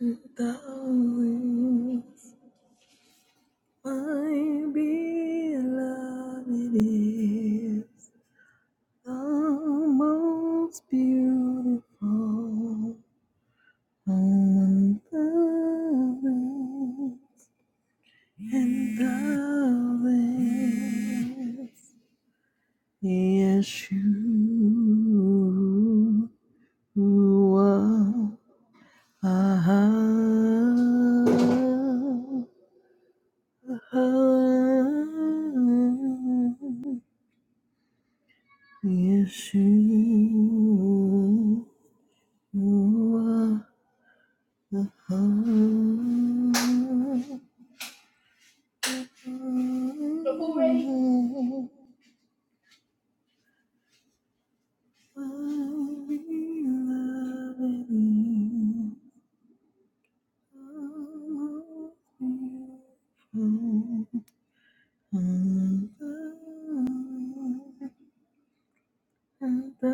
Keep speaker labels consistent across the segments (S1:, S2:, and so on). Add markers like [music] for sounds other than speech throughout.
S1: Thou is my beloved is the most beautiful among the rest, and thou is Yeshua. Ah, ah, ah. Yes, you, are the heart. already. I'll be loving you. And and I-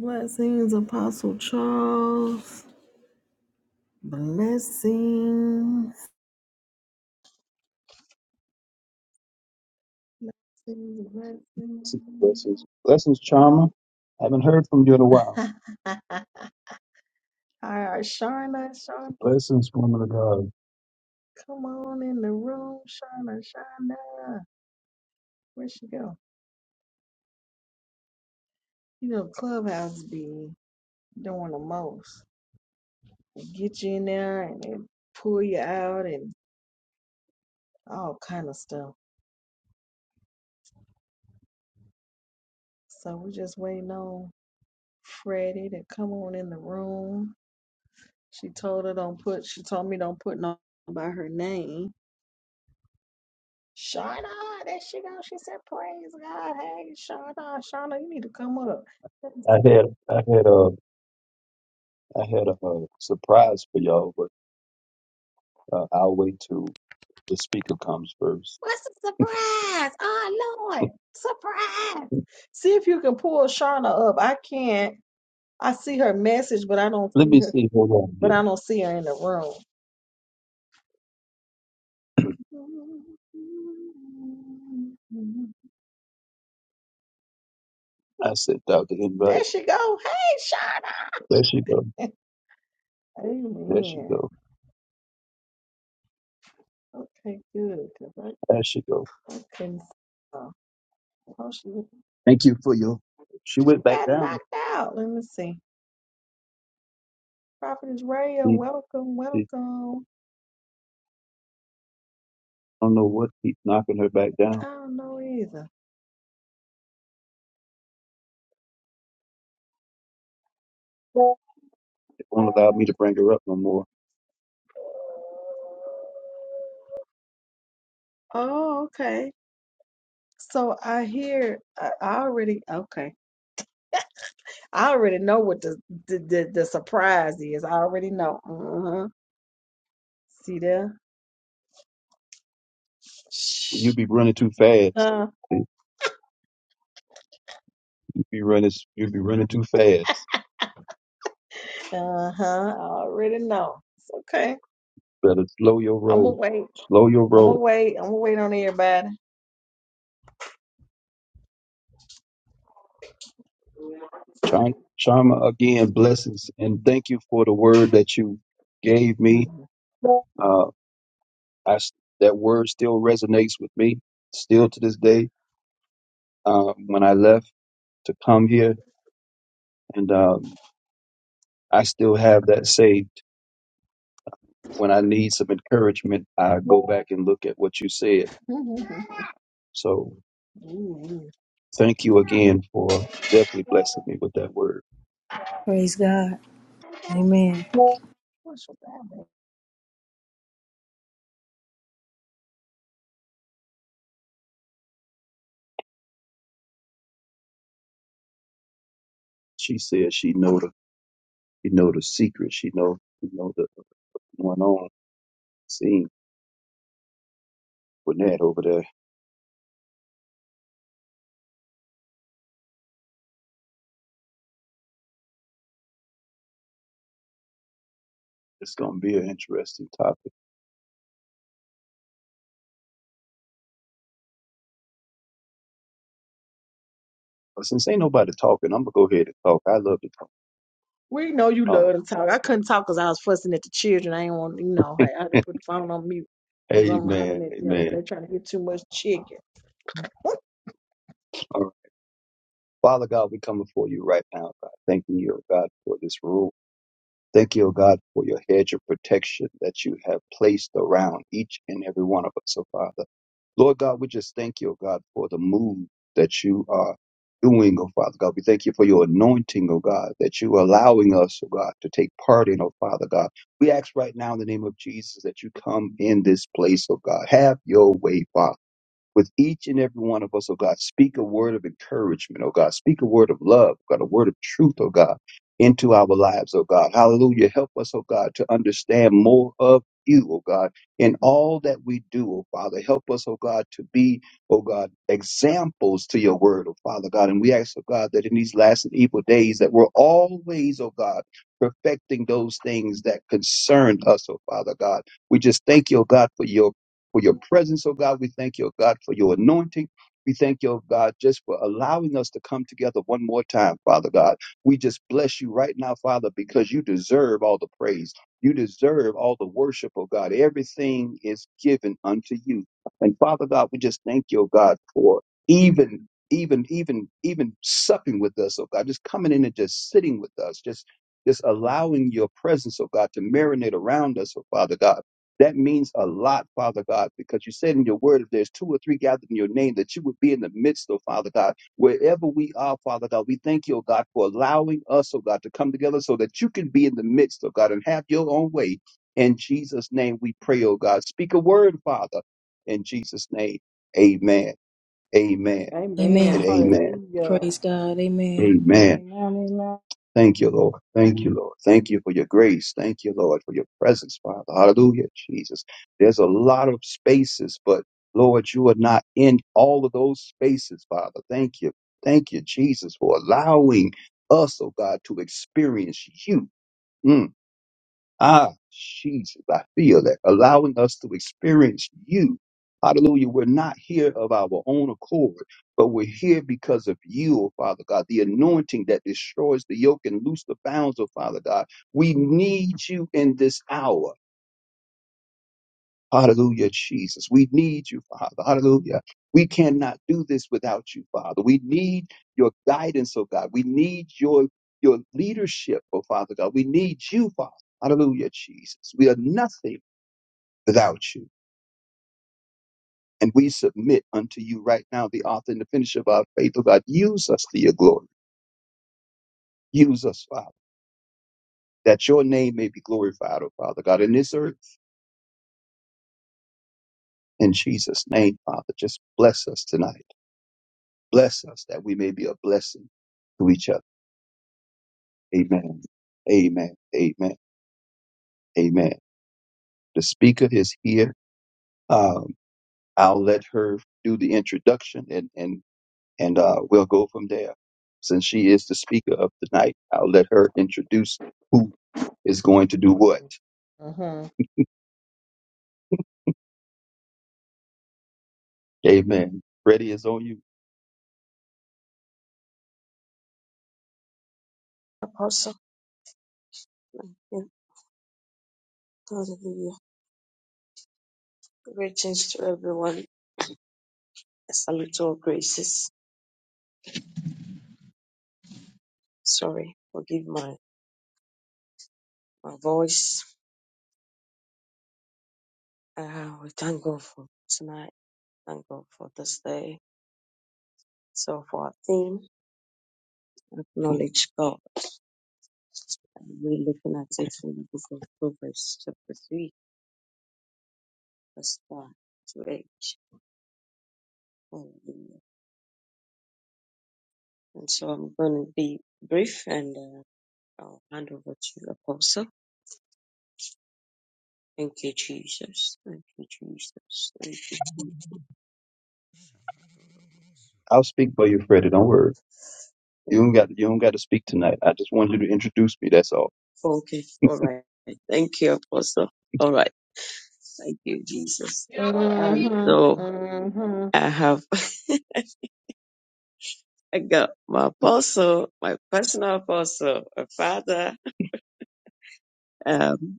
S1: Blessings, Apostle Charles. Blessings. Blessings, blessings.
S2: Blessings. Blessings, Charmer. Haven't heard from you in a while.
S1: All right, Sharna, Sharna,
S2: Blessings, woman of God.
S1: come on in the room, Sharna, Sharna. Where'd she go? You know, Clubhouse be doing the most. They get you in there and they pull you out and all kind of stuff. So we're just waiting on Freddie to come on in the room. She told her don't put. She told me don't put no by her name. Shauna, that she go. She said, "Praise God, hey Shauna, Shauna, you need to come up."
S2: I
S1: What's
S2: had I had a I had a, uh surprise for y'all, but uh, I'll wait till the speaker comes first.
S1: the surprise? Oh Lord, surprise! See if you can pull Shauna up. I can't. I see her message, but I don't
S2: Let
S1: see
S2: me
S1: her.
S2: see. Hold on
S1: But
S2: here.
S1: I don't see her in the room.
S2: I sent out the invite.
S1: There she go. Hey Shauna.
S2: There she go. There she
S1: Amen.
S2: go.
S1: Okay, good. Cause I,
S2: There she go.
S1: I couldn't. Oh, she,
S2: Thank you for your. She
S1: she
S2: went back
S1: got
S2: down.
S1: knocked out. Let me see. Prophetess Raya,
S2: He,
S1: welcome,
S2: he
S1: welcome.
S2: I don't know what keeps knocking her back down.
S1: I don't know either.
S2: It won't allow me to bring her up no more.
S1: Oh, okay. So I hear, I I already, okay. I already know what the the, the, the surprise is. I already know. Uh-huh. See there?
S2: So you
S1: Shh.
S2: be running too fast.
S1: Uh,
S2: You be running. You be running too fast.
S1: uh-huh. I already know. It's okay.
S2: Better slow your
S1: I'm gonna
S2: roll.
S1: wait.
S2: Slow your
S1: I'm gonna
S2: roll.
S1: wait. I'm gonna wait on everybody.
S2: Char- Charma, again, blessings. And thank you for the word that you gave me.
S1: [laughs]
S2: Uh, I s that word still resonates with me, still to this day. Uh, when I left to come here, and um, I still have that saved. When I need some encouragement, I go back and look at what you said.
S1: Ooh,
S2: So
S1: yeah.
S2: thank you again for definitely blessing me with that word.
S3: Praise God. Amen.
S1: What's your bad
S2: She said she know the She know the secret. She know she know the going on scene with over there. It's gonna be an interesting topic. But since ain't nobody talking, I'm gonna go ahead and talk. I love to talk.
S1: We know you
S2: Oh,
S1: love to talk. I couldn't talk 'cause I was fussing at the children. I didn't want, you know, I I had to
S2: [laughs]
S1: put the phone on mute 'cause I'm hollering
S2: amen,
S1: at them.
S2: amen.
S1: They're trying to get too much chicken.
S2: All right. Father God, we come before you right now, God, thanking you, oh God, for this room. Thank you, O God, for your hedge of protection that you have placed around each and every one of us, O Father. Lord God, we just thank you, O God, for the move that you are doing, O Father God. We thank you for your anointing, O God, that you are allowing us, O God, to take part in, O Father God. We ask right now in the name of Jesus that you come in this place, O God. Have your way, Father with each and every one of us, oh God. Speak a word of encouragement, oh God. Speak a word of love, oh God, a word of truth, oh God, into our lives, oh God. Hallelujah. Help us, oh God, to understand more of you, oh God, in all that we do, oh Father. Help us, oh God, to be, oh God, examples to your word, oh Father God. And we ask, oh God, that in these last and evil days that we're always, oh God, perfecting those things that concern us, oh Father God. We just thank you, oh God, for your for your presence, oh God. We thank you, oh God, for your anointing. We thank you, oh God, just for allowing us to come together one more time, Father God. We just bless you right now, Father, because you deserve all the praise. You deserve all the worship, oh God. Everything is given unto you. And Father God, we just thank you, oh God, for even even even even supping with us, oh God, just coming in and just sitting with us, just just allowing your presence, oh God, to marinate around us, oh Father God. That means a lot, Father God, because you said in your word, if there's two or three gathered in your name, that you would be in the midst of, Father God. Wherever we are, Father God, we thank you, oh God, for allowing us, oh God, to come together so that you can be in the midst of God and have your own way. In Jesus' name we pray, oh God. Speak a word, Father. In Jesus' name, amen, amen,
S1: Amen.
S2: and
S3: Amen.
S2: amen,
S1: Hallelujah.
S3: Praise God. Amen.
S2: amen.
S4: Amen. Amen.
S2: Thank you, Lord. Thank you, Lord. Thank you for your grace. Thank you, Lord, for your presence, Father. Hallelujah, Jesus. There's a lot of spaces, but Lord, you are not in all of those spaces, Father. Thank you. Thank you, Jesus, for allowing us, oh God, to experience you. Mm. Ah, Jesus, I feel that. Allowing us to experience you. Hallelujah. We're not here of our own accord, but we're here because of you, oh Father God, the anointing that destroys the yoke and loose the bounds, oh Father God. We need you in this hour. Hallelujah, Jesus. We need you, Father. Hallelujah. We cannot do this without you, Father. We need your guidance, oh God. We need your your leadership, oh Father God. We need you, Father. Hallelujah, Jesus. We are nothing without you. And we submit unto you right now, the author and the finisher of our faith, O God. Use us to your glory. Use us, Father, that your name may be glorified, O Father God, in this earth. In Jesus' name, Father, just bless us tonight. Bless us that we may be a blessing to each other. Amen. Amen. Amen. Amen. The speaker is here. Um, I'll let her do the introduction and, and, and, uh, we'll go from there. Since she is the speaker of the night, I'll let her introduce who. is going to do what?
S1: Mm-hmm. Mm-hmm.
S2: Amen. Freddie is on you.
S5: Apostle, and hallelujah. Greetings to everyone. A salute all graces. Sorry, forgive my, my voice. Uh, we thank God for tonight. Thank God for this day. So for our theme, acknowledge God. And We're looking at it from the book of Proverbs, chapter 3, verse 5 to 8. Hallelujah. And so I'm going to be brief and uh, I'll hand over to Apostle. Thank you, Jesus. Thank you, Jesus.
S2: I'll speak for you, Freddie. Don't worry. You
S5: Thank
S2: don't got
S5: you.
S2: you don't got to speak tonight. I just wanted you to introduce me. That's all.
S5: Okay. All right. Thank you, Apostle. All right. Thank you, Jesus. And
S1: Mm-hmm.
S5: so
S1: Mm-hmm.
S5: I have [laughs] I got my apostle, my personal apostle, a father. Um,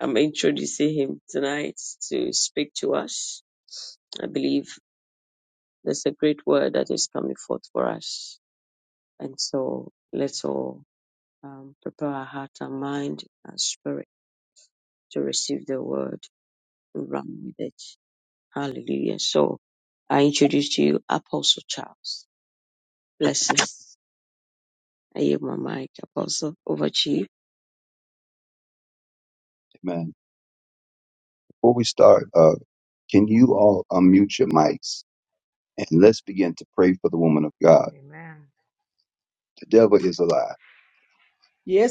S5: I'm introducing him tonight to speak to us. I believe there's a great word that is coming forth for us. And so let's all um, prepare our heart and mind and spirit to receive the word and run with it. Hallelujah. So I introduce to you Apostle Charles. Blessings. I yield my mic, Apostle. Over to
S2: Amen. Before we start, uh, can you all unmute your mics and let's begin to pray for the woman of God.
S4: Amen.
S2: The devil is a lie.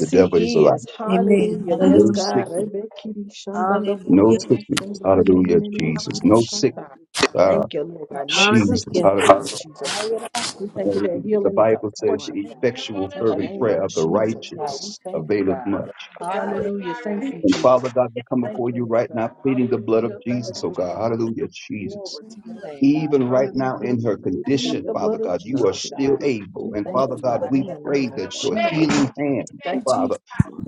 S2: The devil is a
S1: he
S2: lie.
S1: is.
S3: Amen.
S1: Hallelujah. Yes,
S2: No
S3: Hallelujah.
S1: God.
S2: sickness.
S1: Rebe kiri shandala
S2: No
S3: Hallelujah.
S1: bukoro
S2: sickness.
S1: fumbare
S2: Hallelujah,
S1: menenene
S2: Jesus.
S1: kiri
S2: No
S4: Lord
S2: sickness.
S4: God,
S1: shata.
S4: we thank
S2: Ah,
S3: No.
S4: you
S1: Thank you, Lord God. No
S4: for
S2: Jesus.
S1: sickness,
S3: Hallelujah.
S1: God,
S2: Hallelujah.
S1: in
S4: everything that
S1: Jesus'
S4: you
S1: name.
S4: got
S3: Hallelujah.
S4: before
S1: We
S4: you,
S1: thank you
S2: Hallelujah.
S4: Lord.
S1: that
S2: The
S1: healing is our
S2: Bible says
S4: No
S1: portion,
S2: the
S4: weapon
S1: God.
S4: from
S2: effectual
S1: In the
S2: fervent
S1: name
S4: no
S2: prayer
S1: of
S2: of the
S4: weapon,
S1: Jesus,
S4: no
S1: God,
S3: Thankful
S4: weapon
S1: we
S2: righteous
S1: thank you,
S2: availeth
S1: God.
S2: much.
S3: for God that
S1: Hallelujah.
S3: He
S1: Thank
S3: is
S1: you,
S2: And
S1: Jesus.
S2: Father God, we come
S1: Thank
S2: before
S1: you,
S2: you
S4: from
S1: Lord
S2: right now,
S4: no
S1: God.
S2: pleading the blood
S1: Hallelujah.
S2: of
S1: Thank
S3: for
S2: Jesus,
S1: you,
S2: oh
S3: you.
S2: God.
S1: Jesus.
S2: Hallelujah, Jesus
S1: Glory to your name, God.
S2: even right now
S1: Hallelujah.
S2: in her
S1: We plead
S2: condition,
S1: the
S2: Father
S1: blood of
S2: God, you are
S1: Jesus,
S2: still
S1: God.
S2: able.
S1: We
S2: And
S1: thank
S2: Father
S1: you,
S2: God,
S1: God,
S2: we
S1: in the
S2: pray
S1: name of
S2: that your healing
S1: Jesus.
S2: hand, oh
S1: Thank.
S3: Thank you,
S2: Father,
S3: Jesus.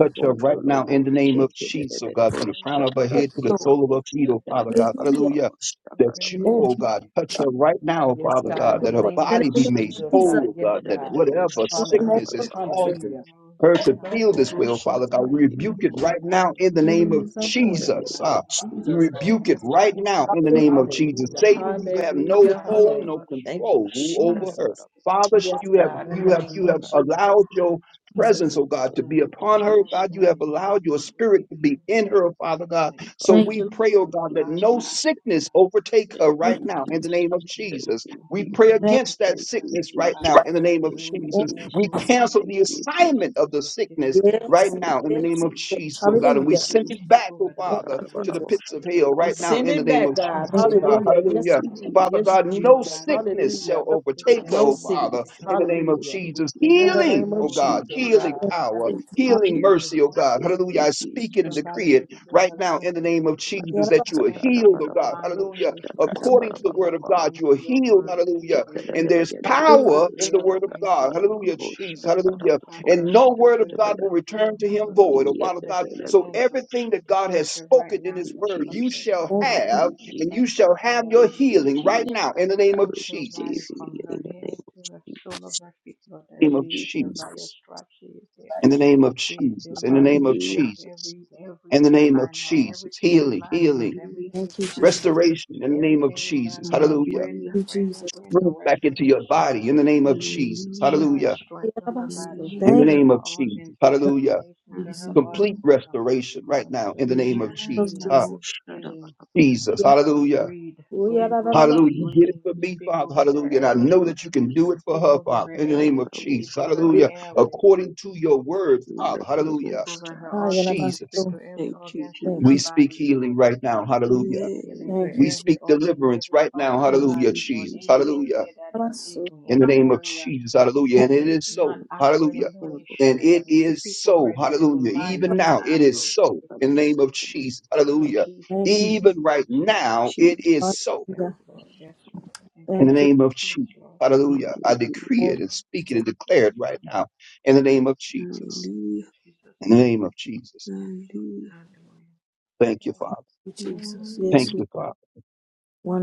S2: touch her right now in the name of
S4: Jesus Christ,
S2: Jesus,
S4: we
S2: oh
S4: thank
S2: God,
S4: you,
S2: from the
S4: Lord.
S2: crown of her
S3: Thank
S2: head
S3: you,
S2: to the
S3: Lord.
S2: sole of her feet,
S4: We
S2: oh Father
S4: thank
S2: God.
S4: you.
S3: Hallelujah.
S2: Hallelujah.
S4: We
S2: That
S4: bring your
S5: you.
S2: you,
S5: [laughs]
S2: oh
S3: Thank
S4: servant
S2: God, touch
S4: before
S2: her
S4: you.
S2: right
S4: Lord.
S2: now,
S4: Touch
S1: Yes,
S5: In
S4: her
S2: Father
S5: the
S4: body,
S2: God,
S3: you,
S1: God, in
S2: that
S1: the
S2: her
S4: touch
S3: Lord.
S1: name
S4: her
S3: In
S1: of
S2: body
S3: the
S2: be
S4: lungs,
S3: name of
S2: made
S4: touch her
S1: Jesus,
S3: Jesus.
S2: whole,
S1: God.
S2: oh
S1: Yes,
S2: God, that
S1: God.
S4: One
S2: whatever
S4: touch
S3: In
S4: her
S3: the name
S2: sickness
S1: Hallelujah.
S2: is
S3: of
S4: body,
S3: Jesus.
S4: touch her
S2: causing
S1: Hallelujah.
S4: nose,
S2: her
S4: her
S2: to feel
S4: sinus,
S2: this way, oh Father
S4: everything
S2: God, we
S4: that's
S2: rebuke it
S4: in her
S2: right now
S4: body.
S2: in the
S4: Lord, we
S2: name
S1: Healing
S2: of
S1: is our
S4: rebuke
S1: portion,
S4: everything
S5: name
S2: Jesus.
S1: God.
S4: that's
S2: Ah,
S1: In
S5: of
S4: in her
S2: we
S1: Jesus'
S4: body.
S5: Jesus,
S2: rebuke
S1: name.
S2: it
S1: Yes,
S4: We
S2: right
S1: God.
S2: now
S4: detox
S2: in the
S3: Hallelujah,
S2: name of
S4: everything
S2: Jesus.
S4: that's
S1: Hallelujah.
S4: in her
S2: Satan, you
S4: body.
S2: have
S4: We
S2: no
S1: Hallelujah.
S4: detox her
S2: hold,
S1: Hallelujah.
S2: no
S1: Thank
S4: bloodstream.
S1: you,
S2: control
S4: We detox
S2: over her.
S1: Jesus.
S2: Father,
S1: Yes,
S2: you have
S1: God. In
S2: you
S1: the
S2: have
S4: her
S1: name
S2: you
S1: of
S2: have
S4: nose. We
S1: Jesus.
S2: allowed your
S4: detox
S1: Thank
S2: presence,
S3: Jesus.
S1: you.
S2: oh God, to
S4: the
S2: be upon her,
S4: whatever
S2: God. You
S4: that
S2: have
S4: is. Lord.
S2: allowed
S4: We,
S2: your
S4: we
S2: spirit to be
S4: rebuke
S2: in
S4: the,
S2: her, Father God.
S4: the
S2: So
S4: the
S3: Thank
S4: the
S2: we
S3: you.
S2: pray, oh
S4: fever of
S2: God, that
S4: malaria
S2: no
S4: out of her
S2: sickness
S4: body.
S2: overtake
S5: Thank
S2: her
S3: Thank
S2: right
S3: you.
S5: you,
S2: now in
S4: No
S2: the name of
S5: Jesus.
S4: sickness
S5: Thank
S4: have
S2: Jesus.
S5: you,
S2: We
S4: control.
S2: pray
S4: No
S5: Jesus.
S3: Thank
S2: against that
S4: sickness
S5: Thank
S4: have
S5: you, Jesus. Thank you,
S2: sickness
S4: any
S2: right
S5: Jesus.
S2: now
S4: power.
S2: in the name of
S4: We
S5: Thank you, Jesus. Thank you,
S3: you.
S2: Jesus.
S3: Thank
S4: remove,
S2: We
S3: you,
S5: Jesus.
S4: we
S3: Jesus.
S2: cancel
S5: Thank
S2: the
S5: you,
S4: rebuke
S5: Jesus.
S2: assignment of the
S4: the sickness
S2: sickness
S4: of the
S2: right
S3: Yes.
S5: Thank
S2: now in the
S4: malaria.
S5: you,
S2: name
S3: Yes.
S2: of
S5: Jesus.
S3: Yes.
S2: Jesus, oh
S5: Thank
S2: God, and
S5: you,
S2: we
S3: Hallelujah.
S2: send
S4: We
S5: Jesus.
S2: it
S4: speak
S2: back, oh
S4: over the
S3: Thank
S2: Father
S3: you,
S4: malaria
S2: to the
S3: Jesus.
S5: Shakarabarabo,
S4: illness
S2: pits
S4: that
S2: of
S4: it will
S2: hell
S1: We
S2: right
S4: depart
S2: now
S1: send
S2: in
S5: shakarabarabo.
S4: from
S2: the
S1: it
S4: her
S2: name
S1: back,
S2: of
S4: body
S1: God.
S4: right
S2: Jesus,
S3: Thank
S2: oh
S3: you,
S4: now
S2: God.
S3: Lord.
S1: Hallelujah. Yes,
S2: Hallelujah.
S4: that it
S5: Thank you,
S4: will
S1: indeed.
S2: Father
S5: Jesus.
S1: Yes,
S4: depart
S2: God,
S4: from her
S2: no
S1: Jesus.
S4: body
S5: Thank
S4: right
S5: you,
S2: sickness
S4: now.
S1: Hallelujah.
S2: shall
S4: No
S3: Thank
S2: overtake,
S5: thank
S4: sickness
S1: No
S5: you,
S2: oh
S4: can
S2: Father,
S5: Jesus.
S4: overtake
S1: sickness.
S4: her
S2: in the name
S4: body.
S2: of
S5: Thank
S1: Hallelujah.
S4: We
S2: Jesus.
S4: pray
S3: you,
S1: In
S3: Jesus.
S1: the
S4: that her
S2: Healing,
S1: name of
S2: oh
S4: nose
S5: you,
S2: God,
S4: will be
S1: Jesus,
S5: Jesus.
S1: God.
S2: healing
S4: clear,
S3: Thank
S4: her
S2: power,
S3: you,
S4: sinus
S5: Thank
S3: Jesus.
S5: you, Jesus. Thank
S4: will
S5: you,
S2: healing
S3: Hallelujah.
S4: clear,
S5: Jesus.
S4: her
S2: mercy, oh
S4: voice
S2: God.
S4: will
S5: Thank
S2: Hallelujah.
S5: you,
S2: I
S4: clear,
S2: speak it and
S4: her
S5: Jesus.
S4: body
S2: decree it
S4: will clear,
S2: right
S4: her
S2: now
S4: lungs
S2: in the
S4: will
S2: name
S4: be
S2: of
S4: clear.
S3: Yeah,
S2: Jesus
S3: that
S2: that
S3: was
S2: you are healed,
S4: Everything
S2: oh
S4: will
S2: God.
S4: line
S5: Shakarabarabo,
S4: up the
S2: Hallelujah.
S4: way it's
S3: good,
S4: supposed
S3: Jesus.
S2: According
S4: to
S2: to the
S4: be
S2: word of
S5: shakarabarabarababa.
S2: God,
S4: according
S2: you are
S4: to your
S2: healed,
S4: word.
S2: hallelujah.
S4: We we
S2: And there's
S4: dispatch
S5: Shakarabarabarabarabo,
S3: Hallelujah.
S2: power in the word
S4: Raphael
S2: of God.
S4: angel to
S2: Hallelujah,
S5: shakarabarabarabarabo, shakarabarabo,
S2: Jesus.
S4: to
S2: Hallelujah
S4: contact
S2: and
S4: her, to
S2: no
S4: be
S2: word of
S4: with her,
S2: God will
S5: shakarabarabarabarabo.
S4: to
S2: return
S4: heal
S2: to
S4: her,
S2: him
S4: Lord. We
S2: void. Oh,
S5: Thank
S2: Father
S4: dispatch the
S2: God,
S4: healing
S2: so
S4: angel
S2: everything that
S4: to
S2: God
S4: touch
S2: has
S4: her right
S2: spoken in
S4: now,
S2: his
S5: you,
S4: Lord.
S2: word,
S4: Touch
S2: you
S5: Jesus.
S4: her
S2: shall
S4: right
S3: Thank
S4: now,
S5: Thank
S3: you,
S4: Lord.
S3: Jesus.
S2: have,
S5: you,
S4: We
S2: and
S5: Jesus.
S2: you
S4: dispatch
S2: shall have
S4: Raphael
S2: your
S5: Thank
S4: angel
S5: you,
S4: to,
S2: healing right
S5: Jesus.
S2: now in the
S4: to
S5: I
S2: name of
S4: touch her
S5: receive
S4: body
S2: Jesus.
S4: from
S5: you in
S4: her
S5: the
S4: head
S5: name of
S4: to the
S5: Jesus.
S4: sole of her feet, Lord, that
S2: In the
S5: Thank
S2: name of
S4: she
S5: you,
S4: is healed
S5: Jesus.
S4: by your
S2: Jesus.
S4: stripe. She is healed.
S2: In the name of
S4: She is
S2: Jesus.
S4: healed
S2: In the
S4: by your
S2: name of
S5: Hallelujah.
S4: stripe.
S2: Jesus.
S4: Every
S2: In the
S4: everything
S2: name of
S4: line up.
S2: Jesus.
S4: Everything is
S2: Healing,
S4: lining up.
S2: healing,
S5: Hallelujah.
S4: Everything
S3: Thank
S4: is
S3: you,
S4: lining up.
S2: restoration in the name of
S4: Everything is
S2: Jesus.
S4: lining up.
S2: Hallelujah.
S4: Brand new,
S5: Hallelujah.
S3: Jesus. Thank you,
S4: brand new,
S3: Jesus.
S4: brand
S2: Bring
S4: new
S2: it back into your
S4: restoration,
S2: body in the name of
S4: restoration.
S2: Jesus.
S5: Hallelujah.
S4: Strength,
S2: Hallelujah.
S3: Yeah,
S4: strength to
S3: that
S4: her
S3: was
S4: body,
S3: good.
S2: In the
S4: strength
S3: Thank you,
S5: Hallelujah.
S4: to
S2: name
S4: her
S2: of
S4: organs,
S2: Jesus. Hallelujah.
S4: rejuvenation to
S3: Jesus.
S4: her
S5: Hallelujah.
S2: Complete
S4: organs
S2: restoration right now in the name of
S4: restoration,
S5: Amen.
S3: Thank
S2: Jesus.
S3: you,
S4: healing,
S3: Jesus.
S5: Double shut up.
S4: healing,
S2: Jesus.
S3: Yeah.
S2: Hallelujah.
S4: breed,
S3: Oh, yeah,
S5: Thank
S4: great
S3: that, that,
S5: you,
S3: that was
S2: Hallelujah.
S4: breeding,
S2: You did it
S5: Jesus.
S4: breeding.
S2: for
S4: We
S2: me,
S4: speak
S2: Father.
S4: over their
S2: Hallelujah. And I
S5: Thank
S2: know
S4: airways.
S5: you,
S2: that you
S5: Jesus.
S2: can do
S4: We
S2: it for
S4: speak
S2: her,
S4: over
S2: Father,
S4: her
S5: Let
S2: in the name
S4: airways.
S2: of
S4: We
S2: Jesus.
S4: speak over her
S3: good.
S2: Hallelujah.
S4: airways.
S3: Lord.
S2: According to your word, Father.
S5: the
S4: We
S5: boom
S2: Hallelujah.
S4: speak over
S5: start.
S4: her
S3: Ah, yeah, that
S4: organs.
S3: was
S4: We
S2: Jesus.
S4: speak
S3: good.
S4: to every
S5: Thank you,
S4: organ in
S3: Thank
S4: her
S2: We
S5: Jesus.
S3: you.
S2: speak
S4: body,
S2: healing
S4: Lord.
S2: right now.
S4: We
S2: Hallelujah.
S4: speak
S5: Amen.
S4: healing to
S3: Thank you,
S2: We
S3: Jesus.
S4: every
S2: speak
S4: organ,
S2: deliverance
S4: every
S2: right
S4: part
S2: now.
S4: of her
S5: Thank
S2: Hallelujah.
S4: body,
S5: you,
S4: Lord.
S2: Jesus.
S4: Any
S5: Jesus.
S2: Hallelujah.
S4: area that
S3: That
S4: is
S3: was good.
S4: aching,
S2: In the
S4: any
S2: name of
S4: area
S2: Jesus. Hallelujah. And
S4: that
S2: it
S4: is
S2: is
S4: not
S2: so.
S5: Amen.
S2: Hallelujah.
S4: operating the way it
S2: And
S4: should, that
S2: it
S4: we
S2: is
S4: speak over
S2: so.
S4: it, that it will
S2: Hallelujah.
S4: line
S2: Even
S4: up and
S2: now,
S5: Thank
S2: it
S5: you,
S2: is
S4: operate like
S2: so.
S4: it's
S2: In the
S4: supposed
S2: name of
S4: to.
S2: Jesus.
S5: Jesus.
S4: In
S2: Hallelujah.
S3: Thank
S4: Jesus'
S3: you.
S4: name,
S2: Even right
S4: in
S2: now,
S4: Jesus'
S2: it
S5: Jesus.
S4: name.
S2: is so
S4: Yes,
S3: Hallelujah.
S4: Lord, yes, Lord. Thank
S2: In the
S4: you,
S3: Thank you.
S4: Lord.
S2: name of
S4: Yes,
S2: Jesus.
S4: Lord.
S2: Hallelujah. I
S4: Thank
S2: decree
S4: you,
S3: Thank
S2: it and
S4: Lord.
S2: speak it
S3: you,
S2: and
S4: Yes,
S2: declare it right
S4: Lord.
S2: now. In the name of
S4: Yes,
S2: Jesus.
S4: Lord.
S5: Hallelujah.
S4: Jesus'
S2: In the
S4: name.
S2: name of Jesus.
S4: Yes, Lord.
S5: Hallelujah.
S4: Hallelujah.
S2: Thank you,
S4: Yes,
S2: Father.
S3: Thank you, Jesus.
S2: Thank
S3: Yes, Lord.
S2: you, Father.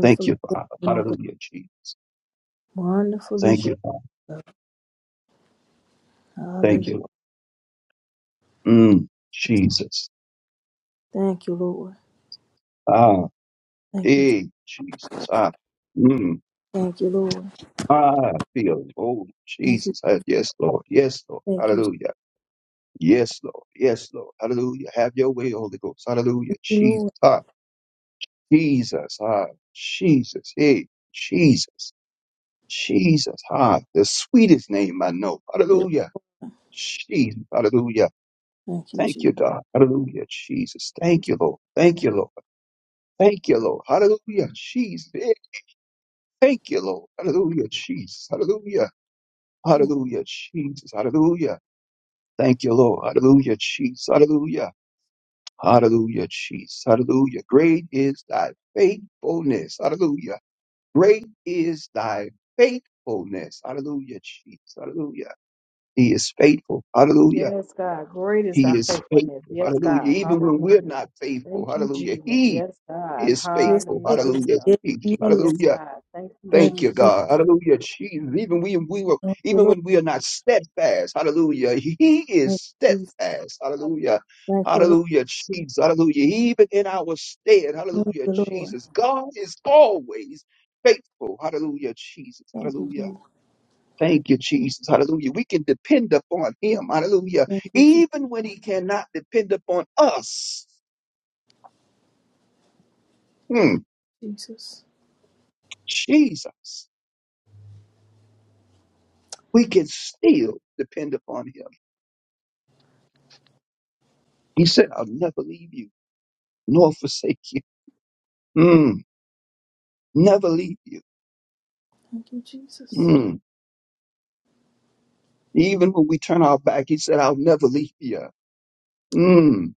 S2: Thank
S3: is
S2: you,
S3: your
S2: Father.
S3: name, oh God.
S2: Hallelujah, Jesus.
S3: Wonderful
S2: Thank
S3: is your
S2: you, Father.
S3: love.
S2: Thank
S3: Hallelujah.
S2: you. Mm, Jesus.
S3: Thank you, Lord.
S2: Ah,
S3: Thank you.
S2: hey, Jesus. Ah, mm,
S3: Thank you, Lord.
S2: ah, I feel it. Oh,
S3: Thank you,
S2: Jesus. Ah, Yes, Lord. Yes, Lord.
S3: thank you,
S2: Hallelujah. Yes, Lord. Yes, Lord. Hallelujah. Have your way, Holy Ghost. Hallelujah. Jesus.
S3: Lord.
S2: Ah, Jesus, ah, Jesus, hey, Jesus, Jesus, ah, the sweetest name I know.
S3: yes,
S2: Hallelujah. Jesus, hallelujah.
S3: Thank you,
S2: Thank
S3: Jesus.
S2: you, God. Hallelujah, Jesus. Thank you, Lord. Thank you, Lord. Thank you, Lord. Hallelujah, Jesus. Eh, Thank you, Lord. Hallelujah, Jesus. Hallelujah. Hallelujah, Jesus. Hallelujah. Thank you, Lord. Hallelujah, Jesus. Hallelujah. Hallelujah, Jesus. Hallelujah. Great is thy faithfulness. Hallelujah. Great is thy faithfulness. Hallelujah, Jesus. Hallelujah. He is faithful. Hallelujah.
S1: Yes, God. Great is
S2: He
S1: thy
S2: is
S1: faithfulness.
S2: faithful.
S1: Yes,
S2: Hallelujah.
S1: God.
S2: Even when we're
S1: Hallelujah.
S2: not faithful.
S1: Thank you,
S2: Hallelujah.
S1: Jesus.
S2: He
S1: Yes, God.
S2: is
S3: Yes,
S2: faithful.
S3: it is.
S2: Hallelujah.
S1: Hallelujah.
S3: Yes,
S2: Jesus.
S3: it is.
S1: Yes,
S2: Hallelujah.
S1: God. Thank you,
S3: Thank
S2: Thank you,
S1: Jesus.
S3: you,
S2: God. Hallelujah. Jesus. Even we we were
S3: thank you,
S2: even
S3: Lord.
S2: when we are not steadfast. Hallelujah. He is
S3: Thank you, Jesus.
S2: steadfast. Hallelujah.
S3: Thank you, Lord.
S2: Hallelujah. Jesus. Hallelujah. Even in our stead.
S3: Thank
S2: Hallelujah.
S3: you, Lord.
S2: Jesus. God is always faithful. Hallelujah. Jesus.
S3: Thank you,
S2: Hallelujah.
S3: Jesus.
S2: Thank you, Jesus. Hallelujah. We can depend upon him. Hallelujah.
S3: Thank you, Je-
S2: Even when he cannot depend upon us. Hmm.
S3: Jesus.
S2: Jesus. We can still depend upon him. He said, I'll never leave you. nor forsake you. Mm, never leave you.
S3: Thank you, Jesus.
S2: Mm, even when we turn our back, he said, I'll never leave you. Mm,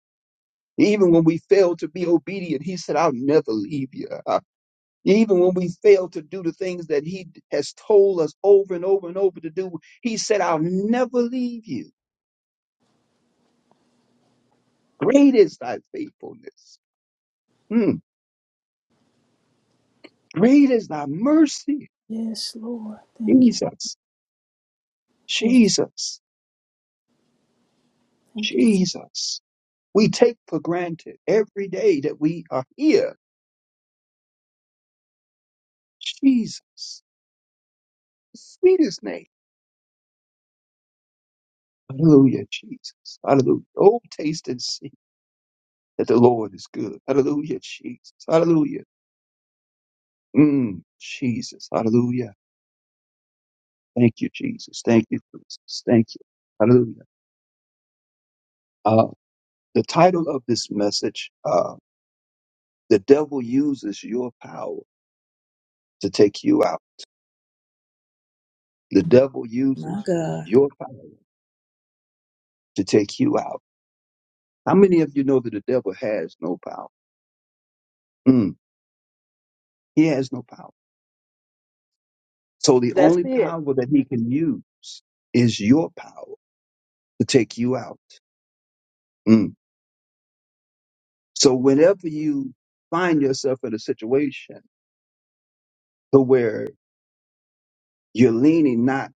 S2: even when we fail to be obedient, he said, I'll never leave you. Uh, even when we fail to do the things that he has told us over and over and over to do, he said, I'll never leave you. Great is thy faithfulness. Mm, great is thy mercy.
S3: Yes, Lord. Thank you.
S2: Jesus,
S3: Yes,
S2: Jesus,
S3: thank you.
S2: Jesus. We take for granted every day that we are here Jesus, the sweetest name. Hallelujah, Jesus. Hallelujah. Oh, taste and see that the Lord is good. Hallelujah, Jesus. Hallelujah. Mm, Jesus. Hallelujah. Thank you, Jesus. Thank you, Jesus. Thank you. Hallelujah. Uh, the title of this message, uh, The Devil Uses Your Power to Take You Out. The Devil
S3: My
S2: Uses
S3: God.
S2: Your Power to Take You Out. How many of you know that the devil has no power? Mm, he has no power. So the
S1: That's
S2: only
S1: it.
S2: power that he can use is your power to take you out. Mm. So whenever you find yourself in a situation to where you're leaning not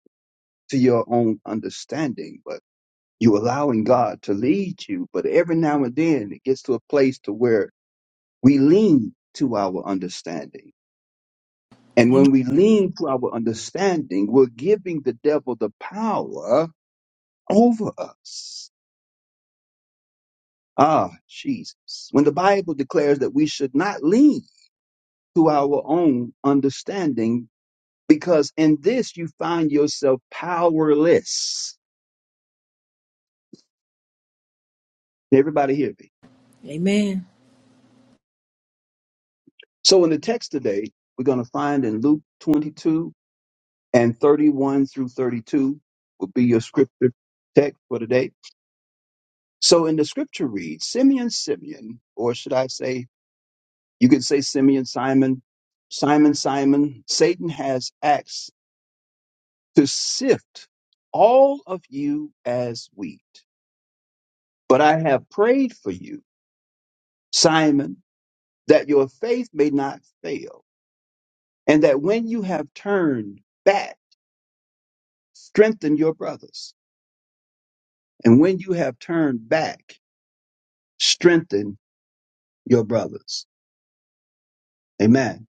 S2: to your own understanding, but you're allowing God to lead you. But every now and then it gets to a place to where we lean to our understanding. And
S3: Amen.
S2: when we lean to our understanding, we're giving the devil the power over us. Ah, Jesus. When the Bible declares that we should not lean to our own understanding, because in this you find yourself powerless. Did Everybody hear me.
S3: Amen.
S2: So in the text today, we're going to find in Luke 22 and 31 through 32 will be your scripture text for today. So in the scripture reads, Simeon, Simeon, or should I say, you could say Simeon, Simon, Simon, Simon, Satan has asked to sift all of you as wheat. But I have prayed for you, Simon, that your faith may not fail, and that when you have turned back, strengthen your brothers. And when you have turned back, strengthen your brothers. Amen.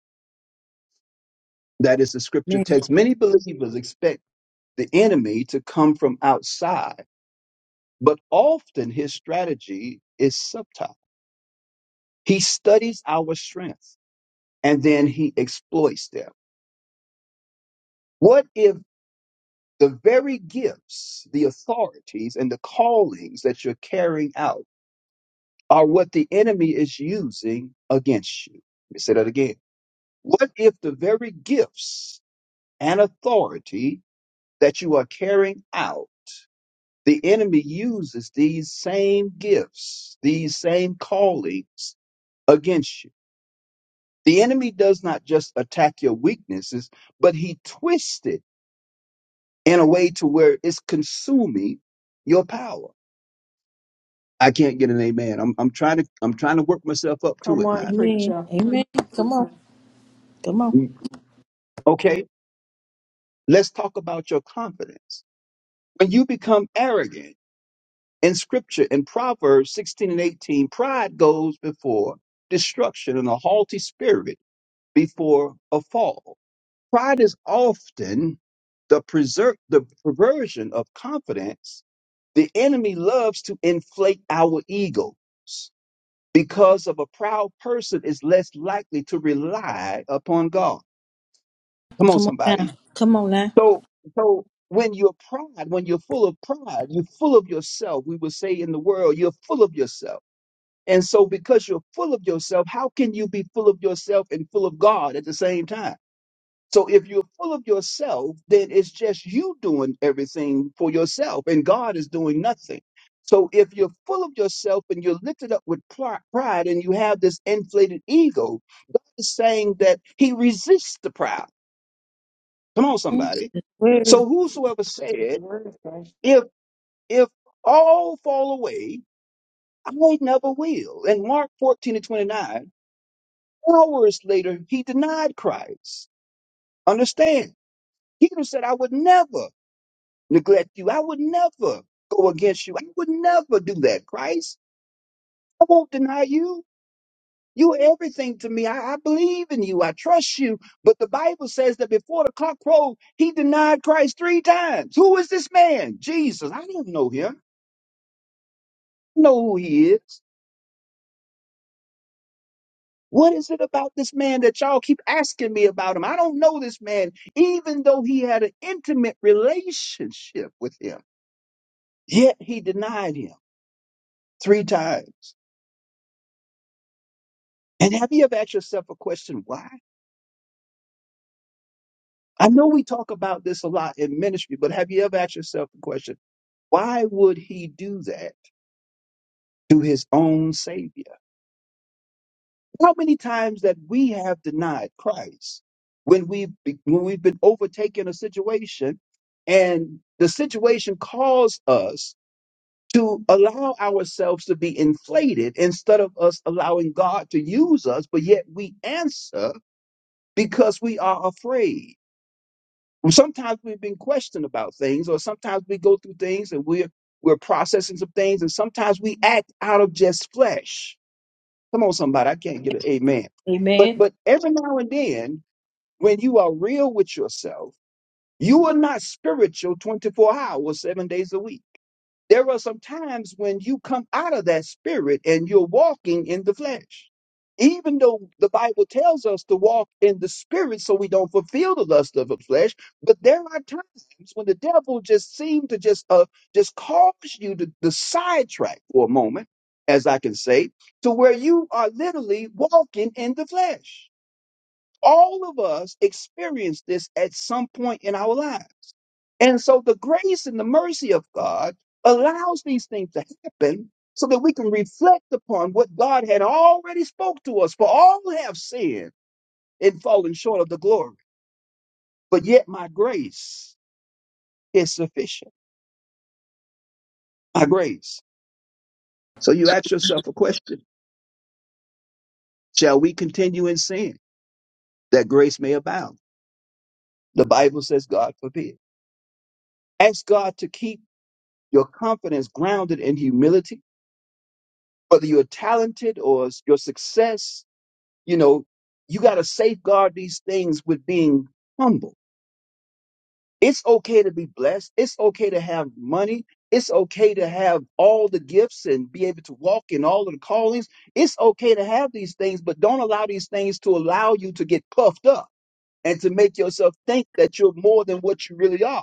S2: That is the scripture
S3: Amen.
S2: text. Many believers expect the enemy to come from outside, but often his strategy is subtle. He studies our strength and then he exploits them. What if the very gifts, the authorities, and the callings that you're carrying out are what the enemy is using against you? Let me say that again. What if the very gifts and authority that you are carrying out, the enemy uses these same gifts, these same callings against you? The enemy does not just attack your weaknesses, but he twisted in a way to where it's consuming your power. I can't get an amen. I'm I'm trying to I'm trying to work myself up to
S1: Come
S2: it
S1: on,
S2: now.
S3: Amen.
S1: preacher.
S3: Amen. Come on. Come on.
S2: Mm, Okay, let's talk about your confidence. When you become arrogant in scripture in Proverbs 16 and 18, pride goes before destruction and a haughty spirit before a fall. Pride is often the preser the perversion of confidence. The enemy loves to inflate our egos because of a proud person is less likely to rely upon God. Come on,
S3: Come on now.
S2: somebody.
S3: Come on now.
S2: So, so when you're pride, when you're full of pride, you're full of yourself. We would say in the world, you're full of yourself. And so, because you're full of yourself, how can you be full of yourself and full of God at the same time? So if you're full of yourself, then it's just you doing everything for yourself and God is doing nothing. So if you're full of yourself and you're lifted up with pri- pride and you have this inflated ego, God is saying that he resists the proud. Come on,
S3: Hmm?
S2: somebody.
S3: Where
S2: So
S3: is-
S2: whosoever
S1: That's what the
S2: said,
S1: word is saying.
S2: if, if all fall away, I never will. And Mark 14 and 29, hours later, he denied Christ. Understand? He could have said, I would never. neglect you. I would never go against you. I would never do that, Christ. I won't deny you. You are everything to me. I, I believe in you. I trust you. But the Bible says that before the clock crowed, he denied Christ three times. Who is this man? Jesus. I don't know him. I know who he is. What is it about this man that y'all keep asking me about him? I don't know this man, even though he had an intimate relationship with him. Yet he denied him three times. And have you ever asked yourself a question, why? I know we talk about this a lot in ministry, but have you ever asked yourself the question, why would he do that to his own savior? How many times that we have denied Christ when we've, be- when we've been overtaken a situation and the situation caused us to allow ourselves to be inflated instead of us allowing God to use us, but yet we answer because we are afraid. Well, sometimes we've been questioned about things, or sometimes we go through things and we're we're processing some things, and sometimes we act out of just flesh. Come on, somebody, I can't get an amen. But
S3: Amen.
S2: but every now and then, when you are real with yourself, you are not spiritual 24 hours, seven days a week. There are some times when you come out of that spirit and you're walking in the flesh. Even though the Bible tells us to walk in the spirit so we don't fulfill the lust of the flesh, but there are times when the devil just seems to just uh just cause you to, to sidetrack for a moment, as I can say, to where you are literally walking in the flesh. All of us experience this at some point in our lives and so the grace and the mercy of God allows these things to happen so that we can reflect upon what God had already spoke to us. For all have sinned and fallen short of the glory, but yet my grace is sufficient. My grace. So you ask yourself a question. Shall we continue in sin that grace may abound? The Bible says God forbid. Ask God to keep your confidence grounded in humility, whether you're talented or your success You know, you got to safeguard these things with being humble. It's okay to be blessed. It's okay to have money. It's okay to have all the gifts and be able to walk in all of the callings. It's okay to have these things, but don't allow these things to allow you to get puffed up and to make yourself think that you're more than what you really are.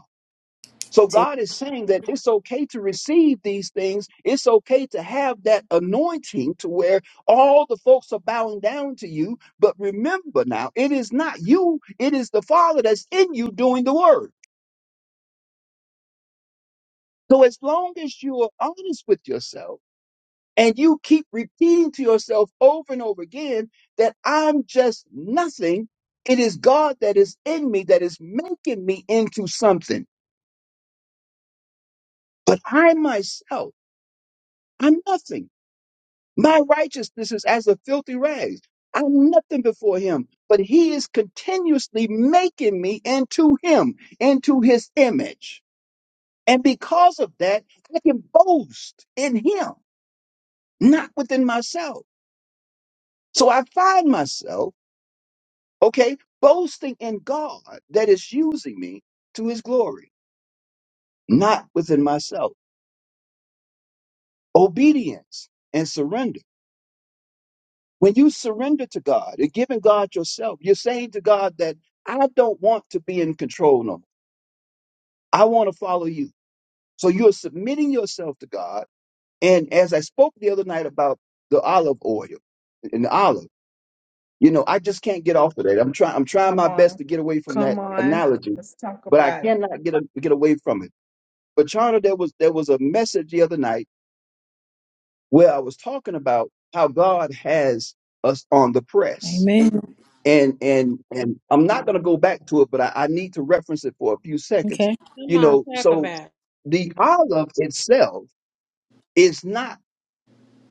S2: So God is saying that it's okay to receive these things. It's okay to have that anointing to where all the folks are bowing down to you. But remember now, it is not you, it is the Father that's in you doing the work. So as long as you are honest with yourself and you keep repeating to yourself over and over again that I'm just nothing, it is God that is in me that is making me into something. But I myself, I'm nothing. My righteousness is as a filthy rags. I'm nothing before him, but he is continuously making me into him, into his image. And because of that, I can boast in him, not within myself. So I find myself, okay, boasting in God that is using me to his glory, not within myself. Obedience and surrender When you surrender to God and giving God yourself, you're saying to God that I don't want to be in control no more. I want to follow you. So you're submitting yourself to God. And as I spoke the other night about the olive oil and the olive, you know, I just can't get off of that. I'm trying I'm trying my
S1: Come
S2: best
S1: on.
S2: to get away from that
S1: Come on.
S2: analogy,
S1: Let's talk
S2: but I
S1: about it.
S2: cannot get a, get away from it. But Charter, there was there was a message the other night where I was talking about how God has us on the press
S3: Amen.
S2: and and and I'm not going to go back to it, but I, I need to reference it for a few seconds.
S3: Okay.
S6: Come
S2: You
S6: on,
S2: know,
S6: talk
S2: so
S6: about
S2: the olive itself is not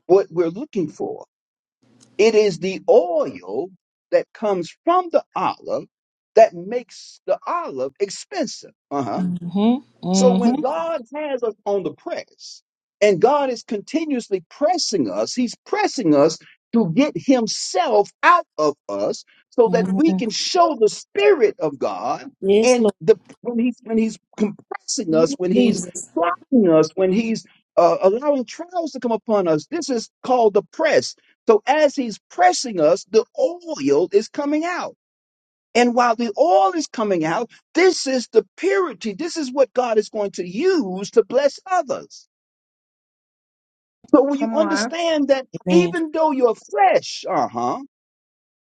S2: what we're looking for. It is the oil that comes from the olive that makes the olive expensive. Uh huh
S3: Mm-hmm.
S2: So
S3: Mm-hmm.
S2: when God has us on the press and God is continuously pressing us, he's pressing us to get himself out of us so that we
S3: Amen.
S2: can show the spirit of God
S3: Yes,
S2: and
S3: Lord.
S2: the when he's when he's compressing us, when he's
S3: Jesus.
S2: trying us, when he's uh, allowing trials to come upon us. This is called the press. So as he's pressing us, the oil is coming out. And while the oil is coming out, this is the purity. This is what God is going to use to bless others. So when you
S1: Come on.
S2: understand that
S3: Amen.
S2: even though your flesh, uh-huh,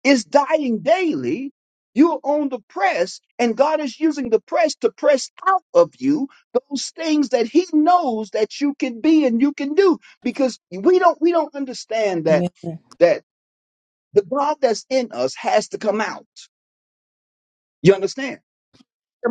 S2: is dying daily, you're on the press and God is using the press to press out of you those things that he knows that you can be and you can do because we don't we don't understand that
S3: Amen. Come
S2: that the God that's in us has to come out. You understand?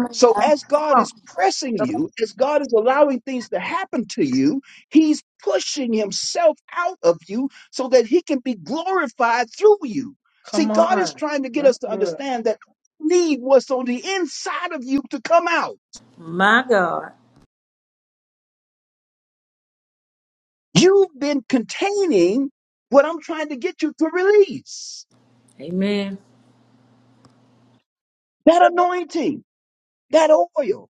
S3: on
S2: So,
S3: now.
S2: as
S3: Come
S2: God
S3: on.
S2: is pressing
S3: Come on.
S2: you, as God is allowing things to happen to you, He's pushing Himself out of you so that He can be glorified through you. See,
S1: Come
S2: God is
S1: on.
S2: trying to get
S1: That's
S2: us to
S1: good.
S2: understand that need what's on the inside of you to come out.
S3: My God.
S2: You've been containing what I'm trying to get you to release
S3: Amen.
S2: that anointing, that oil.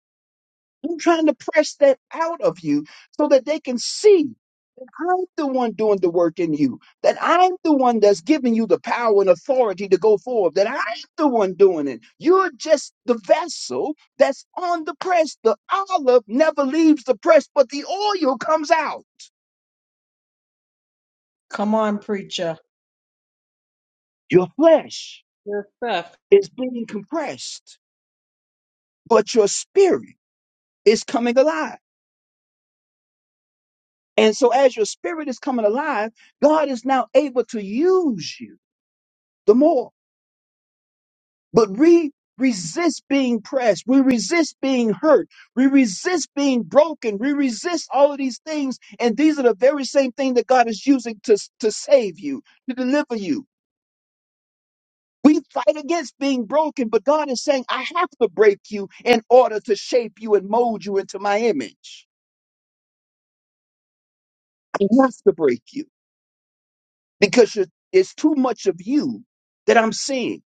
S2: I'm trying to press that out of you so that they can see. I'm the one doing the work in you, that I'm the one that's giving you the power and authority to go forward, that I'm the one doing it. You're just the vessel that's on the press. The olive never leaves the press, but the oil comes out.
S1: Come on, preacher.
S2: Your flesh
S6: your stuff.
S2: is being compressed, but your spirit is coming alive. And so, as your spirit is coming alive, God is now able to use you the more. But we resist being pressed. We resist being hurt. We resist being broken. We resist all of these things. And these are the very same thing that God is using to, to save you, to deliver you. We fight against being broken, but God is saying, I have to break you in order to shape you and mold you into my image. I have to break you because you're, it's too much of you that I'm seeing.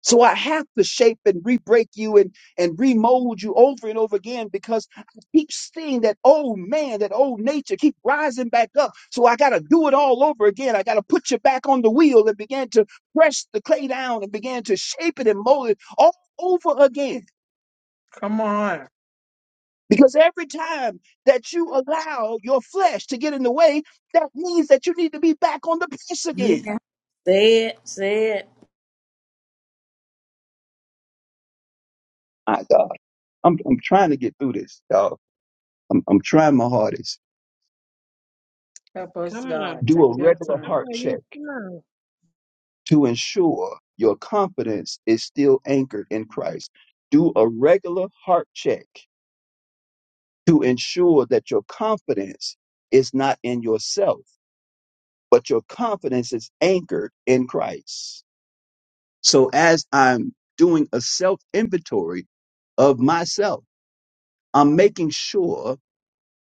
S2: So I have to shape and re-break you and, and remold you over and over again because I keep seeing that old man, that old nature keep rising back up. So I got to do it all over again. I got to put you back on the wheel and begin to press the clay down and begin to shape it and mold it all over again.
S1: Come on.
S2: Because every time that you allow your flesh to get in the way, that means that you need to be back on the press again.
S3: Amen. Say it. Say it.
S2: My God, I'm, I'm trying to get through this, y'all. I'm, I'm trying my hardest.
S1: Help us,
S6: Come on,
S1: God.
S2: Do
S1: Take
S2: a
S1: your
S2: regular
S6: come
S1: time.
S2: heart
S6: on, you
S2: check
S6: come on.
S2: to ensure your confidence is still anchored in Christ. Do a regular heart check to ensure that your confidence is not in yourself, but your confidence is anchored in Christ. So as I'm doing a self inventory of myself, I'm making sure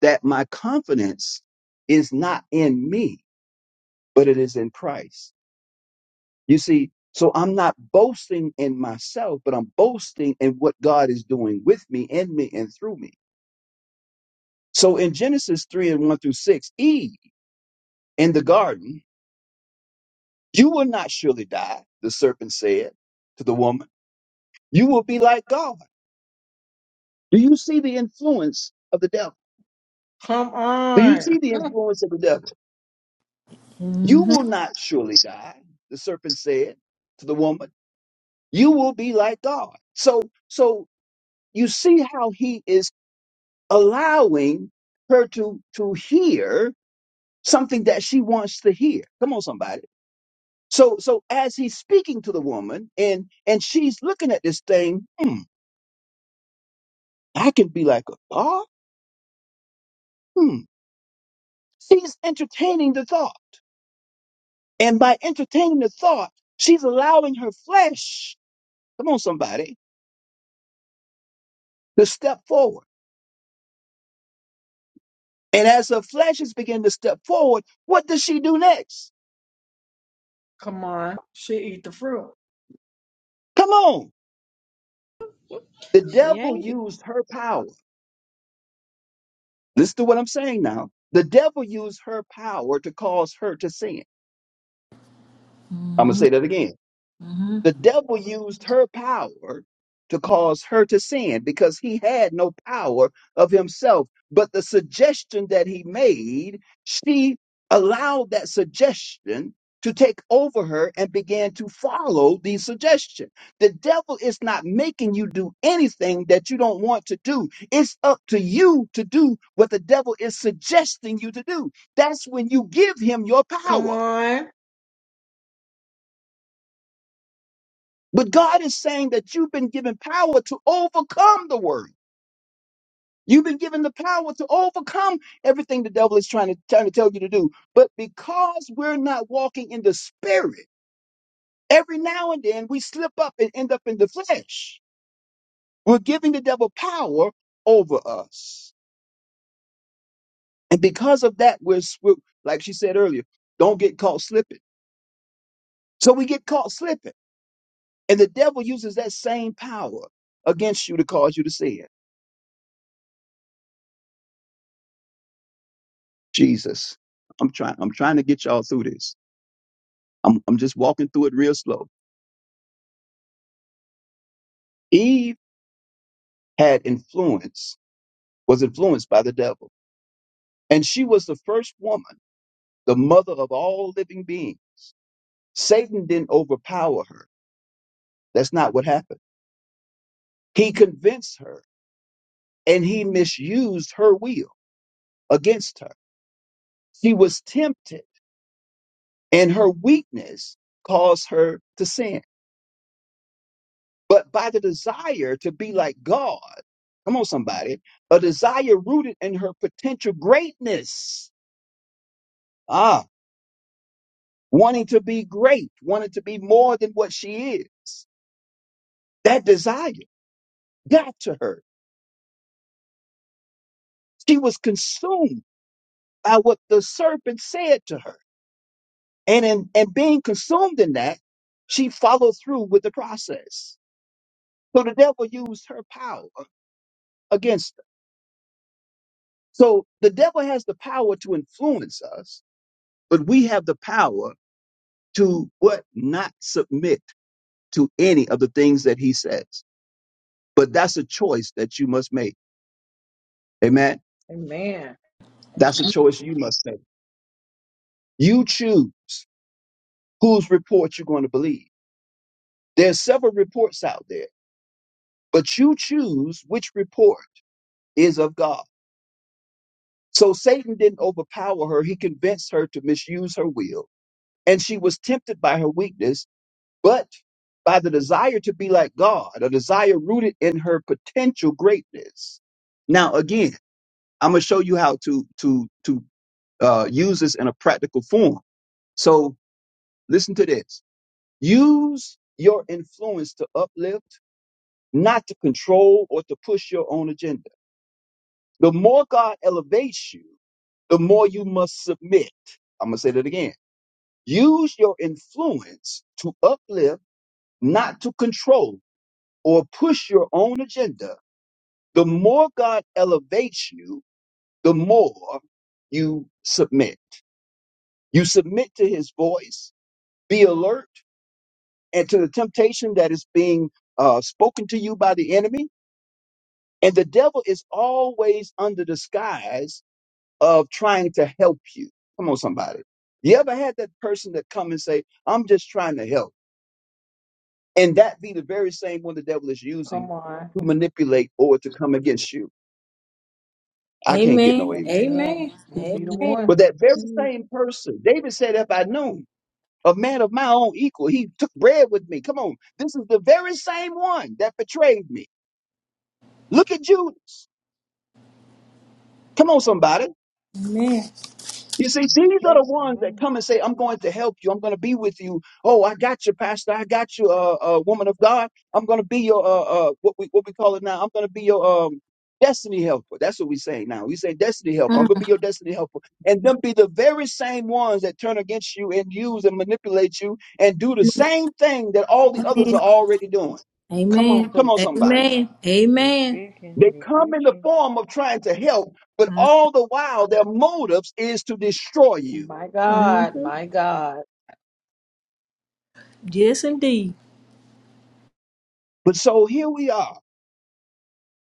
S2: that my confidence is not in me, but it is in Christ You see, so I'm not boasting in myself, but I'm boasting in what God is doing with me, in me, and through me. So in Genesis 3 and 1 through 6, Eve in the garden, you will not surely die, the serpent said to the woman. You will be like God. Do you see the influence of the devil?
S1: Come
S2: Do you
S1: on.
S2: see the
S1: [laughs]
S2: influence of the devil? You
S3: Mm-hmm.
S2: will not surely die, the serpent said to the woman. You will be like God. So, so you see how he is allowing her to to hear something that she wants to hear come on somebody so so as he's speaking to the woman and and she's looking at this thing hmm i can be like a god hmm she's entertaining the thought and by entertaining the thought she's allowing her flesh come on somebody to step forward and as her flesh is beginning to step forward what does she do next
S1: Come on. She eat the fruit.
S2: come on the
S6: She
S2: devil
S6: ain't
S2: used her power Listen to what I'm saying now. The devil used her power to cause her to sin. I'm going to
S3: Mm-hmm.
S2: say that again.
S3: Mm-hmm.
S2: The devil used her power to cause her to sin because he had no power of himself. But the suggestion that he made, she allowed that suggestion to take over her and began to follow the suggestion. The devil is not making you do anything that you don't want to do. It's up to you to do what the devil is suggesting you to do. That's when you give him your
S1: Come
S2: power.
S1: on.
S2: But God is saying that you've been given power to overcome the worry. You've been given the power to overcome everything the devil is trying to, trying to tell you to do. But because we're not walking in the spirit, every now and then we slip up and end up in the flesh. We're giving the devil power over us. And because of that, we're, we're like she said earlier, don't get caught slipping. So we get caught slipping. And the devil uses that same power against you to cause you to sin. Jesus. I'm trying I'm trying to get y'all through this. I'm I'm just walking through it real slow. Eve had influence, was influenced by the devil. And she was the first woman, the mother of all living beings. Satan didn't overpower her. That's not what happened. He convinced her and he misused her will against her. She was tempted and her weakness caused her to sin. but by the desire to be like God. Come on, somebody. A desire rooted in her potential greatness. Ah, wanting to be great, wanting to be more than what she is. That desire got to her. She was consumed by what the serpent said to her. And in and being consumed in that, she followed through with the process. So the devil used her power against her. So the devil has the power to influence us, but we have the power to what? Not submit to any of the things that he says. But that's a choice that you must make. Amen.
S1: Amen.
S2: That's a choice you must make. You choose whose report you're going to believe. There's several reports out there, but you choose which report is of God. So Satan didn't overpower her. He convinced her to misuse her will. And she was tempted by her weakness, but by the desire to be like God, a desire rooted in her potential greatness. Now, again, I'm gonna show you how to to to uh, use this in a practical form. So listen to this. Use your influence to uplift, not to control or to push your own agenda. The more God elevates you, the more you must submit. I'm gonna say that again. Use your influence to uplift, not to control or push your own agenda. The more God elevates you, the more you submit. You submit to his voice, be alert, and to the temptation that is being uh, spoken to you by the enemy. And the devil is always under the disguise of trying to help you. Come on, somebody. You ever had that person that come and say, I'm just trying to help? And that be the very same one the devil is using
S1: Come on.
S2: to manipulate or to come against you. I can't get no
S3: Amen.
S2: amen.
S1: Amen.
S3: Amen.
S1: You'll be the
S3: Amen.
S5: Hallelujah.
S1: one.
S2: But that very same person, David said, if I knew. him, a man of my own equal. He took bread with me. Come on. This is the very same one that betrayed me. Look at Judas. Come on, somebody.
S3: Amen.
S2: You see,
S4: Lord. It's
S2: these are the
S4: true.
S2: ones that
S4: Amen.
S2: come and say, I'm going to help you. I'm going to be with you. Oh, I got you, pastor. I got you, uh, uh, woman of God. I'm going to be your, uh, uh, what we, what we call it now. I'm going to be your, um, destiny helper. That's what we say now. We say destiny helper. I'm going to be your destiny helper. And them be the very same ones that turn against you and use and manipulate you and do the same thing that all the others are already doing.
S1: Come on,
S3: Amen.
S2: Come on,
S1: preacher.
S2: somebody.
S3: Amen.
S4: You're
S3: Amen.
S4: speaking,
S2: They
S4: you're
S2: come in the
S4: preaching.
S2: form of trying to help, but all the while their motives is to destroy you.
S1: My God,
S3: Mm-hmm.
S1: my God.
S3: Yes, indeed.
S2: But so here we are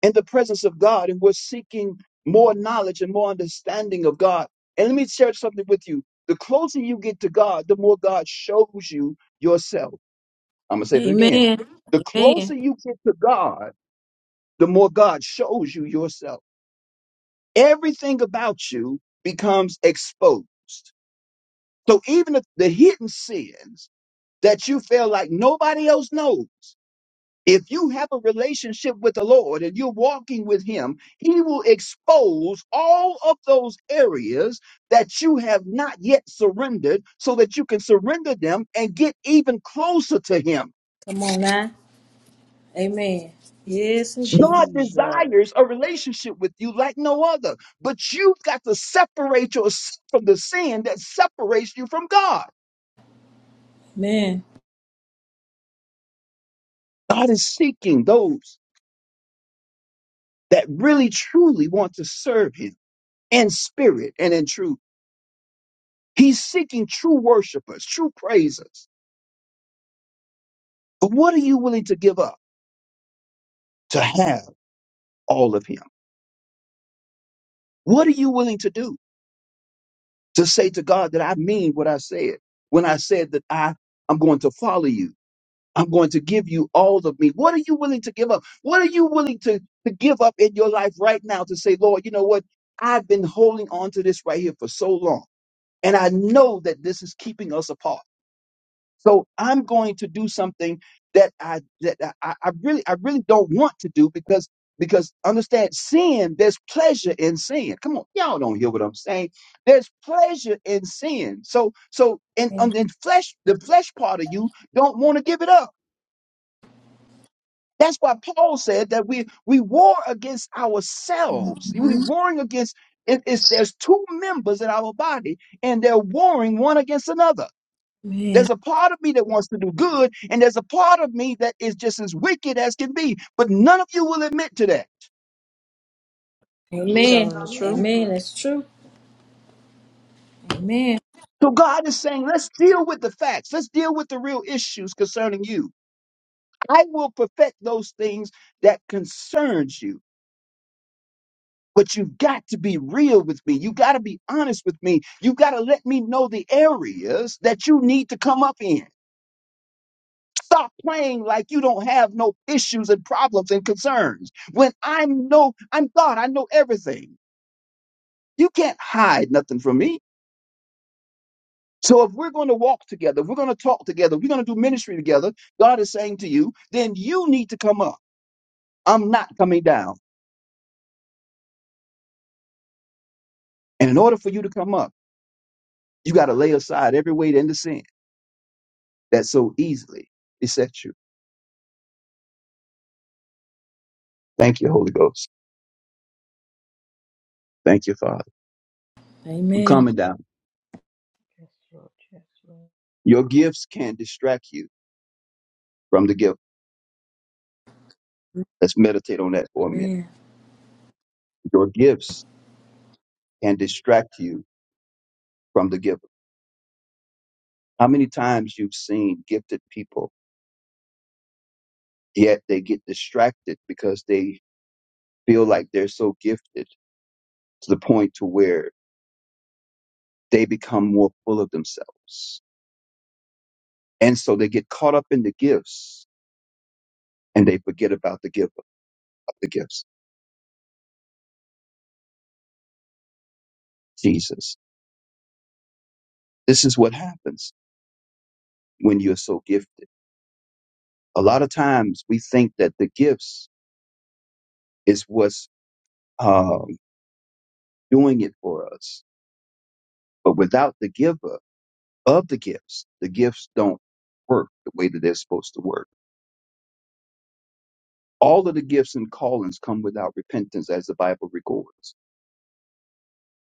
S2: in the presence of God and we're seeking more knowledge and more understanding of God. And let me share something with you. The closer you get to God, the more God shows you yourself. I'm going to say that again.
S3: Amen.
S2: The
S3: Amen.
S2: closer you get to God, the more God shows you yourself. Everything about you becomes exposed. So even the the hidden sins that you feel like nobody else knows. If you have a relationship with the Lord and you're walking with Him, He will expose all of those areas that you have not yet surrendered so that you can surrender them and get even closer to Him.
S3: Come on now. Amen. Yes, indeed.
S2: God
S1: Jesus. You
S2: desires a relationship with you like no other, but you've got to separate yourself from the sin that separates you from God.
S3: Amen.
S2: God is seeking those that really truly want to serve Him in spirit and in truth. He's seeking true worshipers, true praisers. But what are you willing to give up to have all of him? What are you willing to do to say to God that I mean what I said when I said that I am going to follow you? I'm going to give you all of me. What are you willing to give up? What are you willing to, to give up in your life right now to say, Lord, you know what? I've been holding on to this right here for so long. And I know that this is keeping us apart. So I'm going to do something that I that I, I really I really don't want to do because because understand sin, there's pleasure in sin. Come on, y'all don't hear what I'm saying. There's pleasure in sin. So so and and the flesh the flesh part of you don't want to give it up. That's why Paul said that we we war against ourselves. We warring against it, it's, there's two members in our body and they're warring one against another.
S3: Amen.
S2: There's a part of me that wants to do good, and there's a part of me that is just as wicked as can be. But none of you will admit to that.
S3: Amen.
S1: telling the truth?
S3: Amen. That's true. Amen.
S2: So God is saying, let's deal with the facts. Let's deal with the real issues concerning you. I will perfect those things that concerns you. But you've got to be real with me. You've got to be honest with me. You've got to let me know the areas that you need to come up in. Stop playing like you don't have no issues and problems and concerns. When I know, I'm God, I know everything. You can't hide nothing from me. So if we're going to walk together, if we're going to talk together, if we're going to do ministry together, God is saying to you, then you need to come up. I'm not coming down. And in order for you to come up, you got to lay aside every weight and the sin that so easily besets you. Thank you, Holy Ghost. Thank you, Father. I'm
S3: Amen.
S2: coming down.
S4: Yes, Lord. Yes, Lord.
S2: Your gifts can distract you from the giver. Let's meditate on that for a minute.
S3: Amen.
S2: Your gifts can distract you from the giver. How many times you've seen gifted people Yet they get distracted because they feel like they're so gifted to the point to where they become more full of themselves. And so they get caught up in the gifts and they forget about the giver of the gifts, Jesus. This is what happens when you're so gifted. A lot of times we think that the gifts is what's um, doing it for us. But without the giver of the gifts, the gifts don't work the way that they're supposed to work. All of the gifts and callings come without repentance, as the Bible records.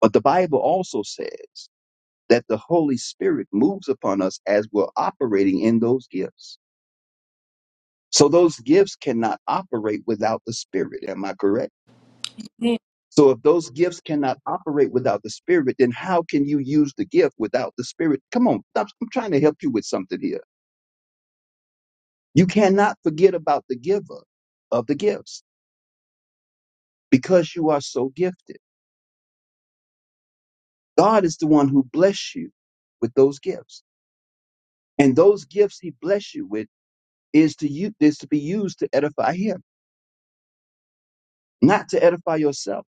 S2: But the Bible also says that the Holy Spirit moves upon us as we're operating in those gifts. So those gifts cannot operate without the Spirit. Am I correct?
S3: Amen.
S2: So if those gifts cannot operate without the Spirit, then how can you use the gift without the Spirit? Come on, I'm, I'm trying to help you with something here. You cannot forget about the giver of the gifts because you are so gifted. God is the one who bless you with those gifts. And those gifts he bless you with is to you is to be used to edify him, not to edify yourself,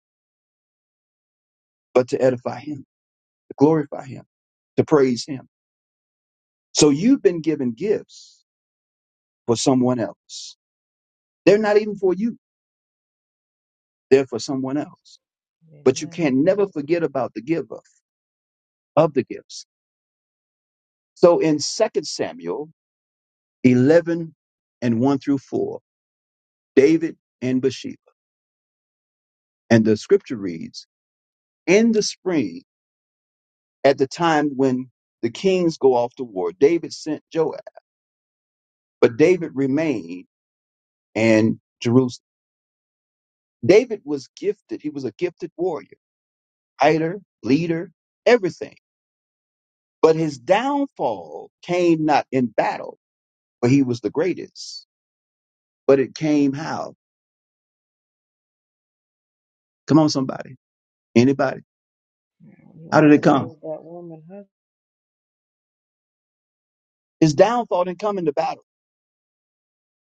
S2: but to edify him, to glorify him, to praise him. So you've been given gifts for someone else. They're not even for you, they're for someone else. But you
S4: Amen.
S2: can not never forget about the giver of the gifts. So in Second Samuel 11 and 1 through 4, David and Bathsheba, and the scripture reads, In the spring At the time when the kings go off to war, David sent Joab, but David remained in Jerusalem. David was gifted. He was a gifted warrior, fighter, leader, everything. But his downfall came not in battle, where he was the greatest, but it came how? Come on, somebody. Anybody?
S4: Yeah, He
S2: How did
S4: wanted
S2: it
S4: to
S2: come?
S4: kill that woman, husband.
S2: His downfall didn't come in the battle,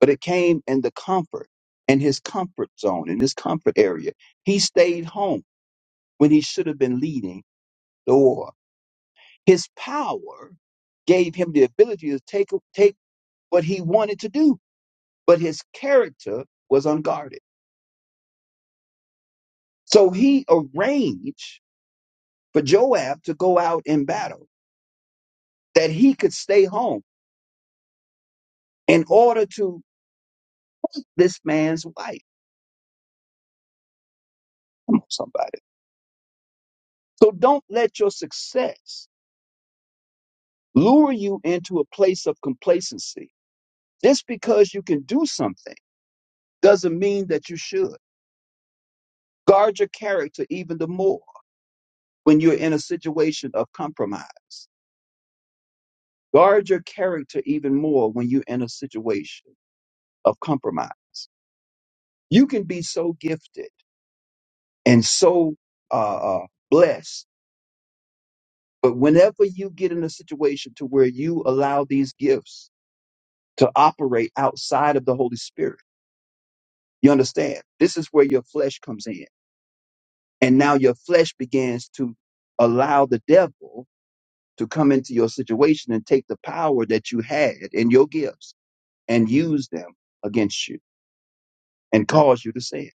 S2: but it came in the comfort, in his comfort zone, in his comfort area. He stayed home when he should have been leading the war. His power gave him the ability to take take what he wanted to do, but his character was unguarded. So he arranged for Joab to go out in battle that he could stay home in order to this man's wife. Come on, somebody. So don't let your success lure you into a place of complacency. Just because you can do something doesn't mean that you should. Guard your character even the more. when you're in a situation of compromise. Guard your character even more when you're in a situation of compromise. You can be so gifted and so uh, uh, blessed, but whenever you get in a situation to where you allow these gifts to operate outside of the Holy Spirit, you understand? This is where your flesh comes in. And now your flesh begins to allow the devil to come into your situation and take the power that you had in your gifts and use them against you and cause you to sin.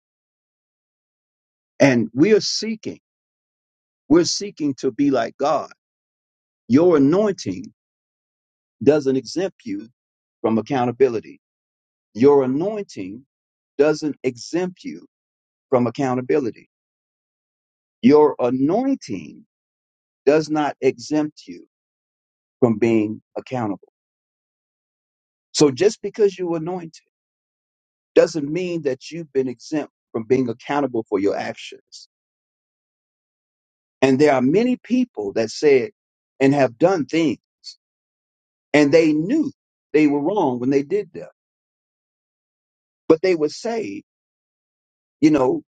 S2: And we're seeking, we're seeking to be like God. Your anointing doesn't exempt you from accountability. Your anointing doesn't exempt you from accountability. Your anointing does not exempt you from being accountable. So just because you anointed doesn't mean that you've been exempt from being accountable for your actions. And there are many people that said and have done things And they knew they were wrong when they did that. But they would say, you know,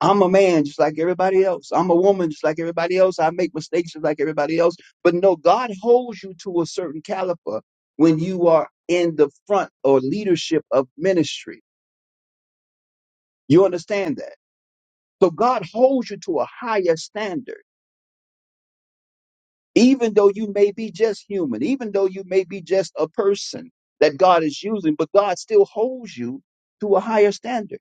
S2: I'm a man just like everybody else. I'm a woman just like everybody else. I make mistakes just like everybody else. But no, God holds you to a certain caliber when you are in the front or leadership of ministry. You understand that? So God holds you to a higher standard, even though you may be just human, even though you may be just a person that God is using, but God still holds you to a higher standard.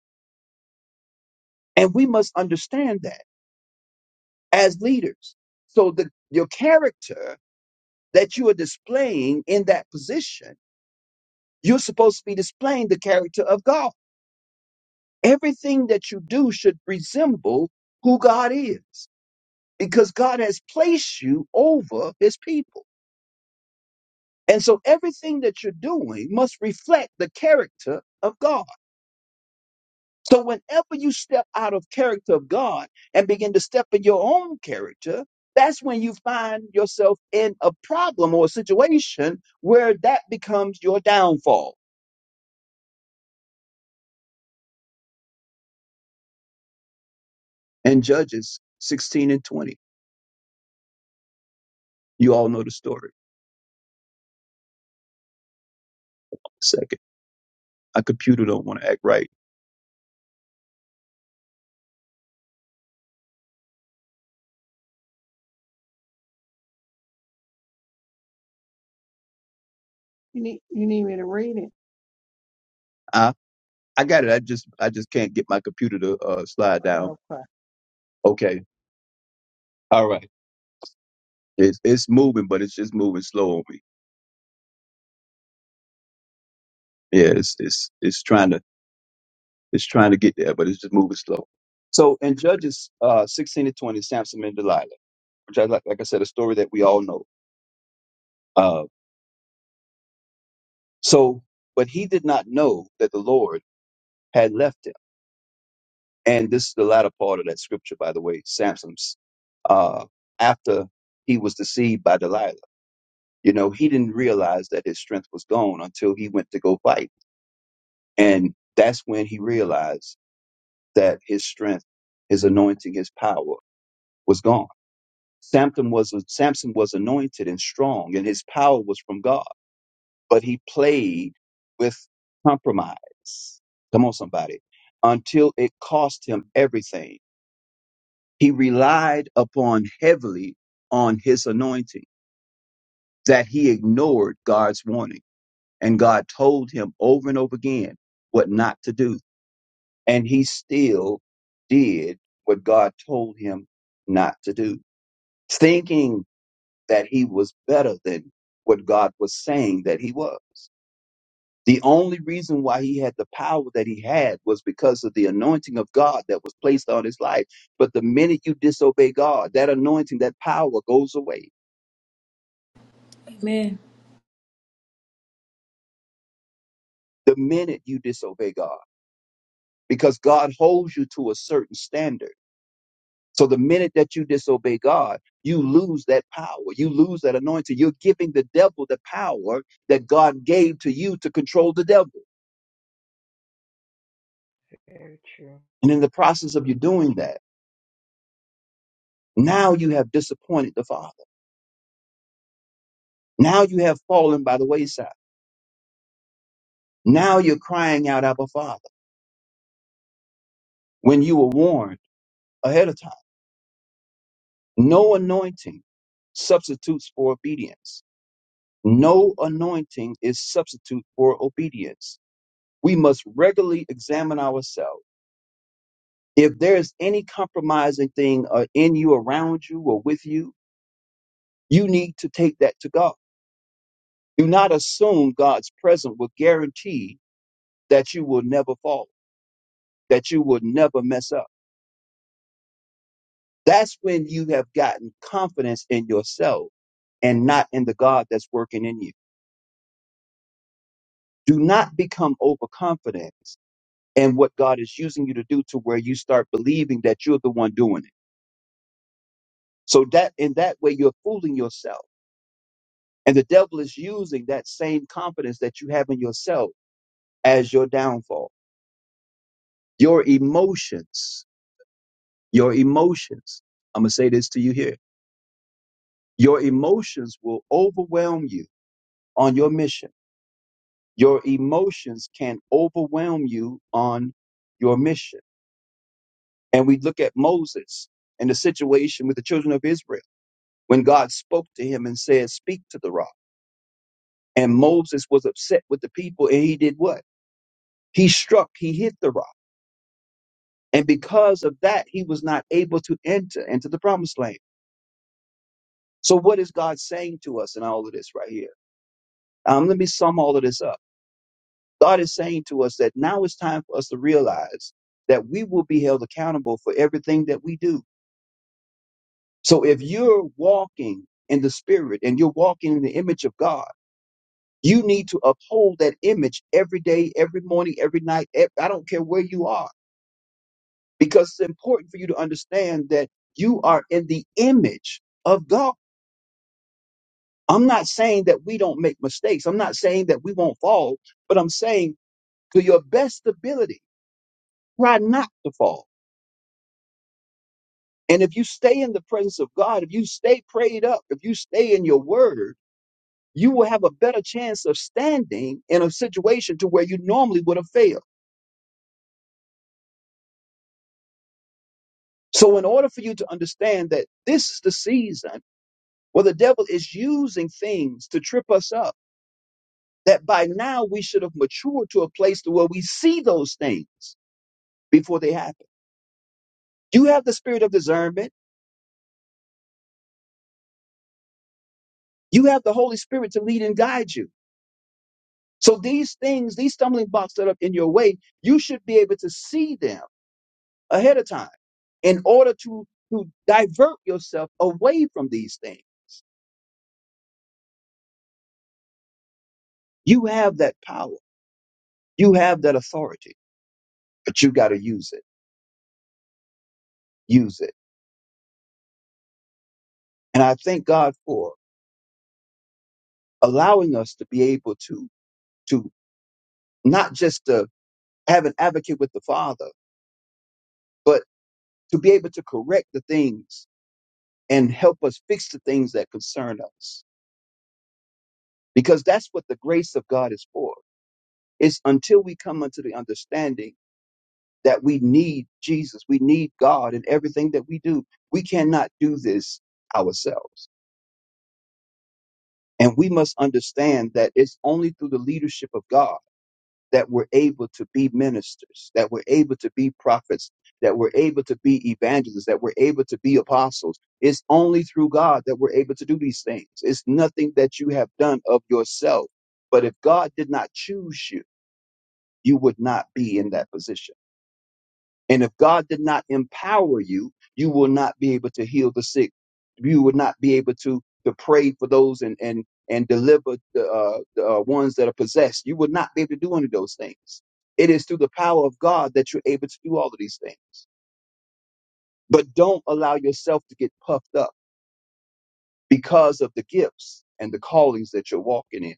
S2: And we must understand that as leaders. So the your character that you are displaying in that position, you're supposed to be displaying the character of God. Everything that you do should resemble who God is because God has placed you over his people. And so everything that you're doing must reflect the character of God. So whenever you step out of character of God and begin to step in your own character, that's when you find yourself in a problem or a situation where that becomes your downfall. And Judges 16 and 20. You all know the story. Second, my computer don't want to act right.
S1: You need you need me to read it?
S2: I, I got it. I just I just can't get my computer to uh, slide down.
S1: Okay.
S2: Okay. All right. It's it's moving, but it's just moving slow on me. Yeah, it's it's it's trying to It's trying to get there, but it's just moving slow. So in Judges uh, 16 to 20, Samson and Delilah, which I like, like I said, a story that we all know. Uh, so, but he did not know that the Lord had left him. And this is the latter part of that scripture, by the way, Samson's uh, after he was deceived by Delilah. You know, he didn't realize that his strength was gone until he went to go fight. And that's when he realized that his strength, his anointing, his power was gone Samson was Samson was anointed and strong, and his power was from God. But he played with compromise. Come on, somebody. Until it cost him everything, he relied upon heavily on his anointing that he ignored God's warning, and God told him over and over again what not to do, and he still did what God told him not to do, thinking that he was better than what God was saying that he was. The only reason why he had the power that he had was because of the anointing of God that was placed on his life. But the minute you disobey God, that anointing, that power goes away.
S3: Amen.
S2: The minute you disobey God, because God holds you to a certain standard. So the minute that you disobey God, you lose that power. You lose that anointing. You're giving the devil the power that God gave to you to control the devil.
S4: Very true.
S2: And in the process of you doing that, Now you have disappointed the Father. Now you have fallen by the wayside. Now you're crying out, Abba Father, when you were warned ahead of time. No anointing substitutes for obedience. No anointing is substitute for obedience. We must regularly examine ourselves. If there is any compromising thing uh, in you, around you, or with you, you need to take that to God. Do not assume God's presence will guarantee that you will never fall, that you will never mess up That's when you have gotten confidence in yourself and not in the God that's working in you. Do not become overconfident in what God is using you to do to where you start believing that you're the one doing it. So that in that way you're fooling yourself. And the devil is using that same confidence that you have in yourself as your downfall. Your emotions, your emotions. I'm going to say this to you here. Your emotions will overwhelm you on your mission Your emotions can overwhelm you on your mission. And we look at Moses and the situation with the children of Israel when God spoke to him and said, Speak to the rock. And Moses was upset with the people and he did what? He struck, he hit the rock. And because of that, he was not able to enter into the promised land. So, what is God saying to us in all of this right here? Um, let me sum all of this up. God is saying to us that now it's time for us to realize that we will be held accountable for everything that we do So if you're walking in the spirit and you're walking in the image of God, you need to uphold that image every day, every morning, every night. ev- I don't care where you are, because it's important for you to understand that you are in the image of God. I'm not saying that we don't make mistakes. I'm not saying that we won't fall, but I'm saying to your best ability, try not to fall. And if you stay in the presence of God, if you stay prayed up, if you stay in your word, you will have a better chance of standing in a situation to where you normally would have failed. So, in order for you to understand that this is the season where the devil is using things to trip us up, that by now we should have matured to a place to where we see those things before they happen. You have the spirit of discernment. You have the Holy Spirit to lead and guide you. So these things, these stumbling blocks that are in your way, you should be able to see them ahead of time in order to, to divert yourself away from these things. You have that power. You have that authority, but you got to use it. Use it. And I thank God for allowing us to be able to, to not just to have an advocate with the Father, but to be able to correct the things and help us fix the things that concern us. Because that's what the grace of God is for. It's until we come unto the understanding that we need Jesus. We need God in everything that we do. We cannot do this ourselves. And we must understand that it's only through the leadership of God that we're able to be ministers, that we're able to be prophets, that we're able to be evangelists, that we're able to be apostles. It's only through God that we're able to do these things. It's nothing that you have done of yourself. But if God did not choose you, you would not be in that position. And if God did not empower you, you will not be able to heal the sick. You will not be able to to pray for those and and and deliver the, uh, the uh, ones that are possessed. You will not be able to do any of those things. It is through the power of God that you're able to do all of these things. But don't allow yourself to get puffed up because of the gifts and the callings that you're walking in,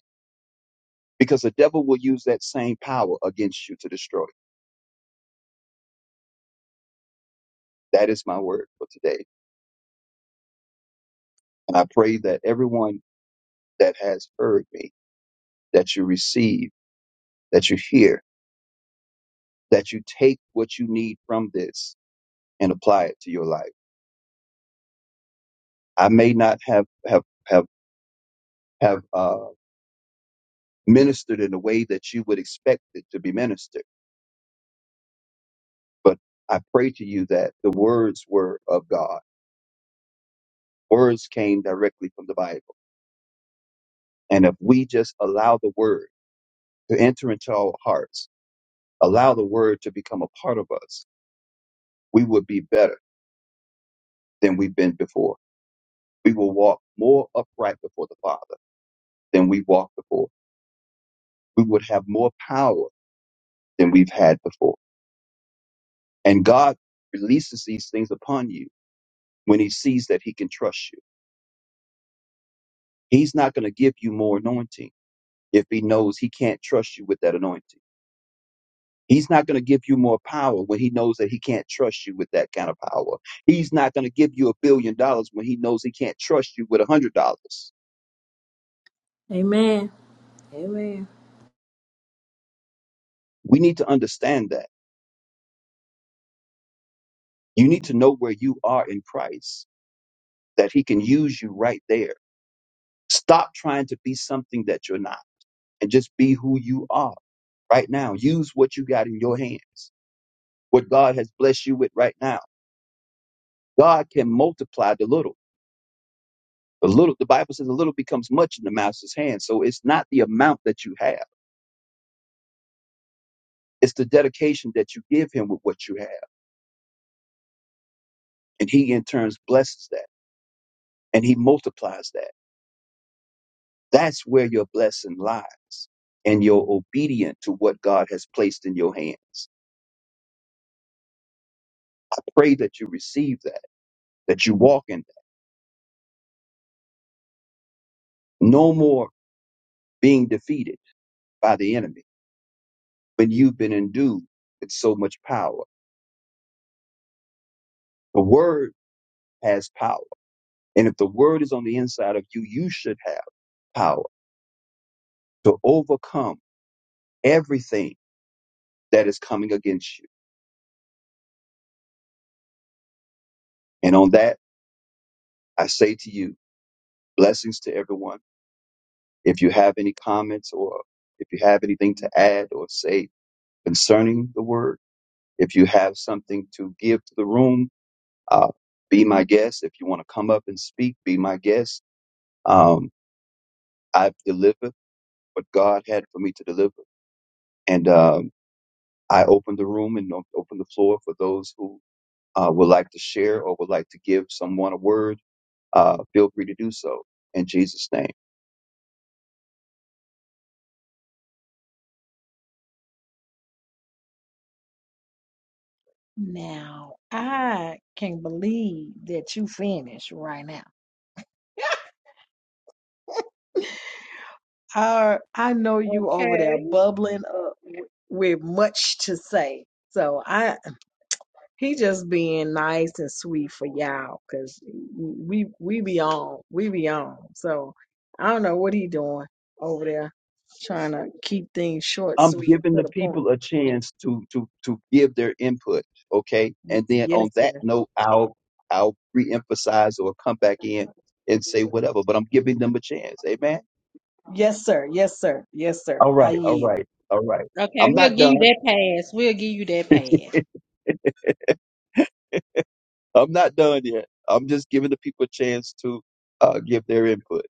S2: because the devil will use that same power against you to destroy. you. That is my word for today, and I pray that everyone that has heard me that you receive, that you hear, that you take what you need from this and apply it to your life. I may not have have have have uh, ministered in the way that you would expect it to be ministered, but I pray to you that the words were of God. Words came directly from the Bible, and if we just allow the word to enter into our hearts, allow the word to become a part of us, we will be better than we've been before. We will walk more upright before the Father than we walked before we would have more power than we've had before. And God releases these things upon you when He sees that He can trust you. He's not going to give you more anointing if He knows He can't trust you with that anointing. He's not going to give you more power when he knows that he can't trust you with that kind of power. He's not going to give you a billion dollars when he knows he can't trust you with a hundred dollars.
S3: Amen. Amen.
S2: We need to understand that. You need to know where you are in Christ, that he can use you right there. Stop trying to be something that you're not and just be who you are right now. Use what you got in your hands, what God has blessed you with right now. God can multiply the little. The little, the Bible says, the little becomes much in the master's hand. So it's not the amount that you have; it's the dedication that you give Him with what you have, and He in turn blesses that and He multiplies that. That's where your blessing lies, and you're obedient to what God has placed in your hands. I pray that you receive that, that you walk in that. No more being defeated by the enemy, but you've been endued with so much power. The word has power. And if the word is on the inside of you, you should have power to overcome everything that is coming against you. And on that, I say to you, blessings to everyone. If you have any comments or if you have anything to add or say concerning the word, if you have something to give to the room, uh, be my guest. If you want to come up and speak, be my guest. Um, I've delivered. what God had for me to deliver. And um, I opened the room and op- opened the floor for those who uh, would like to share or would like to give someone a word. Uh, feel free to do so in Jesus' name.
S1: Now I can believe that you finished right now. I I know you over there
S6: okay.
S1: bubbling up with much to say. So I He just being nice and sweet for y'all, cause we we be on, we be on. So I don't know what he doing over there, trying to keep things short,
S2: I'm
S1: sweet, and
S2: giving
S1: to
S2: the
S1: the point.
S2: people a chance to to to give their input, okay?
S1: Y-
S2: And then on
S1: Yes,
S2: that
S1: sir.
S2: note, I'll I'll re-emphasize or come back in and say whatever. But I'm giving them a chance. Amen.
S1: Yes, sir. Yes, sir. Yes, sir.
S2: All
S1: I
S2: right. All
S1: yield.
S2: right. All right.
S6: Okay,
S2: I'm
S6: we'll
S2: not
S6: give you
S2: done.
S6: that pass. We'll give you that
S2: [laughs]
S6: pass.
S2: I'm not done yet. I'm just giving the people a chance to uh, give their input.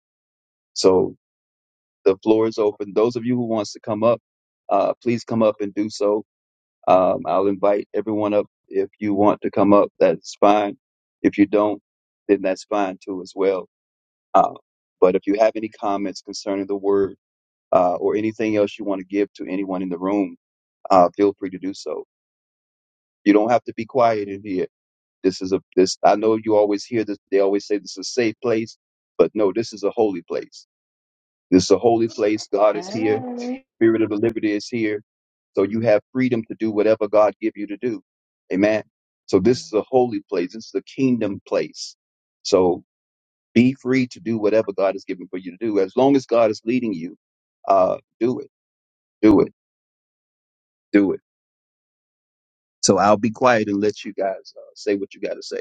S2: So the floor is open. Those of you who wants to come up, uh, please come up and do so. Um, I'll invite everyone up. If you want to come up, that's fine. If you don't, then that's fine too as well. Uh, but if you have any comments concerning the word uh, or anything else you want to give to anyone in the room, uh, feel free to do so. You don't have to be quiet in here This is a this I know you always hear this they always say this is a safe place, but no, this is a holy place. This is a holy place. God is here,
S1: Hey,
S2: spirit of the liberty is here. So you have freedom to do whatever God give you to do. Amen. So this is a holy place. This is a kingdom place. So be free to do whatever God has given for you to do. As long as God is leading you, uh, do it, do it, do it. So I'll be quiet and let you guys uh, say what you got to say.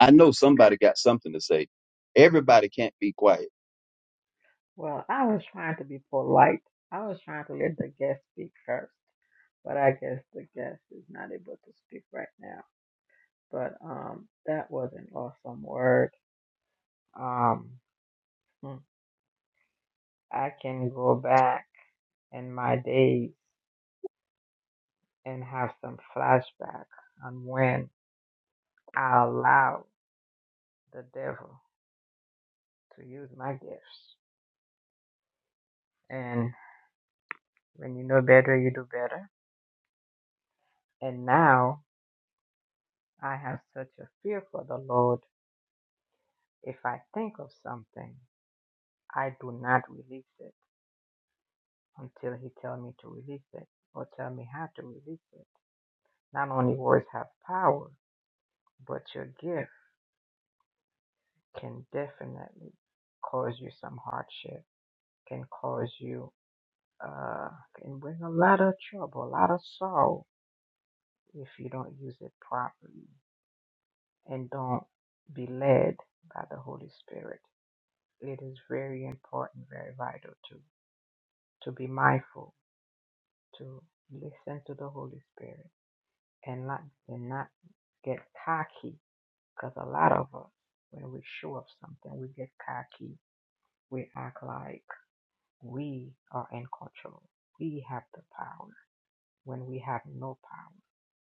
S2: I know somebody got something to say. Everybody can't be quiet.
S4: Well, I was trying to be polite. I was trying to let the guest speak first, but I guess the guest is not able to speak right now. but um, that was an awesome word. Um, hmm, I can go back in my days and have some flashback on when I allowed the devil to use my gifts. And when you know better, you do better. And now I have such a fear for the Lord. If I think of something, I do not release it until He tells me to release it or tell me how to release it. Not only words have power, But your gift can definitely cause you some hardship, can cause you, uh, can bring a lot of trouble, a lot of sorrow if you don't use it properly and don't be led by the Holy Spirit. It is very important, very vital to, to be mindful, to listen to the Holy Spirit and not, and not get cocky because a lot of us, when we show up something, we get cocky. We act like We are in control. We have the power. When we have no power,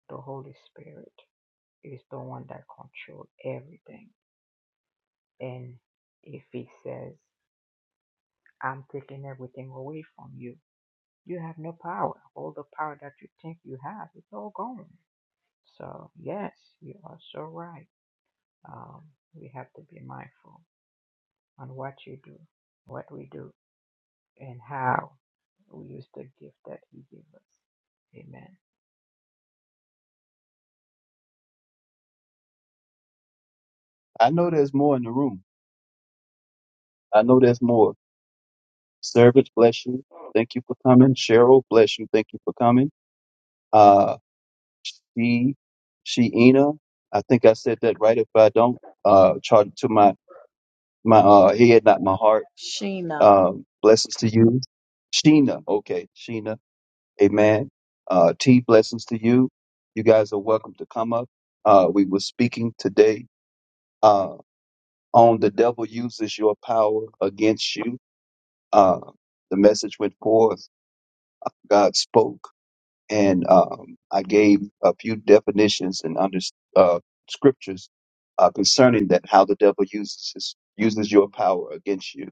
S4: the Holy Spirit is the one that controls everything. And if He says, I'm taking everything away from you, you have no power. All the power that you think you have, it's all gone. So, yes, you are so right. Um, we have to be mindful on what you do, what we do, and how we use the gift that He gave us. Amen.
S2: I know there's more in the room. I know there's more. Servant, bless you. Thank you for coming. Cheryl, bless you. Thank you for coming. Uh, she, Sheena, I think I said that right. If I don't, uh, charge it to my, my, uh, head, not my heart.
S1: Sheena.
S2: Um, blessings to you. Sheena. Okay. Sheena. Amen. Uh, T, blessings to you. You guys are welcome to come up. Uh, we were speaking today, uh, on the devil uses your power against you uh, the message went forth. uh, God spoke, and um, I gave a few definitions and under uh, scriptures uh, concerning that how the devil uses his, uses your power against you.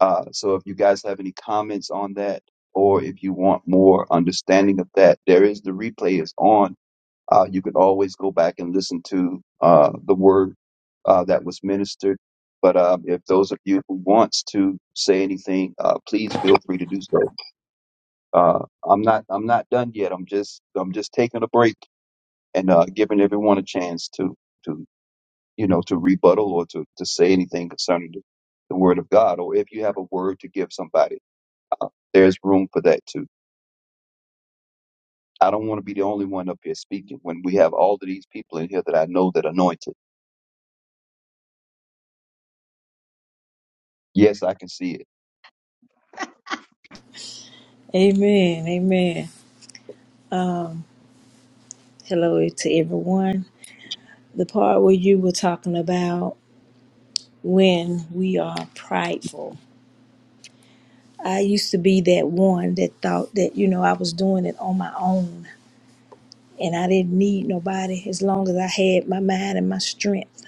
S2: Uh, so, if you guys have any comments on that, or if you want more understanding of that, there is the replay is on uh, you can always go back and listen to uh, the word uh, that was ministered. But um, if those of you who wants to say anything, uh, please feel free to do so. Uh, I'm not I'm not done yet. I'm just I'm just taking a break and uh, giving everyone a chance to to you know to rebuttal or to, to say anything concerning the, the word of God. Or if you have a word to give somebody, uh, there's room for that too. I don't want to be the only one up here speaking when we have all of these people in here that I know that anointed. Yes, I can see it.
S3: Amen. Amen. Hello to everyone. The part where you were talking about when we are prideful. I used to be that one that thought that, you know, I was doing it on my own and I didn't need nobody as long as I had my mind and my strength.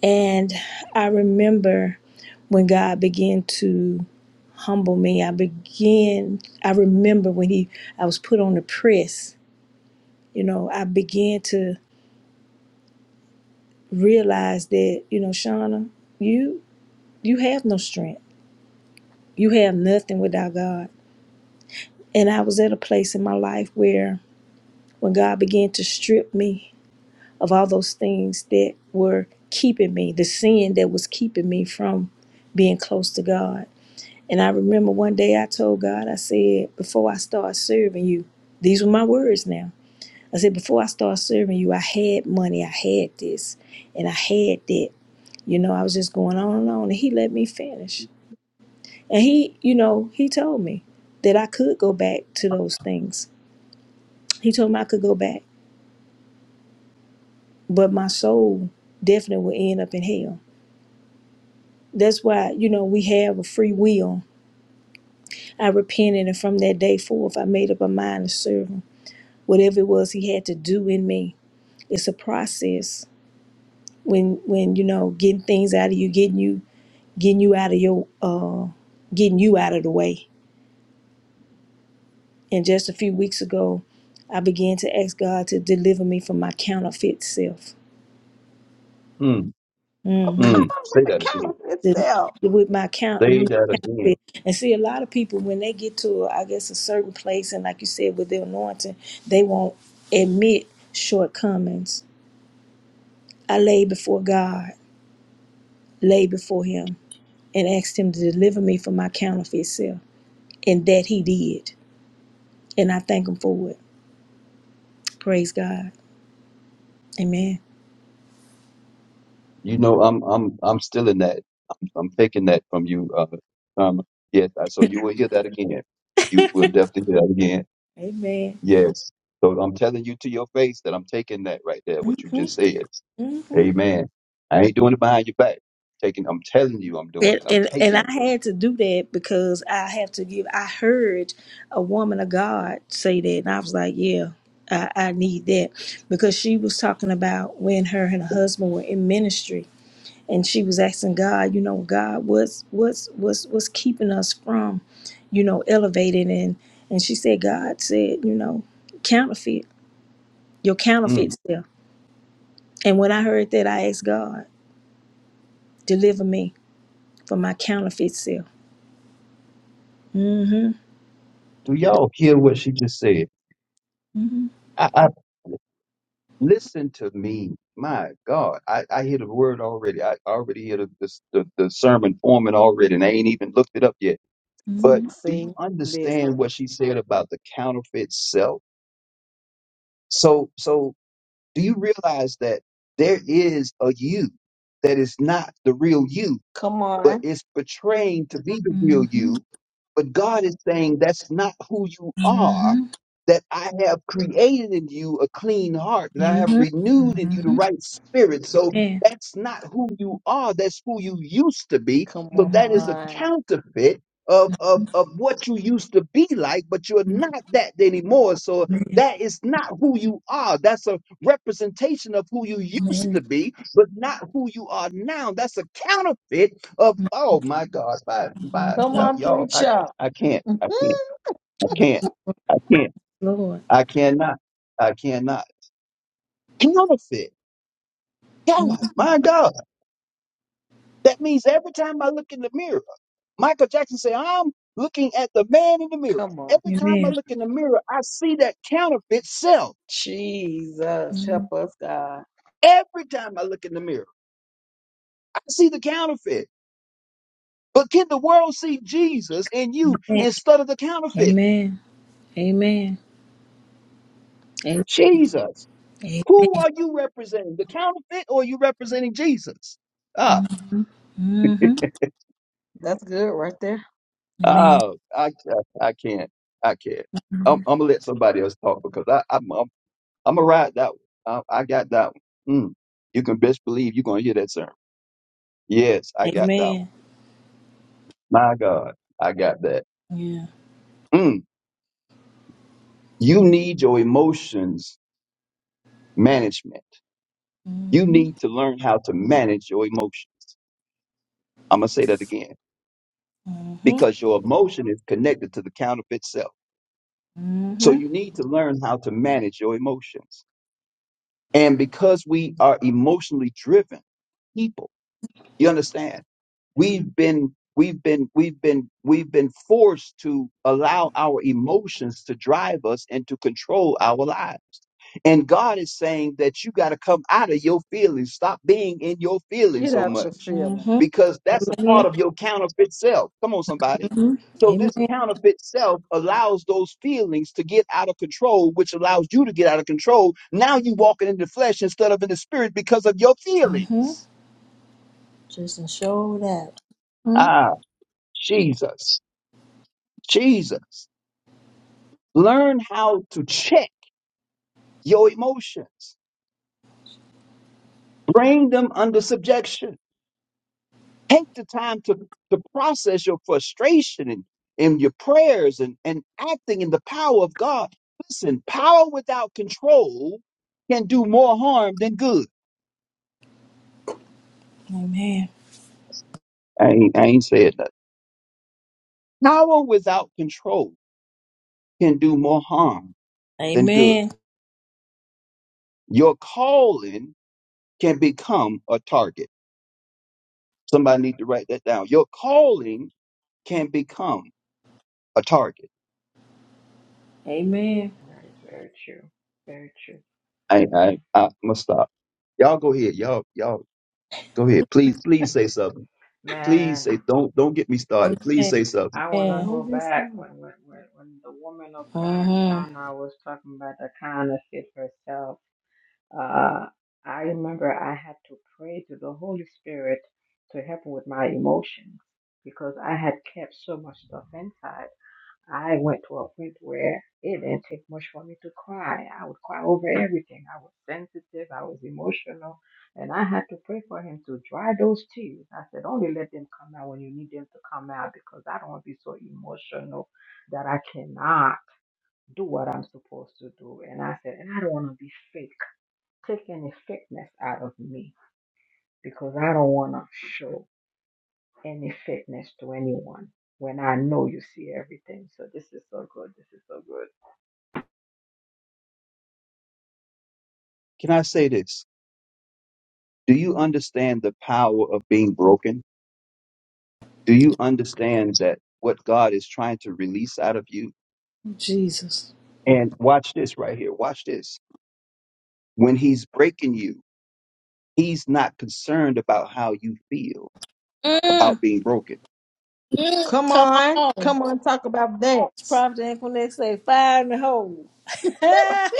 S3: And I remember when God began to humble me. I began, I remember when he, I was put on the press, you know, I began to realize that, you know, Shauna, you, you have no strength. You have nothing without God. And I was at a place in my life where when God began to strip me of all those things that were keeping me, the sin that was keeping me from being close to God. And I remember one day I told God, I said, before I start serving you, these were my words now. I said, before I started serving you, I had money, I had this, and I had that. You know, I was just going on and on, and he let me finish. And he, you know, he told me that I could go back to those things. He told me I could go back, but my soul definitely would end up in hell. That's why, you know, we have a free will. I repented, and from that day forth, I made up my mind to serve him. Whatever it was he had to do in me, it's a process when when you know getting things out of you getting you getting you out of your uh, getting you out of the way. And just a few weeks ago, I began to ask God to deliver me from my counterfeit self.
S2: Mm,
S1: Oh,
S3: hmm
S1: come
S2: mm.
S1: on with
S2: Say
S1: the
S2: that again.
S1: count itself.
S3: with my count,
S2: Say that again.
S3: counterfeit, and see a lot of people when they get to I guess a certain place, and like you said with their anointing, they won't admit shortcomings. I lay before God, lay before Him, and asked Him to deliver me from my counterfeit self, and that He did, and I thank Him for it. Praise God. Amen.
S2: You know, I'm I'm I'm still in that. I'm, I'm taking that from you. Uh, um, yes. I, so you will hear that again. You will definitely hear that again.
S3: Amen.
S2: Yes. So I'm telling you to your face that I'm taking that right there. What you just
S3: Mm-hmm.
S2: said.
S3: hmm
S2: Amen. I ain't doing it behind your back. Taking. I'm telling you, I'm doing
S3: And,
S2: it. I'm
S3: and and
S2: taking it.
S3: I had to do that because I have to give. I heard a woman of God say that, and I was like, "Yeah, I, I need that," because she was talking about when her and her husband were in ministry, and she was asking God, you know, God, what's what's what's what's keeping us from, you know, elevating and and she said, God said, you know, counterfeit your
S2: Mm.
S3: counterfeit self. And when I heard that, I asked God, deliver me for my counterfeit self. Mm-hmm.
S2: Do y'all hear what she just said?
S3: Mm-hmm.
S2: I, I Listen to me. My God, I, I hear the word already. I already hear the, the, the, the sermon forming already, and I ain't even looked it up yet. But
S1: See,
S3: Mm-hmm.
S2: do you
S1: see,
S2: understand
S1: listen.
S2: what she said about the counterfeit self? So, so do you realize that there is a you that is not the real you?
S1: Come
S2: but
S1: on.
S2: it's portraying to be the real
S3: Mm-hmm.
S2: you. But God is saying that's not who you are,
S3: Mm-hmm.
S2: that I have created in you a clean heart,
S3: Mm-hmm.
S2: that I have renewed in you the
S3: Mm-hmm.
S2: right spirit. So
S3: Amen.
S2: that's not who you are, that's who you used to be.
S1: Come
S2: So that
S3: Mm-hmm.
S2: is a
S1: on.
S2: counterfeit. Of, of, of what you used to be like, but you're not that anymore. So
S3: Amen.
S2: that is not who you are. That's a representation of who you used
S3: Amen.
S2: to be, but not who you are now. That's a counterfeit of oh my God, by by
S1: Come
S3: Mm-hmm.
S2: y'all,
S1: on,
S2: y'all, I
S1: preacher.
S2: I can't, I can't, I can't, I can't,
S3: Lord.
S2: I cannot, I cannot counterfeit. God,
S3: Mm-hmm.
S2: my God, that means every time I look in the mirror, Michael Jackson said, "I'm looking at the man in the
S1: [laughs]
S2: mirror."
S1: Come on.
S2: Every time I
S3: Amen.
S2: look in the mirror, I see that counterfeit self.
S1: Jesus,
S3: Mhm.
S1: help us, God.
S2: Every time I look in the mirror, I see the counterfeit. But can the world see Jesus in you
S3: Amen.
S2: instead of the counterfeit?
S3: Amen. Amen.
S2: Jesus.
S3: Amen.
S2: Who are you representing? The counterfeit, or are you representing Jesus? Ah,
S3: Mm-hmm. Mm-hmm.
S1: That's good right there.
S3: Amen.
S2: oh, I, I, I can't, I can't. I'm, I'm gonna let somebody else talk because I, I'm, I'm, I'm gonna ride that one. I, I got that one. Mm, you can best believe you're gonna hear that sermon. Yes, I got that one.
S3: Amen.
S2: My God, I got that.
S3: Yeah.
S2: Mm, you need your emotions management. You
S3: Mm-hmm.
S2: need to learn how to manage your emotions. I'm gonna say that again
S3: Mm-hmm.
S2: because your emotion is connected to the counterfeit self. So
S3: Mm-hmm.
S2: you need to learn how to manage your emotions. And because we are emotionally driven people, you understand, we've been we've been we've been we've been forced to allow our emotions to drive us and to control our lives. And God is saying that you got to come out of your feelings. Stop being in your feelings
S1: Get
S2: so
S1: out your
S2: much
S1: feelings.
S3: Mm-hmm.
S2: because that's a part
S3: Amen.
S2: of your counterfeit self. Come on, somebody.
S3: Mm-hmm.
S2: So, this
S3: Amen.
S2: counterfeit self allows those feelings to get out of control, which allows you to get out of control. Now you walking in the flesh instead of in the spirit because of your
S3: Mm-hmm.
S2: feelings.
S3: Just and show that. Mm-hmm.
S2: Ah, Jesus. Jesus. Learn how to check your emotions, bring them under subjection. Take the time to, to process your frustration and, and your prayers and, and acting in the power of God. Listen, power without control can do more harm than good.
S3: Amen.
S2: I ain't, I ain't said that. Power without control can do more harm than good.
S3: Amen.
S2: Your calling can become a target. Somebody need to write that down. Your calling can become a target.
S3: Amen.
S4: That is very true. Very true.
S2: I,
S4: Amen.
S2: I, I must stop. Y'all go ahead. Y'all, y'all go ahead. Please, please say something. Please say
S4: Man,
S2: don't don't get me started. Please
S3: Amen.
S2: say something.
S4: I want
S1: You
S4: to
S3: Amen.
S1: know,
S4: go
S1: get
S4: back
S1: some.
S4: when, when when when the woman of God,
S3: hmm
S4: Shana, was talking about the counterfeit herself. Uh, I remember I had to pray to the Holy Spirit to help with my emotions because I had kept so much stuff inside. I went to a point where it didn't take much for me to cry. I would cry over everything. I was sensitive. I was emotional. And I had to pray for him to dry those tears. I said, only let them come out when you need them to come out because I don't want to be so emotional that I cannot do what I'm supposed to do. And I said, and I don't want to be fake. Take any fakeness out of me because I don't want to show any fakeness to anyone when I know you see everything. So this is so good. This is so good.
S2: Can I say this? Do you understand the power of being broken? Do you understand that what God is trying to release out of you?
S3: Jesus.
S2: And watch this right here. Watch this. When he's breaking you, he's not concerned about how you feel about
S3: Mm.
S2: being broken.
S3: Mm.
S1: Come
S3: Come
S1: on.
S3: on.
S1: Come on, talk about that.
S3: It's Prophet Equinix say fire in the hole. [laughs] yes,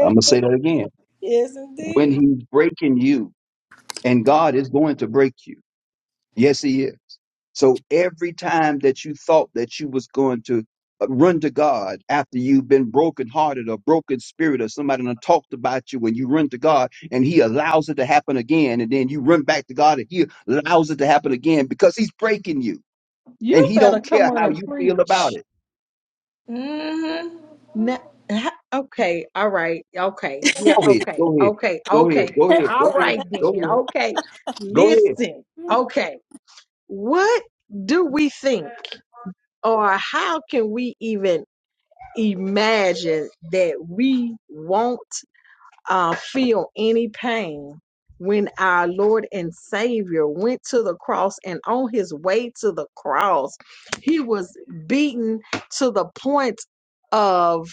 S2: I'm going to say that
S3: indeed.
S2: again.
S3: Yes,
S2: When
S3: indeed.
S2: he's breaking you, and God is going to break you. Yes, he is. So every time that you thought that you was going to uh, run to God after you've been brokenhearted or broken spirit or somebody done talked about you when you run to God and he allows it to happen again and then you run back to God and he allows it to happen again because he's breaking you and
S1: You
S2: he
S1: better
S2: don't
S1: come
S2: care
S1: on
S2: how
S1: and
S2: you feel about
S1: preach.
S2: it.
S3: hmm
S1: Now, ha- okay, all right, okay, yeah,
S2: Go ahead,
S1: okay,
S2: go ahead,
S1: okay,
S2: go ahead,
S1: okay,
S2: go
S1: then.
S2: ahead,
S1: all
S2: go ahead,
S1: right,
S2: go
S1: then,
S2: ahead,
S1: okay.
S2: go ahead.
S1: Listen, okay, what do we think, or how can we even imagine that we want? uh, feel any pain when our Lord and Savior went to the cross and on his way to the cross, he was beaten to the point of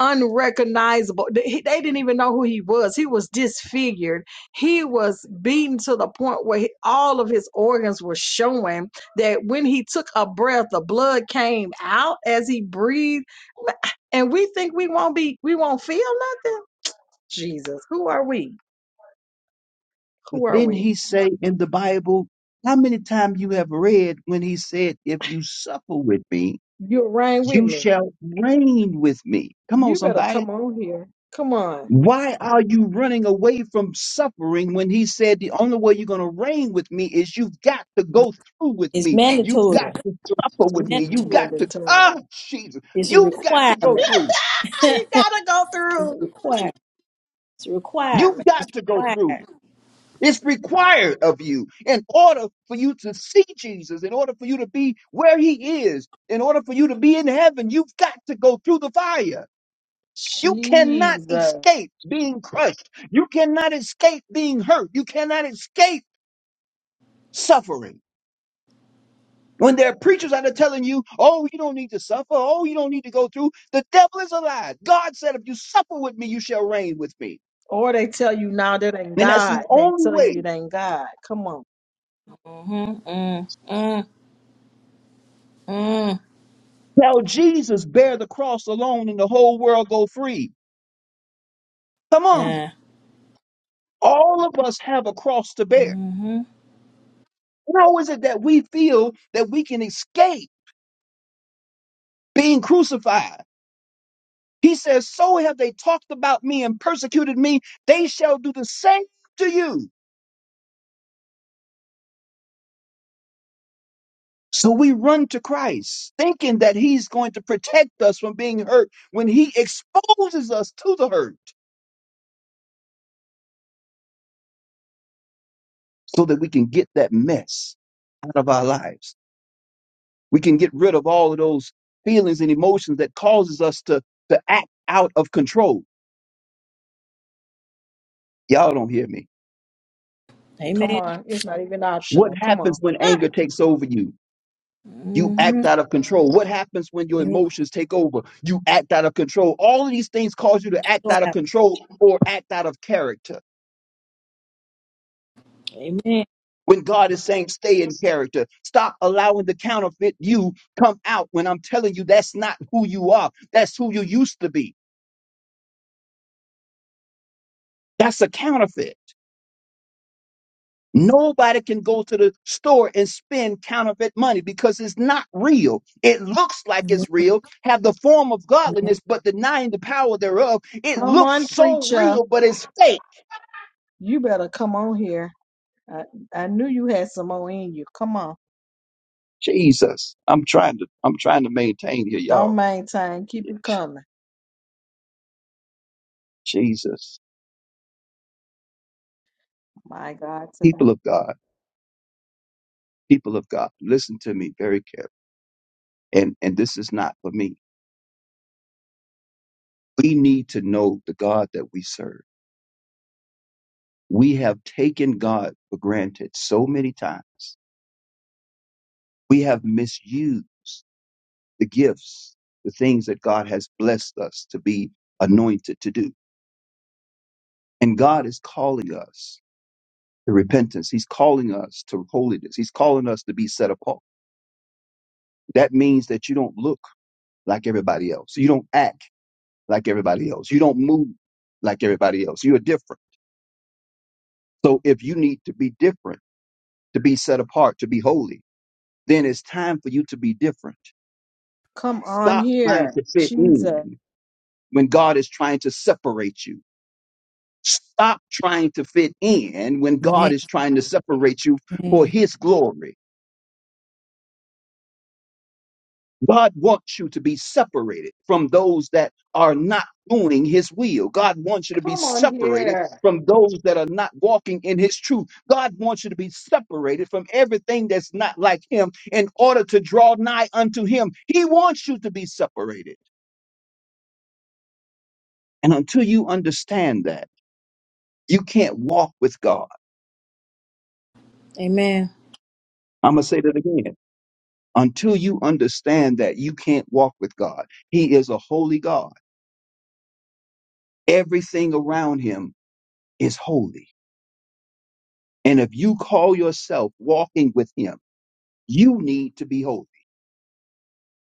S1: unrecognizable. They they didn't even know who he was. He was disfigured. He was beaten to the point where he- all of his organs were showing that when he took a breath, the blood came out as he breathed. And we think we won't be, we won't feel nothing Jesus. Who are we?
S2: But
S1: Who are
S2: then
S1: we?
S2: he say in the Bible, how many times you have read when he said, if you suffer with me,
S1: You're right with
S2: You
S1: me.
S2: shall reign with me. Come on,
S1: You better
S2: somebody.
S1: come on here. Come on.
S2: Why are you running away from suffering when he said the only way you're going to reign with me is you've got to go through with
S3: It's
S2: me. You've
S3: mandatory.
S2: got
S3: It's
S2: to suffer with me. You've got
S3: mandatory.
S2: to,
S1: Mandatory.
S2: ah, Jesus,
S3: It's a
S2: you've got to go
S1: [laughs]
S3: requirement.
S2: through.
S3: [laughs]
S1: you gotta go through.
S3: requirement. It's a
S2: You've
S3: requirement. It's
S2: got to go through.
S3: required.
S2: It's required of you in order for you to see Jesus, in order for you to be where he is, in order for you to be in heaven. You've got to go through the fire. You cannot
S1: Jesus.
S2: escape being crushed. You cannot escape being hurt. You cannot escape suffering. When there are preachers out there telling you, oh, you don't need to suffer. Oh, you don't need to go through. The devil is alive. God said, if you suffer with me, you shall reign with me.
S1: Or they tell you now that ain't
S2: And that's
S1: God.
S2: the
S1: They
S2: only
S1: tell
S2: way.
S1: you it ain't God. Come on.
S3: Mm-hmm. Mm. Mm. Mm.
S2: Tell Jesus, bear the cross alone and the whole world go free. Come on.
S3: Nah.
S2: All of us have a cross to bear.
S3: Mm-hmm.
S2: How is it that we feel that we can escape being crucified? He says, So have they talked about me and persecuted me, they shall do the same to you. So we run to Christ, thinking that He's going to protect us from being hurt when He exposes us to the hurt so that we can get that mess out of our lives. We can get rid of all of those feelings and emotions that causes us to, to act out of control. Y'all don't hear me.
S1: Come
S3: Amen.
S1: on. It's not even
S2: What
S1: optional. Come on.
S2: happens when anger takes over you? You act
S3: Mm-hmm.
S2: out of control. What happens when your emotions take over? You act out of control. All of these things cause you to act
S3: Lord.
S2: out of control or act out of character.
S3: Amen.
S2: When God is saying, stay in character, stop allowing the counterfeit you come out when I'm telling you that's not who you are. That's who you used to be. That's a counterfeit. Nobody can go to the store and spend counterfeit money because it's not real. It looks like
S3: Amen.
S2: it's real, have the form of godliness, but denying the power thereof. It
S1: Come
S2: looks
S1: on,
S2: so
S1: preacher.
S2: real, but it's fake.
S1: You better come on here. I, I knew you had some more in you. Come on.
S2: Jesus. I'm trying to, I'm trying to maintain here,
S1: Don't
S2: y'all.
S1: maintain. Keep it coming.
S2: Jesus.
S1: My God, today.
S2: People of God, people of God, listen to me very carefully. And, and this is not for me. We need to know the God that we serve. We have taken God for granted so many times. We have misused. the gifts, the things that God has blessed us to be anointed to do. And God is calling us to repentance. He's calling us to holiness. He's calling us to be set apart. That means that you don't look like everybody else. You don't act like everybody else. You don't move like everybody else. You're different. So if you need to be different, to be set apart, to be holy, then it's time for you to be different.
S1: Come on
S2: Stop trying
S1: here.
S2: to fit
S1: Jesus.
S2: in when God is trying to separate you. Stop trying to fit in when
S3: Amen.
S2: God is trying to separate you for
S3: Amen.
S2: his glory. God wants you to be separated from those that are not doing his will. God wants you to be
S1: Come on
S2: separated
S1: here.
S2: from those that are not walking in his truth. God wants you to be separated from everything that's not like him in order to draw nigh unto him. He wants you to be separated. And until you understand that, you can't walk with God.
S3: Amen.
S2: I'm going to say that again. until you understand that you can't walk with God. He is a holy God. Everything around him is holy. And if you call yourself walking with him, you need to be holy.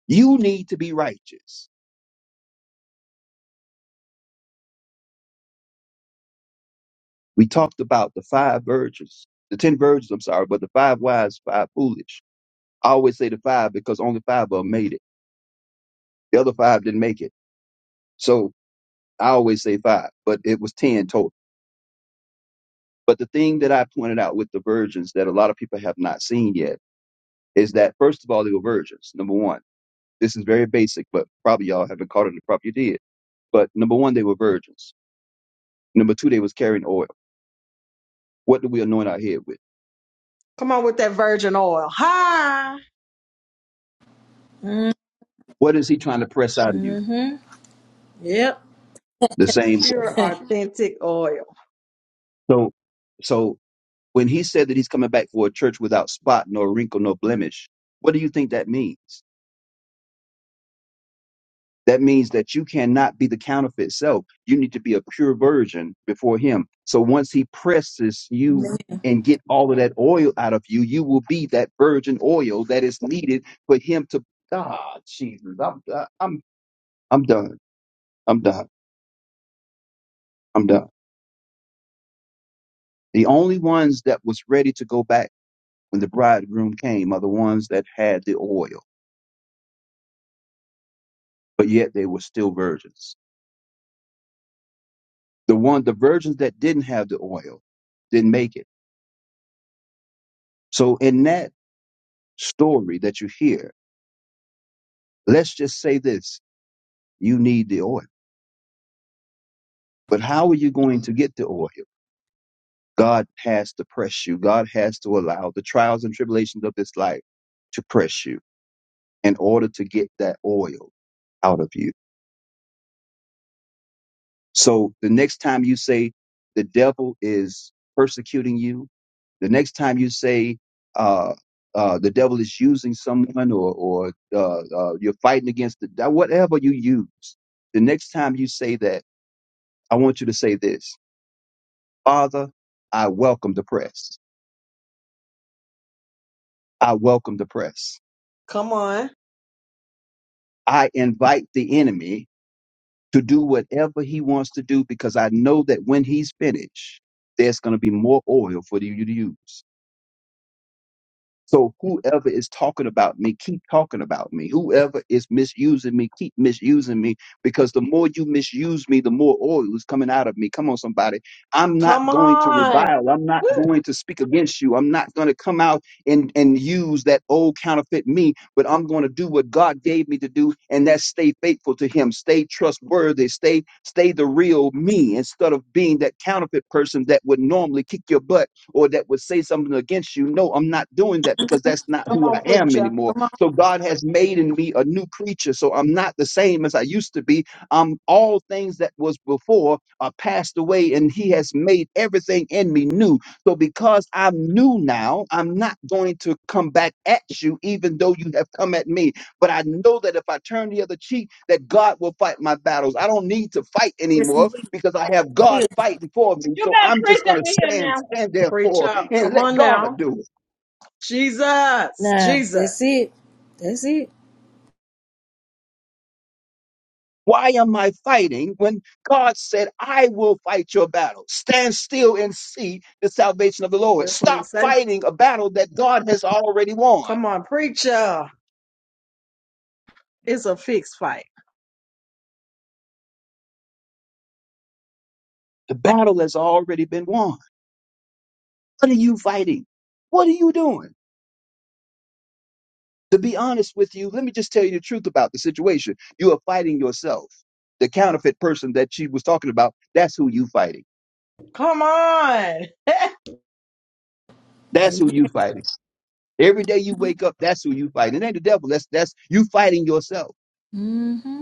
S2: You need to be righteous. We talked about the five virgins, the 10 virgins, I'm sorry, but the five wise, five foolish. I always say the five because only five of them made it. The other five didn't make it. So I always say five, but it was 10 total. But the thing that I pointed out with the virgins that a lot of people have not seen yet is that first of all, they were virgins. Number one, this is very basic, but probably y'all haven't caught it. and Probably you did. But number one, they were virgins. Number two, they was carrying oil. What do we anoint our head with?
S1: Come on with that virgin oil. Hi.
S2: What is he trying to press out of you?
S3: Mm-hmm. Yep.
S2: The same
S3: [laughs]
S1: Pure
S2: oil.
S3: Come
S1: authentic oil.
S2: So, so when he said that he's coming back for a church without spot, nor wrinkle, nor blemish, what do you think that means? That means that you cannot be the counterfeit self. You need to be a pure virgin before him. So once he presses you and get all of that oil out of you, you will be that virgin oil that is needed for him to Ah, Jesus. I'm I'm I'm done. I'm done. I'm done. The only ones that was ready to go back when the bridegroom came are the ones that had the oil, but yet they were still virgins. The one the virgins that didn't have the oil didn't make it. So in that story that you hear. Let's just say this you need the oil. But how are you going to get the oil? God has to press you, God has to allow the trials and tribulations of this life to press you in order to get that oil out of you. So the next time you say the devil is persecuting you, the next time you say, uh, uh, the devil is using someone or, or uh, uh, you're fighting against the, whatever you use. The next time you say that, I want you to say this Father, I welcome the press. I welcome the press.
S1: Come on.
S2: I invite the enemy to do whatever he wants to do because I know that when he's finished, there's going to be more oil for you to use. So whoever is talking about me, keep talking about me. Whoever is misusing me, keep misusing me. Because the more you misuse me, the more oil is coming out of me. Come on, somebody. I'm not
S1: Come
S2: going to
S1: on.
S2: revile. I'm not
S1: Woo.
S2: going to speak against you. I'm not going to come out and, and use that old counterfeit me, but I'm going to do what God gave me to do, and that's stay faithful to him, stay trustworthy, stay, stay the real me instead of being that counterfeit person that would normally kick your butt or that would say something against you. No, I'm not doing that because that's not
S1: Come
S2: who I
S1: on,
S2: am
S1: preacher.
S2: anymore.
S3: on,
S2: So God has made in me a new creature. So I'm not the same as I used to be. Um, all things that was before are passed away, and He has made everything in me new. So because I'm new now, I'm not going to come back at you, even though you have come at me. But I know that if I turn the other cheek, that God will fight my battles. I don't need to fight anymore
S3: listen, we
S2: because I have God
S3: will.
S2: fighting for me.
S6: You
S2: So
S6: better
S2: I'm
S6: preach
S2: just going
S6: up
S2: to
S6: in here
S2: stand,
S6: now.
S2: stand there
S1: Preacher.
S2: for and
S1: Come
S2: let
S1: on
S2: God
S1: now.
S2: do it.
S1: Jesus.
S3: Nah, that's
S1: Jesus.
S3: it. That's it.
S2: Why am I fighting when God said, I will fight your battle? Stand still and see the salvation of the Lord.
S1: That's what he
S2: Stop
S1: say.
S2: fighting a battle that God has already won.
S1: Come on, preacher. It's a fixed fight.
S2: The battle has already been won. What are you fighting? What are you doing? To be honest with you, let me just tell you the truth about the situation. You are fighting yourself. The counterfeit person that she was talking about, that's who you fighting.
S1: Come on.
S2: That's
S3: Amen.
S2: who you fighting. Every day you wake up, that's who you fighting. It ain't the devil. That's that's you fighting yourself.
S3: Mm-hmm.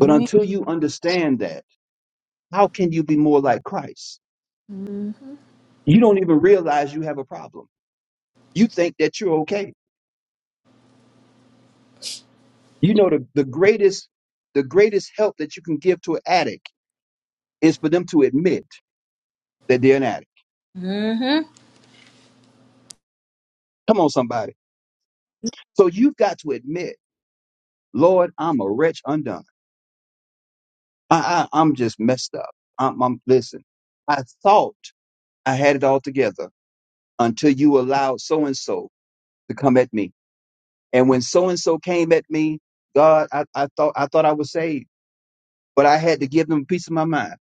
S2: But until you understand that, how can you be more like Christ?
S3: Mm-hmm.
S2: You don't even realize you have a problem. You think that you're okay. You know the, the greatest the greatest help that you can give to an addict is for them to admit that they're an addict.
S3: Mm-hmm.
S2: Come on, somebody. So you've got to admit Lord, I'm a wretch undone. I, I, I'm just messed up. I'm, I'm, listen, I thought I had it all together until you allowed so and so to come at me. And when so and so came at me, God, I, I thought, I thought I was saved, but I had to give them a piece of my mind.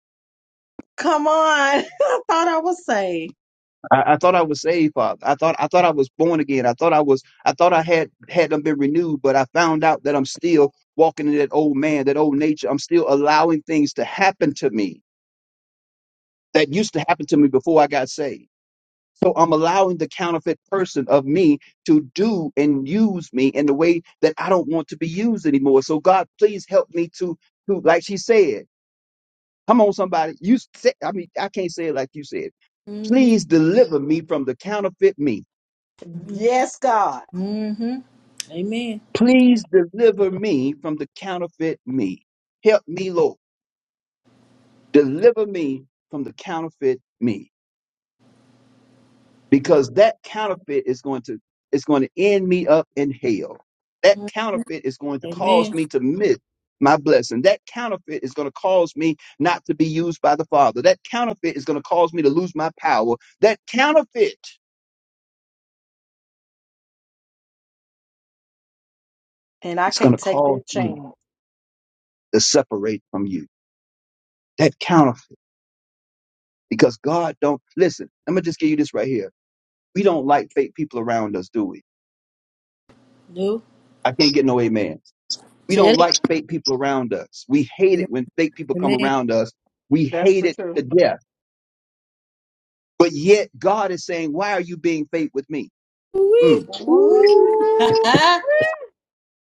S1: Come on. [laughs] I thought I was saved.
S2: I, I thought I was saved, Father. I thought, I thought I was born again. I thought I was, I thought I had, had them been renewed, but I found out that I'm still walking in that old man, that old nature. I'm still allowing things to happen to me that used to happen to me before I got saved. So I'm allowing the counterfeit person of me to do and use me in the way that I don't want to be used anymore. So God, please help me to, to like she said, come on, somebody. You say, I mean, I can't say it like you said.
S3: Mm-hmm.
S2: Please deliver me from the counterfeit me.
S1: Yes, God.
S3: Mm-hmm. Amen.
S2: Please deliver me from the counterfeit me. Help me, Lord. Deliver me from the counterfeit me. because that counterfeit is going to is going to end me up in hell. That
S3: Mm.
S2: counterfeit is going to cause
S3: Amen.
S2: me to miss my blessing. That counterfeit is going to cause me not to be used by the Father. That counterfeit is going to cause me to lose my power. That counterfeit
S1: And I
S2: is going to
S1: can't take
S2: cause
S1: that
S2: me
S1: chance.
S2: to separate from you. That counterfeit, because God don't listen. I'm gonna just give you this right here. We don't like fake people around us, do we?
S3: No.
S2: I can't get no amen. We
S3: Tell
S2: don't
S3: it.
S2: like fake people around us. We hate it when fake people come
S3: Amen.
S2: around us. We
S1: That's
S2: hate
S1: the
S2: it
S1: truth.
S2: to death. But yet God is saying, why are you being fake with me?
S3: Woo-wee.
S2: Mm.
S1: Ooh.
S3: Woo. [laughs]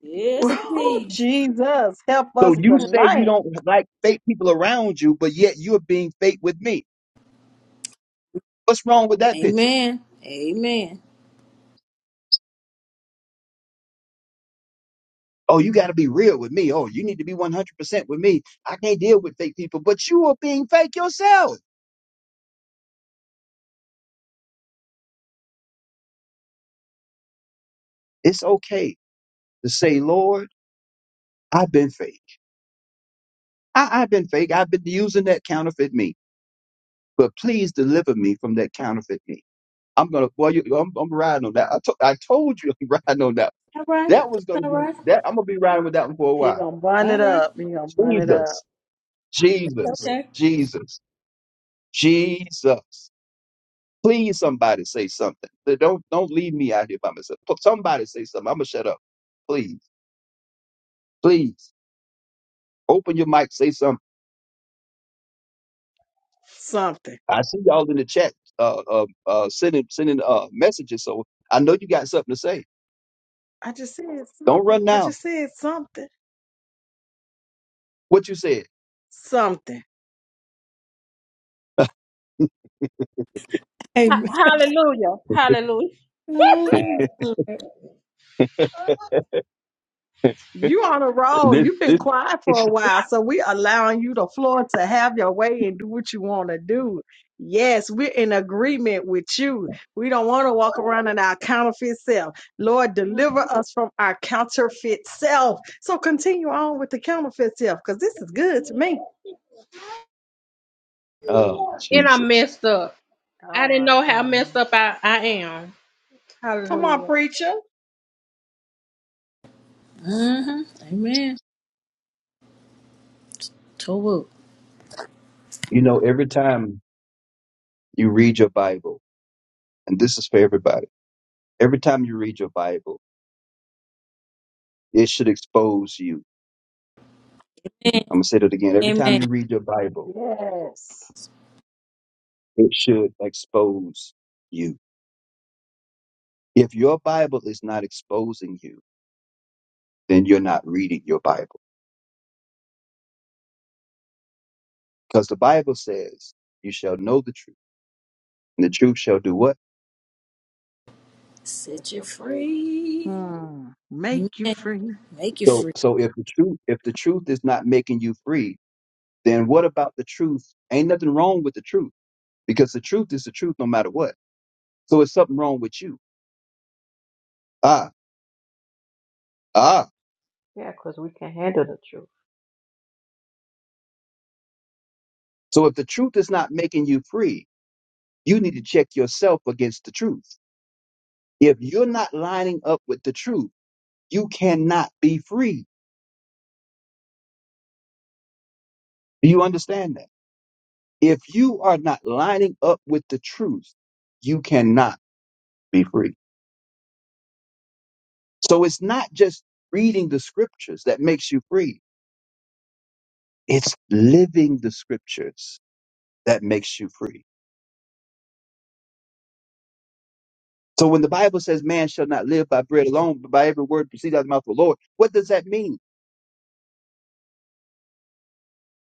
S3: yes,
S1: Woo,
S3: indeed.
S1: Jesus, help
S2: So
S1: us
S2: you say you
S1: tonight.
S2: don't like fake people around you, but yet you're being fake with me. What's wrong with that picture?
S3: Amen. Amen.
S2: Oh, you got to be real with me. Oh, you need to be 100% with me. I can't deal with fake people, but you are being fake yourself. It's okay to say, Lord, I've been fake. I, I've been fake. I've been using that counterfeit me, but please deliver me from that counterfeit me. I'm gonna boy, you, I'm, I'm riding on that. I, to, I told you [laughs] I'm riding on that.
S3: All right.
S2: That was gonna
S3: All
S2: be
S3: right.
S2: that. I'm gonna be riding with that one for a
S1: He
S2: while.
S1: gonna burn it
S3: All right.
S1: up. He gonna burn it up.
S2: Jesus, Jesus,
S3: Okay.
S2: Jesus, Jesus. Please, somebody say something. Th- Don't don't leave me out here by myself. P- Somebody say something. I'm gonna shut up. Please, please, open your mic. Say something.
S1: Something.
S2: I see y'all in the chat, uh, uh, uh sending sending uh messages. So I know you got something to say.
S1: I just said
S2: Don't
S1: something.
S2: run
S1: I
S2: now.
S1: just said something.
S2: What you said?
S1: Something.
S6: Ha-
S3: Amen.
S6: hallelujah, hallelujah.
S3: Mm-hmm.
S1: You on a roll.
S2: This
S1: You've been
S2: this.
S1: quiet for a while, so we allowing you the floor to have your way and do what you want to do. Yes, we're in agreement with you. We don't want to walk around in our counterfeit self. Lord, deliver us from our counterfeit self. So continue on with the counterfeit self, because this is good to me.
S2: Oh,
S6: And I
S2: Jesus.
S6: messed up.
S4: I
S6: I didn't
S4: want
S6: know
S4: to
S6: how
S4: chime
S6: messed
S4: in
S6: up I, I am.
S1: Come on,
S6: Hallelujah.
S1: preacher.
S3: Amen. Tohu.
S2: You know, every time you read your Bible, and this is for everybody, every time you read your Bible, it should expose you.
S3: Amen.
S2: I'm going to say that again. Every time
S3: Amen.
S2: you read your Bible,
S1: Yes.
S2: it should expose you. If your Bible is not exposing you, then you're not reading your Bible. Because the Bible says, you shall know the truth, and the truth shall do what?
S4: that
S3: Set you
S4: you're free.
S3: free.
S1: Hmm.
S3: Amen.
S1: Make you free.
S3: Make you
S2: So,
S3: free.
S2: so if the truth, if the truth is not making you free, then what about the truth? Ain't nothing wrong with the truth because the truth is the truth no matter what. So it's something wrong with you Ah, ah.
S4: Yeah, cause we can handle the truth.
S2: So if the truth is not making you free, you need to check yourself against the truth. If you're not lining up with the truth, you cannot be free. Do you understand that? If you are not lining up with the truth, you cannot be free. So it's not just reading the scriptures that makes you free. It's living the scriptures that makes you free. So when the Bible says man shall not live by bread alone, but by every word that proceeds out of the mouth of the Lord, what does that mean?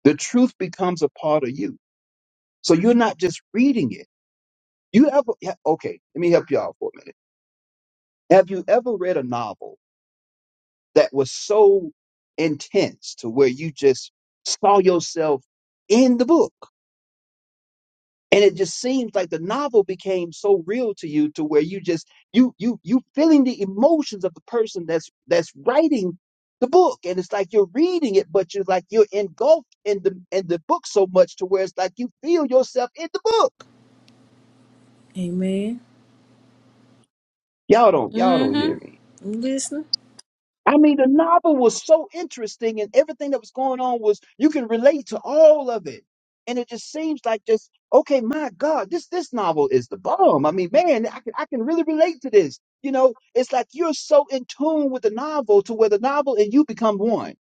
S2: The truth becomes a part of you. So you're not just reading it. You ever, yeah, okay, let me help you out for a minute. Have you ever read a novel that was so intense to where you just saw yourself in the book? And it just seems like the novel became so real to you to where you just, you, you, you feeling the emotions of the person that's, that's writing the book. And it's like you're reading it, but you're like, you're engulfed in the, in the book so much to where it's like you feel yourself in the book
S3: Amen.
S2: Y'all don't, y'all don't
S3: Mm-hmm.
S2: hear me.
S3: You listening?
S2: I mean, the novel was so interesting, and everything that was going on was you can relate to all of it, and it just seems like just okay. My God, this this novel is the bomb. I mean, man, I can I can really relate to this. You know, it's like you're so in tune with the novel to where the novel and you become one.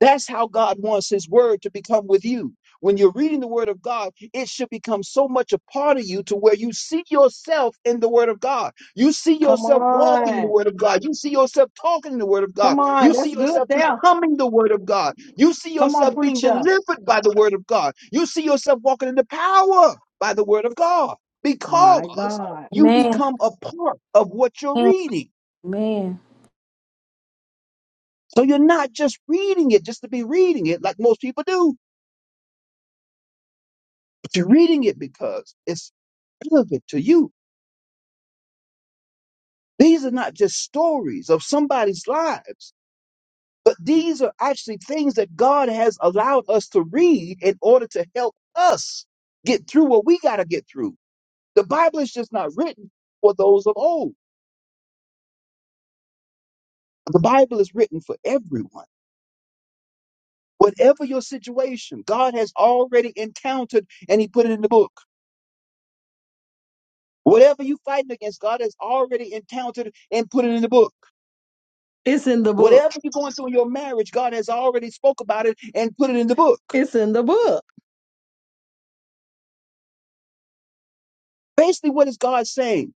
S2: That's how God wants His Word to become with you. When you're reading the Word of God, it should become so much a part of you to where you see yourself in the Word of God. You see
S1: Come
S2: yourself walking in the
S1: on.
S2: Word of God. You see yourself talking in the Word of God.
S1: Come
S2: You
S1: on.
S2: see
S1: That's good
S2: yourself
S1: there.
S2: becoming the Word of God. You see
S1: Come on,
S2: yourself being
S1: preacher.
S2: delivered by the Word of God. You see yourself walking in the power by the Word of God
S1: My
S2: because
S1: God.
S2: you
S3: Amen.
S2: become a part of what you're reading.
S3: Amen.
S2: So you're not just reading it just to be reading it like most people do You're reading it because it's relevant to you. These are not just stories of somebody's lives, but these are actually things that God has allowed us to read in order to help us get through what we got to get through. The Bible is just not written for those of old, the Bible is written for everyone. Whatever your situation, God has already encountered and He put it in the book. Whatever you fighting against, God has already encountered and put it in the book.
S1: It's in the book.
S2: Whatever you're going through in your marriage, God has already spoke about it and put it in the book.
S1: It's in the book.
S2: Basically, what is God saying?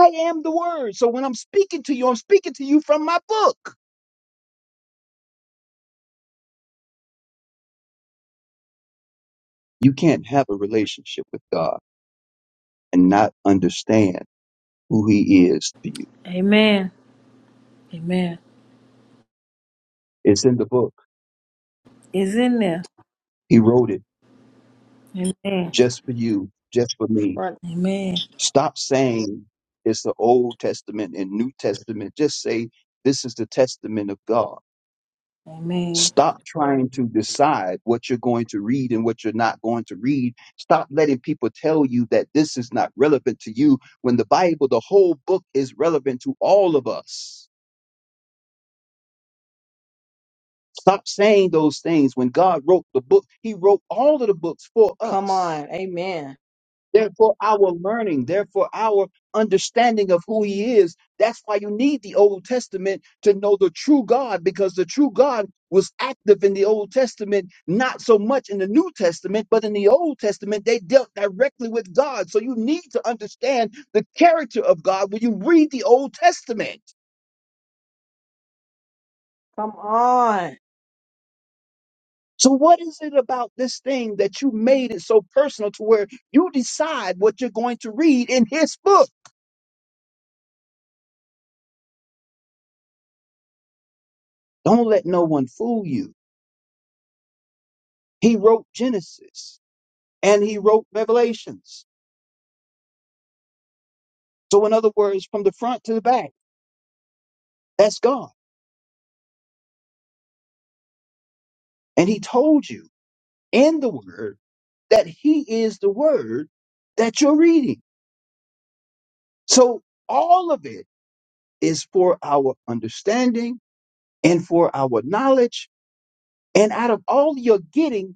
S2: I am the word. So when I'm speaking to you, I'm speaking to you from my book. You can't have a relationship with God and not understand who he is to you.
S3: Amen. Amen.
S2: It's in the book.
S3: It's in there.
S2: He wrote it
S3: Amen.
S2: just for you, just for me.
S1: Right.
S3: Amen.
S2: Stop saying it's the Old Testament and New Testament. Just say this is the testament of God.
S3: Amen.
S2: Stop trying to decide what you're going to read and what you're not going to read. Stop letting people tell you that this is not relevant to you when the Bible, the whole book, is relevant to all of us. Stop saying those things. When God wrote the book, He wrote all of the books for
S1: Come
S2: us.
S1: on. Amen.
S2: Therefore, our learning, therefore, our understanding of who he is, that's why you need the Old Testament to know the true God, because the true God was active in the Old Testament, not so much in the New Testament, but in the Old Testament, they dealt directly with God. So you need to understand the character of God when you read the Old Testament.
S1: Come on.
S2: So, what is it about this thing that you made it so personal to where you decide what you're going to read in his book? Don't let no one fool you. He wrote Genesis and he wrote Revelations. So, in other words, from the front to the back, that's God. And he told you in the word that he is the word that you're reading. So, all of it is for our understanding and for our knowledge. And out of all you're getting,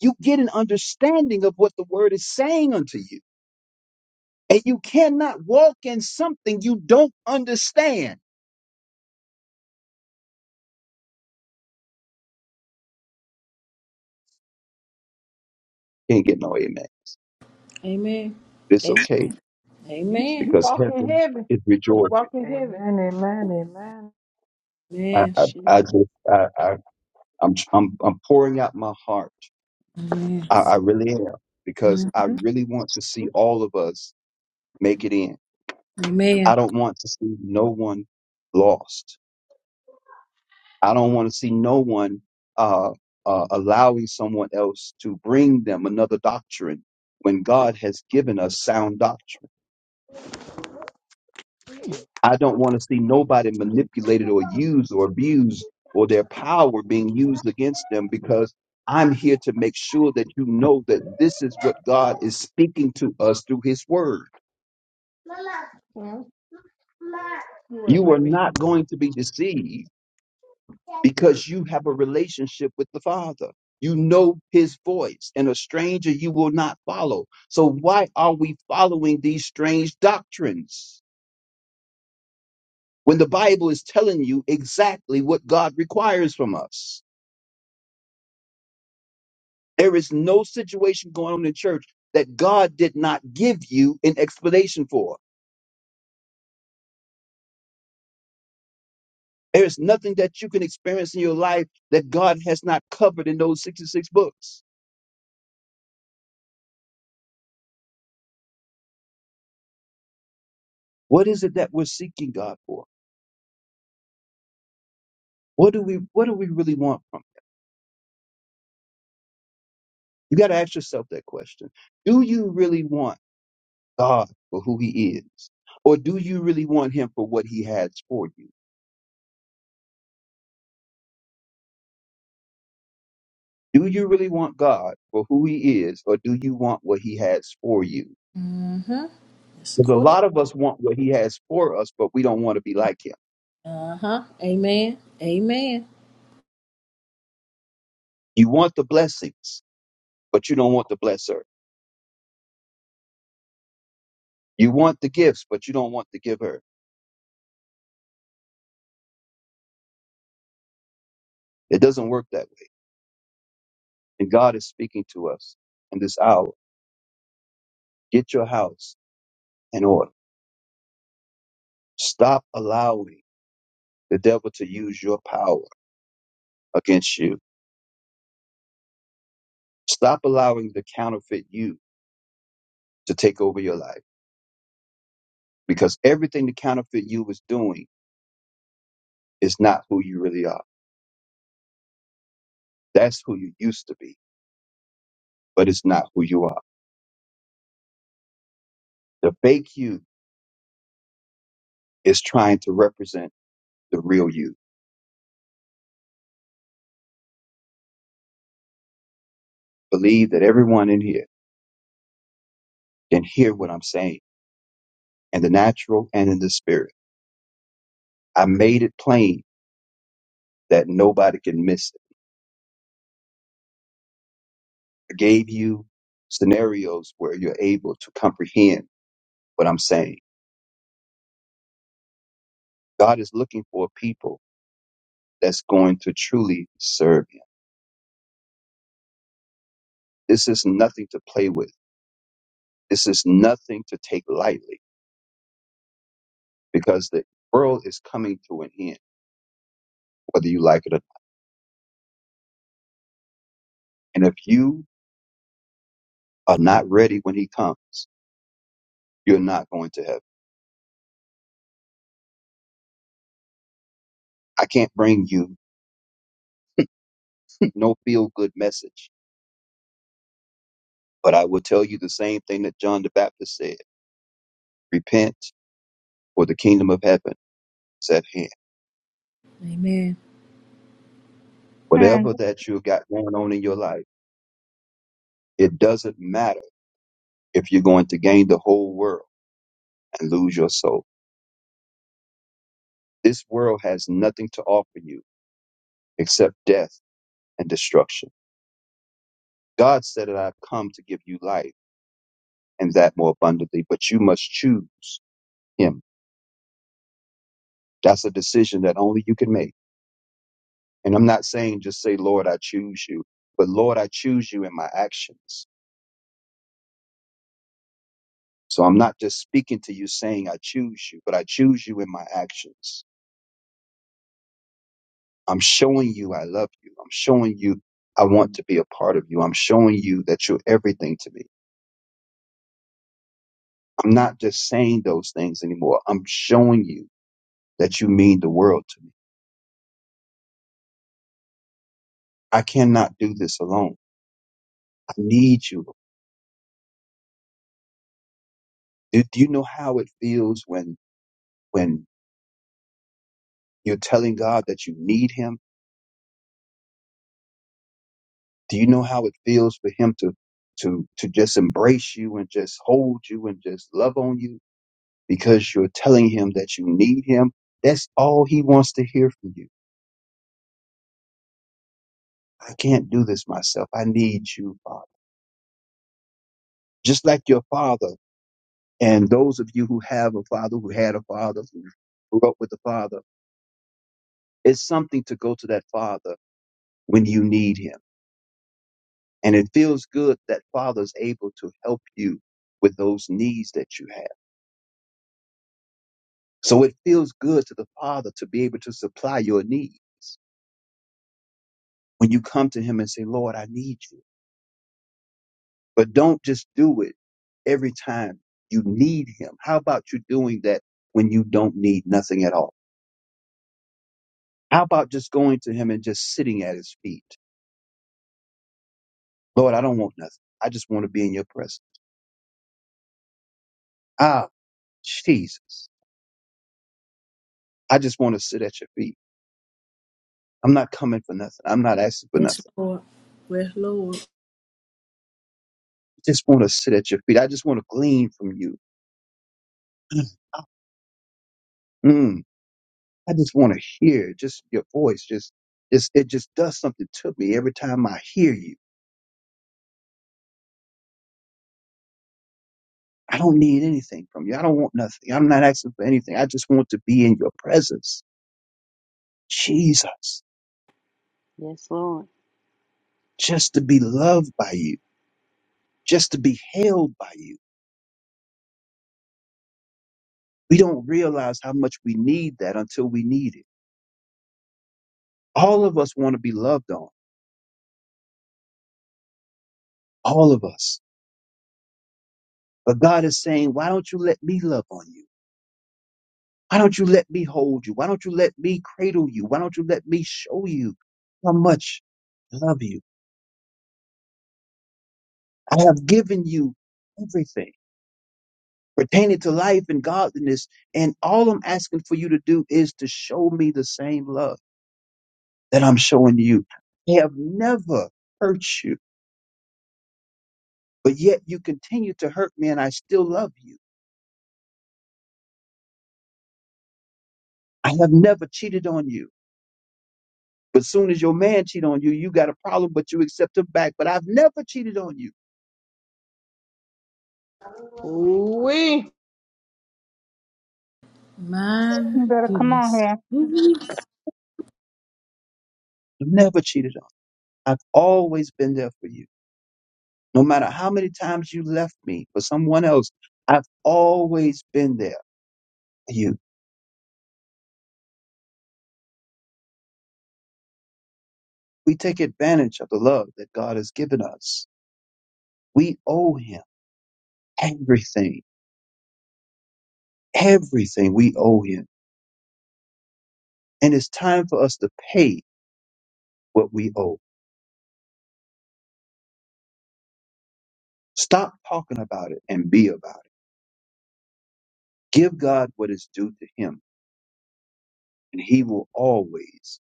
S2: you get an understanding of what the word is saying unto you. And you cannot walk in something you don't understand. Can't get no amen.
S3: Amen.
S2: It's okay
S3: Amen.
S1: You
S3: Amen.
S1: you
S2: because
S1: walk in
S2: heaven
S1: heaven.
S2: is
S1: You
S2: rejoicing.
S1: walk in heaven.
S4: Amen, amen, amen.
S2: I,
S3: Amen.
S2: I, I
S1: Jesus.
S2: just, I, I, I'm, I'm, I'm pouring out my heart.
S3: Amen.
S2: I, I really am because I
S3: Mm-hmm.
S2: really want to see all of us make it in. I
S3: Amen.
S2: don't want to see no one lost. I don't want to see no one uh, uh, allowing someone else to bring them another doctrine when God has given us sound doctrine. I don't want to see nobody manipulated or used or abused or their power being used against them because I'm here to make sure that you know that this is what God is speaking to us through his word.
S1: Hmm? You what,
S2: You are
S1: baby?
S2: not going to be deceived because you have a relationship with the Father. You know his voice and a stranger you will not follow. So why are we following these strange doctrines when the Bible is telling you exactly what God requires from us? There is no situation going on in church that God did not give you an explanation for. There is nothing that you can experience in your life that God has not covered in those 66 books. What is it that we're seeking God for? What do we what do we really want from? him? You got to ask yourself that question. Do you really want God for who he is? Or do you really want him for what he has for you? Do you really want God for who he is or do you want what he has for you? Because a
S3: Mm-hmm.
S2: lot of us want what he has for us, but we don't want to be like him.
S3: Uh huh. Amen. Amen.
S2: You want the blessings, but you don't want the blesser. You want the gifts, but you don't want the giver. It doesn't work that way. And God is speaking to us in this hour. Get your house in order. Stop allowing the devil to use your power against you. Stop allowing the counterfeit you to take over your life because everything the counterfeit you is doing is not who you really are. That's who you used to be, but it's not who you are. The fake you is trying to represent the real you. Believe that everyone in here can hear what I'm saying in the natural and in the spirit. I made it plain that nobody can miss it. I gave you scenarios where you're able to comprehend what I'm saying. God is looking for a people that's going to truly serve him. This is nothing to play with. This is nothing to take lightly because the world is coming to an end, whether you like it or not. And if you are not ready when he comes, You're not going to heaven. I can't bring you [laughs] no feel good message, but I will tell you the same thing that John the Baptist said repent, for the kingdom of heaven is at hand.
S3: Amen.
S7: Man,
S2: Whatever that you've got going on in your life, it doesn't matter if you're going to gain the whole world and lose your soul. This world has nothing to offer you except death and destruction. God said that I've come to give you life and that more abundantly, but you must choose Him. That's a decision that only you can make And I'm not saying just say, Lord, I choose you, but Lord, I choose you in my actions. So I'm not just speaking to you saying, I choose you, but I choose you in my actions. I'm showing you I love you. I'm showing you I want to be a part of you. I'm showing you that you're everything to me. I'm not just saying those things anymore. I'm showing you that you mean the world to me. I cannot do this alone. I need you. Do, do you know how it feels when, when you're telling God that you need him? Do you know how it feels for him to to to just embrace you and just hold you and just love on you because you're telling him that you need him? That's all he wants to hear from you. I can't do this myself. I need you, Father. Just like your father and those of you who have a father, who had a father, who grew up with a father, it's something to go to that father when you need him. And it feels good that father's able to help you with those needs that you have So it feels good to the Father to be able to supply your need when you come to Him and say, Lord, I need you. But don't just do it every time you need Him. How about you doing that when you don't need nothing at all? How about just going to Him and just sitting at His feet? Lord, I don't want nothing. I just want to be in your presence. Ah, Jesus. I just want to sit at your feet. I'm not coming for nothing. I'm not asking for nothing.
S3: Yes,
S2: I
S3: Lord. Yes, Lord.
S2: just want to sit at your feet. I just want to glean from you. [clears throat] I just want to hear just your voice. Just, just it just does something to me every time I hear you. I don't need anything from you. I don't want nothing. I'm not asking for anything. I just want to be in your presence, Jesus.
S8: Yes, Lord.
S2: Just to be loved by you. Just to be held by you. We don't realize how much we need that until we need it. All of us want to be loved on. All of us. But God is saying, why don't you let me love on you? Why don't you let me hold you? Why don't you let me cradle you? Why don't you let me show you how much I love you? I have given you everything pertaining to life and godliness. And all I'm asking for you to do is to show me the same love that I'm showing you. I have never hurt you, but yet you continue to hurt me and I still love you. I have never cheated on you. But soon as your man cheat on you, you got a problem, but you accept him back. But I've never cheated on you.
S1: Ooh wee.
S3: My
S7: you better come on
S3: goodness.
S7: here.
S3: Ooh,
S2: I've never cheated on you. I've always been there for you. No matter how many times you left me for someone else, I've always been there for you. We take advantage of the love that God has given us. We owe him everything, everything we owe him. And it's time for us to pay what we owe. Stop talking about it and be about it. Give God what is due to him, and he will always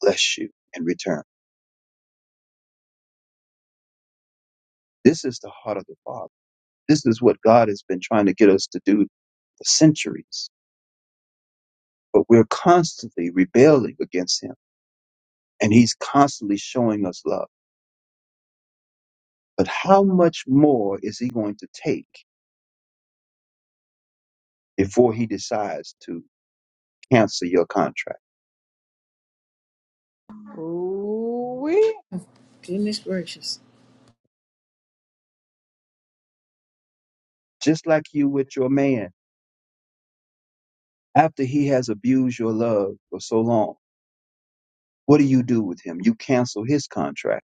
S2: bless you in return. This is the heart of the Father. This is what God has been trying to get us to do for centuries, but we're constantly rebelling against him and he's constantly showing us love. But how much more is he going to take before he decides to cancel your contract?
S1: Ooh wee.
S3: Goodness gracious.
S2: Just like you with your man, after he has abused your love for so long, what do you do with him? You cancel his contract.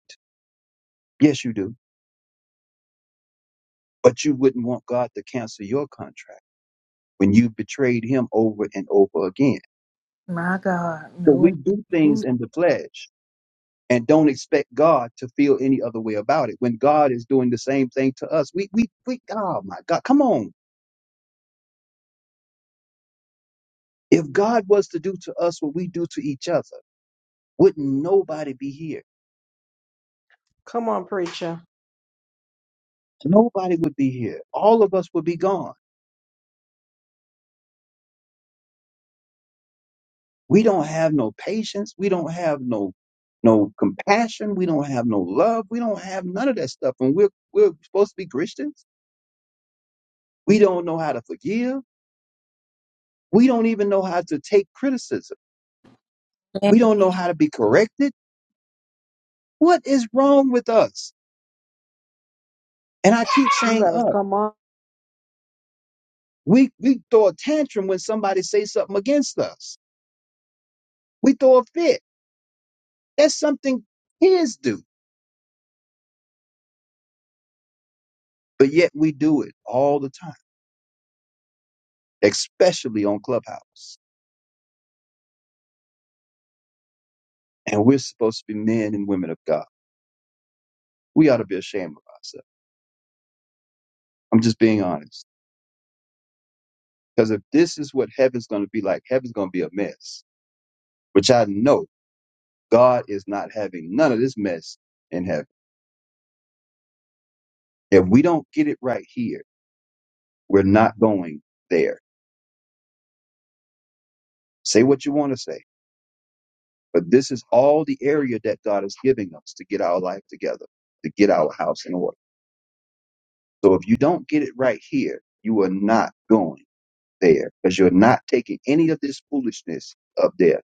S2: Yes, you do. But you wouldn't want God to cancel your contract when you betrayed him over and over again.
S3: My God.
S2: So we
S3: No
S2: do things in the flesh and don't expect God to feel any other way about it. When God is doing the same thing to us, we, we, we, oh my God, come on. If God was to do to us what we do to each other, wouldn't nobody be here?
S1: Come on, preacher.
S2: Nobody would be here. All of us would be gone. We don't have no patience. We don't have no, no compassion. We don't have no love. We don't have none of that stuff. And we're, we're supposed to be Christians. We don't know how to forgive. We don't even know how to take criticism
S3: one.
S2: We don't know how to be corrected. What is wrong with us? And I keep
S1: You
S2: saying
S1: better
S2: us.
S1: come on.
S2: We we throw a tantrum when somebody says something against us. We throw a fit. That's something kids do. But yet we do it all the time, especially on Clubhouse. And we're supposed to be men and women of God. We ought to be ashamed of ourselves. I'm just being honest. Because if this is what heaven's going to be like, heaven's going to be a mess, which I know God is not having none of this mess in heaven. If we don't get it right here, We're not going there. Say what you want to say, but this is all the area that God is giving us to get our life together, to get our house in order. So if you don't get it right here, you are not going there because you're not taking any of this foolishness up there.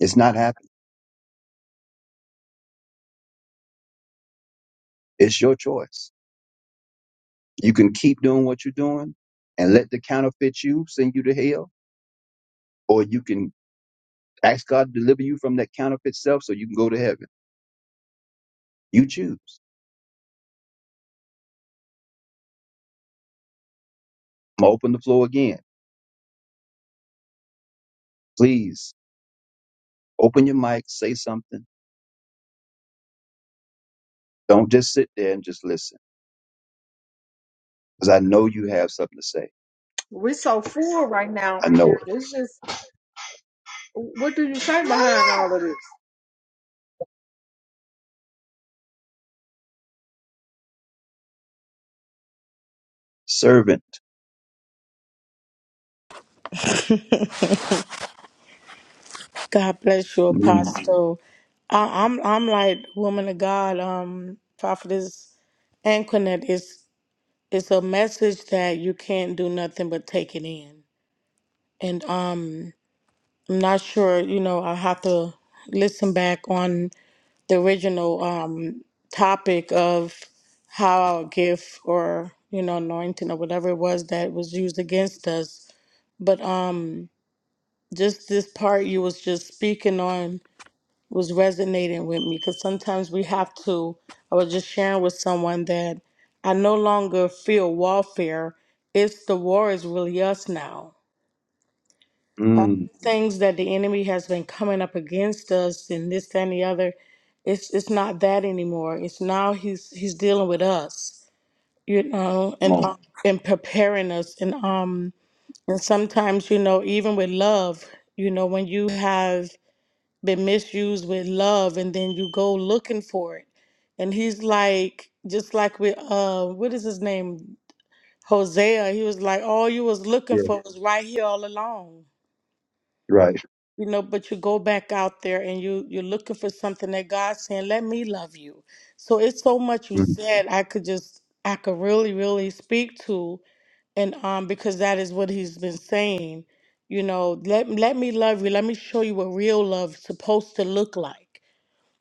S2: It's not happening. It's your choice. You can keep doing what you're doing and let the counterfeit you send you to hell, or you can ask God to deliver you from that counterfeit self so you can go to heaven. You choose. I'm gonna open the floor again. Please Open your mic, say something. Don't just sit there and just listen, because I know you have something to say.
S1: We're so full right now.
S2: I know it.
S1: It's just, what do you say behind all of this?
S2: Servant.
S9: God bless you,
S2: Mm,
S9: Apostle. I, I'm I'm like woman of God, um, prophetess Anquinet. It's it's a message that you can't do nothing but take it in. And um, I'm not sure, you know, I have to listen back on the original um topic of how our gift or you know anointing or whatever it was that was used against us. But um, just this part you was just speaking on was resonating with me because sometimes we have to. I was just sharing with someone that I no longer feel warfare. It's the war is really us now.
S2: mm,
S9: Things that the enemy has been coming up against us and this, that, and the other, it's it's not that anymore. It's now he's he's dealing with us, you know,
S2: come
S9: and
S2: on.
S9: um, and preparing us and um and sometimes you know even with love, you know when you have been misused with love and then you go looking for it and he's like just like with uh what is his name hosea he was like all you was looking
S2: Yeah,
S9: for was right here all along
S2: right.
S9: you know but you go back out there and you you're looking for something that god's saying let me love you so it's so much you
S2: Mm,
S9: said i could just i could really really speak to and um because that is what he's been saying you know let let me love you let me show you what real love's supposed to look like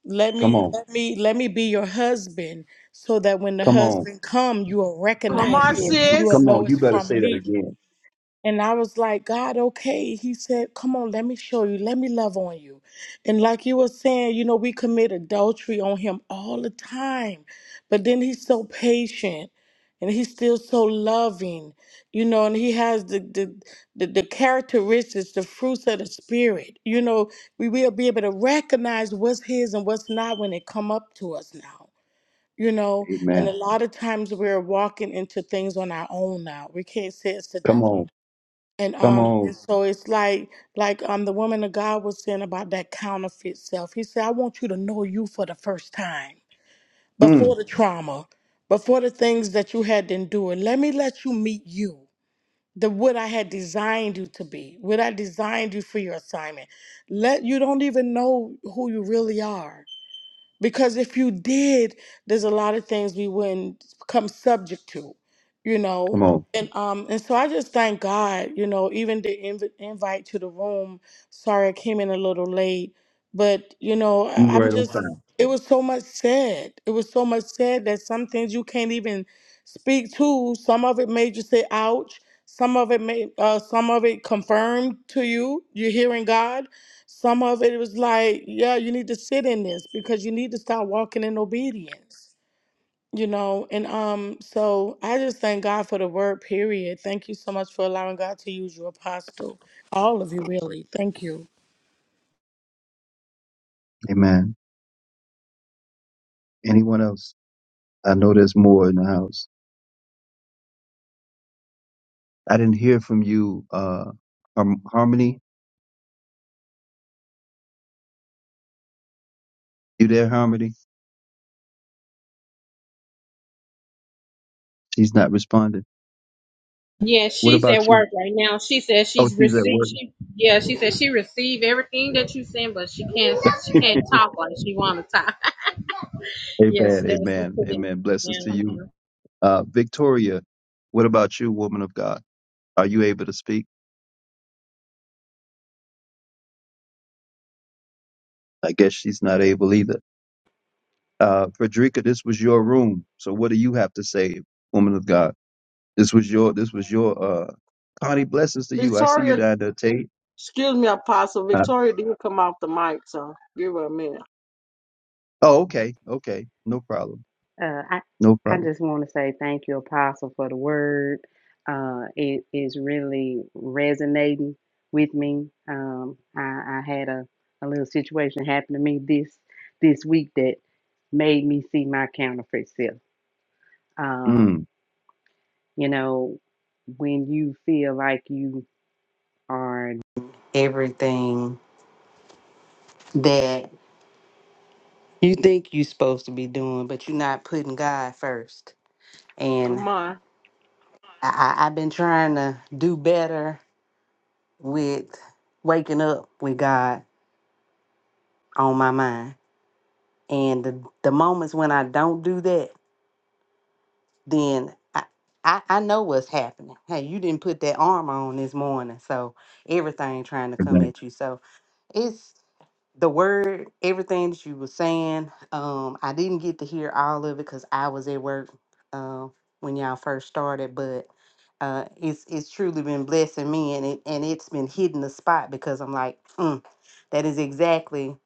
S9: let
S2: come
S9: me
S2: on.
S9: let me let me be your husband so that when the
S2: Come on.
S9: husband come you will
S6: Come
S1: Come
S6: on,
S1: on,
S9: recognize it
S6: sis.
S9: and you will
S1: sis.
S2: Come on.
S9: know
S2: You
S9: it's
S2: better
S9: from
S2: say that
S9: me
S2: again.
S9: and I was like, God, okay. He said, Come on, let me show you. Let me love on you. And like you were saying, you know, we commit adultery on him all the time. But then he's so patient and he's still so loving, you know, and he has the the the, the characteristics, the fruits of the spirit. You know, we will be able to recognize what's his and what's not when it come up to us now. You know,
S2: Amen.
S9: and a lot of times we're walking into things on our own now. We can't say it's the
S2: Come
S9: devil
S2: on.
S9: and
S2: Come
S9: um, and
S2: on.
S9: so it's like like um the woman of God was saying about that counterfeit self. He said, I want you to know you for the first time,
S2: Mm,
S9: before the trauma, before the things that you had endured. Let me let you meet you, the what I had designed you to be, what I designed you for your assignment. Let you don't even know who you really are because if you did, there's a lot of things we wouldn't become subject to, you
S2: come
S9: know.
S2: on.
S9: And um and so I just thank God, you know, even the inv- invite to the room. Sorry, I came in a little late, but you know,
S2: You
S9: I- I'm
S2: right on
S9: just.
S2: time.
S9: It was so much said. It was so much said that some things you can't even speak to. Some of it made you say, "Ouch." Some of it made. Uh, some of it confirmed to you. You're hearing God some of it was like, yeah, you need to sit in this because you need to start walking in obedience. You know, and um, so I just thank God for the word, period. Thank you so much for allowing God to use you, apostle. All of you really. Thank you.
S2: Amen. Anyone else? I know there's more in the house. I didn't hear from you, uh, Har- Harmony. You there, Harmony? She's not responding.
S6: Yeah,
S2: What
S6: she's at
S2: about you?
S6: work right now. She says
S2: Oh,
S6: she's
S2: she's at
S6: received.
S2: work.
S6: She yeah, she said she received everything that you send, but she can't. She can't talk like she want to talk. [laughs] yes,
S2: Amen.
S6: that was she
S2: Amen.
S6: put in.
S2: Amen. Blessings to
S6: Yeah.
S2: you. Uh, Victoria, what about you, woman of God? Are you able to speak? I guess she's not able either. Uh, Frederica, this was your room. So what do you have to say, woman of God? This was your, this was your, uh, Connie, blessings to you. I see you
S1: Victoria,
S2: down there, Tate.
S1: excuse me, Apostle.
S2: Uh,
S1: Victoria did come off the mic, so give her a minute.
S2: oh, okay. Okay. No problem.
S8: Uh, I
S2: No
S8: I
S2: problem.
S8: just want to say thank you, Apostle, for the word. Uh, it is really resonating with me. Um, I, I had a, a little situation happen to me this this week that made me see my counterfeit self. Um,
S2: Mm,
S8: you know, when you feel like you are everything that you think you're supposed to be doing, but you're not putting God first.
S1: Come on.
S8: I, I, I've been trying to do better with waking up with God on my mind. And the, the moments when I don't do that, then I, I, I know what's happening. Hey, you didn't put that armor on this morning. So everything trying to come
S2: amen.
S8: at you. So it's the word, everything that you were saying, um, I didn't get to hear all of it because I was at work uh, when y'all first started, but uh, it's it's truly been blessing me, and it and it's been hitting the spot because I'm like, mm, that is exactly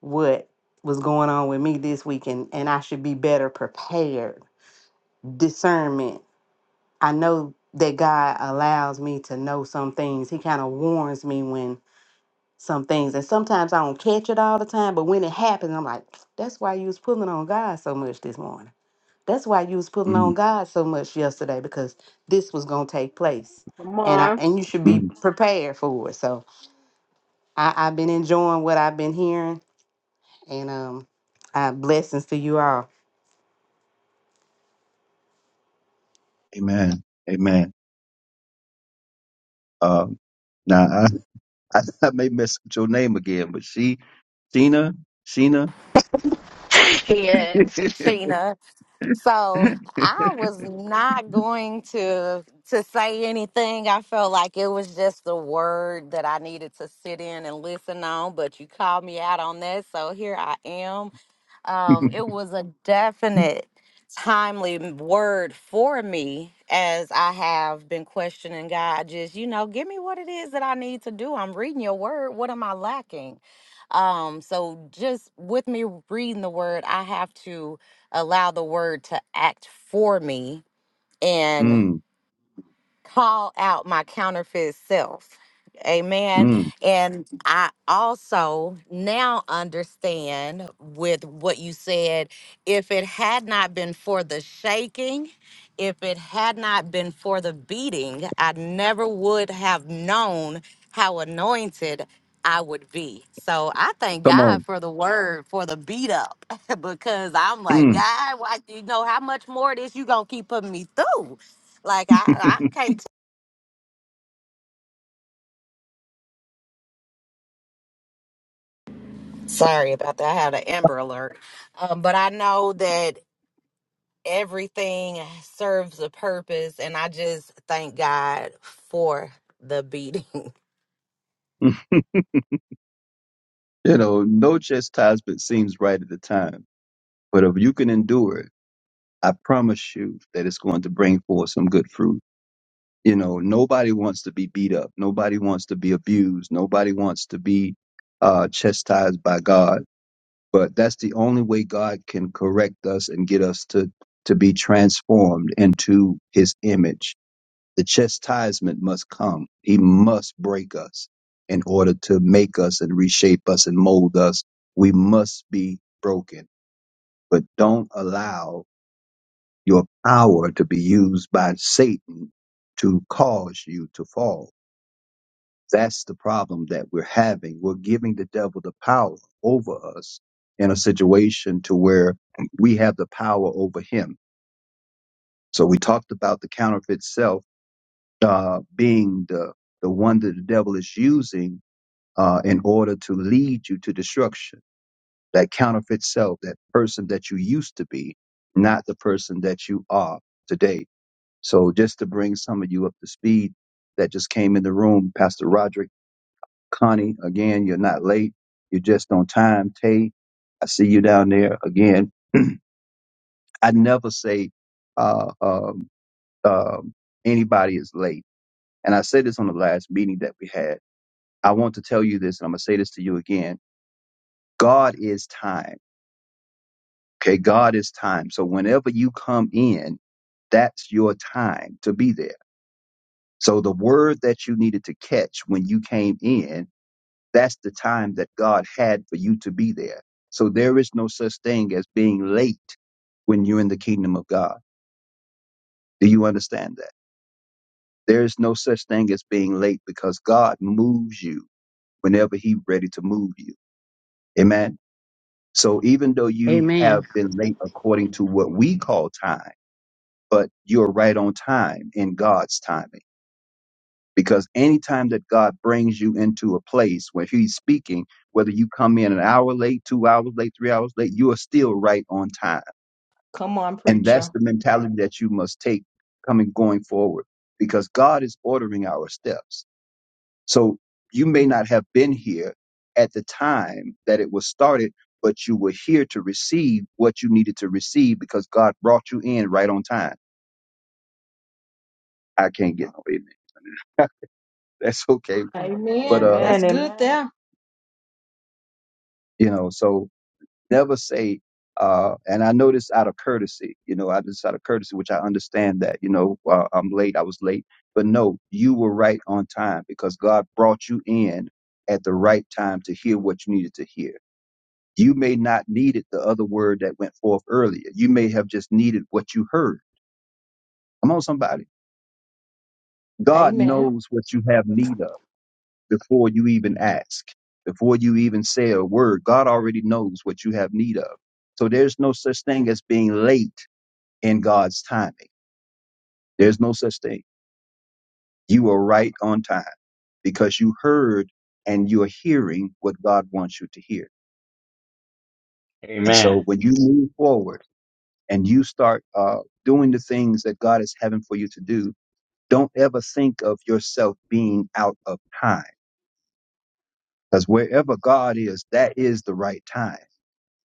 S8: what was going on with me this week, and and I should be better prepared. Discernment. I know that God allows me to know some things. He kind of warns me when some things. And sometimes I don't catch it all the time, but when it happens, I'm like, that's why you was pulling on God so much this morning. That's why you was pulling on
S2: Mm,
S8: God so much yesterday because this was gonna take place.
S1: Come
S8: And I
S1: on.
S8: and you should be
S2: mm,
S8: prepared for it. So I, I've been enjoying what I've been hearing and um uh, blessings to you all.
S2: amen. Amen. Um, now I, [laughs] I, I may mess up your name again, but she, Sheena, Sheena.
S10: [laughs] Yes,
S2: [laughs]
S10: Sheena. So I was not going to to say anything. I felt like it was just the word that I needed to sit in and listen on, but you called me out on that, so here I am um, it
S2: mm,
S10: was a definite timely m- word for me as I have been questioning God, just, you know, give me what it is that I need to do. I'm reading your word. What am I lacking? Um, so just with me reading the word, I have to allow the word to act for me call out my counterfeit self. Amen.
S2: mm,
S10: And I also now understand with what you said if it had not been for the shaking, if it had not been for the beating, I never would have known how anointed I would be. So I thank
S2: come
S10: God
S2: on.
S10: for the word, for the beat up, [laughs] because I'm like,
S2: Mm.
S10: God, why you know how much more of this you gonna keep putting me through? Like I, I
S2: [laughs]
S10: can't Sorry about that. I had an Amber alert. Um, but I know that everything serves a purpose, and I just thank God for the beating.
S2: you know, no chastisement seems right at the time, but if you can endure it, I promise you that it's going to bring forth some good fruit. You know, nobody wants to be beat up. Nobody wants to be abused. Nobody wants to be uh, chastised by God. But that's the only way God can correct us and get us to to be transformed into His image The chastisement must come. He must break us in order to make us and reshape us and mold us. We must be broken. But don't allow your power to be used by Satan to cause you to fall. That's the problem that we're having. We're giving the devil the power over us in a situation to where we have the power over him. So we talked about the counterfeit self uh, being the the one that the devil is using uh, in order to lead you to destruction. That counterfeit self, that person that you used to be, not the person that you are today. So just to bring some of you up to speed that just came in the room, Pastor Roderick, Connie, again, you're not late. You're just on time. Tay, I see you down there again. [clears throat] I never say uh, um, um, anybody is late. And I said this on the last meeting that we had I want to tell you this, and I'm going to say this to you again. God is time. Okay. God is time. So whenever you come in, that's your time to be there. So the word that you needed to catch when you came in, that's the time that God had for you to be there. So there is no such thing as being late when you're in the kingdom of God. Do you understand that? There is no such thing as being late because God moves you whenever He's ready to move you. Amen. So even though you have
S8: Amen.
S2: been late according to what we call time, but you're right on time in God's timing. Because anytime that God brings you into a place where He's speaking, whether you come in an hour late, two hours late, three hours late, you are still right on time.
S1: Come on,
S2: And that's
S1: preacher.
S2: the mentality that you must take coming going forward. Because God is ordering our steps. So you may not have been here at the time that it was started, but you were here to receive what you needed to receive because God brought you in right on time. I can't get no amen. [laughs] That's okay. But,
S1: Amen.
S2: uh,
S1: That's
S4: Amen,
S1: good
S4: amen.
S1: there.
S2: you know, so never say, uh, and I know this out of courtesy, you know, I just out of courtesy, which I understand that, you know, uh, I'm late, I was late, but no, you were right on time because God brought you in at the right time to hear what you needed to hear You may not needed the other word that went forth earlier. You may have just needed what you heard. Come on, somebody. God
S1: Amen.
S2: knows what you have need of before you even ask, before you even say a word. God already knows what you have need of. So there's no such thing as being late in God's timing. There's no such thing. You are right on time because you heard and you're hearing what God wants you to hear. And so
S11: Amen.
S2: when you move forward, and you start uh, doing the things that God is having for you to do, don't ever think of yourself being out of time. Because wherever God is, that is the right time,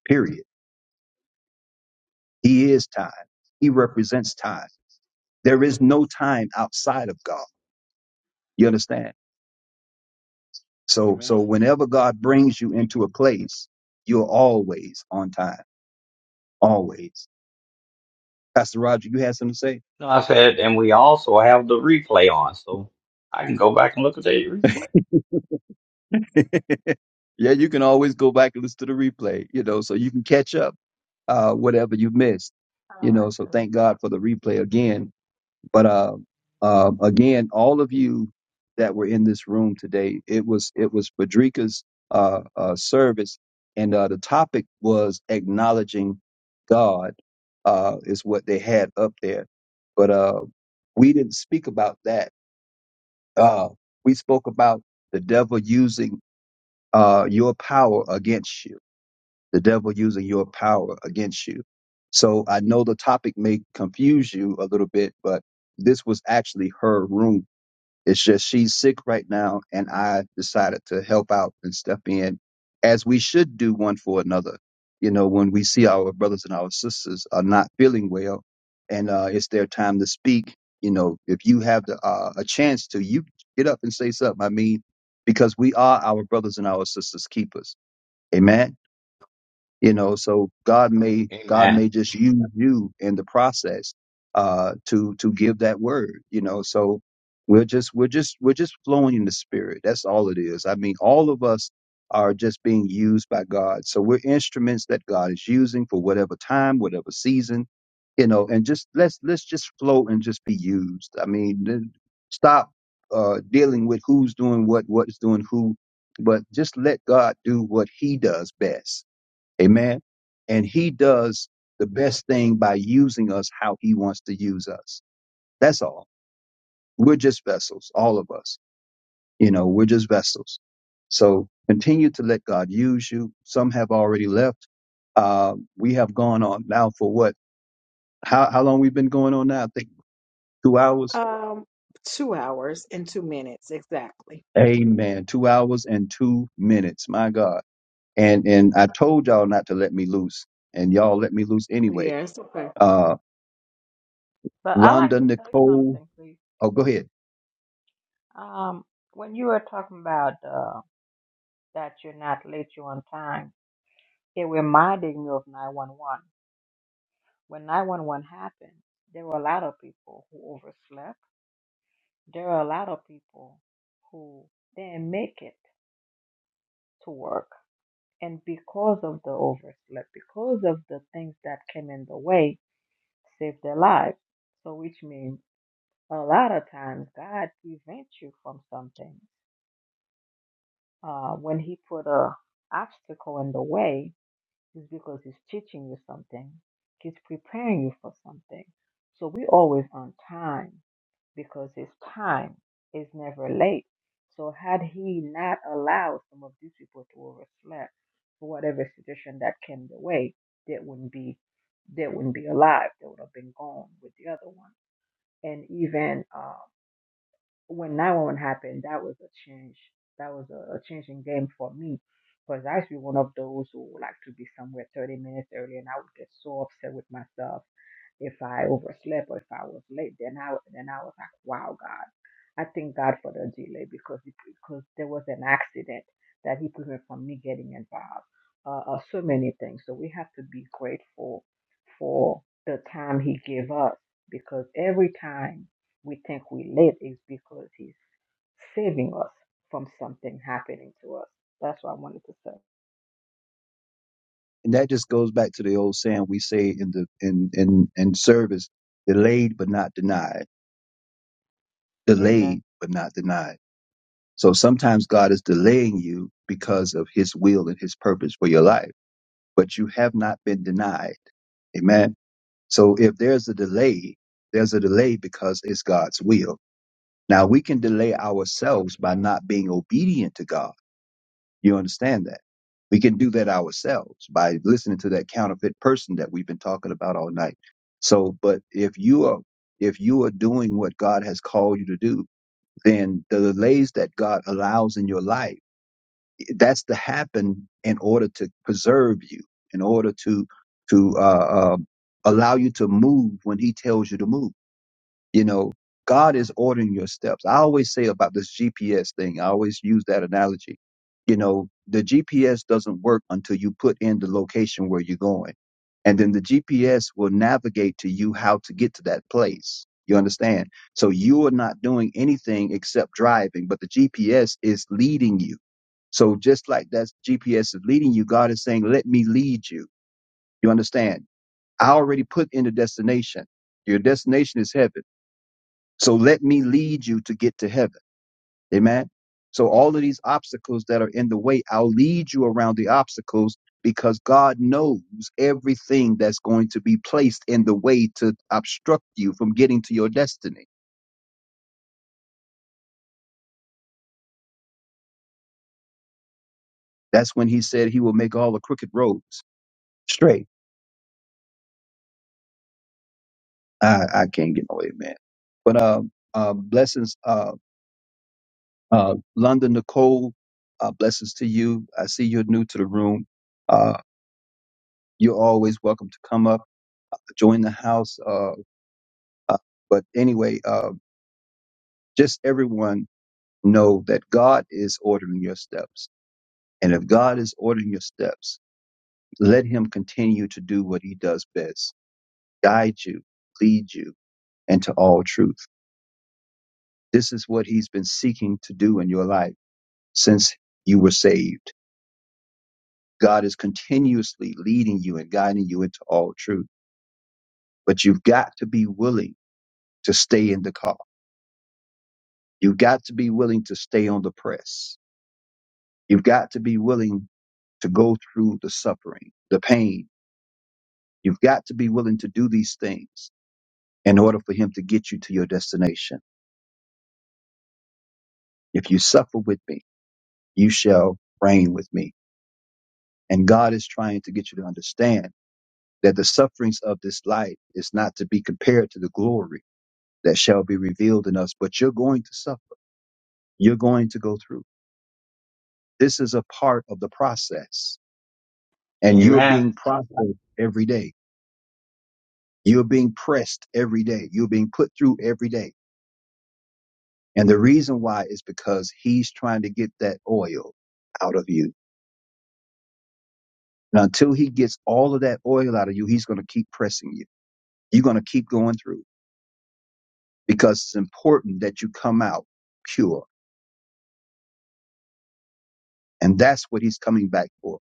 S2: period. He is time. He represents time. There is no time outside of God. You understand? So, so
S11: Amen.
S2: whenever God brings you into a place, you're always on time. Always. Pastor Roger, you had something to say?
S11: No, I said, and we also have the replay on, so I can go back and look at the replay.
S2: Yeah, you can always go back and listen to the replay, you know, so you can catch up uh whatever you missed.
S4: I
S2: You
S4: like
S2: know, so
S4: to,
S2: thank God for the replay again. But uh um again, all of you that were in this room today, it was it was Frederica's uh uh service and uh the topic was acknowledging God uh is what they had up there. But uh we didn't speak about that. Uh we spoke about the devil using uh your power against you the devil using your power against you. So I know the topic may confuse you a little bit, but this was actually her room. It's just she's sick right now, and I decided to help out and step in as we should do one for another. You know, when we see our brothers and our sisters are not feeling well and uh, it's their time to speak, you know, if you have the, uh, a chance to, you get up and say something. I mean, because we are our brothers and our sisters' keepers. Amen you know so god may god
S11: Amen.
S2: may just use you in the process uh to to give that word you know so we're just we're just we're just flowing in the spirit that's all it is i mean all of us are just being used by god so we're instruments that god is using for whatever time whatever season you know and just let's let's just flow and just be used i mean th- stop uh dealing with who's doing what what is doing who but just let god do what he does best Amen. And he does the best thing by using us how he wants to use us. That's all. We're just vessels, all of us. You know, we're just vessels. So continue to let God use you. Some have already left. Uh, we have gone on now for what? How, how long we've been going on now? I think two hours.
S1: Um, two hours and two minutes exactly.
S2: Amen. Two hours and two minutes. My God. And, and I told y'all not to let me loose and y'all let me loose anyway.
S1: Yeah, it's okay.
S2: Uh,
S4: but I like
S2: Londa
S4: to say
S2: Nicole.
S4: something, please.
S2: Oh, go ahead.
S4: Um, when you were talking about uh, that you're not late, you're on time, it reminded me of 911. When 911 happened, there were a lot of people who overslept. There were a lot of people who didn't make it to work. And because of the overslept, because of the things that came in the way, saved their lives. So, which means a lot of times God prevents you from something. Uh, when He put a obstacle in the way, is because he's teaching you something. He's preparing you for something. So we always on time because his time is never late. So had he not allowed some of these people to overslept for whatever situation that came their way, they wouldn't be they wouldn't be alive. They would have been gone with the other one. And even uh, when 911 happened, that was a change. That was a, a changing game for me because I used to be one of those who would like to be somewhere 30 minutes early, and I would get so upset with myself if I overslept or if I was late. Then I then I was like, wow, God, I thank God for the delay because it- because there was an accident that He prevented from me getting involved. Uh, uh, so many things. So we have to be grateful for the time He gave us because every time we think we late is because he's saving us from something happening to us. That's what I wanted to say.
S2: and that just goes back to the old saying we say in the in in in service delayed but not denied
S4: Amen.
S2: delayed but not denied so sometimes god is delaying you because of his will and his purpose for your life but you have not been denied amen so if there's a delay there's a delay because it's god's will now we can delay ourselves by not being obedient to god You understand that? We can do that ourselves by listening to that counterfeit person that we've been talking about all night. So, but if you are, if you are doing what God has called you to do, then the delays that God allows in your life, eh, that's to happen in order to preserve you, in order to, to, uh, uh, allow you to move when he tells you to move. You know, God is ordering your steps. I always say about this GPS thing, I always use that analogy. You know, the GPS doesn't work until you put in the location where you're going. And then the GPS will navigate to you how to get to that place. You understand? So you are not doing anything except driving, but the GPS is leading you. So just like that GPS is leading you, God is saying, let me lead you. You understand? I already put in the destination. Your destination is heaven. So let me lead you to get to heaven. Amen. So all of these obstacles that are in the way, I'll lead you around the obstacles because God knows everything that's going to be placed in the way to obstruct you from getting to your destiny. That's when he said he will make all the crooked roads straight. I, I can't get no amen. But uh, uh, blessings, uh, uh, London Nicole, uh, blessings to you. I see you're new to the room. Uh, you're always welcome to come up join the house. Uh, Uh, but anyway, uh, just everyone know that God is ordering your steps. And if God is ordering your steps, let him continue to do what he does best, guide you, lead you into all truth. This is what he's been seeking to do in your life since you were saved. God is continuously leading you and guiding you into all truth, but you've got to be willing to stay in the car. You've got to be willing to stay on the press. You've got to be willing to go through the suffering, the pain. You've got to be willing to do these things in order for him to get you to your destination. If you suffer with me, you shall reign with me. And God is trying to get you to understand that the sufferings of this life is not to be compared to the glory that shall be revealed in us, but you're going to suffer. You're going to go through. This is a part of the process and you're being
S11: Amen.
S2: processed every day. You're being pressed every day. You're being put through every day And the reason why is because he's trying to get that oil out of you. And until he gets all of that oil out of you, he's going to keep pressing you. You're going to keep going through because it's important that you come out pure. And that's what he's coming back for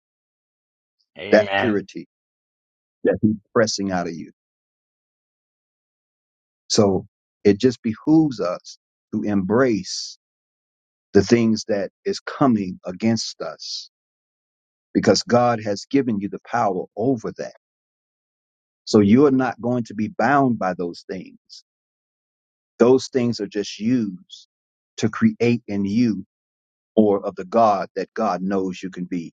S2: that
S11: Amen.
S2: purity that he's pressing out of you. So it just behooves us to embrace the things that is coming against us because God has given you the power over that. So you're not going to be bound by those things Those things are just used to create in you more of the God that God knows you can be.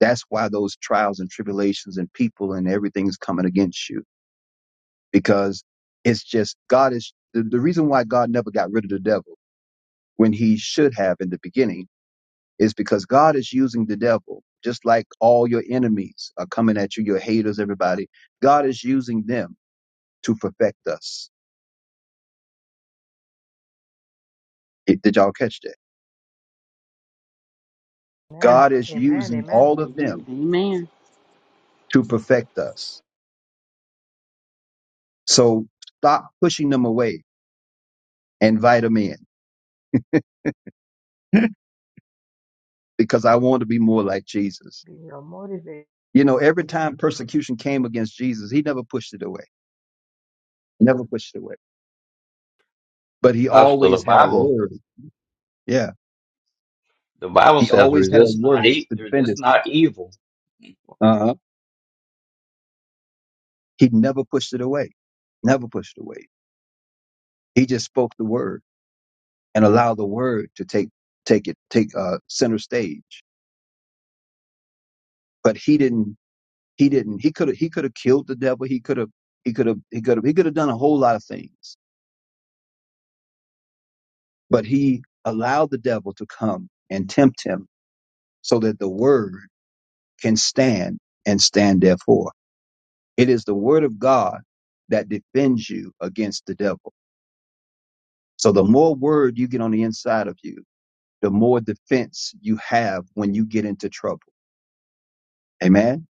S2: That's why those trials and tribulations and people and everything's coming against you because it's just God is the, the reason why God never got rid of the devil when he should have in the beginning is because God is using the devil just like all your enemies are coming at you, your haters, everybody. God is using them to perfect us. Did did y'all catch that?
S4: Amen.
S2: God is
S4: Amen.
S2: using
S4: Amen.
S2: all of them
S8: Amen. Amen.
S2: to perfect us. So stop pushing them away. and Invite them in [laughs] because I want to be more like Jesus.
S4: Be your motivator.
S2: You know, every time persecution came against Jesus, he never pushed it away, never pushed it away. But
S11: The
S2: he
S11: Apostle, the
S2: always had a
S11: Bible,
S2: word. Yeah.
S11: the Bible
S2: He
S11: says,
S2: always had a
S11: resist
S2: word
S11: not, e-
S2: to defend
S11: resist
S2: himself.
S11: not evil.
S2: Uh-huh. He never pushed it away, never pushed it away. He just spoke the word and allowed the word to take, take it, take uh, center stage. But he didn't He didn't. He could have. He could have killed the devil. He could have. He could have. He could have. He could have done a whole lot of things. But he allowed the devil to come and tempt him, so that the word can stand and stand therefore. It is the word of God that defends you against the devil. So the more word you get on the inside of you, the more defense you have when you get into trouble. Amen.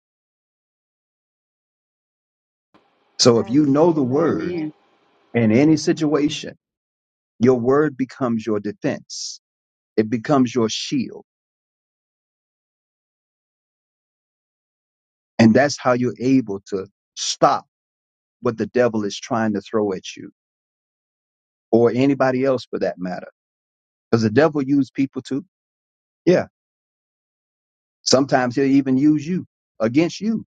S2: So if
S4: Amen.
S2: you know the
S4: Amen.
S2: word
S4: Amen.
S8: Amen.
S2: in any situation, your word becomes your defense. It becomes your shield And that's how you're able to stop what the devil is trying to throw at you or anybody else for that matter. Because the devil use people too. Yeah. Sometimes he'll even use you against you.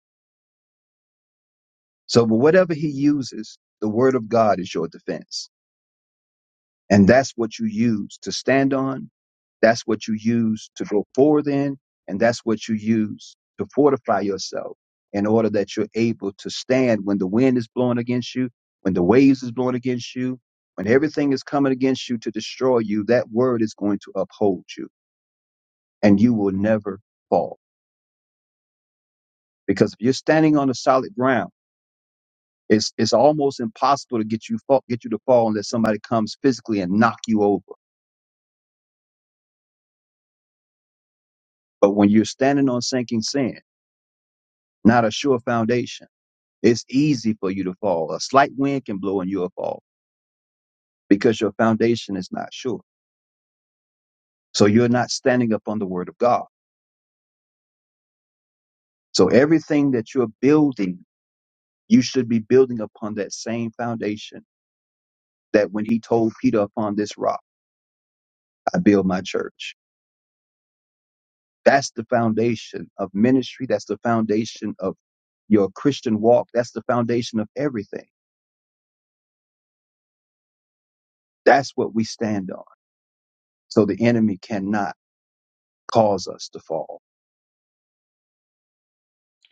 S2: So, but whatever he uses, the word of God is your defense. And that's what you use to stand on. That's what you use to go forward in. And that's what you use to fortify yourself in order that you're able to stand when the wind is blowing against you, when the waves is blowing against you, when everything is coming against you to destroy you, that word is going to uphold you and you will never fall. Because if you're standing on a solid ground, it's, it's almost impossible to get you fall, get you to fall unless somebody comes physically and knock you over. But when you're standing on sinking sand, not a sure foundation. It's easy for you to fall. A slight wind can blow and you'll fall because your foundation is not sure. So you're not standing upon the word of God. So everything that you're building, you should be building upon that same foundation that when he told Peter upon this rock, I build my church. That's the foundation of ministry. That's the foundation of your Christian walk. That's the foundation of everything. That's what we stand on. So the enemy cannot cause us to fall.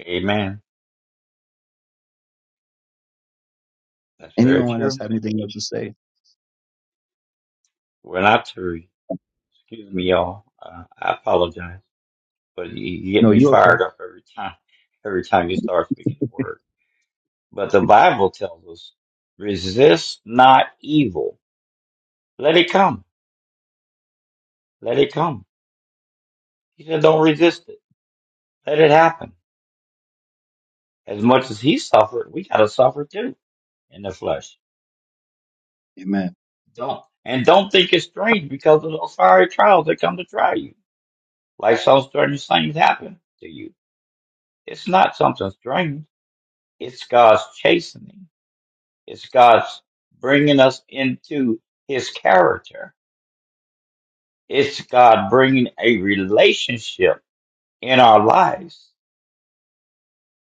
S11: Amen. That's very
S2: Anyone else
S11: true.
S2: have anything else to say?
S11: We're not to, re- excuse me, y'all. Uh, I apologize, but you, you get
S2: No,
S11: me
S2: you're okay.
S11: fired up every time, every time you start speaking the word. But the Bible tells us, resist not evil. Let it come. Let it come. He said, don't resist it. Let it happen. As much as he suffered, we got to suffer too in the flesh.
S2: Amen.
S11: Don't. And don't think it's strange because of those fiery trials that come to try you. Like so strange things happen to you. It's not something strange. It's God's chastening. It's God's bringing us into his character. It's God bringing a relationship in our lives.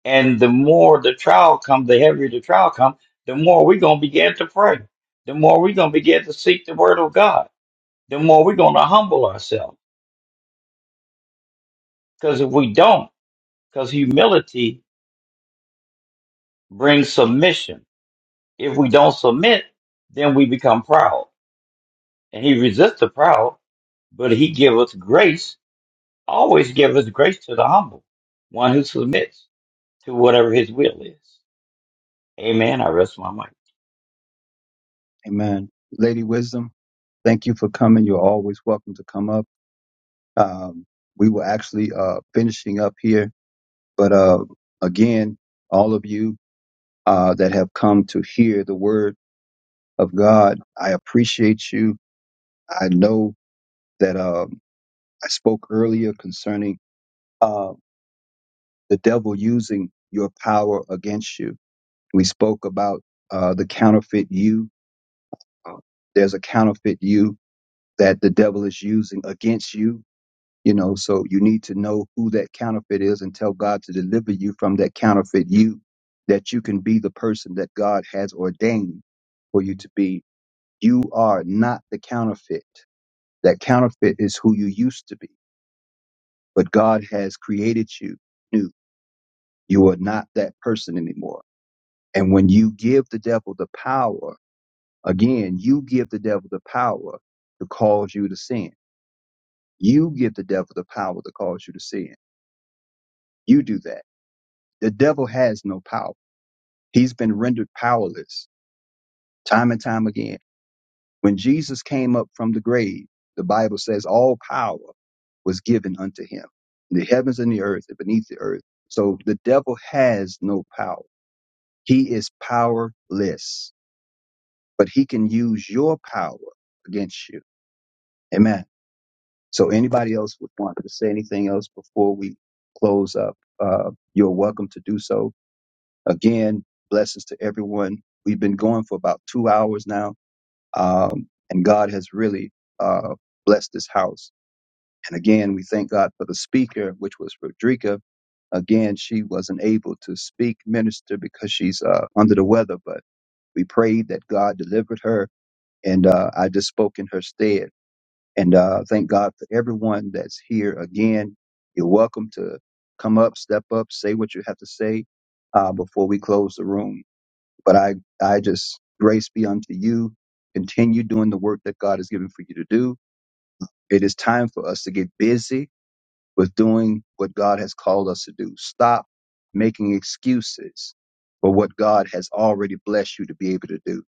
S11: And the more the trial comes, the heavier the trial comes, the more we're going to begin to pray. The more we're going to begin to seek the word of God. The more we're going to humble ourselves. Because if we don't, because humility brings submission. If we don't submit, then we become proud. And he resists the proud, but he giveth grace, always giveth grace to the humble, one who submits to whatever his will is. Amen. I rest my mind.
S2: Amen. Lady Wisdom, thank you for coming. You're always welcome to come up. Um, we were actually uh, finishing up here, but uh, again, all of you uh, that have come to hear the word of God, I appreciate you. I know that um I spoke earlier concerning uh, the devil using your power against you. We spoke about uh, the counterfeit you. Uh, there's a counterfeit you that the devil is using against you. You know, so you need to know who that counterfeit is and tell God to deliver you from that counterfeit you, that you can be the person that God has ordained for you to be. You are not the counterfeit. That counterfeit is who you used to be, but God has created you new. You are not that person anymore. And when you give the devil the power, again, you give the devil the power to cause you to sin You give the devil the power to cause you to sin. You do that. The devil has no power. He's been rendered powerless time and time again. When Jesus came up from the grave, the Bible says all power was given unto him. The heavens and the earth and beneath the earth. So the devil has no power. He is powerless, but he can use your power against you. Amen. So anybody else would want to say anything else before we close up? Uh, you're welcome to do so Again, blessings to everyone. We've been going for about two hours now, um, and God has really uh, blessed this house. And again, we thank God for the speaker, which was Rodrika. Again, she wasn't able to speak, minister, because she's uh, under the weather, but we prayed that God delivered her, and uh, I just spoke in her stead. And uh, thank God for everyone that's here. Again, you're welcome to come up, step up, say what you have to say uh, before we close the room. But I, I just grace be unto you. Continue doing the work that God has given for you to do. It is time for us to get busy with doing what God has called us to do. Stop making excuses for what God has already blessed you to be able to do.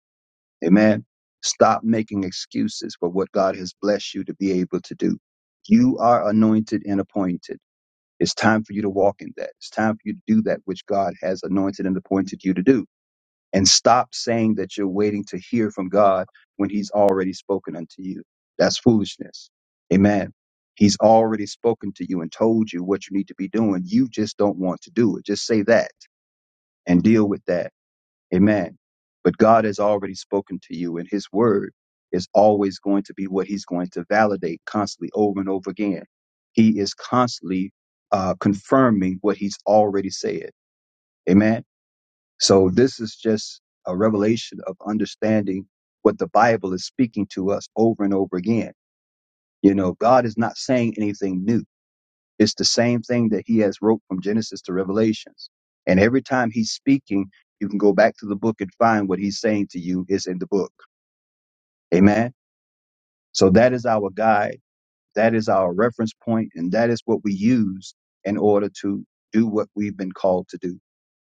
S2: Amen. Stop making excuses for what God has blessed you to be able to do. You are anointed and appointed. It's time for you to walk in that. It's time for you to do that which God has anointed and appointed you to do and stop saying that you're waiting to hear from God when he's already spoken unto you. That's foolishness. Amen. He's already spoken to you and told you what you need to be doing. You just don't want to do it. Just say that and deal with that. Amen. But God has already spoken to you and his word is always going to be what he's going to validate constantly over and over again. He is constantly uh, confirming what he's already said. Amen so this is just a revelation of understanding what the Bible is speaking to us over and over again. You know, God is not saying anything new. It's the same thing that he has wrote from Genesis to Revelations. And every time he's speaking, you can go back to the book and find what he's saying to you is in the book. Amen. So that is our guide. That is our reference point, And that is what we use in order to do what we've been called to do.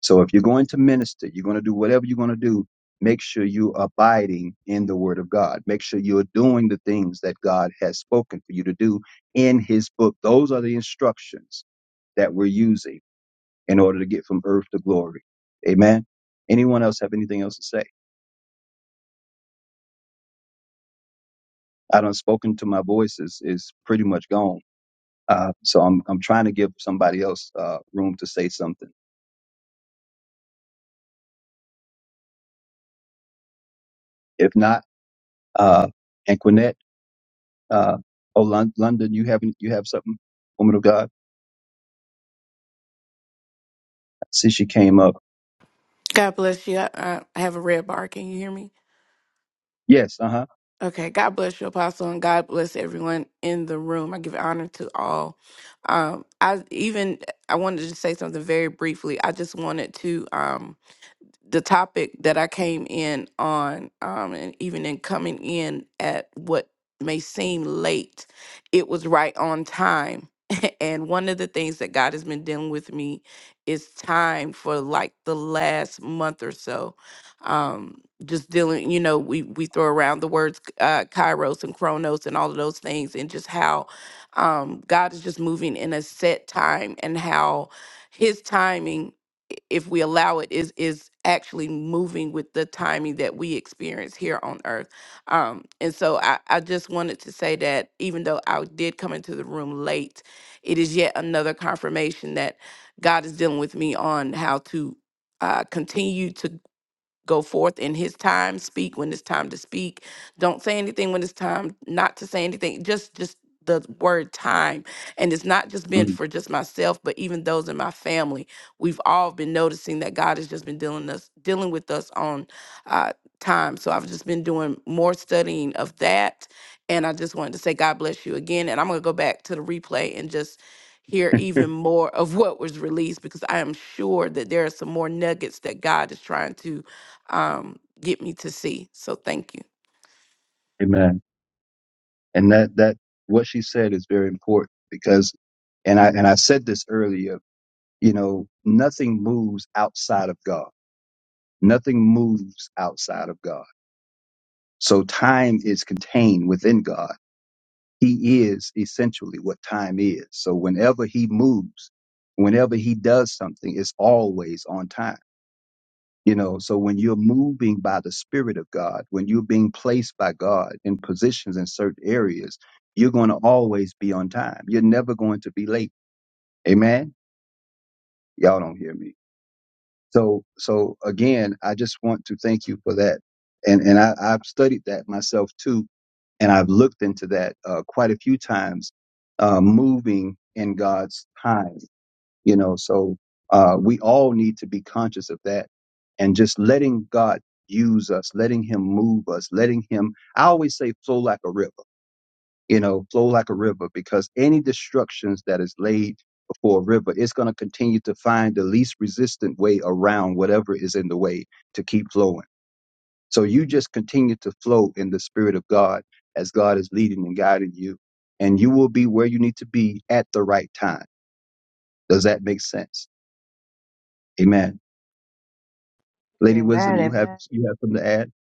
S2: So if you're going to minister, you're going to do whatever you're going to do, make sure you are abiding in the word of God. Make sure you're doing the things that God has spoken for you to do in his book. Those are the instructions that we're using in order to get from earth to glory. Amen. Anyone else have anything else to say? I done spoken to my voice is, is pretty much gone. Uh, so I'm, I'm trying to give somebody else, uh, room to say something. If not, uh, Anquinette. Uh, oh, Lon- London, you have you have something, woman of God. I See, she came up.
S12: God bless you. I, I I have a red bar. Can you hear me?
S2: Yes, uh huh.
S12: Okay. God bless you, Apostle, and God bless everyone in the room. I give honor to all. Um, I even I wanted to say something very briefly. I just wanted to. Um, the topic that I came in on, um, and even in coming in at what may seem late, it was right on time. [laughs] and one of the things that God has been dealing with me is time for like the last month or so. Um, just dealing, you know, we we throw around the words uh, Kairos and Chronos and all of those things, and just how um, God is just moving in a set time and how His timing i- if we allow it is is actually moving with the timing that we experience here on earth um and so i i just wanted to say that even though i did come into the room late it is yet another confirmation that god is dealing with me on how to uh, continue to go forth in his time speak when it's time to speak don't say anything when it's time not to say anything just just the word time and it's not just been for just myself but even those in my family we've all been noticing that god has just been dealing us dealing with us on uh time so i've just been doing more studying of that and i just wanted to say god bless you again and i'm going to go back to the replay and just hear even more of what was released because i am sure that there are some more nuggets that god is trying to um get me to see. So thank you.
S2: Amen. And that that what she said is very important because, and I and I said this earlier. You know, nothing moves outside of God. Nothing moves outside of God. So time is contained within God. He is essentially what time is. So whenever He moves, whenever He does something, it's always on time You know, so when you're moving by the Spirit of God, when you're being placed by God in positions in certain areas, you're going to always be on time. You're never going to be late. Amen. Y'all don't hear me. So, so again, I just want to thank you for that. And, and I, I've studied that myself too. And I've looked into that uh, quite a few times, uh, moving in God's time you know so uh, we all need to be conscious of that and just letting god use us letting him move us letting him i always say flow like a river you know flow like a river because any destructions that is laid before a river it's going to continue to find the least resistant way around whatever is in the way to keep flowing so you just continue to flow in the spirit of god as god is leading and guiding you and you will be where you need to be at the right time does that make sense amen Lady Wisdom,
S4: Amen.
S2: you have
S4: Amen.
S2: you have something to add?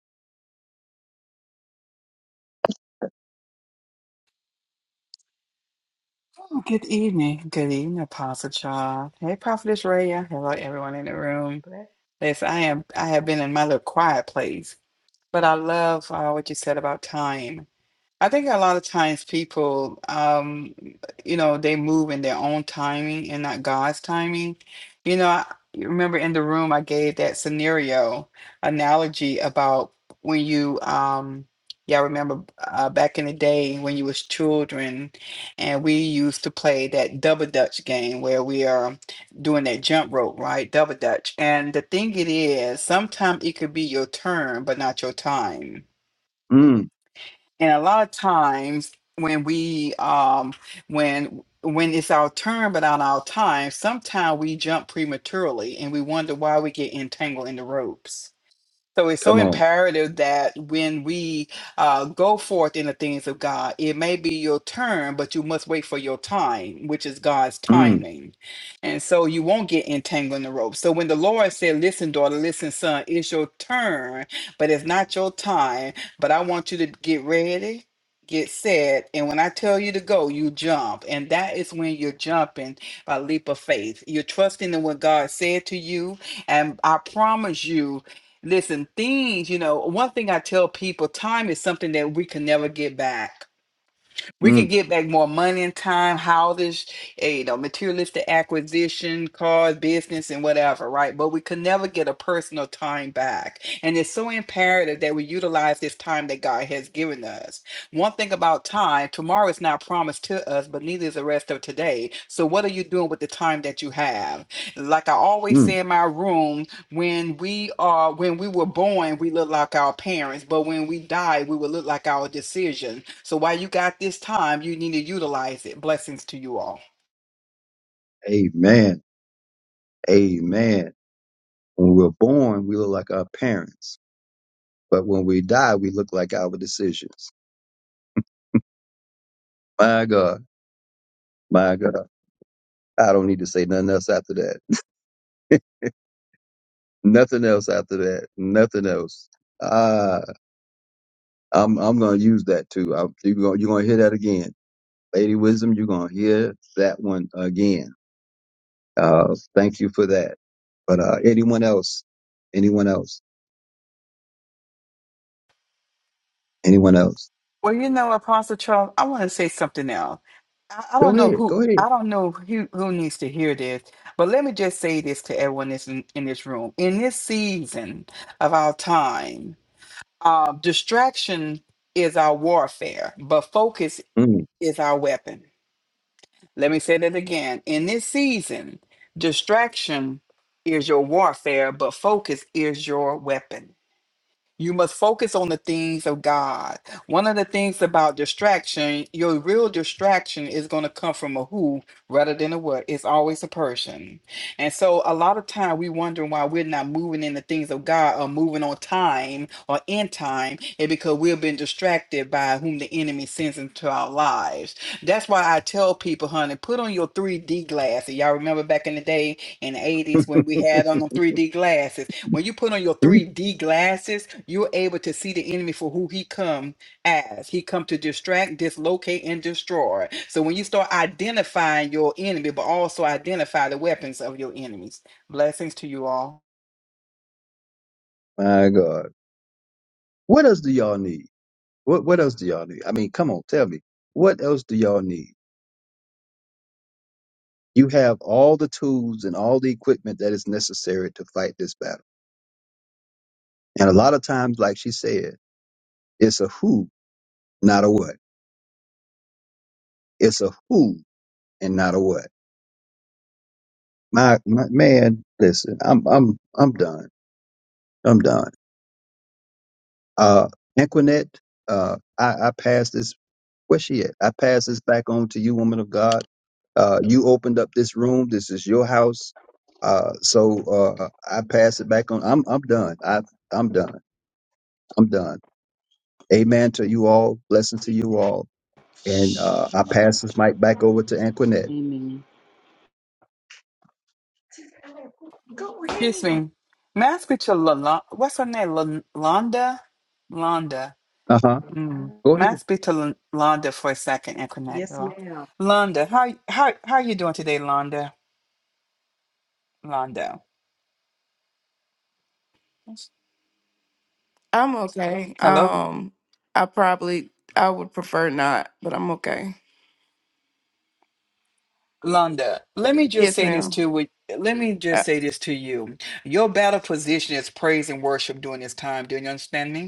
S13: Well, Good evening. Good evening, Apostle Child. Hey, Prophetess Raya. Hello, everyone in the room.
S4: Bless.
S13: Yes, I am. I have been in my little quiet place, but I love uh, what you said about time. I think a lot of times people, um, you know, they move in their own timing and not God's timing. You know, I you remember in the room I gave that scenario analogy about when you, um, yeah, I remember uh, back in the day when you was children, and we used to play that double dutch game where we are doing that jump rope, right? Double dutch. And the thing it is, sometimes it could be your turn, but not your time
S2: Mm,
S13: and a lot of times when we um when when it's our turn but not our time sometimes we jump prematurely and we wonder why we get entangled in the ropes so it's so
S2: come on.
S13: imperative that when we uh, go forth in the things of God, it may be your turn, but you must wait for your time, which is God's
S2: Mm,
S13: timing. And so you won't get entangled in the rope. So when the Lord said, Listen, daughter, listen, son, it's your turn, but it's not your time. But I want you to get ready. Get set, and when I tell you to go, you jump, and that is when you're jumping by leap of faith. You're trusting in what God said to you, and I promise you, Listen, things, you know, one thing I tell people, time is something that we can never get back. We can
S2: mm,
S13: get back more money and time, houses, eh, you know, materialistic acquisition, cars, business, and whatever, right? But we can never get a personal time back. And it's so imperative that we utilize this time that God has given us. One thing about time, tomorrow is not promised to us, but neither is the rest of today. So what are you doing with the time that you have? Like I always
S2: mm.
S13: say in my room, when we are when we were born we look like our parents but when we die we will look like our decision so while you got this time you need to utilize it blessings to you all
S2: Amen. Amen. When we're born, we look like our parents, but when we die, we look like our decisions. My God, my God. I don't need to say nothing else after that. Nothing else after that. Nothing else. Ah, I'm I'm gonna use that too. I, you're gonna you're gonna hear that again, Lady Wisdom. You're gonna hear that one again. Uh, thank you for that. But uh, anyone else? Anyone else? Anyone else?
S13: Well, you know, Apostle Charles, I want to say something else. I, I
S2: Go
S13: don't know
S2: ahead.
S13: who
S2: Go ahead.
S13: I don't know who, who needs to hear this, but let me just say this to everyone that's in, in this room. In this season of our time, uh, distraction is our warfare, but focus
S2: Mm,
S13: is our weapon. Let me say that again. In this season, distraction is your warfare, but focus is your weapon. You must focus on the things of God. One of the things about distraction, your real distraction is going to come from a who rather than a what. It's always a person. And so a lot of time we wondering why we're not moving in the things of God or moving on time or in time and because we've been distracted by whom the enemy sends into our lives. That's why I tell people, honey, put on your 3D glasses. Y'all remember back in the day in the 80s when we had on them 3D glasses when you put on your
S2: mm.
S13: 3D glasses, you're able to see the enemy for who he come as. He come to distract, dislocate, and destroy. So when you start identifying your enemy, but also identify the weapons of your enemies. Blessings to you all.
S2: My God. What else do y'all need? What What else do y'all need? I mean, come on, tell me. What else do y'all need? You have all the tools and all the equipment that is necessary to fight this battle. And a lot of times, like she said, it's a who, not a what. It's a who and not a what. My, my man, listen, I'm I'm I'm done. I'm done. Uh, Equinet, uh, I, I pass this. Where she at? I pass this back on to you, woman of God. Uh, you opened up this room. This is your house. Uh, so uh, I pass it back on. I'm I'm done. I I'm done. I'm done. Amen to you all. Blessing to you all. And
S1: Shh,
S2: uh, I pass this mic back over to Anquinet.
S8: Amen.
S1: go
S13: Excuse
S1: ahead.
S13: me. May I speak to Lala- what's her name? Lon- Londa? Londa.
S2: Uh huh.
S1: Okay.
S13: Mm.
S2: Go
S13: May
S2: ahead.
S13: I speak to Lon- Londa for a second and connect,
S1: Yes,
S13: y'all?
S1: ma'am.
S13: Londa, how, how, how are you doing today, Londa? Londa.
S12: I'm okay.
S13: Hello,
S12: Um I probably I would prefer not, but I'm okay.
S13: Londa, let me just
S12: Yes,
S13: say this
S12: ma'am.
S13: to with let me just
S12: Uh,
S13: say this to you. Your battle position is praise and worship during this time. Do you understand me?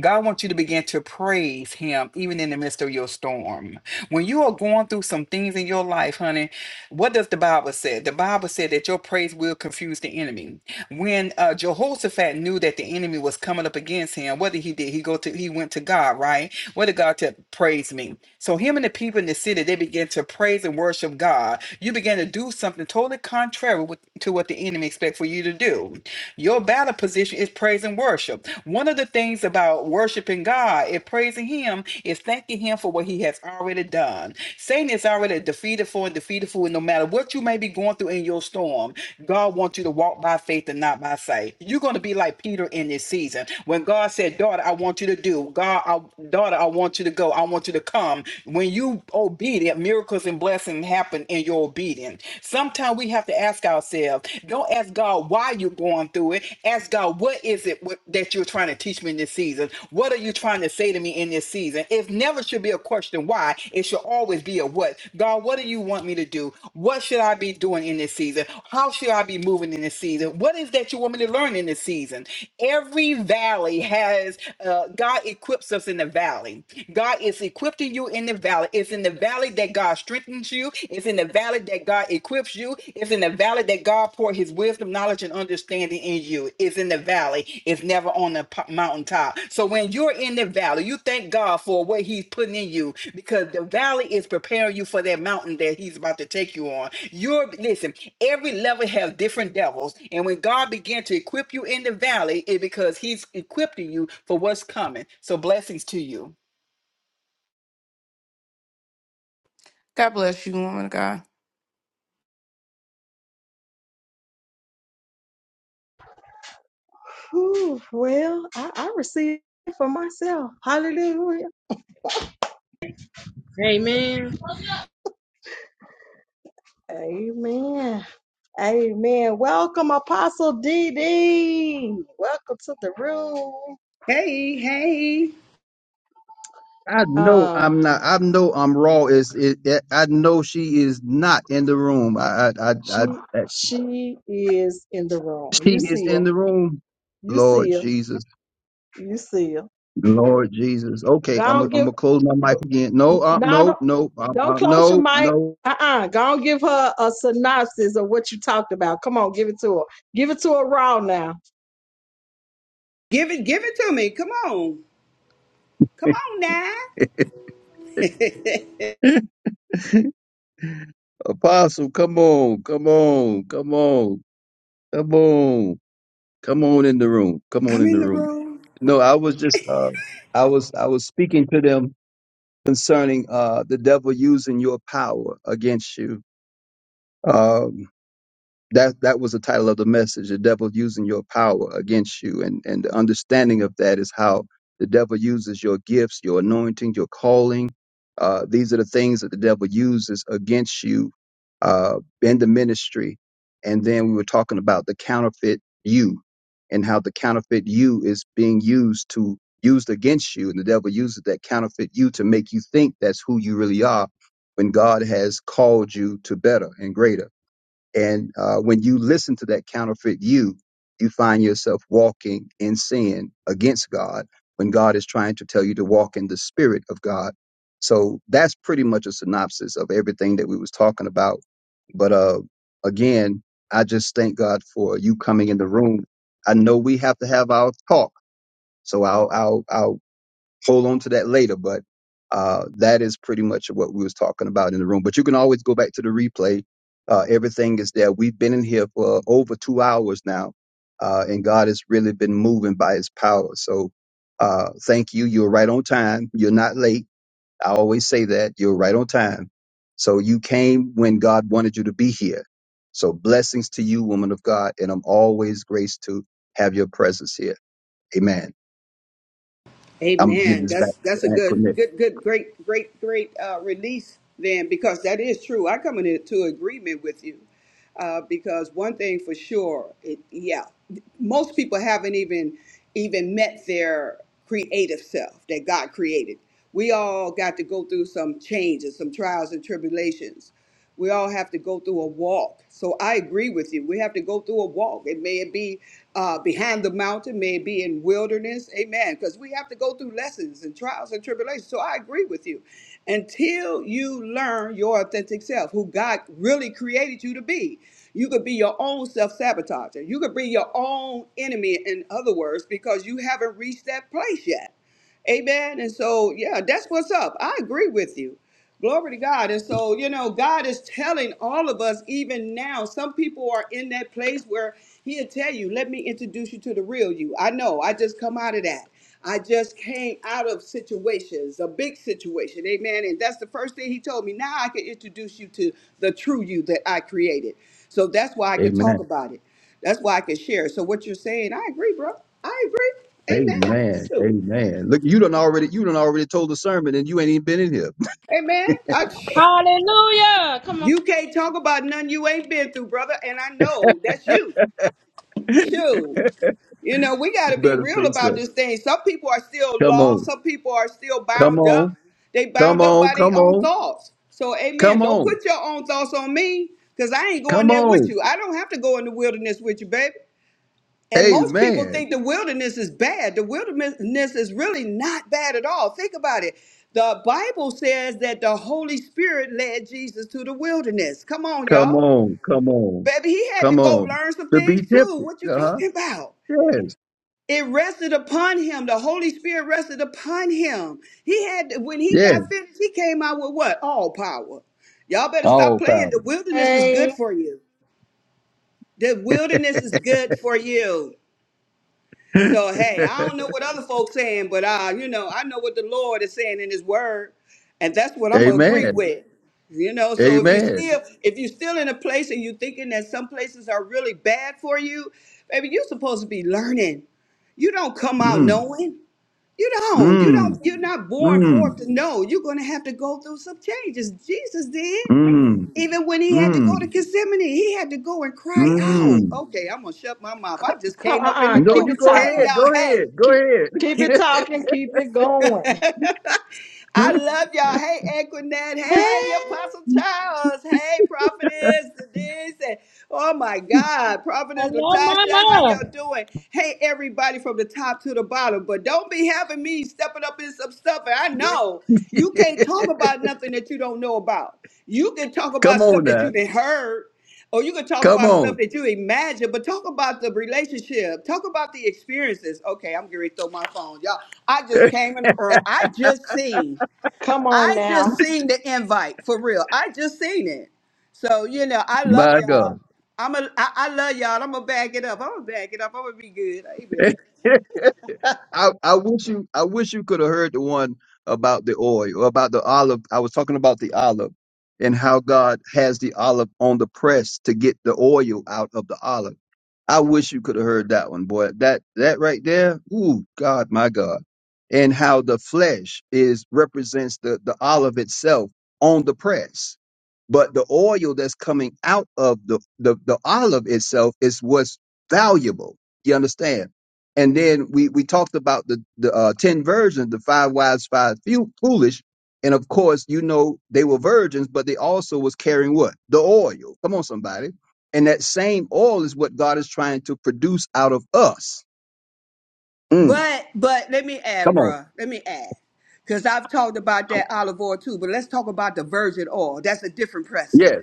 S13: God wants you to begin to praise Him even in the midst of your storm. When you are going through some things in your life, honey, what does the Bible say? The Bible said that your praise will confuse the enemy. When uh, Jehoshaphat knew that the enemy was coming up against him, what did he did? He go to he went to God, right? What did God tell? praise me? So him and the people in the city they began to praise and worship God. You began to do something totally contrary with, to what the enemy expect for you to do. Your battle position is praise and worship. One of the things about worshiping God and praising Him is thanking Him for what He has already done. Satan is already defeated for and defeated for, and no matter what you may be going through in your storm, God wants you to walk by faith and not by sight. You're going to be like Peter in this season. When God said, Daughter, I want you to do, God, I, daughter, I want you to go, I want you to come. When you obedient, miracles and blessings happen in your obedience. Sometimes sometimes we have to ask ourselves don't ask God why you're going through it. Ask God, what is it what, that you're trying to teach me in this season? What are you trying to say to me in this season? It never should be a question why. It should always be a what. God, what do you want me to do? What should I be doing in this season? How should I be moving in this season? What is that you want me to learn in this season? Every valley has, uh, God equips us in the valley. God is equipping you in the valley. It's in the valley that that God strengthens you. It's in the valley that God equips you. It's in the valley that God pour his wisdom, knowledge, and understanding in you. It's in the valley. It's never on the po- mountaintop. So when you're in the valley, you thank God for what he's putting in you because the valley is preparing you for that mountain that he's about to take you on. You're listen, every level has different devils. And when God began to equip you in the valley, it's because he's equipping you for what's coming. So blessings to you.
S12: God bless you, woman of God.
S1: Ooh, well, I, I received it for myself. Hallelujah.
S6: Amen.
S1: Amen. Amen. Welcome, Apostle DD. Welcome to the room.
S14: Hey, hey.
S2: I know
S1: Uh,
S2: I'm not. I know I'm raw. Is it? I know she is not in the room. I I
S1: she
S2: I, I
S1: she is in the room.
S2: She
S1: You
S2: is
S1: see
S2: in
S1: her.
S2: the room.
S1: You
S2: Lord
S1: see her.
S2: Jesus.
S1: You see her.
S2: Lord Jesus. Okay, I'm
S1: Go
S2: I'm
S1: and give.
S2: gonna close my mic
S1: Go,
S2: again. No, uh,
S1: now
S2: no,
S1: don't
S2: no, uh,
S1: don't
S2: uh,
S1: close your
S2: no,
S1: mic.
S2: no.
S1: Uh-uh. Go and give her a synopsis of what you talked about. Come on, give it to her. Give it to her raw now.
S14: Give it give it to me. Come on. Come on now.
S2: [laughs] Apostle, come on, come on, come on, come on, come on in the room. Come on
S14: I'm
S2: in the
S14: in the
S2: room.
S14: room.
S2: No, I was just uh, I was I was speaking to them concerning uh, the devil using your power against you. Um. that that was the title of the message the devil using your power against you and and the understanding of that is how the devil uses your gifts your anointing your calling uh these are the things that the devil uses against you uh in the ministry and then we were talking about the counterfeit you and how the counterfeit you is being used to used against you and the devil uses that counterfeit you to make you think that's who you really are when god has called you to better and greater and uh, when you listen to that counterfeit you, you find yourself walking in sin against God when God is trying to tell you to walk in the spirit of God. So that's pretty much a synopsis of everything that we was talking about. But uh, again, I just thank God for you coming in the room. I know we have to have our talk. So I'll, I'll, I'll hold on to that later, but uh, that is pretty much what we was talking about in the room. But you can always go back to the replay. Uh, everything is there. We've been in here for over two hours now, uh, and God has really been moving by His power. So uh, thank you. You're right on time. You're not late. I always say that you're right on time. So you came when God wanted you to be here. So blessings to you, woman of God, and I'm always graced to have your presence here. Amen. I'm giving
S14: Amen.
S2: this back
S14: That's
S2: to
S14: that's a
S2: Aunt
S14: good
S2: Cornette.
S14: good good great great great uh release then because that is true. I come into agreement with you. Uh because one thing for sure, it yeah. Most people haven't even even met their creative self that God created. We all got to go through some changes, some trials and tribulations We all have to go through a walk. So I agree with you. We have to go through a walk. It may be uh, behind the mountain, may it be in wilderness. Amen. Because we have to go through lessons and trials and tribulations. So I agree with you. Until you learn your authentic self, who God really created you to be, you could be your own self sabotager. You could be your own enemy, in other words, because you haven't reached that place yet. Amen. And so, yeah, that's what's up. I agree with you. Glory to God. And so, you know, God is telling all of us, even now, some people are in that place where He'll tell you, let me introduce you to the real you. I know, I just come out of that. I just came out of situations, a big situation. Amen. And that's the first thing He told me. Now I can introduce you to the true you that I created. So that's why I can
S2: Amen.
S14: talk about it. That's why I can share. So what you're saying, I agree, bro. I agree.
S2: Amen.
S14: Amen.
S2: Amen. Look, you done already you done already told the sermon and you ain't even been in here.
S14: Amen. I,
S6: Hallelujah. Come on.
S14: you can't talk about none you ain't been through, brother. And I know that's you.
S2: [laughs]
S14: Shoot. You know, we got
S2: you
S14: to be
S2: better
S14: real
S2: say
S14: about
S2: so.
S14: this thing. Some people are still
S2: Come
S14: lost.
S2: on.
S14: Some people are still
S2: Come
S14: bound up.
S2: on.
S14: They
S2: Come
S14: bound up
S2: on.
S14: by their
S2: Come
S14: own
S2: on.
S14: thoughts. So, amen.
S2: Come
S14: Don't
S2: on.
S14: put your own thoughts on me because I ain't going
S2: Come
S14: there with
S2: on.
S14: you. I don't have to go in the wilderness with you, baby. And most people
S2: Amen.
S14: think the wilderness is bad. The wilderness is really not bad at all. Think about it. The Bible says that the Holy Spirit led Jesus to the wilderness. Come on,
S2: Come
S14: y'all.
S2: on. Come on.
S14: Baby, he had to
S2: Come
S14: go
S2: on.
S14: learn some
S2: To be
S14: things too.
S2: tempted.
S14: What you
S2: Uh-huh.
S14: talking about?
S2: Yes.
S14: It rested upon him. The Holy Spirit rested upon him. He had when he
S2: Yes.
S14: got finished, he came out with what? All power. Y'all better stop
S2: All power.
S14: playing. The wilderness is
S1: Hey.
S14: good for you. The wilderness is good for you.
S2: [laughs]
S14: So hey, I don't know what other folks saying, but uh, you know, I know what the Lord is saying in His Word, and that's what I'm gonna agree
S2: Amen.
S14: with. You know, so if you
S2: Amen.
S14: still if you're still in a place and you're thinking that some places are really bad for you, baby, you're supposed to be learning. You don't come out
S2: Mm.
S14: knowing. You don't. You
S2: Mm.
S14: don't. You're not born forth
S2: Mm.
S14: to know. You're gonna have to go through some changes. Jesus did.
S2: Mm.
S14: Even when he had to go to
S2: Mm.
S14: Gethsemane, he had to go and cry out.
S2: Mm.
S14: Okay, I'm gonna shut my mouth.
S1: C-
S14: I just
S1: Come,
S14: came
S1: uh,
S14: up in
S1: uh
S14: the
S2: No,
S1: keep
S14: room.
S2: you
S1: it
S2: go
S14: Hey,
S1: talking.
S2: ahead.
S14: y'all.
S2: Go ahead.
S14: Hey.
S2: Go
S1: Keep,
S2: ahead.
S1: keep it talking. Keep it
S14: [laughs]
S1: going.
S2: [laughs]
S14: I love y'all. Hey, Equinet. Hey,
S1: [laughs]
S14: Apostle Charles. Hey, Prophetess Denise. And, oh my God, Prophetess
S6: Hello,
S14: Latasha. How
S6: mama.
S14: y'all doing? Hey, everybody from the top to the bottom. But don't be having me stepping up in some stuff. And I know you can't talk about nothing that you don't know about. You can talk about
S2: Come on
S14: stuff that
S2: now.
S14: you didn't heard. Or you could talk
S2: Come
S14: about stuff
S2: on.
S14: that you imagine, but talk about the relationship. Talk about the experiences. Okay, I'm getting ready to throw my phone. Y'all, I just came in the room. I just seen.
S1: Come on
S14: I just
S1: now.
S14: seen the invite for real. I just seen it. So, you know, I love
S2: My
S14: y'all.
S2: God.
S14: I'm a I, I love y'all. I'm gonna back it up. I'm gonna back it up. I'm gonna be good. Amen.
S2: [laughs] I, I wish you I wish you could have heard the one about the oil, about the olive. I was talking about the olive and how God has the olive on the press to get the oil out of the olive. I wish you could have heard that one, boy. That that right there, ooh, God, my God. And how the flesh is represents the, the olive itself on the press. But the oil that's coming out of the, the, the olive itself is what's valuable. You understand? And then we we talked about the the uh, ten virgins, the five wise, five few, foolish, and of course you know they were virgins, but they also was carrying what the oil. Come on, somebody. And that same oil is what God is trying to produce out of us. Mm,
S14: But but let me add,
S2: come on.
S14: bruh. Let me add. Because I've talked about that olive oil too, but let's talk about the virgin oil. That's a different pressing.
S2: Yes.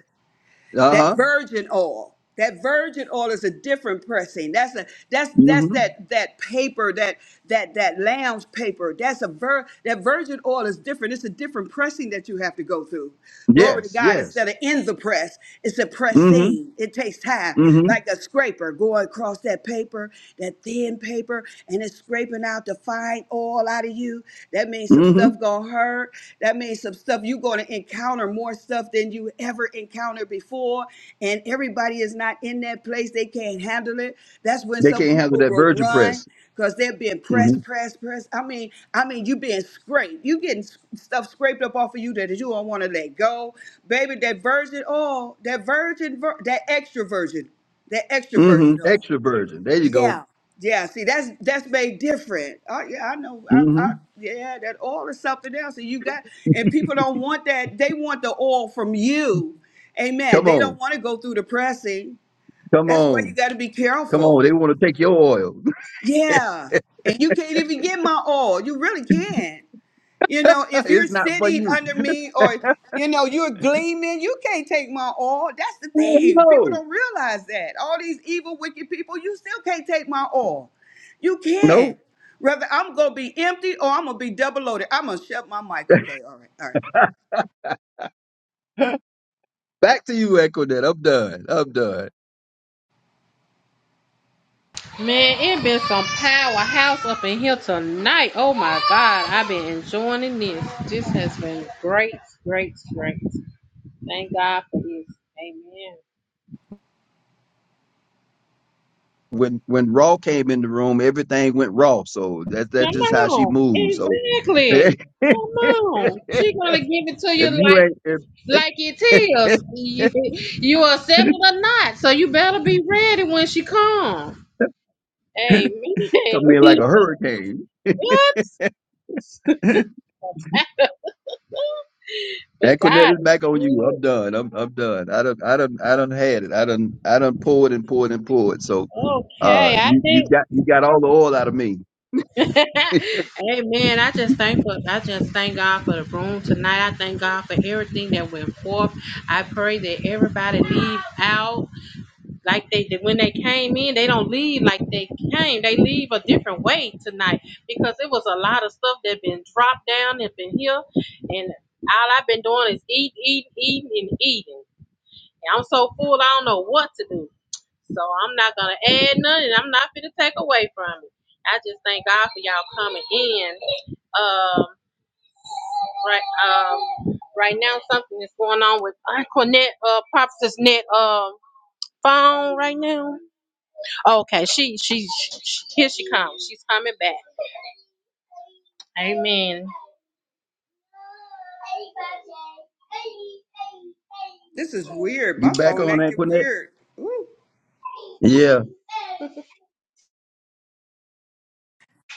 S2: Uh
S14: that
S2: huh.
S14: virgin oil that virgin oil is a different pressing that's a that's that's
S2: hmm
S14: that that paper that that that lounge paper that's a vir that virgin oil is different it's a different pressing that you have to go through glory to
S2: Yes.
S14: god
S2: Yes.
S14: instead of in the press it's a
S2: hmm
S14: pressing it takes time
S2: hmm
S14: like a scraper going across that paper that thin paper and it's scraping out the fine oil out of you you. That means some
S2: hmm
S14: stuff gonna hurt. That means some stuff you're gonna encounter more stuff than you ever encountered before. And everybody is not in that place. They can't handle it. That's when
S2: They
S14: some
S2: can't handle
S14: people
S2: that
S14: will
S2: virgin
S14: run
S2: press.
S14: because they're being
S2: hmm
S14: pressed, pressed, pressed. I mean, I mean, you being scraped. You getting s- stuff scraped up off of you that you don't want to let go, baby. That virgin, oil, that virgin, vir- that extra virgin, that extra
S2: hmm
S14: virgin oil.
S2: Extra virgin. There you go.
S14: Yeah, yeah. See, that's that's made different. Oh, yeah, I know. I,
S2: hmm
S14: I, yeah, that oil is something else, and you got and people don't want that. They want the oil from you. Amen.
S2: Come
S14: They don't
S2: on.
S14: want to go through the pressing.
S2: Come
S14: That's why you
S2: on.
S14: got to be
S2: Come
S14: careful.
S2: on. They want to take your oil. [laughs]
S14: Yeah, and you can't even get my oil. You really can. You know,
S2: [laughs]
S14: if you're
S2: It's not for
S14: sitting
S2: you.
S14: under me or you know, you're gleaming, you can't take my all. That's the thing. People
S2: No.
S14: don't realize that. All these evil, wicked people, you still can't take my all. You
S2: No.
S14: can. Whether I'm gonna be empty or I'm gonna be double loaded. I'm gonna shut my mic. Okay, all right, all right.
S2: Nope. [laughs] Back to you, Echo That. I'm done. I'm done.
S6: Man, it been some powerhouse up in here tonight. Oh my God. I've been enjoying this. This has been great, great, great. Thank God for this. Amen.
S2: When when Raw came in the room, everything went raw. So that's that's
S6: Come
S2: just how she
S6: on.
S2: moves. So [laughs]
S6: Exactly.
S2: if
S6: Come on. She gonna give it to you like
S2: you ain't
S6: like it
S2: if,
S6: is. [laughs] You, you accept it or not. So you better be ready when she comes.
S2: [laughs] come in
S6: Amen.
S2: like a hurricane.
S6: [laughs] what?
S2: [laughs]
S6: But
S2: Echo Dad
S6: God
S2: is
S6: is
S2: back on you.
S6: good.
S2: I'm done. I'm I'm done. I don't I don't I don't had it. I don't I don't pulled and pulled and pulled. So uh
S6: Okay, I
S2: you, you
S6: think.
S2: got you got all the oil out of me.
S6: [laughs] Amen. I just thankful. I just thank God for the room tonight. I thank God for everything that went forth. I pray that everybody leave out like they did when they came in. They don't leave like they came. They leave a different way tonight because it was a lot of stuff that been dropped down and been here. And all I've been doing is eat, eat, eating, and eating. I'm so full. I don't know what to do. So I'm not gonna add none, and I'm not gonna take away from it. I just thank God for y'all coming in. Um, right, um, right now something is going on with Aunt Cornette, uh, Prophetess Net, um, phone right now. Okay, she, she, she, here she comes. She's coming back. Amen.
S14: This is weird.
S2: You
S14: My
S2: back
S14: phone
S2: on
S14: acting
S2: Equinet?
S14: weird. Ooh.
S2: Yeah,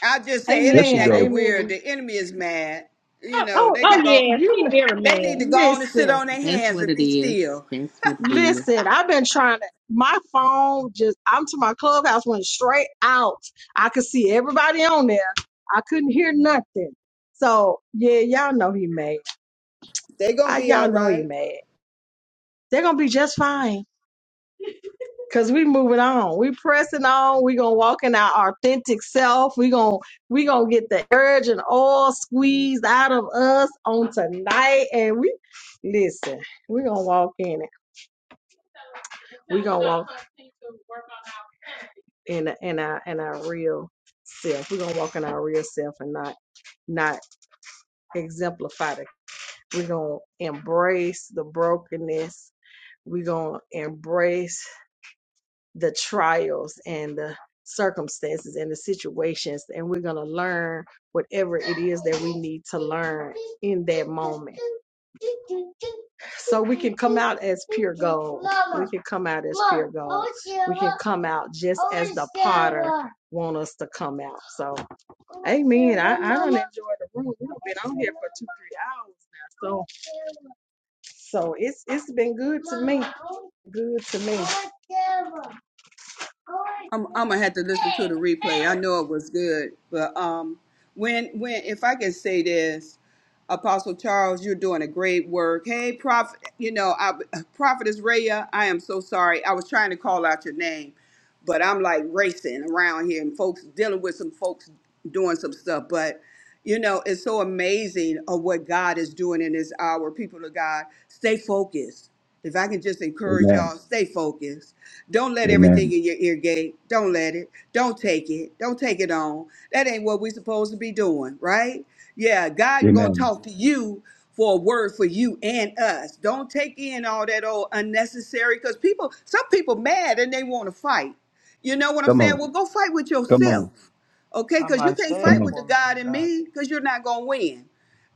S14: I just say it
S2: there
S14: ain't
S2: she
S1: Amen.
S2: go.
S14: acting weird.
S1: Amen.
S14: The enemy is mad. You
S6: Oh,
S14: know,
S6: oh,
S14: they can
S6: oh
S1: Yeah,
S14: go
S6: yeah,
S1: you
S6: she very
S14: they need to go
S6: mad.
S14: on and sit
S1: listen.
S14: on their
S8: That's
S14: hands
S8: what
S14: and
S8: it
S14: be
S8: is.
S14: still.
S8: That's what it is.
S1: Listen, I've been trying to. My phone just, I'm to my clubhouse, went straight out. I could see everybody on there. I couldn't hear nothing. So, yeah, y'all know he mad.
S14: They gonna
S1: I,
S14: be all
S1: y'all know he
S14: right.
S1: mad. They're going to be just fine. Cause we moving on. We pressing on. We gonna walk in our authentic self. We gonna we gonna get the urge and all squeezed out of us on tonight. And we listen. We gonna walk in it. We gonna walk in in our in our real self. We gonna walk in our real self and not not exemplify it. We gonna embrace the brokenness. We gonna embrace the trials and the circumstances and the situations and we're going to learn whatever it is that we need to learn in that moment so we can come out as pure gold we can come out as pure gold we can come out just as the potter want us to come out so amen i, I don't enjoy the room we've been on here for two three hours now so so it's it's been good to me good to me
S14: I'm, I'm gonna have to listen to the replay. I know it was good, but um, when when if I can say this, Apostle Charles, you're doing a great work. Hey, Prophet, you know, I, [laughs] Prophetess Raya, I am so sorry. I was trying to call out your name, but I'm like racing around here and folks dealing with some folks doing some stuff. But you know, it's so amazing of what God is doing in this hour. People of God, stay focused. If I can just encourage
S2: Amen.
S14: y'all, stay focused don't let everything
S2: Amen.
S14: in your ear gate. Don't let it. Don't take it. Don't take it on. That ain't what we supposed to be doing, right? Yeah, God gonna
S2: Amen.
S14: talk to you for a word for you and us. Don't take in all that old unnecessary because people, some people mad and they want to fight. You know what I'm
S2: Come
S14: saying?
S2: on.
S14: Well, go fight with
S2: Come on.
S14: yourself. Okay,
S4: Come
S14: because you
S4: and
S14: can't
S4: say
S2: Come
S14: fight
S4: it,
S2: on.
S14: with the
S4: woman
S14: God
S4: of
S14: in
S4: God.
S14: me because you're not going to win.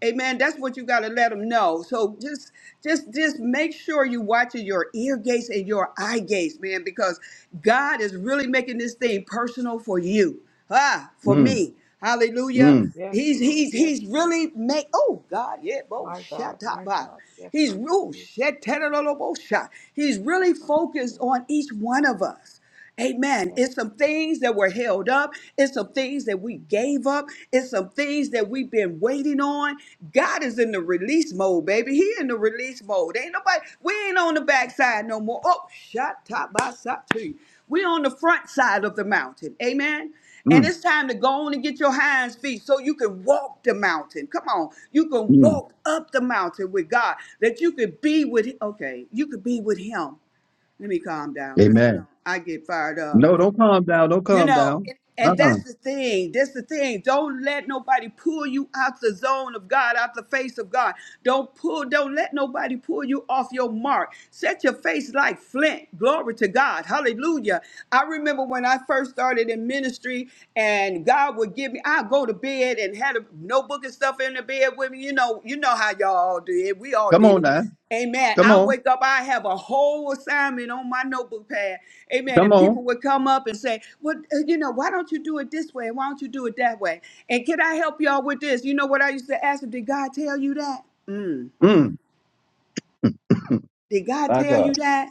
S14: Amen. That's what you got to let them know. So just, just, just make sure you watching your ear gates and your eye gates, man, because God is really making this thing personal for you. Ah, for
S2: Mm,
S14: me. Hallelujah.
S2: mm,
S4: Yes,
S14: He's
S4: Lord.
S14: he's
S4: Yes,
S14: he's
S4: Lord.
S14: really make. Oh God, yeah, bo
S4: My God.
S14: shut up.
S4: My
S14: ah.
S4: God. Yes,
S14: He's
S4: Lord.
S14: oh,
S4: Speak.
S14: shit, tadadadabo, shot. He's
S4: Speak,
S14: really
S4: Holy
S14: focused
S4: Spirit.
S14: on each one of us. Amen.
S4: Yes.
S14: It's some things that were held up. It's some things that we
S4: Mm.
S14: gave up. It's some things that we've been waiting on. God is in the release mode, baby. He in the release mode. Ain't nobody, we ain't on the
S4: Yes,
S14: backside
S4: Lord.
S14: no more. Oh, shot top by shot to you. We on the front side of the mountain. Amen. And
S2: mm,
S14: it's time to go on and get your hands feet so you can walk the mountain. Come on. You can
S2: mm.
S14: walk up the mountain with God. That you could be with okay, you could be with him let me calm down because you know
S2: Amen.
S14: I get fired up.
S2: No, don't calm down. Don't
S14: You
S2: calm
S14: know,
S2: down.
S14: and and
S2: Uh-uh.
S14: that's the thing. That's the thing. Don't let nobody pull you out the zone of God, out the face of God. Don't pull. Don't let nobody pull you off your mark. Set your face like flint. Glory to God. Hallelujah. I remember when I first started in ministry, and God would give me. I go to bed and had a notebook and stuff in the bed with me. You know, you know how y'all did. We all
S2: Come
S14: did
S2: on
S14: it.
S2: now.
S14: Amen.
S2: Come
S14: I
S2: on.
S14: wake up, I have a whole assignment on my notebook pad. Amen.
S2: Come
S14: And
S2: on.
S14: people would come up and say, Well, uh, you know, why don't you do it this way? Why don't you do it that way? And can I help y'all with this? You know what I used to ask them? Did God tell you that? Mm.
S2: Mm.
S14: Did God
S2: My
S14: tell
S2: God.
S14: you that?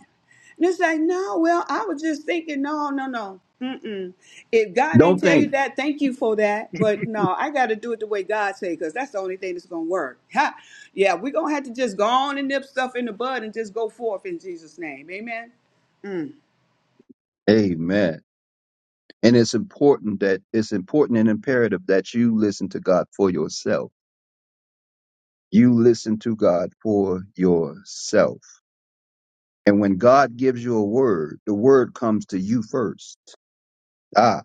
S14: And it's like, no, well, I was just thinking, no, no, no. Mm-mm. If God ain't
S2: Don't
S14: tell you
S2: think.
S14: that, thank you for that. But no, I got to do it the way God say, because that's the only thing that's going to work. Ha! Yeah, we're going to have to just go on and nip stuff in the bud and just go forth in Jesus' name. Amen? Mm.
S2: Amen. And it's important that it's important and imperative that you listen to God for yourself. You listen to God for yourself. And when God gives you a word, the word comes to you first. Ah.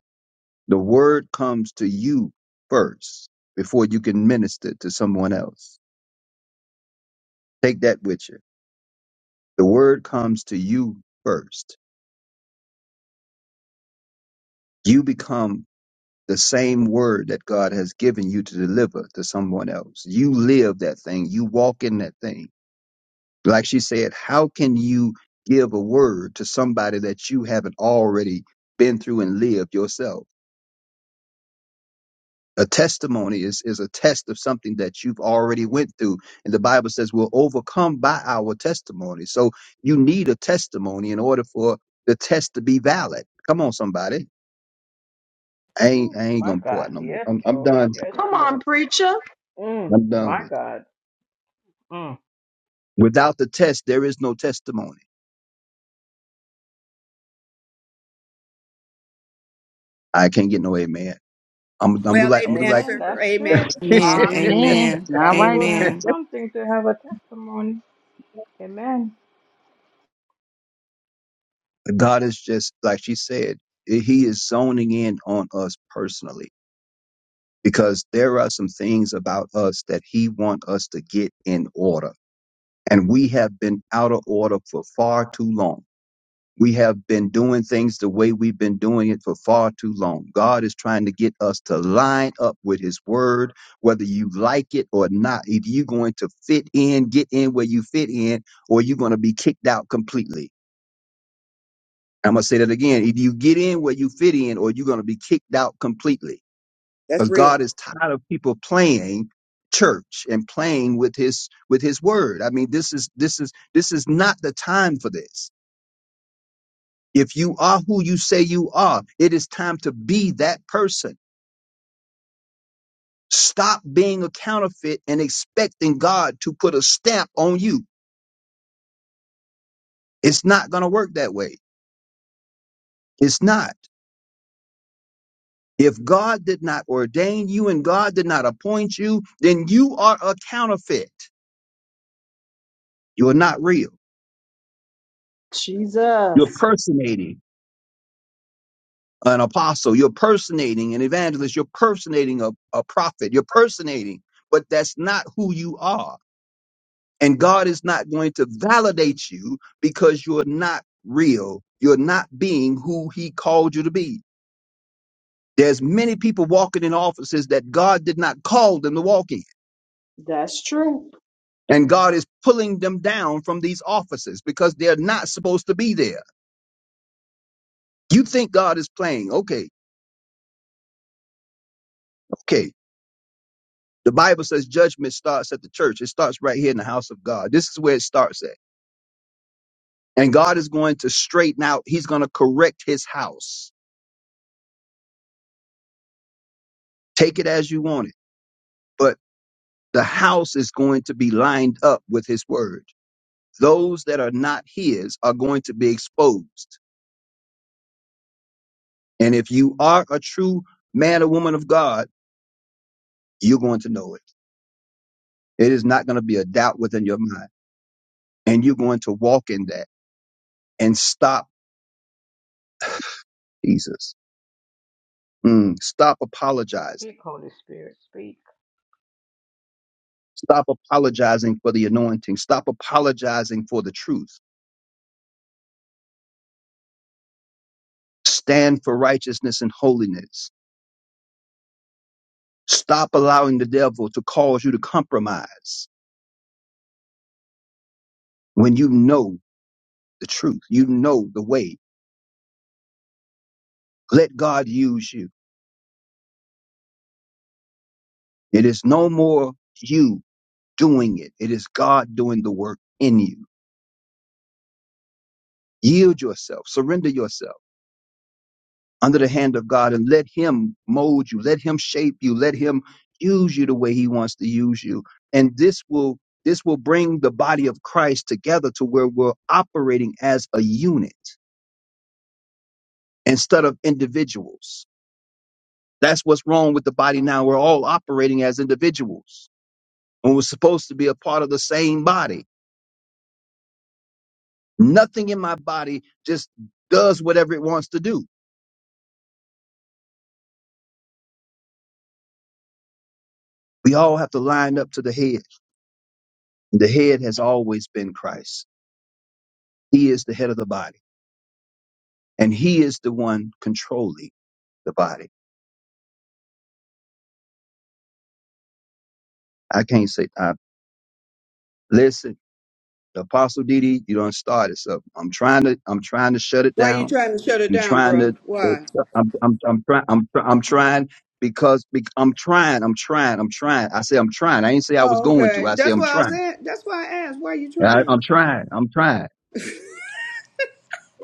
S2: The word comes to you first before you can minister to someone else. Take that with you. The word comes to you first. You become the same word that God has given you to deliver to someone else. You live that thing. You walk in that thing. Like she said, how can you give a word to somebody that you haven't already been through and lived yourself? a testimony is, is a test of something that you've already went through and the bible says we're overcome by our testimony so you need a testimony in order for the test to be valid come on somebody i ain't
S4: Ooh,
S2: i ain't
S4: my
S2: gonna pour out
S4: God.
S2: no more
S4: Yes,
S2: i'm, I'm
S4: Lord.
S2: done
S4: Yes,
S1: Come on,
S4: Lord.
S1: preacher.
S4: Mm,
S2: i'm done
S4: my God. Mm.
S2: without the test there is no testimony i can't get no amen i'm, I'm gonna do
S14: Well,
S2: like i'm gonna do
S14: amen,
S2: like
S4: Amen.
S14: sir.
S4: That's true.
S14: Amen.
S12: Amen.
S14: Hallelujah.
S8: Amen.
S12: Amen.
S4: [clears throat]
S8: All
S4: Gotta
S8: right
S4: go
S8: now.
S4: through
S12: Amen.
S4: something to have a testimony. Amen.
S2: [laughs] god is just like she said he is zoning in on us personally because there are some things about us that he wants us to get in order. And we have been out of order for far too long. We have been doing things the way we've been doing it for far too long. God is trying to get us to line up with his word, whether you like it or not. Either you're going to fit in, get in where you fit in, or you're going to be kicked out completely. I'm going to say that again. Either you get in where you fit in, or you're going to be kicked out completely. because
S14: That's real.
S2: God is tired of people playing church and playing with his with his word. I mean, this is this is this is not the time for this. If you are who you say you are, it is time to be that person. Stop being a counterfeit and expecting God to put a stamp on you. It's not going to work that way. It's not. If God did not ordain you and God did not appoint you, then you are a counterfeit. You are not real.
S1: Jesus.
S2: You're personating. an apostle, you're personating an evangelist, you're personating a, a prophet, you're personating, but that's not who you are. And God is not going to validate you because you're not real. You're not being who he called you to be. There's many people walking in offices that God did not call them to walk in.
S1: That's true.
S2: And God is pulling them down from these offices because they're not supposed to be there. You think God is playing. Okay, okay. The Bible says judgment starts at the church. It starts right here in the house of God. This is where it starts at. And God is going to straighten out, He's going to correct His house. Take it as you want it. But the house is going to be lined up with His word. Those that are not His are going to be exposed. And if you are a true man or woman of God, you're going to know it. It is not going to be a doubt within your mind. And you're going to walk in that and stop Jesus. Mm, stop apologizing
S4: Speak, Holy Spirit, speak.
S2: Stop apologizing for the anointing. Stop apologizing for the truth. Stand for righteousness and holiness. Stop allowing the devil to cause you to compromise when you know the truth. You know the way. Let God use you. It is no more you doing it. It is God doing the work in you. Yield yourself. Surrender yourself under the hand of God and let Him mold you, let Him shape you, let Him use you the way He wants to use you. And this will this will bring the body of Christ together to where we're operating as a unit instead of individuals. That's what's wrong with the body now. We're all operating as individuals and we're supposed to be a part of the same body. Nothing in my body just does whatever it wants to do. We all have to line up to the head. The head has always been Christ. He is the head of the body. and he is the one controlling the body. I can't say, I, listen, apostle DD, you don't start it. So I'm trying to, I'm trying to shut it
S14: Why you
S2: down.
S14: trying to shut it
S2: I'm
S14: down,
S2: trying
S14: bruh?
S2: to,
S14: Why?
S2: I'm, I'm, I'm trying, I'm, try- I'm trying because, bec I'm trying, I'm trying, I'm trying. I say I'm trying. I ain't say I was
S14: Oh,
S2: going to.
S14: okay.
S2: I say
S14: That's
S2: I'm
S14: why I
S2: trying.
S14: said. That's why I asked. Why you
S2: I, I'm
S14: trying?
S2: trying. I'm trying.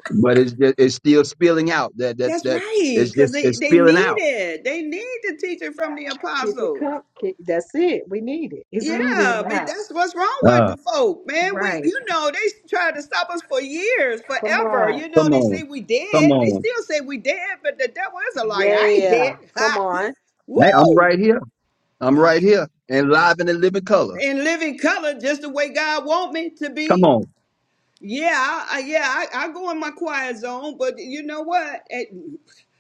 S2: But it's just, it's still spilling out. That that
S14: That's
S2: that
S14: right,
S2: it's
S14: because
S2: just
S14: they,
S2: it's
S14: they
S2: spilling
S14: need
S2: out.
S14: it. They need the teaching from the
S1: Keep it
S14: apostles.
S1: cup. Keep, that's it. We need it. It's needed in
S14: Yeah,
S1: the
S14: but
S1: house.
S14: that's what's wrong with
S2: Uh,
S14: the folk, man. We,
S1: Right.
S14: you know, they tried to stop us for years,
S1: Come
S14: forever.
S1: on.
S14: You know,
S2: come
S14: they
S2: on,
S14: say we
S2: come
S14: dead. They
S2: on.
S14: still say we dead, but the devil is a liar. I ain't dead.
S1: Yeah.
S14: [laughs]
S1: Come
S14: Ha!
S1: on.
S2: Hey, I'm
S14: Woo!
S2: right here. I'm right here and live in the living color.
S14: In living color, just the way God want me to
S2: Come
S14: be.
S2: on.
S14: Yeah, I, I- yeah, I, I go in my quiet zone, but you know what? Eh,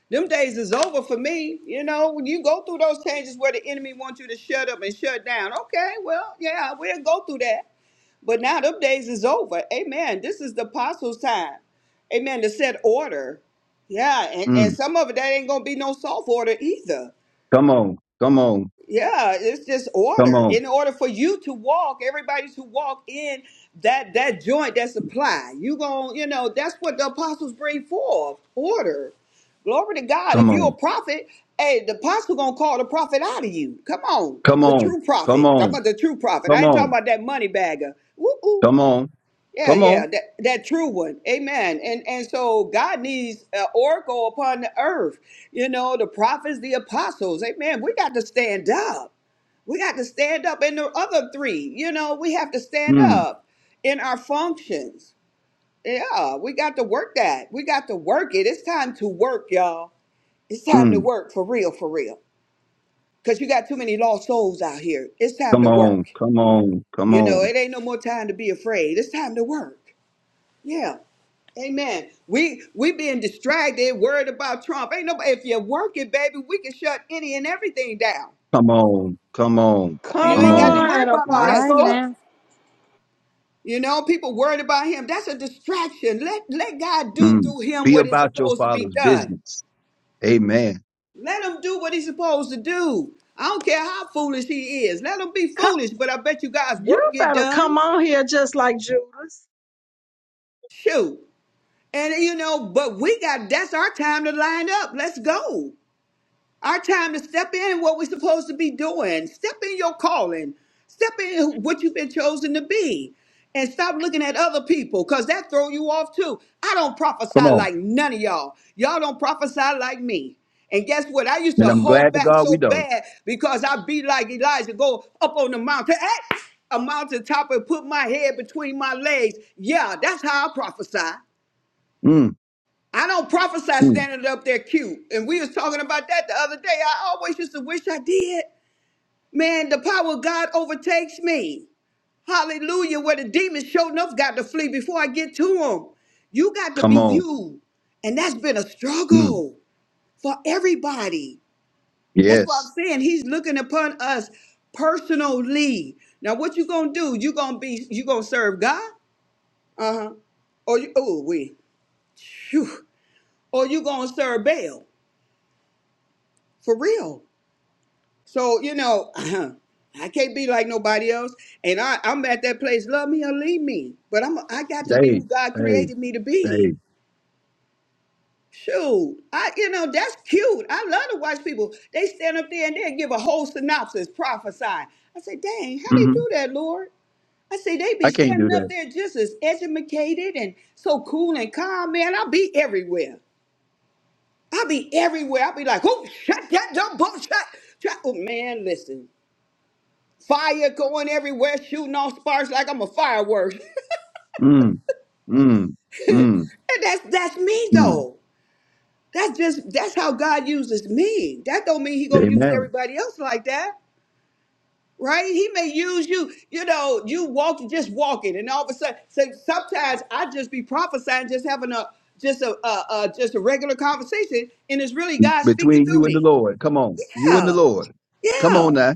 S14: them days is over for me. You know, when you go through those changes where the enemy wants you to shut up and shut down, okay, well, yeah, we'll go through that. But now them days is over. Amen. This is the apostles' time. Amen. To set order. Yeah, and, and
S2: Mm.
S14: some of it that ain't gonna be no soft order either.
S2: Come on. Come on.
S14: Yeah, it's just
S2: Come
S14: order.
S2: on.
S14: In order for you to walk, everybody to walk in that that joint that supply. You gon' you know, that's what the apostles bring forth. Order. Glory to God. If
S2: Come
S14: you're a
S2: on.
S14: prophet, hey, the apostle gonna call the prophet out of you. Come on.
S2: Come
S14: The
S2: on.
S14: true
S2: Come
S14: prophet. I'm
S2: on.
S14: about the true prophet.
S2: Come
S14: I ain't talking
S2: on.
S14: about that money bagger. Woo woo.
S2: Come on.
S14: Yeah,
S2: Come on.
S14: yeah, that, that true one. Amen. And and so God needs an oracle upon the earth. You know, the prophets, the apostles. Amen. We got to stand up. We got to stand up in the other three. You know, we have to stand
S2: Mm.
S14: up in our functions. Yeah, we got to work that. We got to work it. It's time to work, y'all. It's time to
S2: Mm.
S14: work for real, for real. Because you got too many lost souls out here. It's time
S2: Come
S14: to
S2: on.
S14: work.
S2: Come on. Come
S14: You know,
S2: on.
S14: it ain't no more time to be afraid. It's time to work. Yeah. Amen. We we being distracted, worried about Trump. Ain't nobody if you work it, baby, we can shut any and everything down.
S2: Come on. Come on.
S14: You
S1: Come
S2: Come
S14: ain't got to
S2: on.
S8: Amen.
S14: worry
S1: on,
S14: about
S8: All
S14: all that
S8: right
S1: apostle.
S14: stuff.
S8: now.
S14: You know, people worried about him. That's a distraction. Let let God do
S2: Mm.
S14: through him
S2: Be
S14: what is
S2: about your
S14: supposed to be
S2: father's
S14: done.
S2: business. Amen.
S14: Let him do what he's supposed to do. I don't care how foolish he is. Let him be
S1: Come,
S14: foolish, but I bet you God's
S1: you
S14: work get
S1: better
S14: done.
S1: come on here just like Judas.
S14: Shoot. And you know, but we got that's our time to line up. Let's go. Our time to step in what we're supposed to be doing. Step in your calling. Step in what you've been chosen to be. And stop looking at other people because that throw you off too. I don't
S2: Come
S14: prophesy
S2: on.
S14: like none of y'all. Y'all don't prophesy like me. And guess what? I used
S2: And
S14: to
S2: I'm glad
S14: hold
S2: to
S14: back
S2: God we
S14: so
S2: don't.
S14: bad because I'd be like Elijah, go up on the mountain, eh, a mountain top and put my head between my legs. Yeah, that's how I prophesy.
S2: Mm.
S14: I don't prophesy
S2: Mm.
S14: standing up there cute. And we was talking about that the other day. I always used to wish I did. Man, the power of God overtakes me. Hallelujah. Where the demons showed enough got to flee before I get to them. You got to
S2: Come
S14: be
S2: on.
S14: you. And that's been a
S2: Mm.
S14: struggle for everybody. That's what I'm
S2: Yes.
S14: saying. He's looking upon us personally. Now, what you gonna do? You gonna be you gonna serve God? Uh-huh. Or you oh we. Phew. Or you gonna serve Baal. for real. So you know, [clears throat] I can't be like nobody else, and I I'm at that place. Love me or leave me, but I'm I got to be
S2: Hey.
S14: who God
S2: Hey.
S14: created me to be.
S2: Hey.
S14: Shoot, I you know that's cute. I love to watch people. They stand up there and they give a whole synopsis, prophesy. I say, dang, how they
S2: hmm
S14: do that, Lord? I say they be
S2: I can't do
S14: standing up
S2: that.
S14: there just as educated and so cool and calm, man. I'll be everywhere. I'll be everywhere. I'll be like, oh, shut that dumb bull, shut, shut. Oh, man, listen. Fire going everywhere, shooting off sparks like I'm a firework. [laughs]
S2: Mm. Mm.
S14: and
S2: Mm.
S14: that's that's me
S2: Mm.
S14: though. That's just that's how God uses me. That don't mean he gonna use
S2: Amen.
S14: everybody else like that, right? He may use you, you know, you walking, just walking, and all of a sudden. So sometimes I just be prophesying, just having a just a, a, a just a regular conversation, and it's really God speaking
S2: between you
S14: through
S2: and the
S14: me.
S2: Lord. Come on, you and the
S14: Yeah,
S2: Lord. Come on
S14: yeah.
S2: now.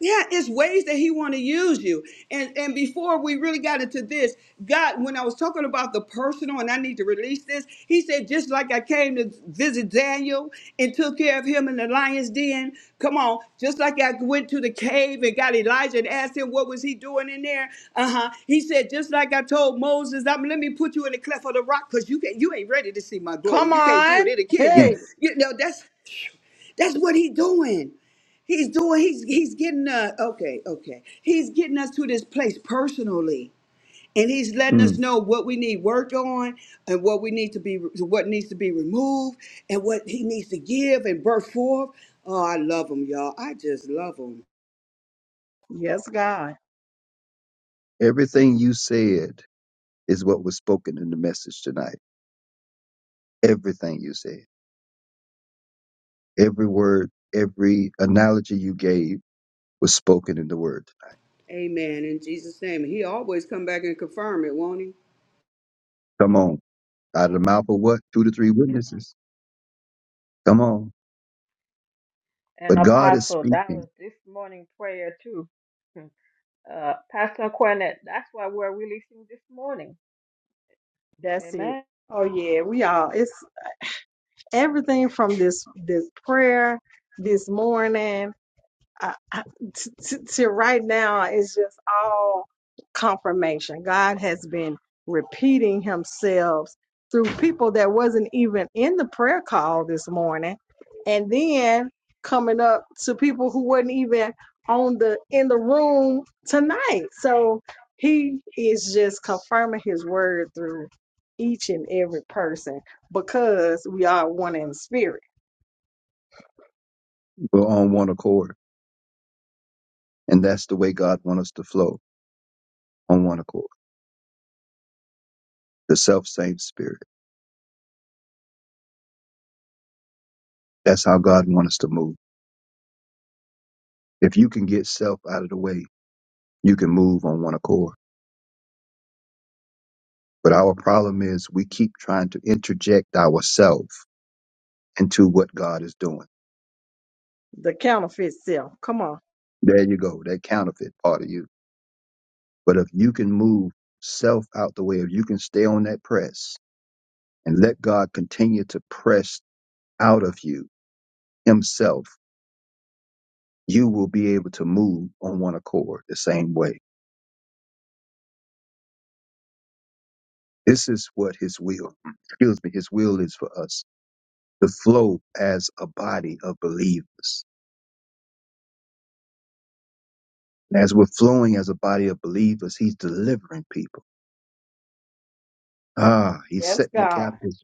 S14: Yeah, it's ways that he want to use you. And and before we really got into this, God, when I was talking about the personal and I need to release this, he said, just like I came to visit Daniel and took care of him in the lion's den. Come on, just like I went to the cave and got Elijah and asked him what was he doing in there. Uh-huh. He said, just like I told Moses, I'm let me put you in the cleft of the rock because you can not you ain't ready to see my glory.
S1: Come
S14: You can't do
S1: on.
S14: it, it'll kill you.
S2: Mm,
S1: Hey.
S14: You know, that's that's what he's doing. He's doing. He's he's getting uh okay, okay. He's getting us to this place personally, and he's letting us
S2: mm.
S14: know what we need worked on, and what we need to be, what needs to be removed, and what he needs to give and birth forth. Oh, I love him, y'all. I just love him.
S1: Yes, God.
S2: Everything you said is what was spoken in the message tonight. Everything you said, every word, every analogy you gave was spoken in the word.
S14: Amen. In Jesus' name, he always come back and confirm it, won't he?
S2: Come on, out of the mouth of what? Two to three witnesses. Come on.
S4: And
S2: But God is
S4: Apostle, that
S2: speaking.
S4: was this morning prayer too. [laughs] Uh, Pastor Cornette, that's why we're releasing this morning.
S1: That's it.
S4: Amen.
S1: Oh yeah, we all it's everything from this this prayer this morning I, I, t- t- to right now, it's just all confirmation. God has been repeating Himself through people that wasn't even in the prayer call this morning, and then coming up to people who weren't even on the in the room tonight. So He is just confirming His word through each and every person because we are one in spirit.
S2: We're on one accord, and that's the way God wants us to flow on one accord. The self same spirit. That's how God wants us to move. If you can get self out of the way you can move on one accord. But our problem is we keep trying to interject ourselves into what God is doing.
S1: The counterfeit self. Come on.
S2: There you go, that counterfeit part of you. But if you can move self out the way, if you can stay on that press and let God continue to press out of you himself, you will be able to move on one accord the same way. This is what his will, excuse me, his will is for us to flow as a body of believers And as we're flowing as a body of believers, he's delivering people. Ah, he's
S1: Yes,
S2: setting the
S1: God.
S2: captives.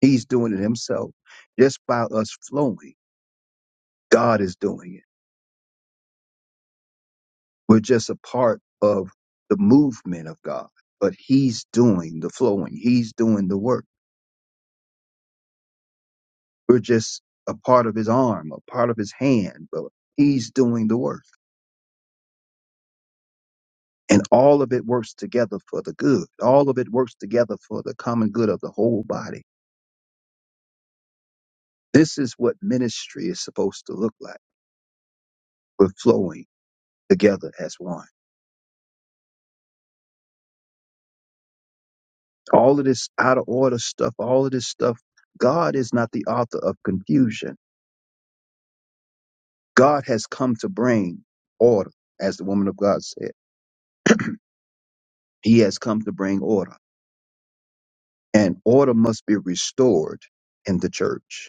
S2: He's doing it himself. Just by us flowing, God is doing it. We're just a part of the movement of God, but he's doing the flowing. He's doing the work. We're just a part of his arm, a part of his hand, but he's doing the work. And all of it works together for the good. All of it works together for the common good of the whole body. This is what ministry is supposed to look like. We're flowing together as one. All of this out of order stuff, all of this stuff, God is not the author of confusion. God has come to bring order, as the woman of God said. He has come to bring order, and order must be restored in the church.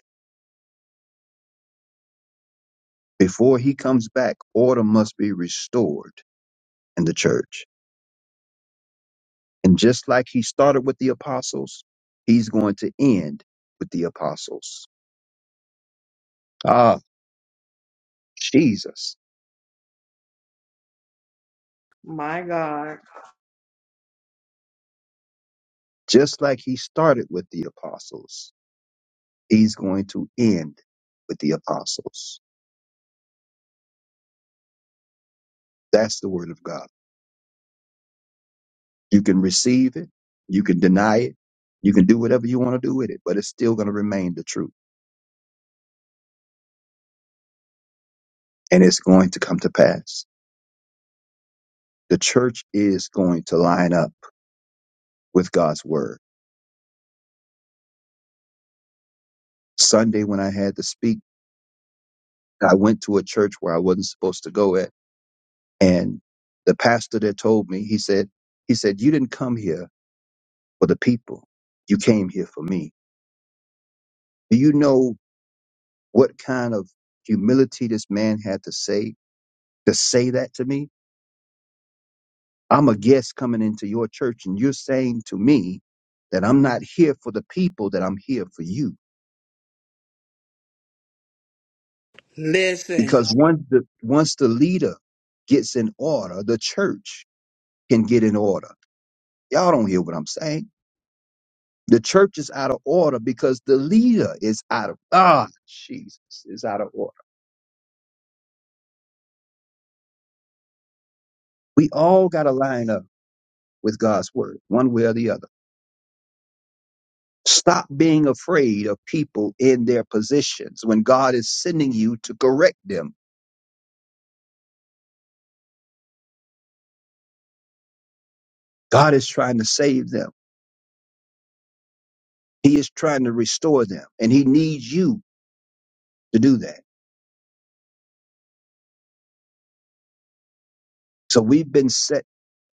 S2: Before he comes back, order must be restored in the church. And just like he started with the apostles, he's going to end with the apostles. Ah, Jesus.
S1: My God.
S2: Just like he started with the apostles, he's going to end with the apostles. That's the word of God. You can receive it. You can deny it. You can do whatever you want to do with it, but it's still going to remain the truth and it's going to come to pass. The church is going to line up with God's word. Sunday, when I had to speak, I went to a church where I wasn't supposed to go at and the pastor that told me, he said, he said, you didn't come here for the people. You came here for me Do you know what kind of humility this man had to say to say that to me? I'm a guest coming into your church and you're saying to me that I'm not here for the people, that I'm here for you.
S14: Listen.
S2: Because once the, once the leader gets in order, the church can get in order. Y'all don't hear what I'm saying. The church is out of order because the leader is out of, ah, Jesus is out of order. We all got to line up with God's word, one way or the other. Stop being afraid of people in their positions when God is sending you to correct them. God is trying to save them. He is trying to restore them and he needs you to do that. So we've been set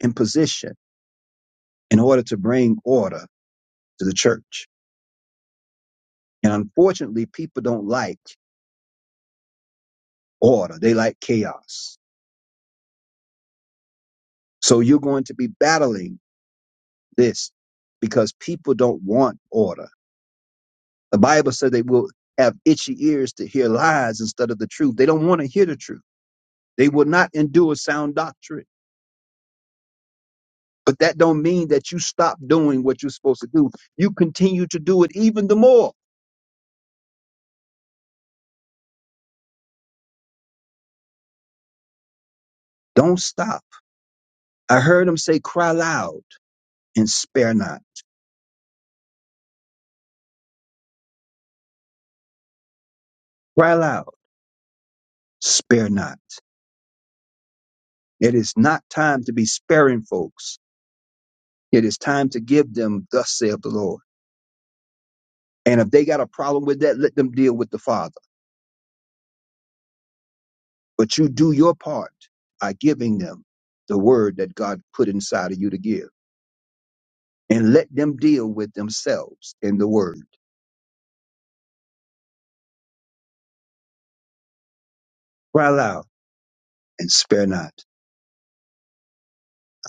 S2: in position in order to bring order to the church. And unfortunately, people don't like order. They like chaos. So you're going to be battling this because people don't want order. The Bible said they will have itchy ears to hear lies instead of the truth. They don't want to hear the truth. They will not endure sound doctrine. But that don't mean that you stop doing what you're supposed to do. You continue to do it even the more. Don't stop. I heard him say, cry loud and spare not. Cry loud, spare not. It is not time to be sparing folks. It is time to give them, thus saith the Lord. And if they got a problem with that, let them deal with the Father. But you do your part by giving them the word that God put inside of you to give. And let them deal with themselves in the word. Cry loud and spare not.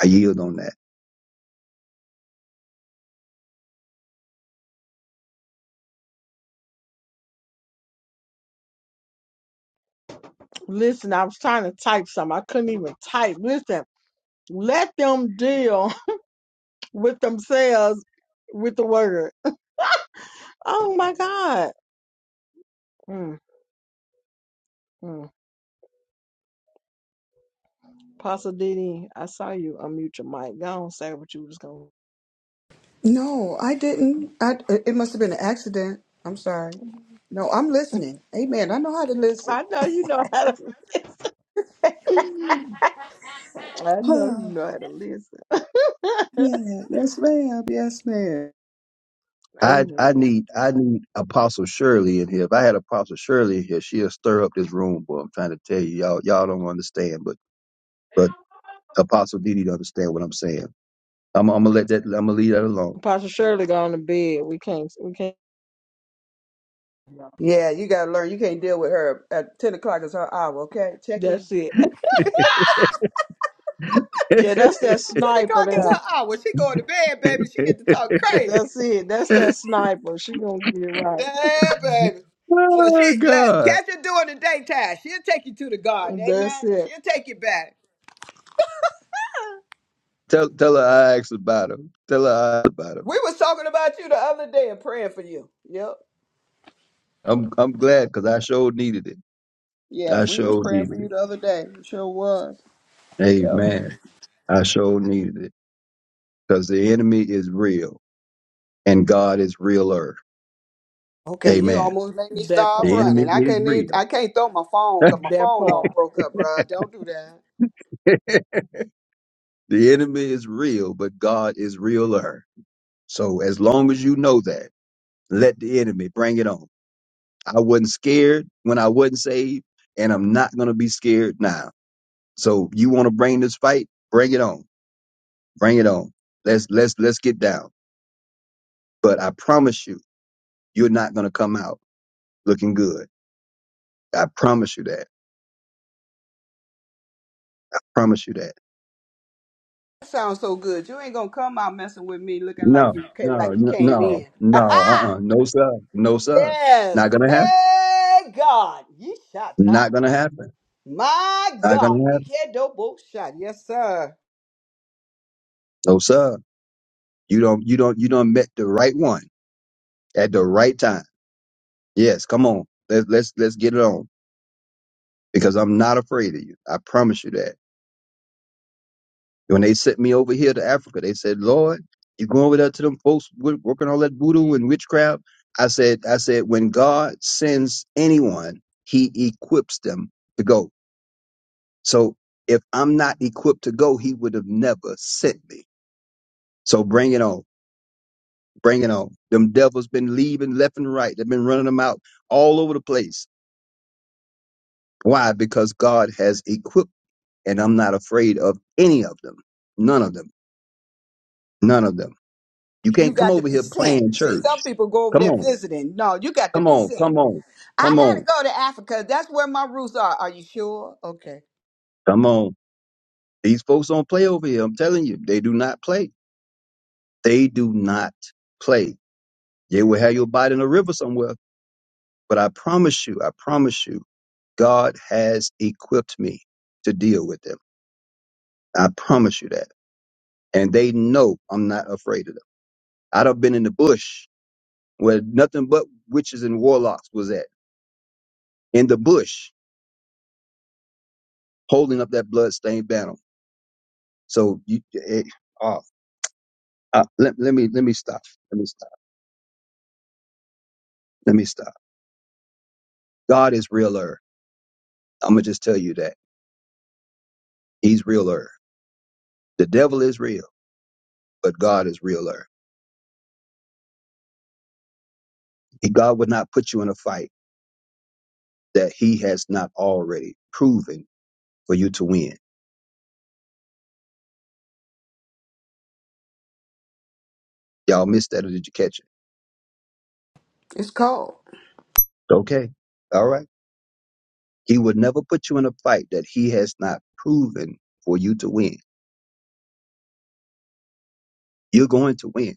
S2: I yield on that.
S1: Listen, I was trying to type something. I couldn't even type. Listen, let them deal [laughs] with themselves with the word. Oh my God. Mm, mm. Pastor Didi, I saw you unmute your mic. Go on, say what you was going
S14: No, I didn't. I, it must have been an accident. I'm sorry.
S1: to.
S14: No, I'm listening. Amen. I know how to listen.
S1: I know you know how to [laughs] listen. I know you
S14: [sighs]
S1: know how to listen. [laughs]
S14: Yeah, yes, ma'am. Yes, ma'am.
S2: I I
S1: Amen.
S2: need I need Apostle Shirley in here. If I had Apostle Shirley in here, she'll stir up this room. Boy, I'm trying to tell you, y'all y'all don't understand, but but Apostle Didi don't understand what I'm saying. I'm, I'm gonna let that. I'm gonna leave that alone.
S1: Pastor Shirley gone to bed. We can't, we can't.
S14: Yeah, you gotta learn. You can't deal with her. At ten o'clock is her hour. Okay, check in.
S1: That's it. [laughs] Yeah, that's that
S14: Ten o'clock is
S1: sniper
S14: her hour. She going to bed, baby. She
S2: [laughs]
S14: get to talk crazy.
S1: That's it. That's that sniper. She gonna get it right.
S14: Damn, baby. So she
S2: oh
S14: let
S2: God!
S14: catch her doing the daytime. She'll take you to the garden. Amen.
S1: That's it.
S14: She'll take you back.
S2: Tell tell her I asked about her. Tell her I asked about her.
S14: We was talking about you the other day and praying for you. Yep.
S2: I'm I'm glad because I sure needed it.
S14: Yeah,
S2: I
S14: we was
S2: sure
S14: praying for
S2: needed
S14: you the
S2: it.
S14: other day. Sure was. Yep.
S2: Amen. I sure needed it because the enemy is real and God is realer.
S14: Okay, you
S2: Amen.
S14: almost made me
S1: That
S14: start
S2: The
S1: part.
S2: enemy
S14: running. I
S2: is
S14: can't even,
S2: real.
S14: I can't throw my phone
S2: [laughs]
S14: because my
S1: That
S14: phone all
S1: part.
S14: broke up, bruh. Don't do that.
S2: the enemy is real, but God is realer. So as long as you know that, let the enemy bring it on. I wasn't scared when I wasn't saved, and I'm not gonna be scared now. So you want to bring this fight? Bring it on. Bring it on. Let's let's let's get down. But I promise you. You're not going to come out looking good. I promise you that. I promise you that.
S14: That sounds so good. You ain't gonna come out messing with me looking like
S2: No,
S14: you ca-
S2: no,
S14: like you
S2: no,
S14: came
S2: no,
S14: in.
S2: no,
S14: [laughs]
S2: uh-uh. No, sir. No, sir.
S14: yes.
S2: Not going to happen.
S14: Hey God, you shot
S2: Not
S14: top.
S2: going to happen.
S14: My
S2: Not going
S14: God,
S2: to
S14: you
S2: happen.
S14: can't do both shot. Yes, sir.
S2: No, sir. You don't, you don't, you don't met the right one at the right time. Yes. Come on. Let's, let's, let's get it on because I'm not afraid of you. I promise you that. When they sent me over here to Africa, they said, Lord, you going over there to them folks wo- working all that voodoo and witchcraft? I said, I said, when God sends anyone, he equips them to go. So if I'm not equipped to go, he would have never sent me. So bring it on. Bring it on. Them devils been leaving left and right. They've been running them out all over the place. Why? Because God has equipped and I'm not afraid of any of them. None of them. None of them. You
S14: You
S2: can't come
S14: got to
S2: over
S14: be
S2: here
S14: sent.
S2: playing
S14: See,
S2: church.
S14: some people go over
S2: Come
S14: there
S2: on,
S14: visiting. No, you got to
S2: come
S14: be
S2: on,
S14: sent.
S2: come on,
S14: I
S2: come
S14: gotta
S2: on,
S14: go to Africa. That's where my roots are. Are you sure? Okay.
S2: come on. These folks don't play over here. I'm telling you, they do not play. They do not play. They will have your body in a river somewhere. But I promise you, I promise you, God has equipped me to deal with them. I promise you that. And they know I'm not afraid of them. I'd have been in the bush where nothing but witches and warlocks was at, in the bush, holding up that bloodstained banner. So you, eh, eh, ah, Uh, let, let me let me stop. Let me stop. Let me stop. God is realer. I'm gonna just tell you that He's realer. The devil is real, but God is realer. He, God would not put you in a fight that He has not already proven for you to win. Y'all missed that, or did you catch it?
S14: It's cold.
S2: Okay, all right. He would never put you in a fight that He has not proven for you to win. You're going to win,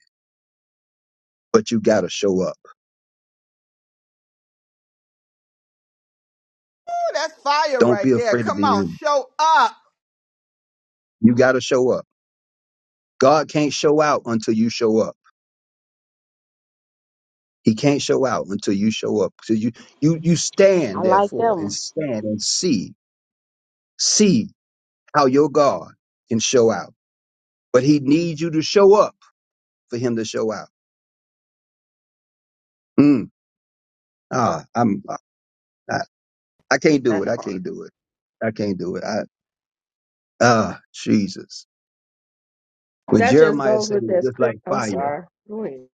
S2: but you gotta show up.
S14: That's fire
S2: Don't be
S14: right there.
S2: afraid of
S14: Come
S2: the
S14: on,
S2: enemy.
S14: show up.
S2: You gotta show up. God can't show out until you show up. He can't show out until you show up. So you you you
S8: I
S2: stand
S8: like that
S2: therefore and
S8: one.
S2: stand and see see how your God can show out. But he needs you to show up for him to show out. Mm, ah, I'm ah, I, I can't do it.
S4: That
S2: I
S4: part.
S2: can't do it. I can't do it. I ah Jesus. When
S1: That just
S2: Jeremiah
S1: goes
S2: said
S1: with
S2: it's
S1: that
S2: just
S1: script.
S2: like
S1: I'm
S2: fire,
S1: sorry. Go ahead.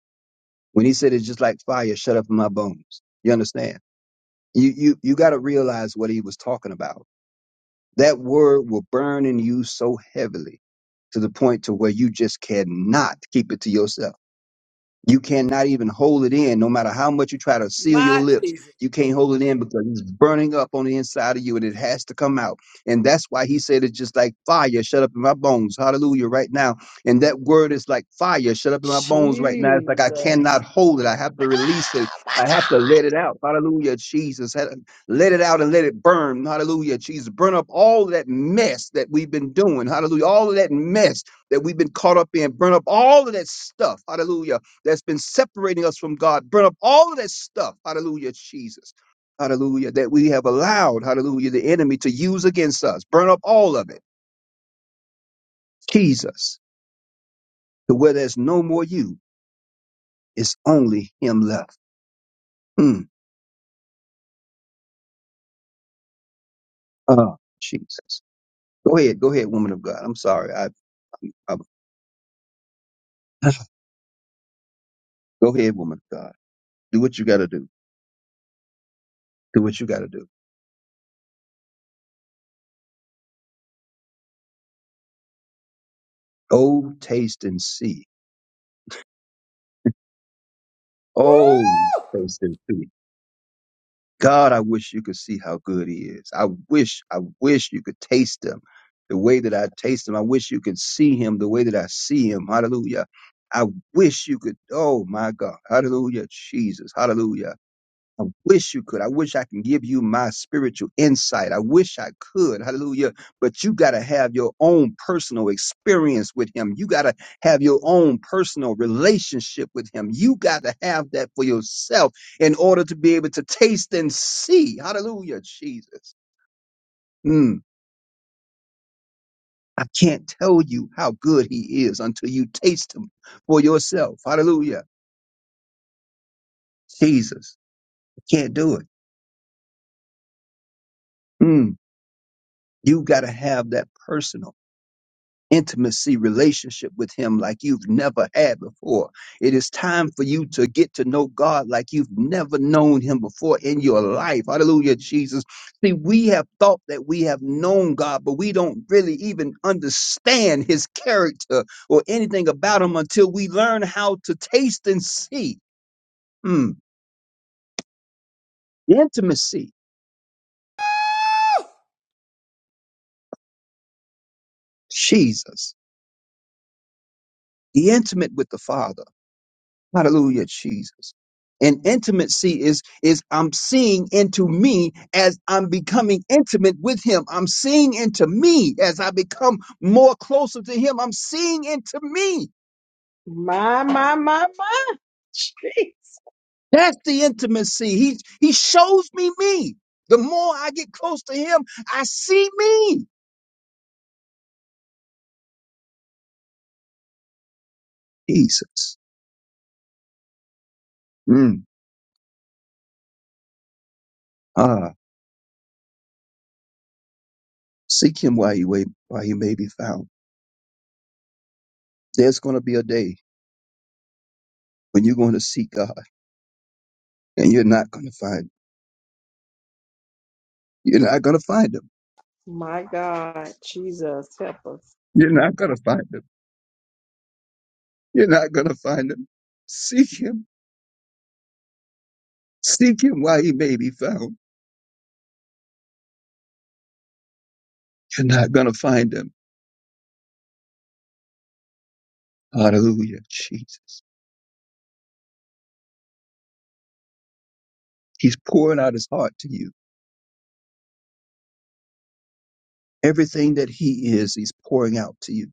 S2: when he said it's just like fire, shut up in my bones. You understand? You you you got to realize what he was talking about That word will burn in you so heavily to the point to where you just cannot keep it to yourself. You cannot even hold it in, no matter how much you try to seal your
S14: My
S2: lips.
S14: Jesus.
S2: You can't hold it in because it's burning up on the inside of you and it has to come out. And that's why he said it's just like fire shut up in my bones. Hallelujah, right now. And that word is like fire shut up in my bones right now.
S1: Jesus.
S2: It's like I cannot hold it. I have to release it.
S1: Oh My
S2: I have to let it out. Hallelujah, Jesus. Had- Let it out and let it burn. Hallelujah, Jesus. Burn up all that mess that we've been doing. Hallelujah. All of that mess that we've been caught up in. Burn up all of that stuff. Hallelujah that's been separating us from God. Burn up all of that stuff. Hallelujah, Jesus. Hallelujah. That we have allowed, hallelujah, the enemy to use against us. Burn up all of it. Jesus. To where there's no more you, it's only him left. Mm. Oh, Jesus. Go ahead. Go ahead, woman of God. I'm sorry. I, I, I go ahead, woman of God. Do what you got to do. Do what you got to do. Oh, taste and see.
S14: Woo!
S2: Oh, taste and see. God, I wish you could see how good he is. I wish, I wish you could taste him the way that I taste him. I wish you could see him the way that I see him. Hallelujah. I wish you could, oh my God. Hallelujah, Jesus. Hallelujah. I wish you could. I wish I can give you my spiritual insight. I wish I could. Hallelujah. But you got to have your own personal experience with him. You got to have your own personal relationship with him. You got to have that for yourself in order to be able to taste and see. Hallelujah, Jesus. Mm. I can't tell you how good he is until you taste him for yourself. Hallelujah, Jesus. I can't do it. Mm. You got to have that personal. intimacy relationship with him like you've never had before. It is time for you to get to know God like you've never known him before in your life. Hallelujah, Jesus. See, we have thought that we have known God, but we don't really even understand his character or anything about him until we learn how to taste and see. Mm, the intimacy,
S14: Woo!
S2: Jesus, the intimate with the Father. Hallelujah, Jesus. And intimacy is is I'm seeing into me as I'm becoming intimate with him. I'm seeing into me as I become more closer to him. I'm seeing into me.
S1: God. my my my. my. Jeez.
S2: That's the intimacy. He he shows me me. The more I get close to him, I see me. Jesus. Mm. Ah, seek him while you wait, while you may be found. There's going to be a day when you're going to seek God and you're not going to find you're not going to find him
S1: My God. Jesus help us.
S2: You're not going to find him. You're not going to find him. Seek him. Seek him while he may be found. You're not going to find him. Hallelujah, Jesus. He's pouring out his heart to you. Everything that he is, he's pouring out to you.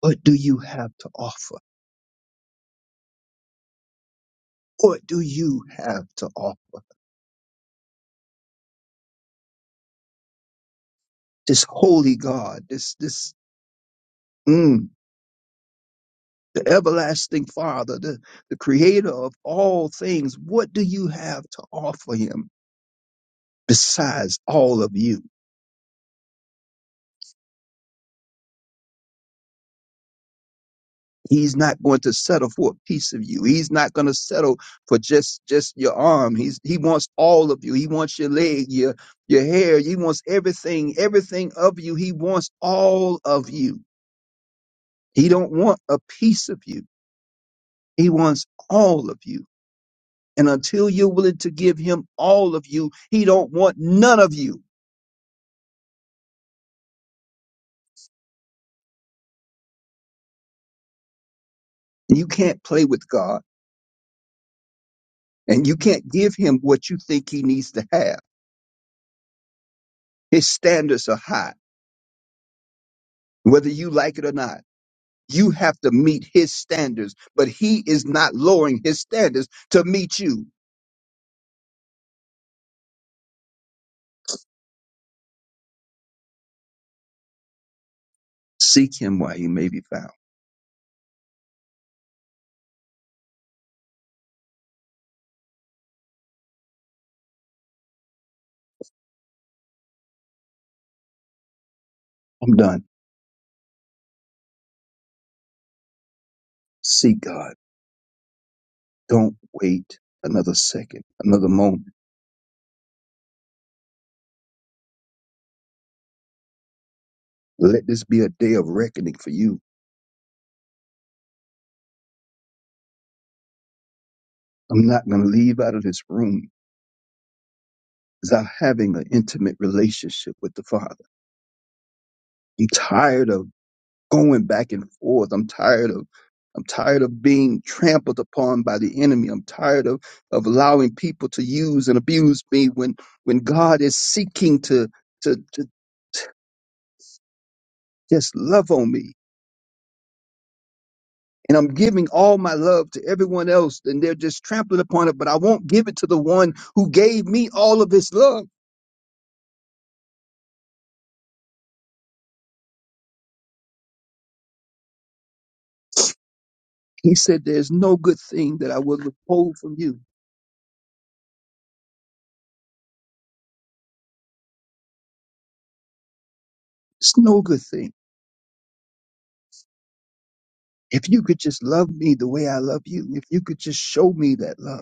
S2: What do you have to offer? What do you have to offer? This holy God, this, this, mm, the everlasting Father, the, the creator of all things. What do you have to offer him besides all of you? He's not going to settle for a piece of you. He's not going to settle for just just your arm. He's he wants all of you. He wants your leg, your your hair. He wants everything, everything of you. He wants all of you. He don't want a piece of you. He wants all of you. And until you're willing to give him all of you, he don't want none of you. You can't play with God, and you can't give him what you think he needs to have. His standards are high, whether you like it or not. You have to meet his standards, but he is not lowering his standards to meet you. Seek him while he may be found. I'm done. Seek God. Don't wait another second, another moment. Let this be a day of reckoning for you. I'm not going to leave out of this room without having an intimate relationship with the Father. I'm tired of going back and forth. I'm tired of I'm tired of being trampled upon by the enemy. I'm tired of, of allowing people to use and abuse me when when God is seeking to to, to just love on me. And I'm giving all my love to everyone else, and they're just trampling upon it, but I won't give it to the one who gave me all of his love. He said, There's no good thing that I will withhold from you. It's no good thing. If you could just love me the way I love you, if you could just show me that love.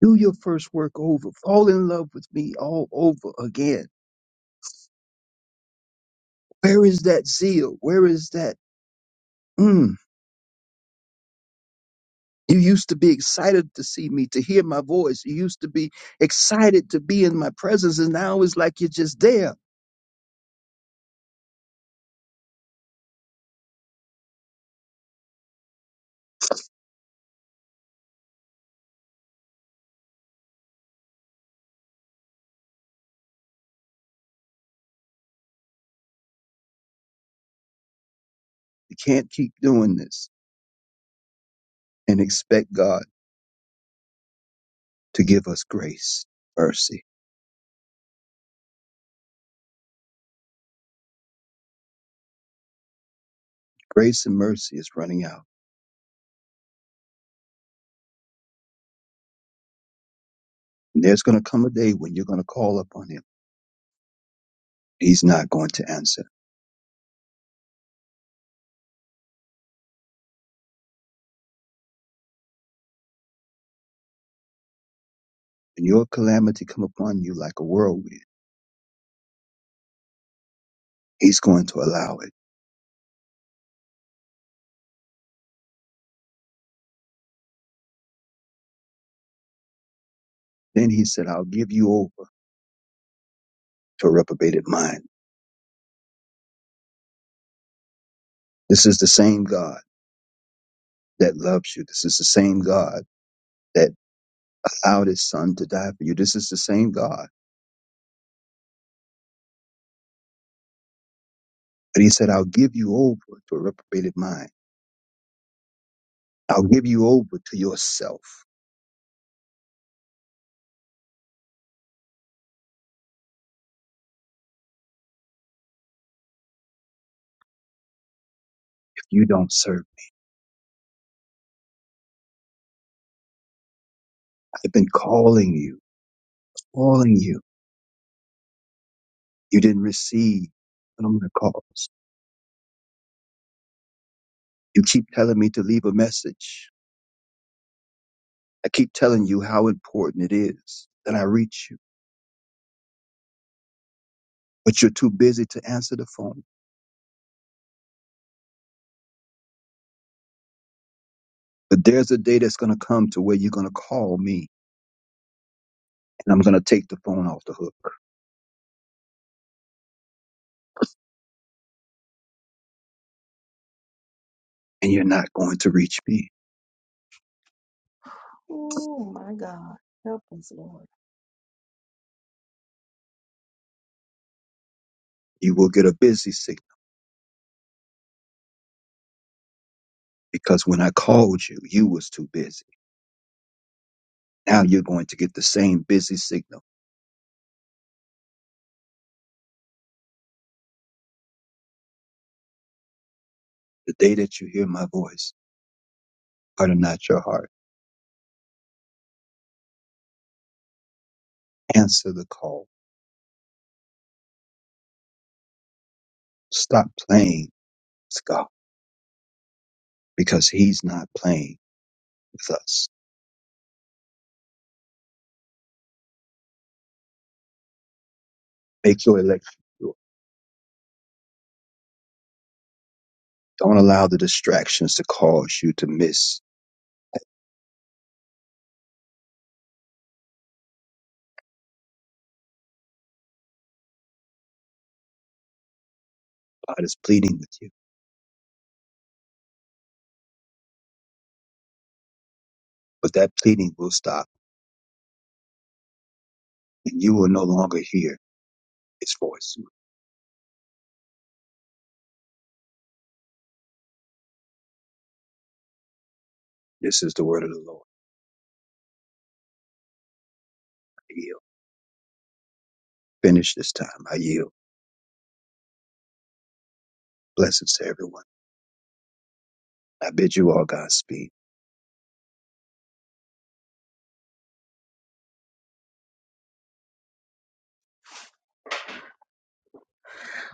S2: Do your first work over. Fall in love with me all over again. Where is that zeal? Where is that? Mm. You used to be excited to see me, to hear my voice. You used to be excited to be in my presence, and now it's like you're just there. You can't keep doing this and expect God to give us grace, mercy. Grace and mercy is running out. And there's going to come a day when you're going to call upon Him. He's not going to answer. When your calamity come upon you like a whirlwind, He's going to allow it. Then he said, I'll give you over to a reprobated mind. This is the same God that loves you. This is the same God that allowed his son to die for you. This is the same God. But he said, I'll give you over to a reprobated mind. I'll give you over to yourself if you don't serve. I've been calling you, calling you. You didn't receive what I'm going to call. You keep telling me to leave a message. I keep telling you how important it is that I reach you, but you're too busy to answer the phone. But there's a day that's going to come to where you're going to call me and I'm going to take the phone off the hook and you're not going to reach me.
S1: Oh my God. Help us, Lord.
S2: You will get a busy signal because when I called you, you was too busy. Now you're going to get the same busy signal. The day that you hear my voice, harden not your heart. Answer the call. Stop playing with God because he's not playing with us. Make your election sure. Don't allow the distractions to cause you to miss. God is pleading with you, but that pleading will stop and you will no longer hear His voice. This is the word of the Lord. I yield. Finish this time. I yield. Blessings to everyone. I bid you all Godspeed.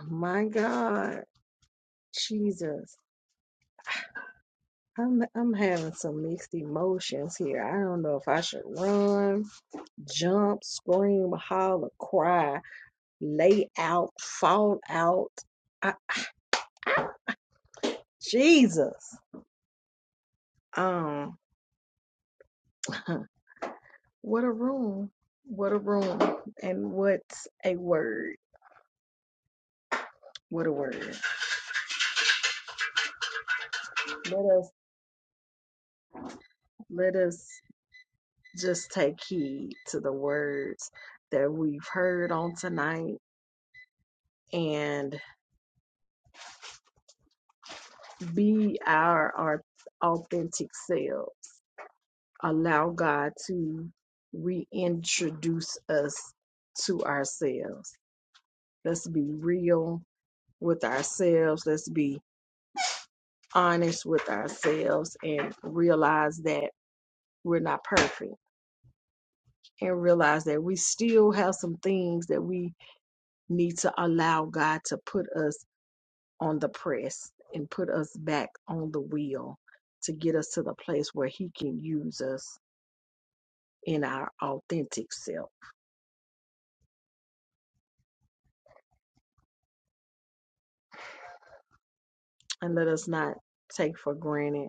S1: My God. Jesus. I'm I'm having some mixed emotions here. I don't know if I should run. jump, scream, holler, cry, lay out, fall out. I, Jesus. Um, [laughs] what a room. What a room. And what a word. What a word. Let us let us just take heed to the words that we've heard on tonight and be our, our authentic selves allow God to reintroduce us to ourselves. Let's be real with ourselves. Let's be honest with ourselves and realize that we're not perfect and realize that we still have some things that we need to allow God to put us on the press and put us back on the wheel to get us to the place where He can use us in our authentic self. And let us not take for granted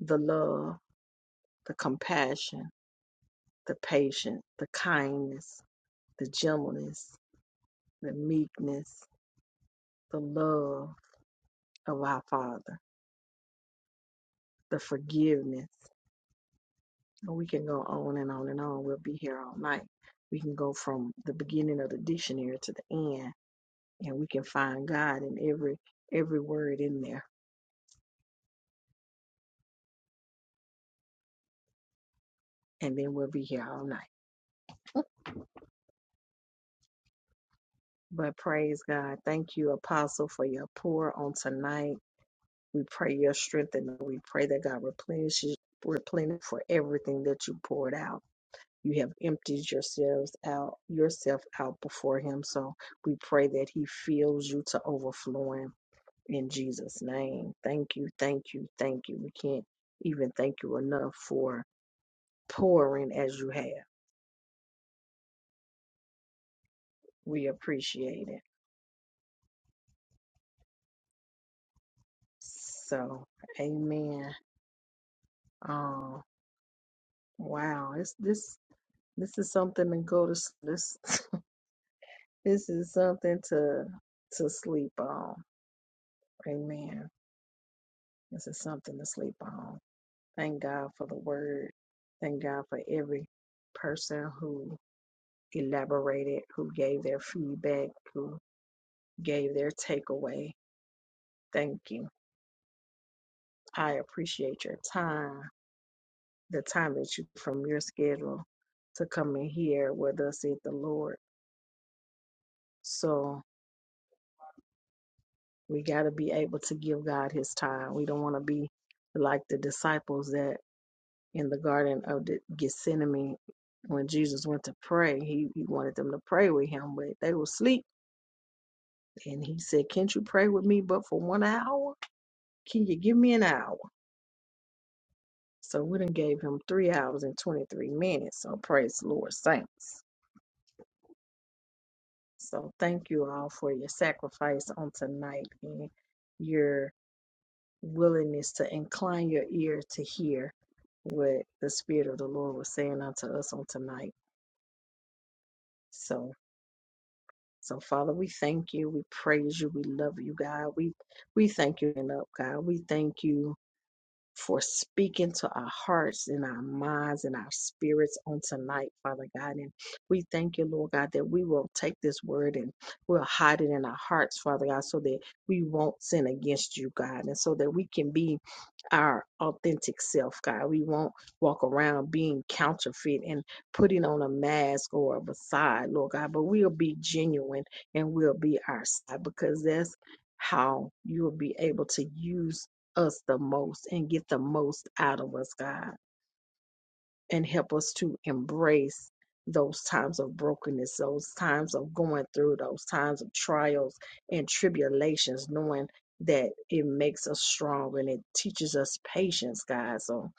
S1: the love, the compassion, the patience, the kindness, the gentleness, the meekness, the love of our Father, the forgiveness. And we can go on and on and on. We'll be here all night. We can go from the beginning of the dictionary to the end, and we can find God in every every word in there. And then we'll be here all night. But praise God. Thank you, Apostle, for your pour on tonight. We pray your strength and we pray that God replenishes replenish for everything that you poured out. You have emptied yourselves out yourself out before him. So we pray that he fills you to overflowing in Jesus' name. Thank you, thank you, thank you. We can't even thank you enough for pouring as you have. We appreciate it. So amen. Oh wow. It's this this is something to go to s- this [laughs] This is something to to sleep on. Amen. This is something to sleep on. Thank God for the word. Thank God for every person who elaborated, who gave their feedback, who gave their takeaway. Thank you. I appreciate your time, the time that you from your schedule to come in here with us at the Lord. So we got to be able to give God his time. We don't want to be like the disciples that in the Garden of the Gethsemane when Jesus went to pray. He, he wanted them to pray with him, but they were asleep. And he said, Can't you pray with me but for one hour? Can you give me an hour? So we done gave him three hours and 23 minutes. So praise the Lord, saints. So thank you all for your sacrifice on tonight and your willingness to incline your ear to hear what the Spirit of the Lord was saying unto us on tonight. So So, Father, we thank you. We praise you. We love you, God. We we thank you and up, God. We thank you for speaking to our hearts and our minds and our spirits on tonight, Father God. And we thank you, Lord God, that we will take this word and we'll hide it in our hearts, Father God, so that we won't sin against you, God, and so that we can be our authentic self, God. We won't walk around being counterfeit and putting on a mask or a facade, Lord God, but we'll be genuine and we'll be our side because that's how you'll be able to use us the most and get the most out of us, God and help us to embrace those times of brokenness, those times of going through, those times of trials and tribulations, knowing that it makes us strong and it teaches us patience, God. So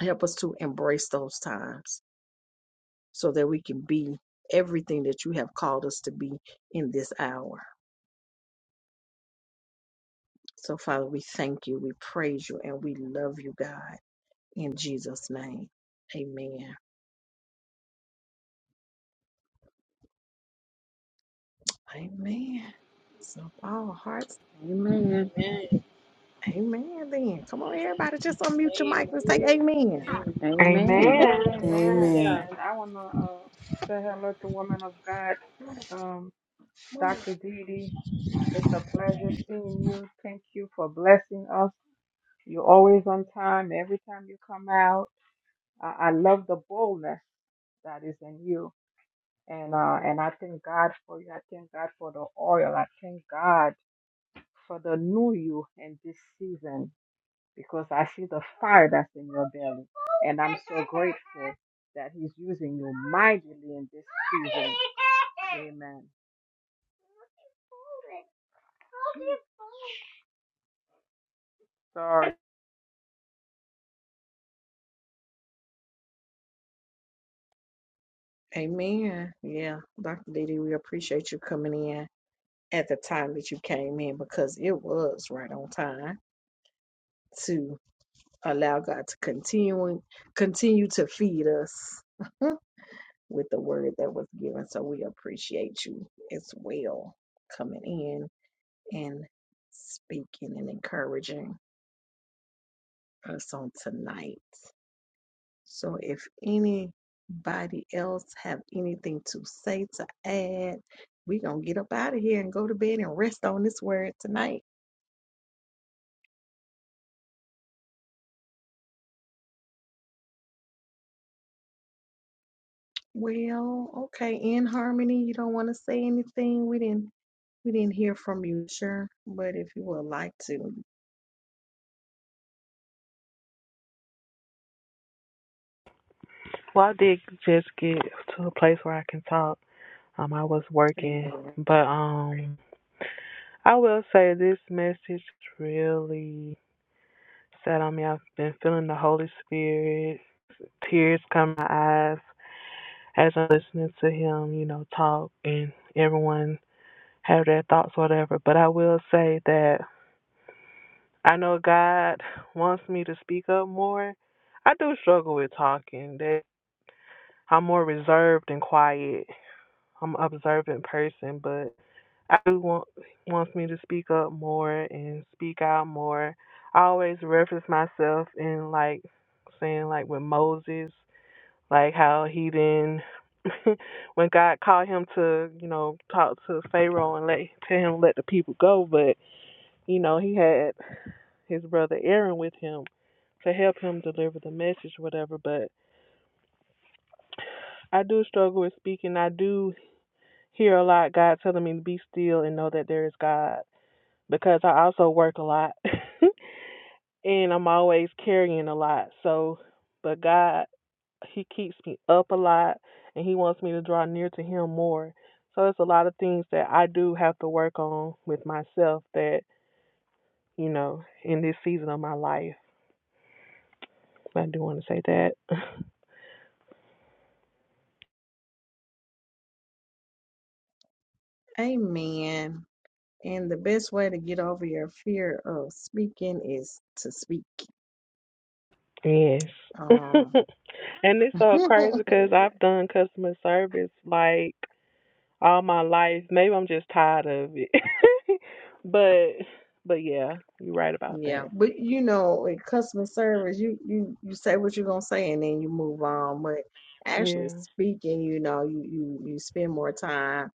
S1: help us to embrace those times so that we can be everything that you have called us to be in this hour. So, Father, we thank you, we praise you, and we love you, God. In Jesus' name, amen. Amen. So, if all hearts
S8: Amen.
S6: Amen.
S1: Amen. Then come on, everybody, just unmute your mic and say amen.
S6: Amen.
S8: Amen.
S15: Amen.
S4: Amen,
S6: Amen.
S4: amen.
S6: Hallelujah.
S12: Amen.
S4: And I want to uh, say hello to woman of God, um, Dr. Didi. It's a pleasure seeing you. Thank you for blessing us You're always on time every time you come out. I, I love the boldness that is in you. And uh, and I thank God for you. I thank God for the oil. I thank God for the new you in this season because I see the fire that's in your belly. And I'm so grateful that He's using you mightily in this season. Amen. Sorry.
S1: Amen. Yeah, Dr. Didi, we appreciate you coming in at the time that you came in because it was right on time to allow God to continue continue to feed us with the word that was given. So we appreciate you as well coming in and speaking and encouraging us on tonight. So if anybody else have anything to say to add, we gonna get up out of here and go to bed and rest on this word tonight. Well, okay, in harmony, you don't want to say anything. We didn't we didn't hear from you, sure, but if you would like to,
S15: Well, I did just get to a place where I can talk. Um, I was working,
S1: amen.
S15: but um, I will say this message really sat on me. I've been feeling the Holy Spirit, tears come to my eyes as I'm listening to him, you know, talk and everyone have their thoughts, whatever. But I will say that I know God wants me to speak up more. I do struggle with talking. That I'm more reserved and quiet I'm an observant person, but I do want wants me to speak up more and speak out more. I always reference myself in like saying like with Moses, like how he didn't [laughs] when God called him to, you know, talk to Pharaoh and let tell him let the people go, but you know, he had his brother Aaron with him to help him deliver the message, whatever, but I do struggle with speaking. I do hear a lot God telling me to be still and know that there is God because I also work a lot [laughs] and I'm always carrying a lot. So, but God, He keeps me up a lot and He wants me to draw near to Him more. So, it's a lot of things that I do have to work on with myself that, you know, in this season of my life. I do want to say that. [laughs]
S1: Amen. And the best way to get over your fear of speaking is to speak.
S15: yes.
S1: Um,
S15: [laughs] and it's so crazy because
S1: [laughs]
S15: I've done customer service like all my life. Maybe I'm just tired of it. [laughs] but but yeah, you're right about
S1: Yeah,
S15: that.
S1: but you know, in customer service, you you you say what you're gonna say and then you move on. But actually
S15: Yeah.
S1: speaking, you know, you you you spend more time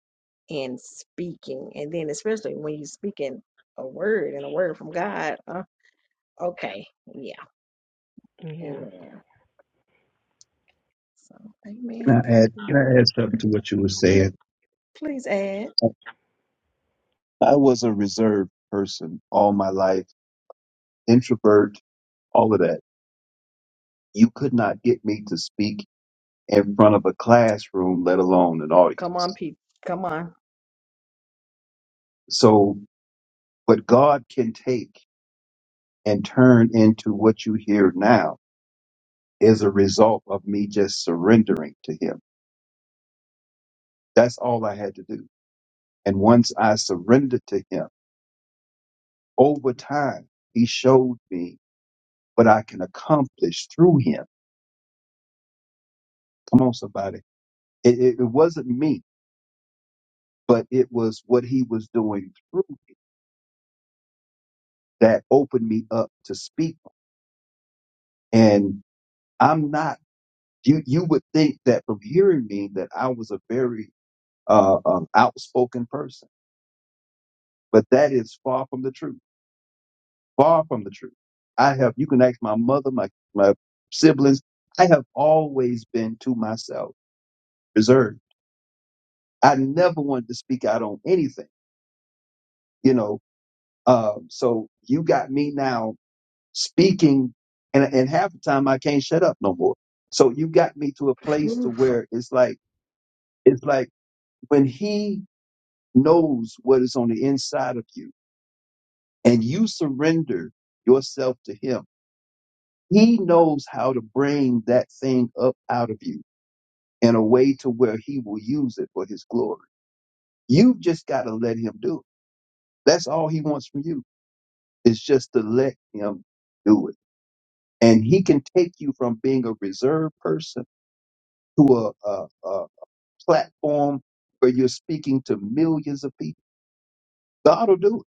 S1: in speaking, and then especially when you're speaking a word and a word from God. Uh, okay, yeah,
S15: Yeah.
S1: amen. So,
S2: Can
S1: amen.
S2: I
S1: Thank
S2: add,
S1: you.
S2: can I add something to what you were
S1: Pl-
S2: saying?
S1: please add.
S2: I was a reserved person all my life, introvert, all of that. You could not get me to speak in front of a classroom, let alone an
S1: Come on,
S2: audience.
S1: Pete. Come on.
S2: So what God can take and turn into what you hear now is a result of me just surrendering to him That's all I had to do. And once I surrendered to him, over time, he showed me what I can accomplish through him. Come on, somebody. It, it, it wasn't me, but it was what he was doing through me that opened me up to speak. And I'm not, you, you would think that from hearing me that I was a very uh, um, outspoken person, but that is far from the truth. far from the truth. I have, you can ask my mother, my, my siblings. I have always been to myself reserved. I never wanted to speak out on anything, you know. Um, so you got me now speaking and, and half the time I can't shut up no more. So you got me to a place to
S1: Ooh,
S2: where it's like, it's like when he knows what is on the inside of you and you surrender yourself to him, he knows how to bring that thing up out of you in a way to where he will use it for his glory. You've just got to let him do it. That's all he wants from you is just to let him do it. And he can take you from being a reserved person to a, a, a platform where you're speaking to millions of people. God will do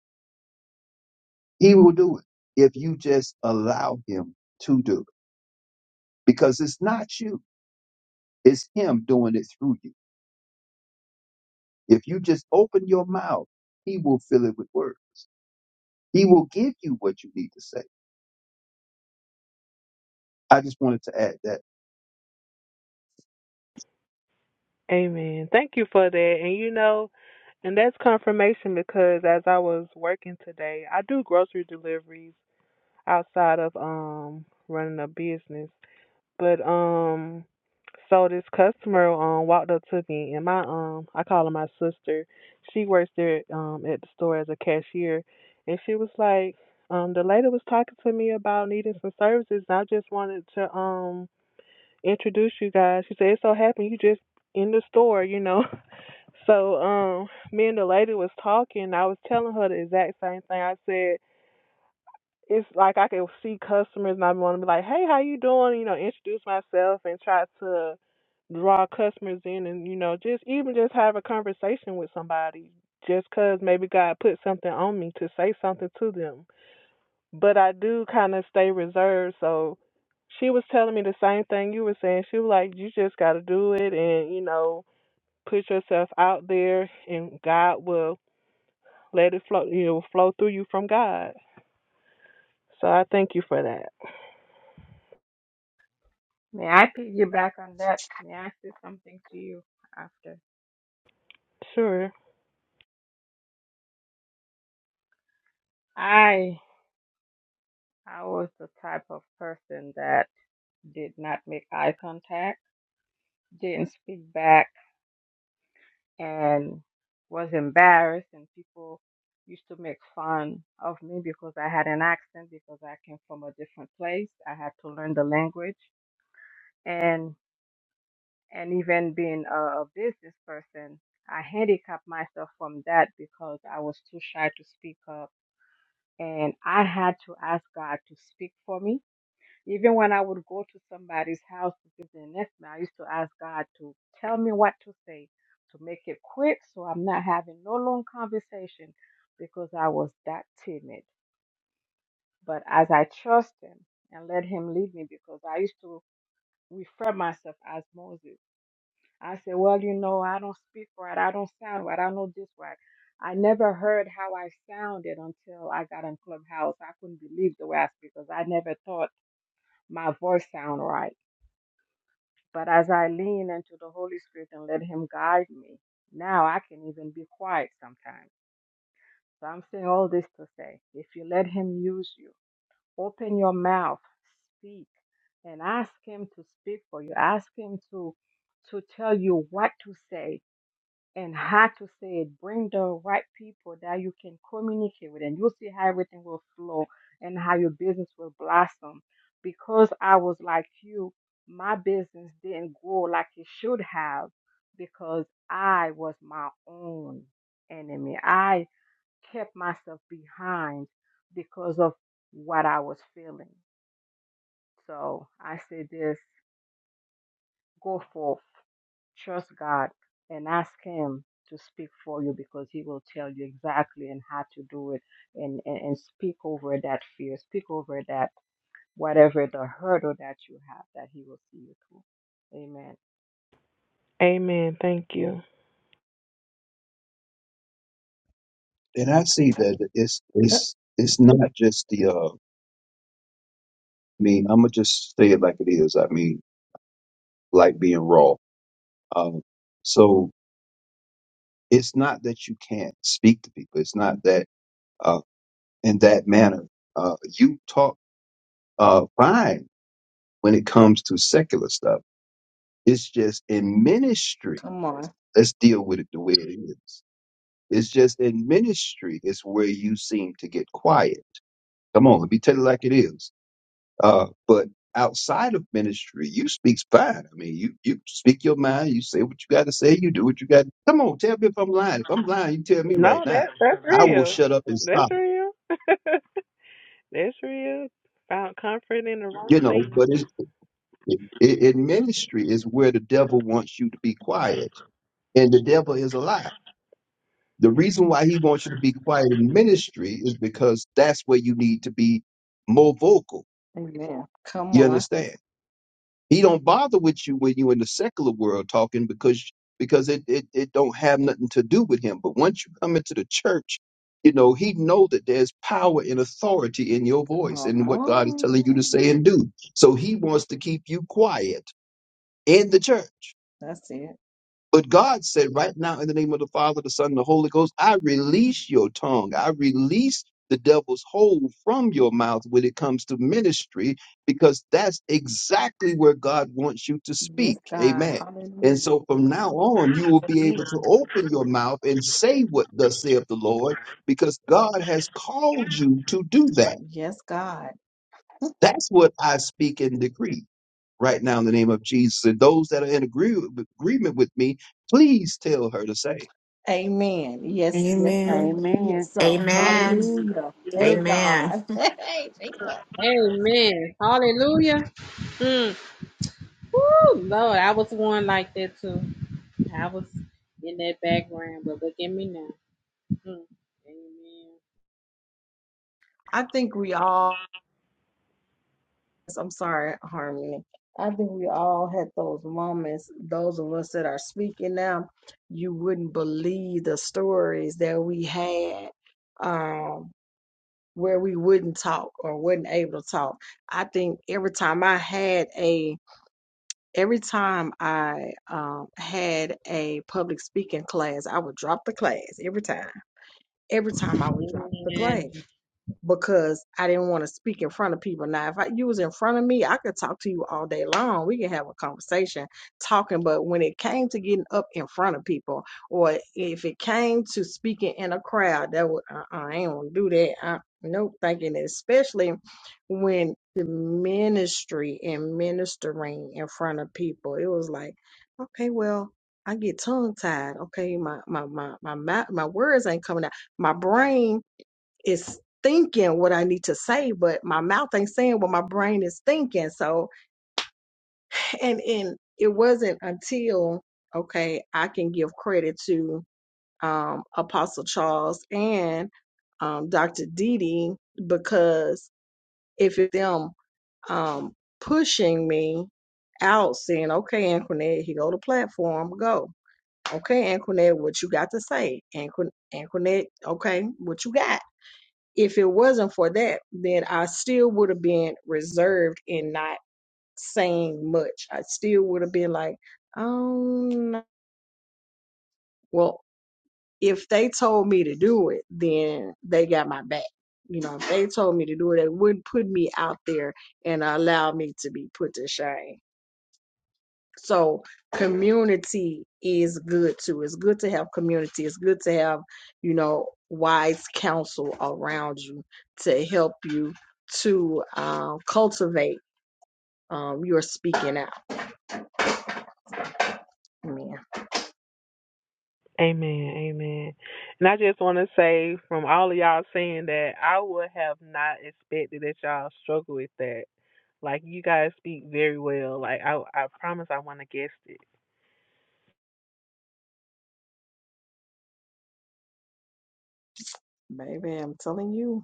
S2: it. He will do it if you just allow him to do it because it's not you. It's him doing it through you. If you just open your mouth, he will fill it with words. He will give you what you need to say I just wanted to add that,
S15: Amen. Thank you for that. And you know, and that's confirmation because as I was working today, I do grocery deliveries outside of um running a business. But um, so this customer um walked up to me, and my um, I call her my sister. She works there um at the store as a cashier, and she was like, um, the lady was talking to me about needing some services, and I just wanted to um introduce you guys. She said, it so happened you just in the store, you know. [laughs] So um, me and the lady was talking. I was telling her the exact same thing. I said it's like I can see customers and I want to be like, hey, how you doing? You know, introduce myself and try to draw customers in and, you know, just even just have a conversation with somebody just 'cause maybe God put something on me to say something to them. But I do kind of stay reserved. So she was telling me the same thing you were saying. She was like, you just got to do it and, you know, put yourself out there and God will let it flow, you know, flow through you from God. So I thank you for that.
S4: May I piggyback on that? May I say something to you after?
S15: Sure.
S4: I I was the type of person that did not make eye contact, didn't speak back, and was embarrassed. And people used to make fun of me because I had an accent because I came from a different place. I had to learn the language, and and even being a, a business person, I handicapped myself from that because I was too shy to speak up, and I had to ask God to speak for me Even when I would go to somebody's house to give their nephew, I used to ask God to tell me what to say to make it quick so I'm not having no long conversation because I was that timid. But as I trust him and let him lead me because I used to refer myself as Moses. I said, Well, you know, I don't speak right, I don't sound right, I don't know this right. I never heard how I sounded until I got in Clubhouse. I couldn't believe the way I speak because I never thought my voice sound right But as I lean into the Holy Spirit and let Him guide me, now I can even be quiet sometimes. So I'm saying all this to say if you let Him use you, open your mouth, speak, and ask Him to speak for you. Ask Him to, to tell you what to say, and how to say it. Bring the right people that you can communicate with, and you'll see how everything will flow and how your business will blossom. Because I was like you, my business didn't grow like it should have because I was my own enemy. I kept myself behind because of what I was feeling. So I say this go forth Trust God and ask Him to speak for you because He will tell you exactly and how to do it and, and, and speak over that fear, speak over that whatever the hurdle that you have, that He will see you through. Amen.
S15: Amen. Thank you.
S2: and I see that it's
S1: uh,
S2: it's it's not just the. Uh, I mean, I'm gonna just say it like it is. I mean, like being raw. Um, so it's not that you can't speak to people. It's not that uh, in that manner uh, you talk uh, fine when it comes to secular stuff. It's just in ministry.
S1: Come on.
S2: Let's deal with it the way it is. It's just in ministry is where you seem to get quiet. Come on, let me tell you like it is Uh, but outside of ministry, you speak fine. I mean, you you speak your mind. You say what you got to say. You do what you got. Come on, tell me if I'm lying. If I'm lying, you tell me right
S15: No,
S2: now.
S15: that's that's
S2: I will
S15: real.
S2: shut up and
S15: That's
S2: stop.
S15: real. [laughs] that's real. Found comfort in the wrong
S2: You know, but it's,
S15: things.
S2: it, it, in ministry is where the devil wants you to be quiet, and the devil is a lie. The reason why he wants you to be quiet in ministry is because that's where you need to be more vocal.
S1: Amen. Come
S2: You
S1: on.
S2: understand? He don't bother with you when you in the secular world talking because because it, it it don't have nothing to do with him. But once you come into the church, you know he know that there's power and authority in your
S1: Come
S2: voice and what God is telling you to
S1: on.
S2: say and do. So he wants to keep you quiet in the church.
S1: That's it.
S2: But God said, right now, in the name of the Father, the Son, and the Holy Ghost, I release your tongue. I release the devil's hold from your mouth when it comes to ministry, because that's exactly where God wants you to
S1: Yes,
S2: speak.
S1: God.
S2: Amen. And
S1: Hallelujah.
S2: so from now on, you will be able to open your mouth and say what thus saith the Lord, because God has called you to do that.
S1: Yes, God.
S2: That's what I speak and decree right now in the name of Jesus. And those that are in agree- agreement with me, please tell her to say.
S1: Amen. Yes, yes,
S12: Amen.
S1: Lord. It
S8: Amen.
S1: is
S10: [laughs]
S1: so.
S15: Amen.
S10: Amen.
S1: Hallelujah.
S15: Yes.
S1: Hey,
S10: Amen.
S1: God. [laughs] Hey, Jesus.
S6: Amen. Hallelujah. Mm. Woo, Lord, I was one like that too. I was in that background, but look at me now. Mm.
S1: I think we all, I'm sorry, Harmony. I think we all had those moments, those of us that are speaking now, you wouldn't believe the stories that we had um, where we wouldn't talk or wasn't able to talk. I think every time I had a every time I um, had a public speaking class, I would drop the class every time. Every time I
S6: Amen.
S1: would drop the class
S6: Amen.
S1: because I didn't want to speak in front of people. Now, if I, you was in front of me, I could talk to you all day long. We could have a conversation talking. But when it came to getting up in front of people, or if it came to speaking in a crowd, that would uh, uh, I ain't gonna do that. I, no thinking, it, especially when the ministry and ministering in front of people, it was like, okay, well. I get tongue tied. Okay, my my my my mou- my words ain't coming out. My brain is thinking what I need to say, but my mouth ain't saying what my brain is thinking. So, and and it wasn't until okay, I can give credit to um, Apostle Charles and um, Dr. Didi because if it's them um, pushing me out, saying, "Okay, Anquinette, here go the platform, go." Okay, Anquinette, what you got to say? Anquin- okay, what you got? if it wasn't for that, then I still would have been reserved in not saying much. I still would have been like, um, well, if they told me to do it, then they got my back. You know, if they told me to do it, they wouldn't put me out there and allow me to be put to shame. So community is good too. It's good to have community. It's good to have, you know, wise counsel around you to help you to uh, cultivate um, your speaking out. Man,
S15: Amen. Amen. And I just want to say from all of y'all saying that I would have not expected that y'all struggle with that. Like you guys speak very well. Like I I promise I wanna guess it.
S1: baby, I'm telling you.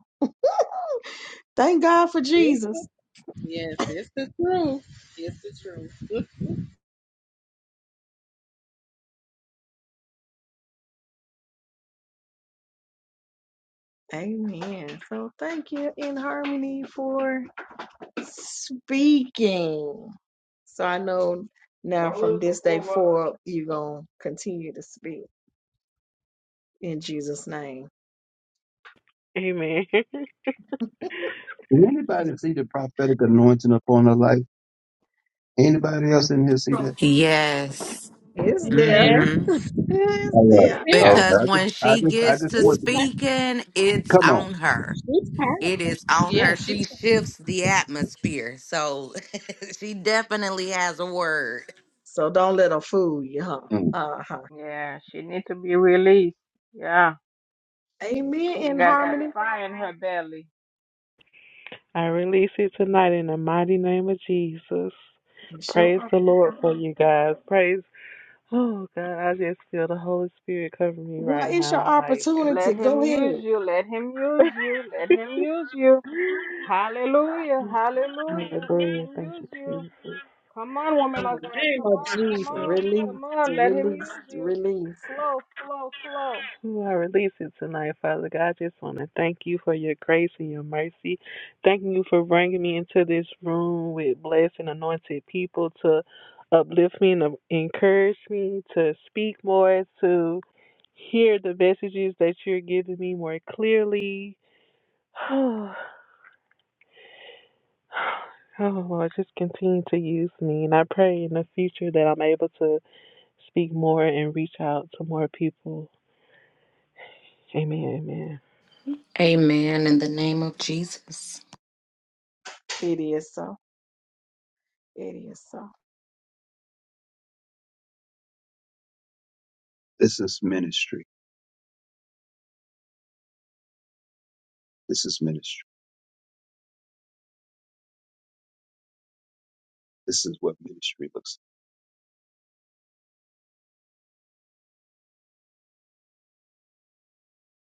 S1: Thank God for Jesus.
S6: Yes, it's the truth. It's the truth.
S1: Amen. So thank you in harmony for speaking. So I know now from this day [laughs] forward, you're going to continue to speak in Jesus' name.
S15: Amen. [laughs]
S2: Did anybody see the prophetic anointing upon her life? Anybody else in here see that?
S10: Yes.
S1: It's there.
S6: Yes,
S10: hmm
S1: It's
S2: All
S6: it's
S1: there.
S2: right.
S6: there.
S2: All
S10: Because
S2: right. I just,
S10: when
S2: I
S10: she
S2: just, I
S10: gets
S2: just
S10: to
S6: She's
S2: want to
S6: tired.
S10: speaking, it's
S2: come on.
S10: on her.
S6: She's tired.
S10: It is on
S6: Yeah,
S10: her.
S6: she's
S10: She shifts the atmosphere. So [laughs] she definitely has a word.
S1: So don't let them fool you, huh?
S2: Mm.
S1: Uh-huh.
S4: Yeah, she need to be released. Yeah,
S1: Amen
S4: she
S1: in
S4: got that
S1: harmony.
S4: fire in her belly.
S15: I release it tonight in the mighty name of Jesus.
S1: It's your,
S15: Praise
S1: op-
S15: the Lord for you guys. Praise. Oh, God, I just feel the Holy Spirit covering me
S1: well,
S15: right
S1: it's your
S15: now. Like,
S4: Let
S1: opportunity. Go
S4: Him use
S1: ahead.
S4: you. Let Him use you. Let Him use you. Hallelujah. Hallelujah. Let
S15: hallelujah.
S4: Him
S15: Thank
S4: use you.
S15: you, Jesus.
S4: Come on,
S6: in
S4: woman
S6: the
S4: of God.
S6: name
S4: Come
S6: of
S4: on, come
S6: Jesus.
S4: on,
S1: Release,
S4: come on. Let him
S1: release,
S4: use you.
S1: release.
S4: Flow, flow, flow.
S15: Ooh, I release it tonight, Father God. I just want to thank you for your grace and your mercy. Thanking you for bringing me into this room with blessed and anointed people to uplift me and to encourage me to speak more, to hear the messages that you're giving me more clearly. [sighs] Oh, Lord, just continue to use me. And I pray in the future that I'm able to speak more and reach out to more people. Amen. Amen.
S10: Amen. In the name of Jesus.
S1: It is so. It is so.
S2: This is ministry. This is ministry. This is what ministry looks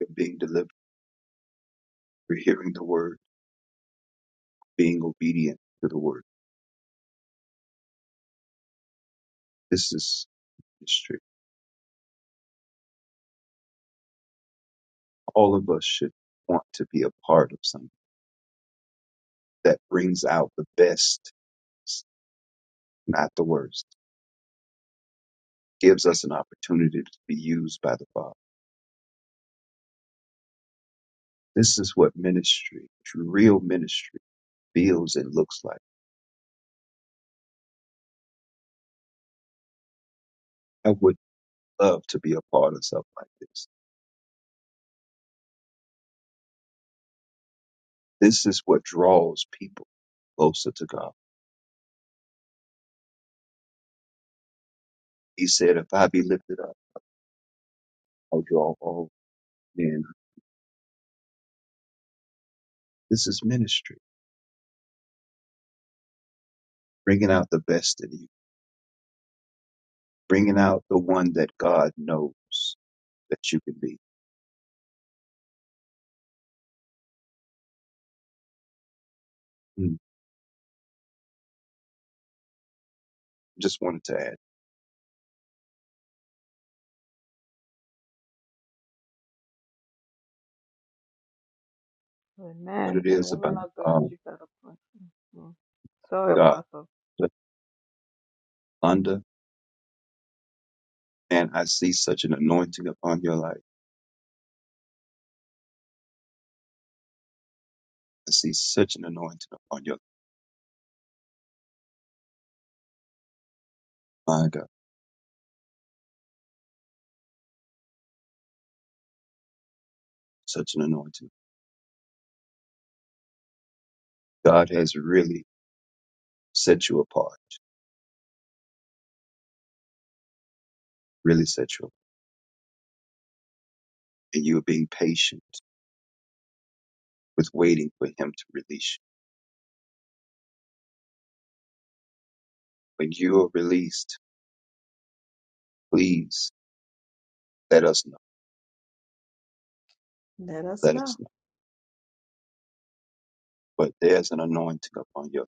S2: like. You're being delivered. You're hearing the word, being obedient to the word. This is ministry. All of us should want to be a part of something that brings out the best, not the worst. Gives us an opportunity to be used by the Father. This is what ministry, real ministry feels and looks like. I would love to be a part of something like this. This is what draws people closer to God. He said, if I be lifted up, I'll draw all men. This is ministry, bringing out the best in you, bringing out the one that God knows that you can be. Mm. Just wanted to add what
S4: Amen.
S2: it
S4: And
S2: is about
S4: woman of God,
S2: um,
S4: you got a point. Mhm. Sorry,
S2: God.
S4: Apostle.
S2: Lunda, and I see such an anointing upon your life. I see such an anointing upon your life. My God, such an anointing. God has really set you apart. really sexual, and you are being patient with waiting for him to release you. When you are released, please let us know.
S1: Let us
S2: Let
S1: know.
S2: us know. But there's an anointing upon you,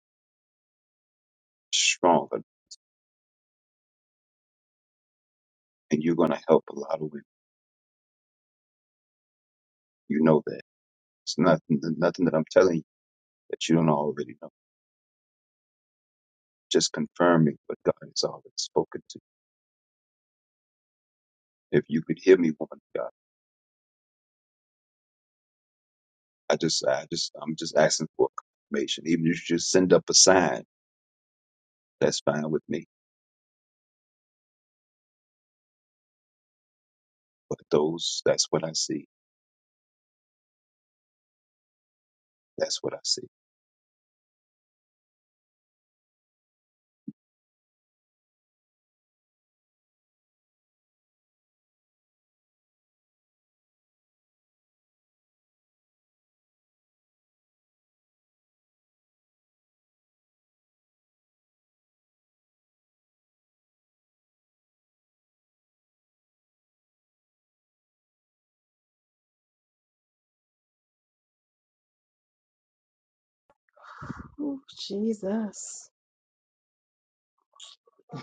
S2: stronger, and you're going to help a lot of women. You know that. It's nothing, nothing that I'm telling you that you don't already know. Just confirming what God has already spoken to. you. If you could hear me, woman of God, I just, I just, I'm just asking for confirmation. Even if you just send up a sign, that's fine with me. But those, that's what I see. That's what I see.
S1: Ooh, Jesus.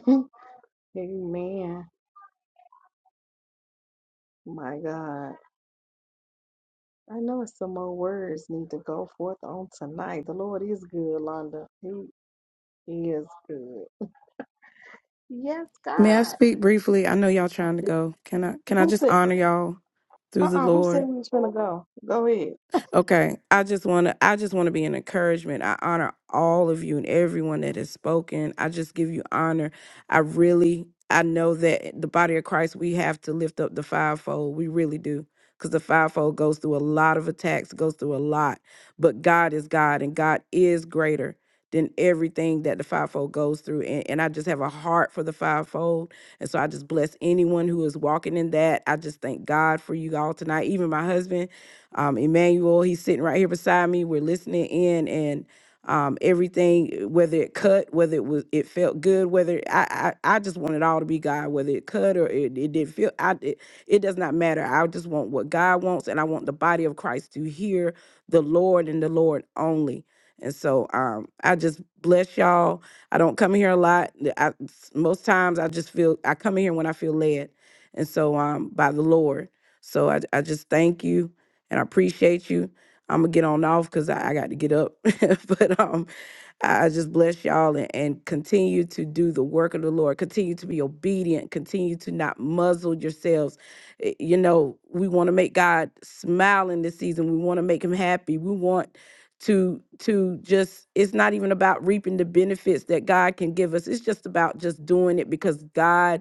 S1: [laughs] Amen. My God. I know some more words need to go forth on tonight. The Lord is good, Londa. He is good. Yes,
S12: May I
S1: God.
S12: speak briefly? I know y'all trying to go. Can I can I
S1: Who
S12: just
S1: said?
S12: honor y'all through the
S1: Uh-uh, who
S12: Lord?
S1: said we was gonna go? Go ahead.
S12: Okay, I just want to I just want to be an encouragement. I honor all of you and everyone that has spoken. I just give you honor. I really I know that the body of Christ we have to lift up the fivefold. We really do. Cuz the fivefold goes through a lot of attacks, goes through a lot. But God is God and God is greater than everything that the fivefold goes through. And, and I just have a heart for the fivefold. And so I just bless anyone who is walking in that. I just thank God for you all tonight. Even my husband um, Emmanuel, he's sitting right here beside me. We're listening in and um, everything, uh, whether it cut, whether it was, it felt good, whether I, I, I just want it all to be God, whether it cut or it, it didn't feel, I, it, it does not matter. I just want what God wants. And I want the body of Christ to hear the Lord and the Lord only. And so um, I just bless y'all. I don't come here a lot. The- most times I just feel I come in here when I feel led, and so um, by the Lord. So I, I just thank you and I appreciate you. I'm gonna get on off because I, I got to get up. [laughs] but um, I I just bless y'all and, and continue to do the work of the Lord. Continue to be obedient. Continue to not muzzle yourselves. Eh, You know, we want to make God smile in this season. We want to make Him happy. We want to to just. It's not even about reaping the benefits that God can give us. It's just about just doing it because God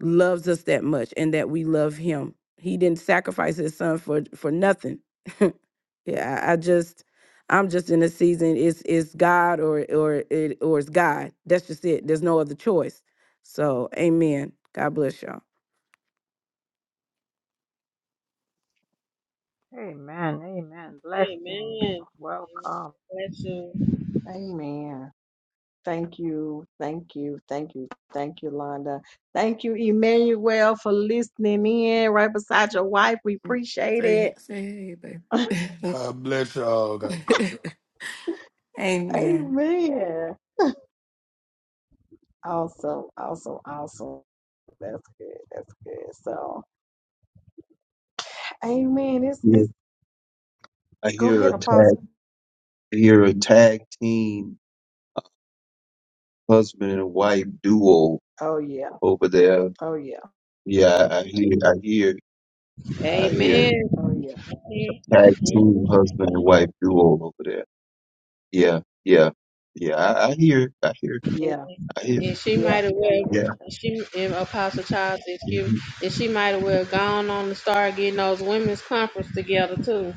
S12: loves us that much and that we love him. He didn't sacrifice his son for for nothing. [laughs] yeah, I, I just I'm just in a season. It's it's God or or it or it's God. That's just it. There's no other choice. So amen. God bless y'all.
S4: Amen, amen. Blessing.
S6: Amen. Amen.
S4: Welcome.
S6: Bless you.
S1: Amen. Thank you, thank you, thank you, thank you, Londa. Thank you, Emmanuel, for listening in right beside your wife. We appreciate
S12: Say,
S1: it.
S12: say hey, baby. [laughs] God bless y'all. God bless [laughs] y'all. Amen.
S1: Amen. Awesome, awesome, awesome. That's good. That's good. So, Amen. It's it's.
S2: I
S1: Go
S2: hear
S1: ahead,
S2: a tag.
S1: Apostle.
S2: I hear a tag team husband and wife duo
S1: Oh yeah.
S2: over there.
S1: Oh yeah.
S2: Yeah, I hear. I hear.
S1: Oh
S2: I
S1: yeah.
S2: hear
S6: Amen.
S1: Oh yeah.
S2: a tag team husband and wife duo over there. Yeah, yeah, yeah. I, I hear. I hear.
S6: and,
S1: Yeah.
S2: I hear.
S6: and she
S1: Yeah.
S6: might have
S1: Yeah.
S6: well
S1: Yeah.
S2: Yeah.
S6: and she and Apostle Charles excuse me,
S2: hmm
S6: and she might have well gone on to start getting those women's conference together too.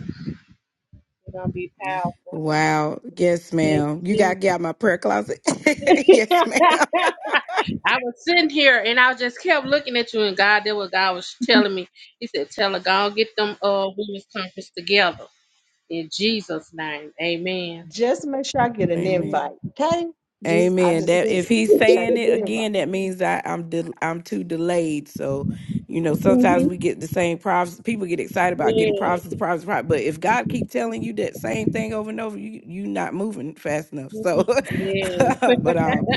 S6: It's gonna be powerful.
S12: Wow. Yes,
S6: Thank
S12: ma'am. You gotta
S6: you,
S12: get
S6: Jesus.
S12: out my prayer closet.
S6: [laughs]
S12: [laughs] yes, ma'am.
S6: I was sitting here and I just kept looking at you and God that was God was telling me. He said, Tell her, go and get them uh women's conference together. In Jesus' name. Amen.
S1: Just make sure I get an
S12: Amen.
S1: invite.
S6: Amen.
S1: Okay? Just I
S12: Amen.
S1: just
S12: That if
S6: [laughs]
S1: just
S12: he's
S1: make sure I
S12: saying
S1: get
S12: it
S1: an invite.
S12: again, that means I, I'm de- I'm too delayed. So, you know, sometimes
S6: hmm
S12: we get the same prophecy. People get excited about getting
S6: Yeah,
S12: prophecies, prophecies, prophecies. But if God keep telling you that same thing over and over, you you not moving fast enough. So, [laughs]
S6: yeah,
S12: but um,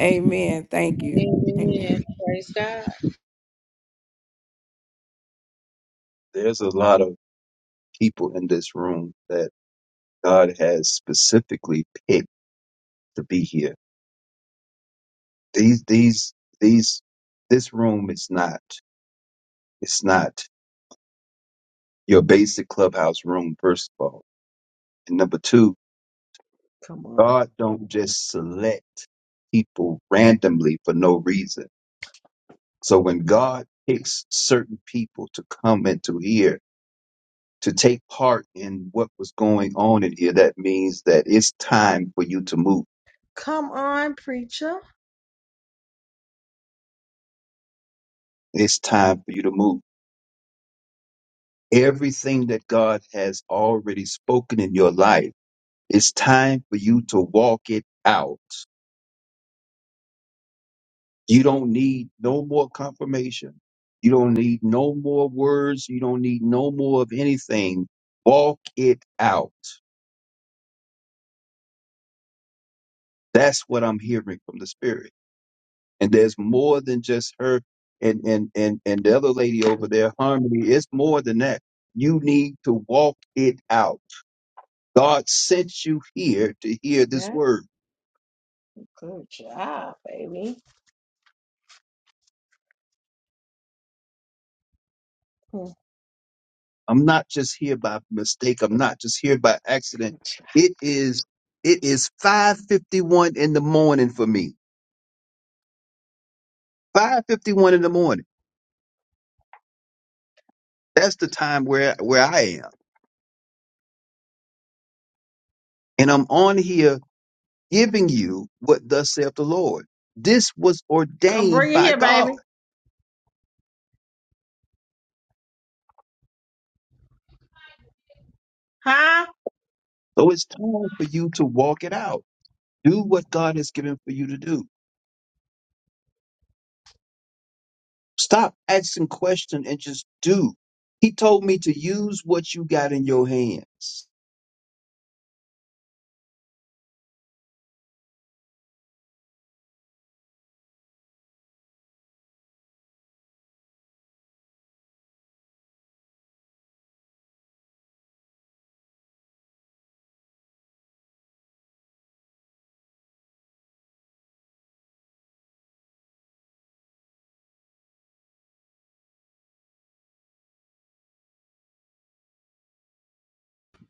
S12: Amen. Thank you. Amen.
S6: amen. Praise God.
S2: There's a lot of people in this room that God has specifically picked to be here. These. These. These. This room is not. It's not your basic clubhouse room. First of all. And number two,
S1: Come on.
S2: God don't just select people randomly for no reason. So when God picks certain people to come into here to take part in what was going on in here, that means that it's time for you to move.
S1: Come on, preacher.
S2: It's time for you to move. Everything that God has already spoken in your life, it's time for you to walk it out. You don't need no more confirmation. You don't need no more words. You don't need no more of anything. Walk it out. That's what I'm hearing from the spirit. And there's more than just her and and and and the other lady over there, Harmony. It's more than that. You need to walk it out. God sent you here to hear this
S1: Okay?
S2: word.
S1: Good job, baby. Good
S2: I'm not just here by mistake. I'm not just here by accident.
S1: job.
S2: It is it is 5:51 in the morning for me. five fifty one in the morning. That's the time where where I am, and I'm on here giving you what thus saith the Lord. This was
S1: Come
S2: ordained
S1: bring it
S2: by
S1: here,
S2: God,
S1: baby. Huh?
S2: so it's time for you to walk it out. Do what God has given for you to do. Stop asking questions and just do. He told me to use what you got in your hands.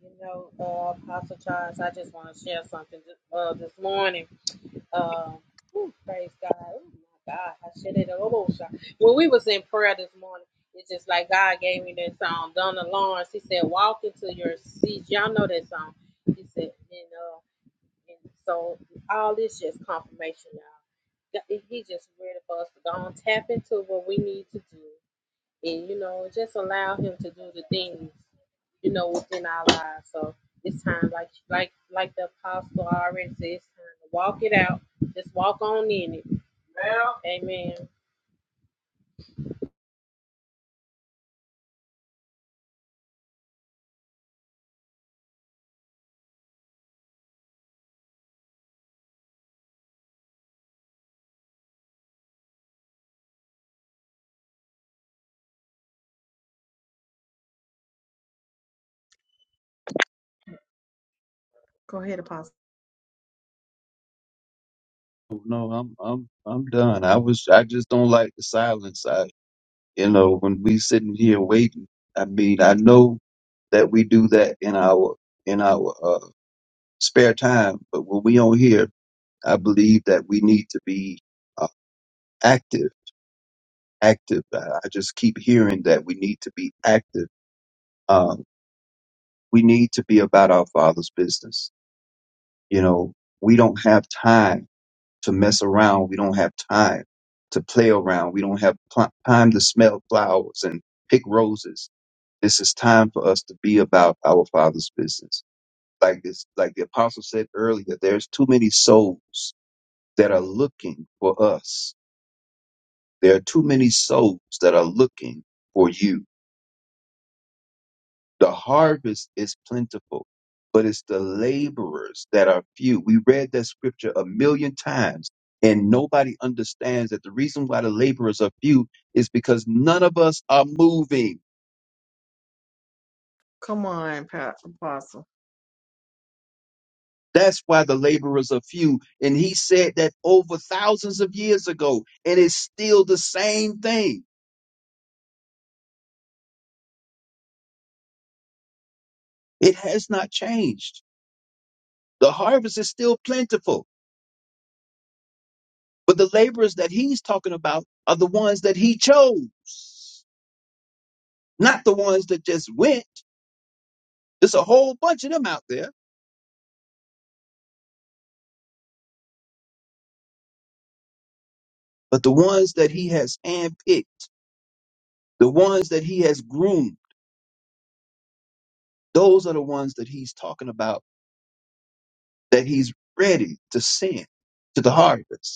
S6: You know, uh, Apostle Charles, I just want to share something this, uh, this morning. Um, ooh, praise God. Oh my God. I should have almost shot. When we was in prayer this morning, it's just like God gave me that song, Donna Lawrence. He said, walk into your seat. Y'all know that song. He said, you know, and so all this just confirmation, y'all. that- that He just ready for us to go on tap into what we need to do, and you know, just allow him to do the things you know, within our lives. So it's time, like like like the apostle already said, it's time to walk it out. Just walk on in it. Well, Amen.
S1: Go ahead, Apostle.
S2: Oh, No, I'm I'm I'm done. I was I just don't like the silence. You know, when we sitting here waiting, I mean, I know that we do that in our in our uh, spare time, but when we on here, I believe that we need to be uh, active. Active. I I just keep hearing that we need to be active. Um, we need to be about our Father's business. You know, we don't have time to mess around. We don't have time to play around. We don't have pl- time to smell flowers and pick roses. This is time for us to be about our Father's business. Like this, like the apostle said earlier, there's too many souls that are looking for us. There are too many souls that are looking for you. The harvest is plentiful, but it's the laborers that are few. We read that scripture a million times, and nobody understands that the reason why the laborers are few is because none of us are moving.
S1: Come on, Pa- Apostle.
S2: That's why the laborers are few. And he said that over thousands of years ago, and it's still the same thing. It has not changed. The harvest is still plentiful, but the laborers that he's talking about are the ones that he chose, not the ones that just went. There's a whole bunch of them out there, but the ones that he has handpicked, the ones that he has groomed, those are the ones that he's talking about that he's ready to send to the harvest.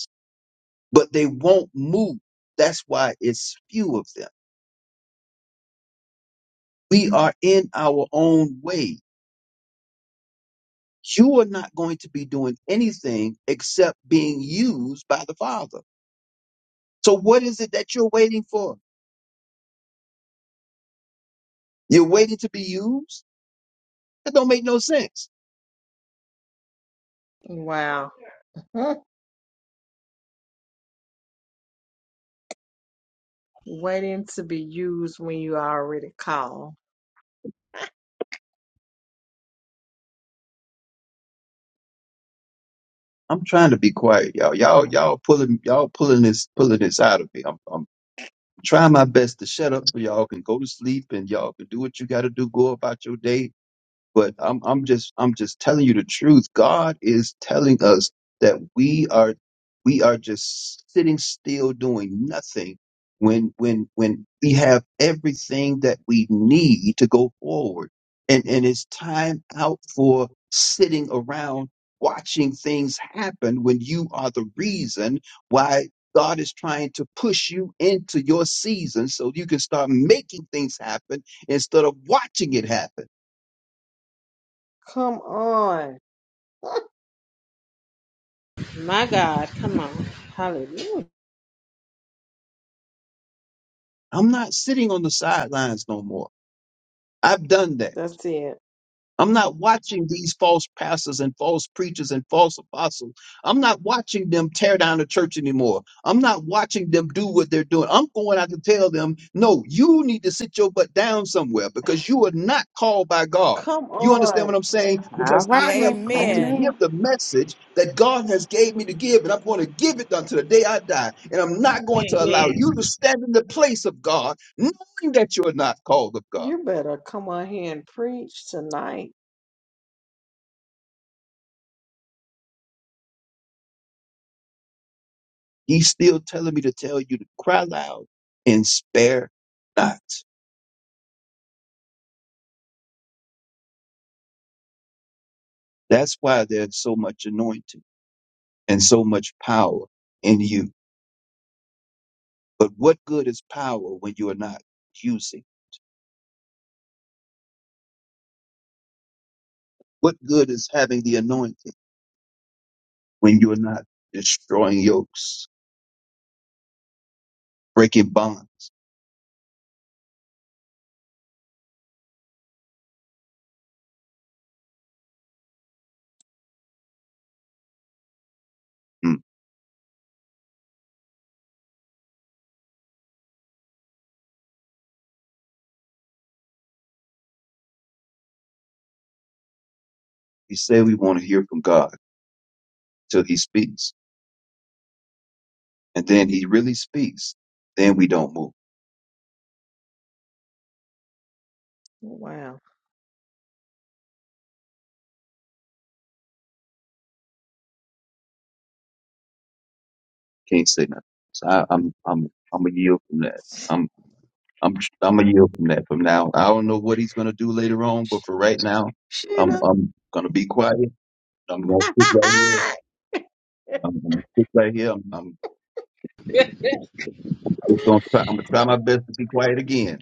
S2: but they won't move. That's why it's few of them. We are in our own way. You are not going to be doing anything except being used by the Father. So what is it that you're waiting for? You're waiting to be used? That don't make no sense.
S1: Wow. Mm, Waiting to be used when you already call.
S2: I'm trying to be quiet, y'all. Y'all, y'all pulling, y'all pulling this, pulling this out of me. I'm, I'm trying my best to shut up so y'all can go to sleep and y'all can do what you got to do. Go about your day but I'm I'm just I'm just telling you the truth. God is telling us that we are we are just sitting still doing nothing when when when we have everything that we need to go forward. And and it's time out for sitting around watching things happen when you are the reason why God is trying to push you into your season so you can start making things happen instead of watching it happen.
S1: Come on.
S6: My God, come on. Hallelujah.
S2: I'm not sitting on the sidelines no more. I've done that.
S1: That's it.
S2: I'm not watching these false pastors and false preachers and false apostles. I'm not watching them tear down the church anymore. I'm not watching them do what they're doing. I'm going out to tell them, no, you need to sit your butt down somewhere because you are not called by God.
S1: Come
S2: You understand
S1: on.
S2: what I'm saying?
S8: All
S2: Because
S12: Yeah,
S8: right
S2: I have
S8: now.
S2: come to give
S12: amen.
S8: Amen.
S2: the message that God has gave me to give, and I'm going to give it until the day I die. And I'm not going to allow
S6: Amen.
S2: you to stand in the place of God, knowing that you are not called of God.
S1: You better come on here and preach tonight.
S2: He's still telling me to tell you to cry loud and spare not. That's why there's so much anointing and so much power in you. But what good is power when you are not using? What good is having the anointing when you are not destroying yokes, breaking bonds? Mm. We say we want to hear from God till He speaks, and then He really speaks. Then we don't move.
S1: Wow.
S2: Can't say nothing. So I, I'm I'm I'm a yield from that. I'm I'm gonna yield from that from now. I don't know what he's gonna do later on, but for right now, I'm
S1: Sheena.
S2: I'm gonna be quiet. I'm gonna sit right here.
S1: [laughs]
S2: I'm gonna sit right here. I'm, I'm just gonna try. I'm gonna try my best to be quiet again.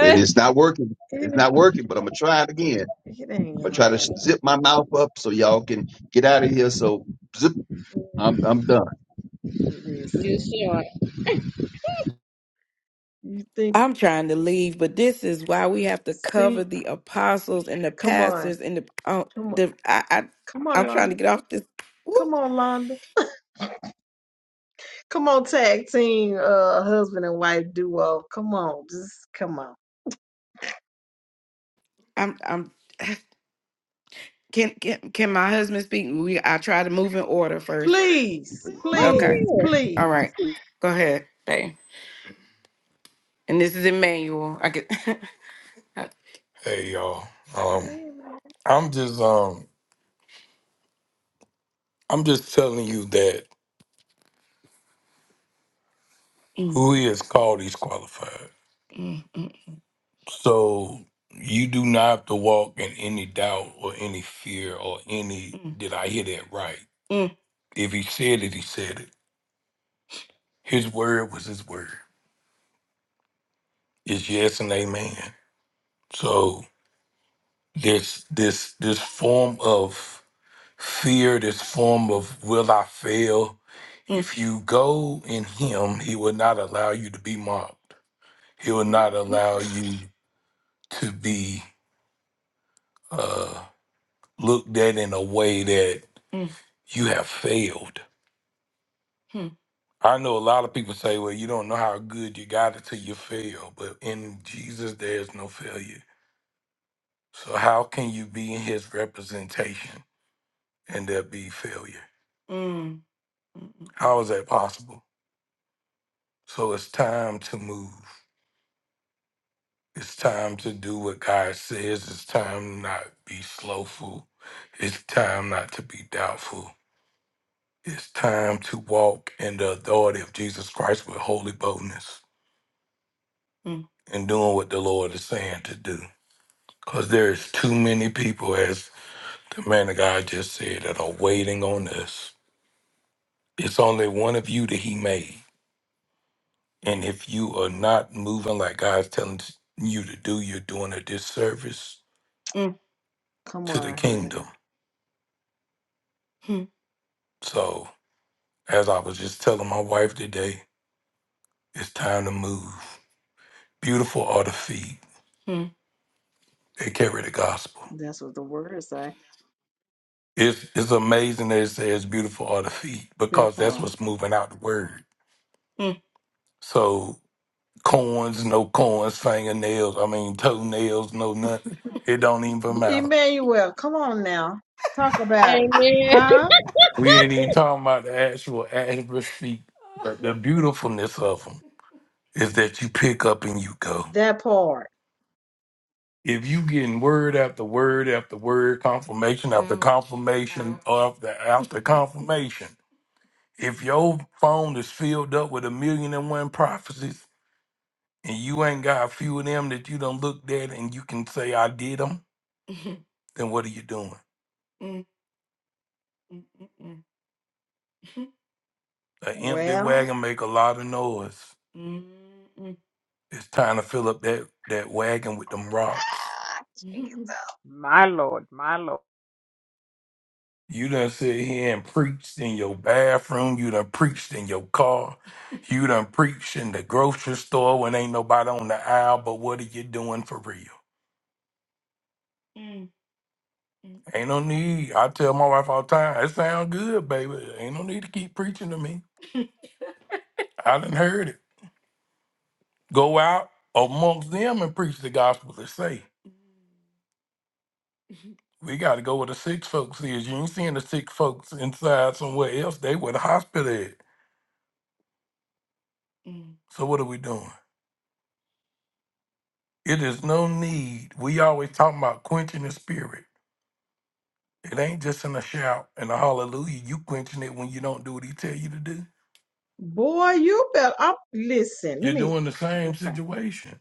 S2: And it's not working. It's
S1: it,
S2: not working, but I'm gonna try it again.
S1: it ain't
S2: I'm gonna
S1: gonna
S2: try
S1: work.
S2: to zip my mouth up so y'all can get out of here. So zip. I'm I'm done.
S6: you
S1: Listen,
S6: sure?
S1: you think?
S12: I'm trying to leave, but this is why we have to cover
S1: See,
S12: the apostles and the
S1: come on,
S12: pastors and the um,
S1: come on,
S12: the I, I
S1: come on,
S12: I'm trying to
S1: Londa.
S12: get off this. Woo,
S1: Come on, Londa. Come on, tag team, uh, husband and wife duo. Come on, just come on.
S12: I'm I'm [sighs] can can can my husband speak? We I try to move in order first.
S1: Please,
S6: Oh
S1: please,
S12: Okay, all
S1: please.
S12: right, go ahead, babe. And this is Emmanuel. I get. [laughs] Hey y'all. Um
S1: Amen.
S12: I'm just um I'm just telling you that Mm, who he is called he's qualified. So you do not have to walk in any doubt or any fear or any, Mm, did I hear that right? mm, If he said it, he said it. His word was his word. It's yes and amen. So this this this form of fear, this form of will I fail, mm, if you go in him, he will not allow you to be mocked. He will
S1: You
S12: not allow you to be uh, looked at in a way that Mm, you have failed. mm, I know a lot of people say, well, you don't know how good you got it till you fail, but in Jesus, there's no failure. So, how can you be in his representation and there be failure? mm, mm, mm, mm. How is that possible? So, it's time to move. It's time to do what God says. It's time not be slowful. It's time not to be doubtful. It's time to walk in the authority of Jesus Christ with holy boldness Mm. and doing what the Lord is saying to do. Because there's too many people, as the man of God just said, that are waiting on us. It's only one of you that he made. And if you are not moving like God's telling you to do, you're doing a disservice Mm.
S1: come
S12: to the
S1: on here.
S12: kingdom. Mm. So, as I was just telling my wife today, it's time to move. Beautiful are the feet. They carry the gospel.
S1: That's what the words say.
S12: It's it's amazing that it says beautiful are the feet
S1: That
S12: because that's
S1: part.
S12: what's moving out the word. Mm. So corns, no corns, fingernails, I mean toenails, no nothing. [laughs] It don't even matter.
S1: Emmanuel, come on now. Talk
S6: yeah.
S1: about it.
S6: Amen. [laughs]
S1: Huh?
S12: We ain't even talking about the actual actual feet. But the beautifulness of them is that you pick up and you go.
S1: That part.
S12: If you getting word after word after word, confirmation after Mm. confirmation after after confirmation, If your phone is filled up with a million and one prophecies and you ain't got a few of them that you done looked at and you can say, I did them, [laughs] then what are you doing? Mm, mm, mm, mm. [laughs] An empty
S1: Well.
S12: wagon make a lot of noise. Mm, mm. It's time to fill up that, that wagon with them rocks. [laughs]
S4: My Lord, my Lord.
S12: You done sit here and preached in your bathroom. You done preached in your car. You done preached in the grocery store when ain't nobody on the aisle. But what are you doing for real? Mm, mm, Ain't no need. I tell my wife all the time, it sound good, baby. Ain't no need to keep preaching to me. I done heard it. Go out amongst them and preach the gospel to say. We got to go where the sick folks is. You ain't seeing the sick folks inside somewhere else. They where the hospital at. mm. So what are we doing? It is no need. We always talking about quenching the spirit. It ain't just in a shout and a hallelujah. You quenching it when you don't do what he tell you to do.
S1: Boy, you better up. Listen, let
S12: You're
S1: me.
S12: doing the same
S1: Okay.
S12: situation.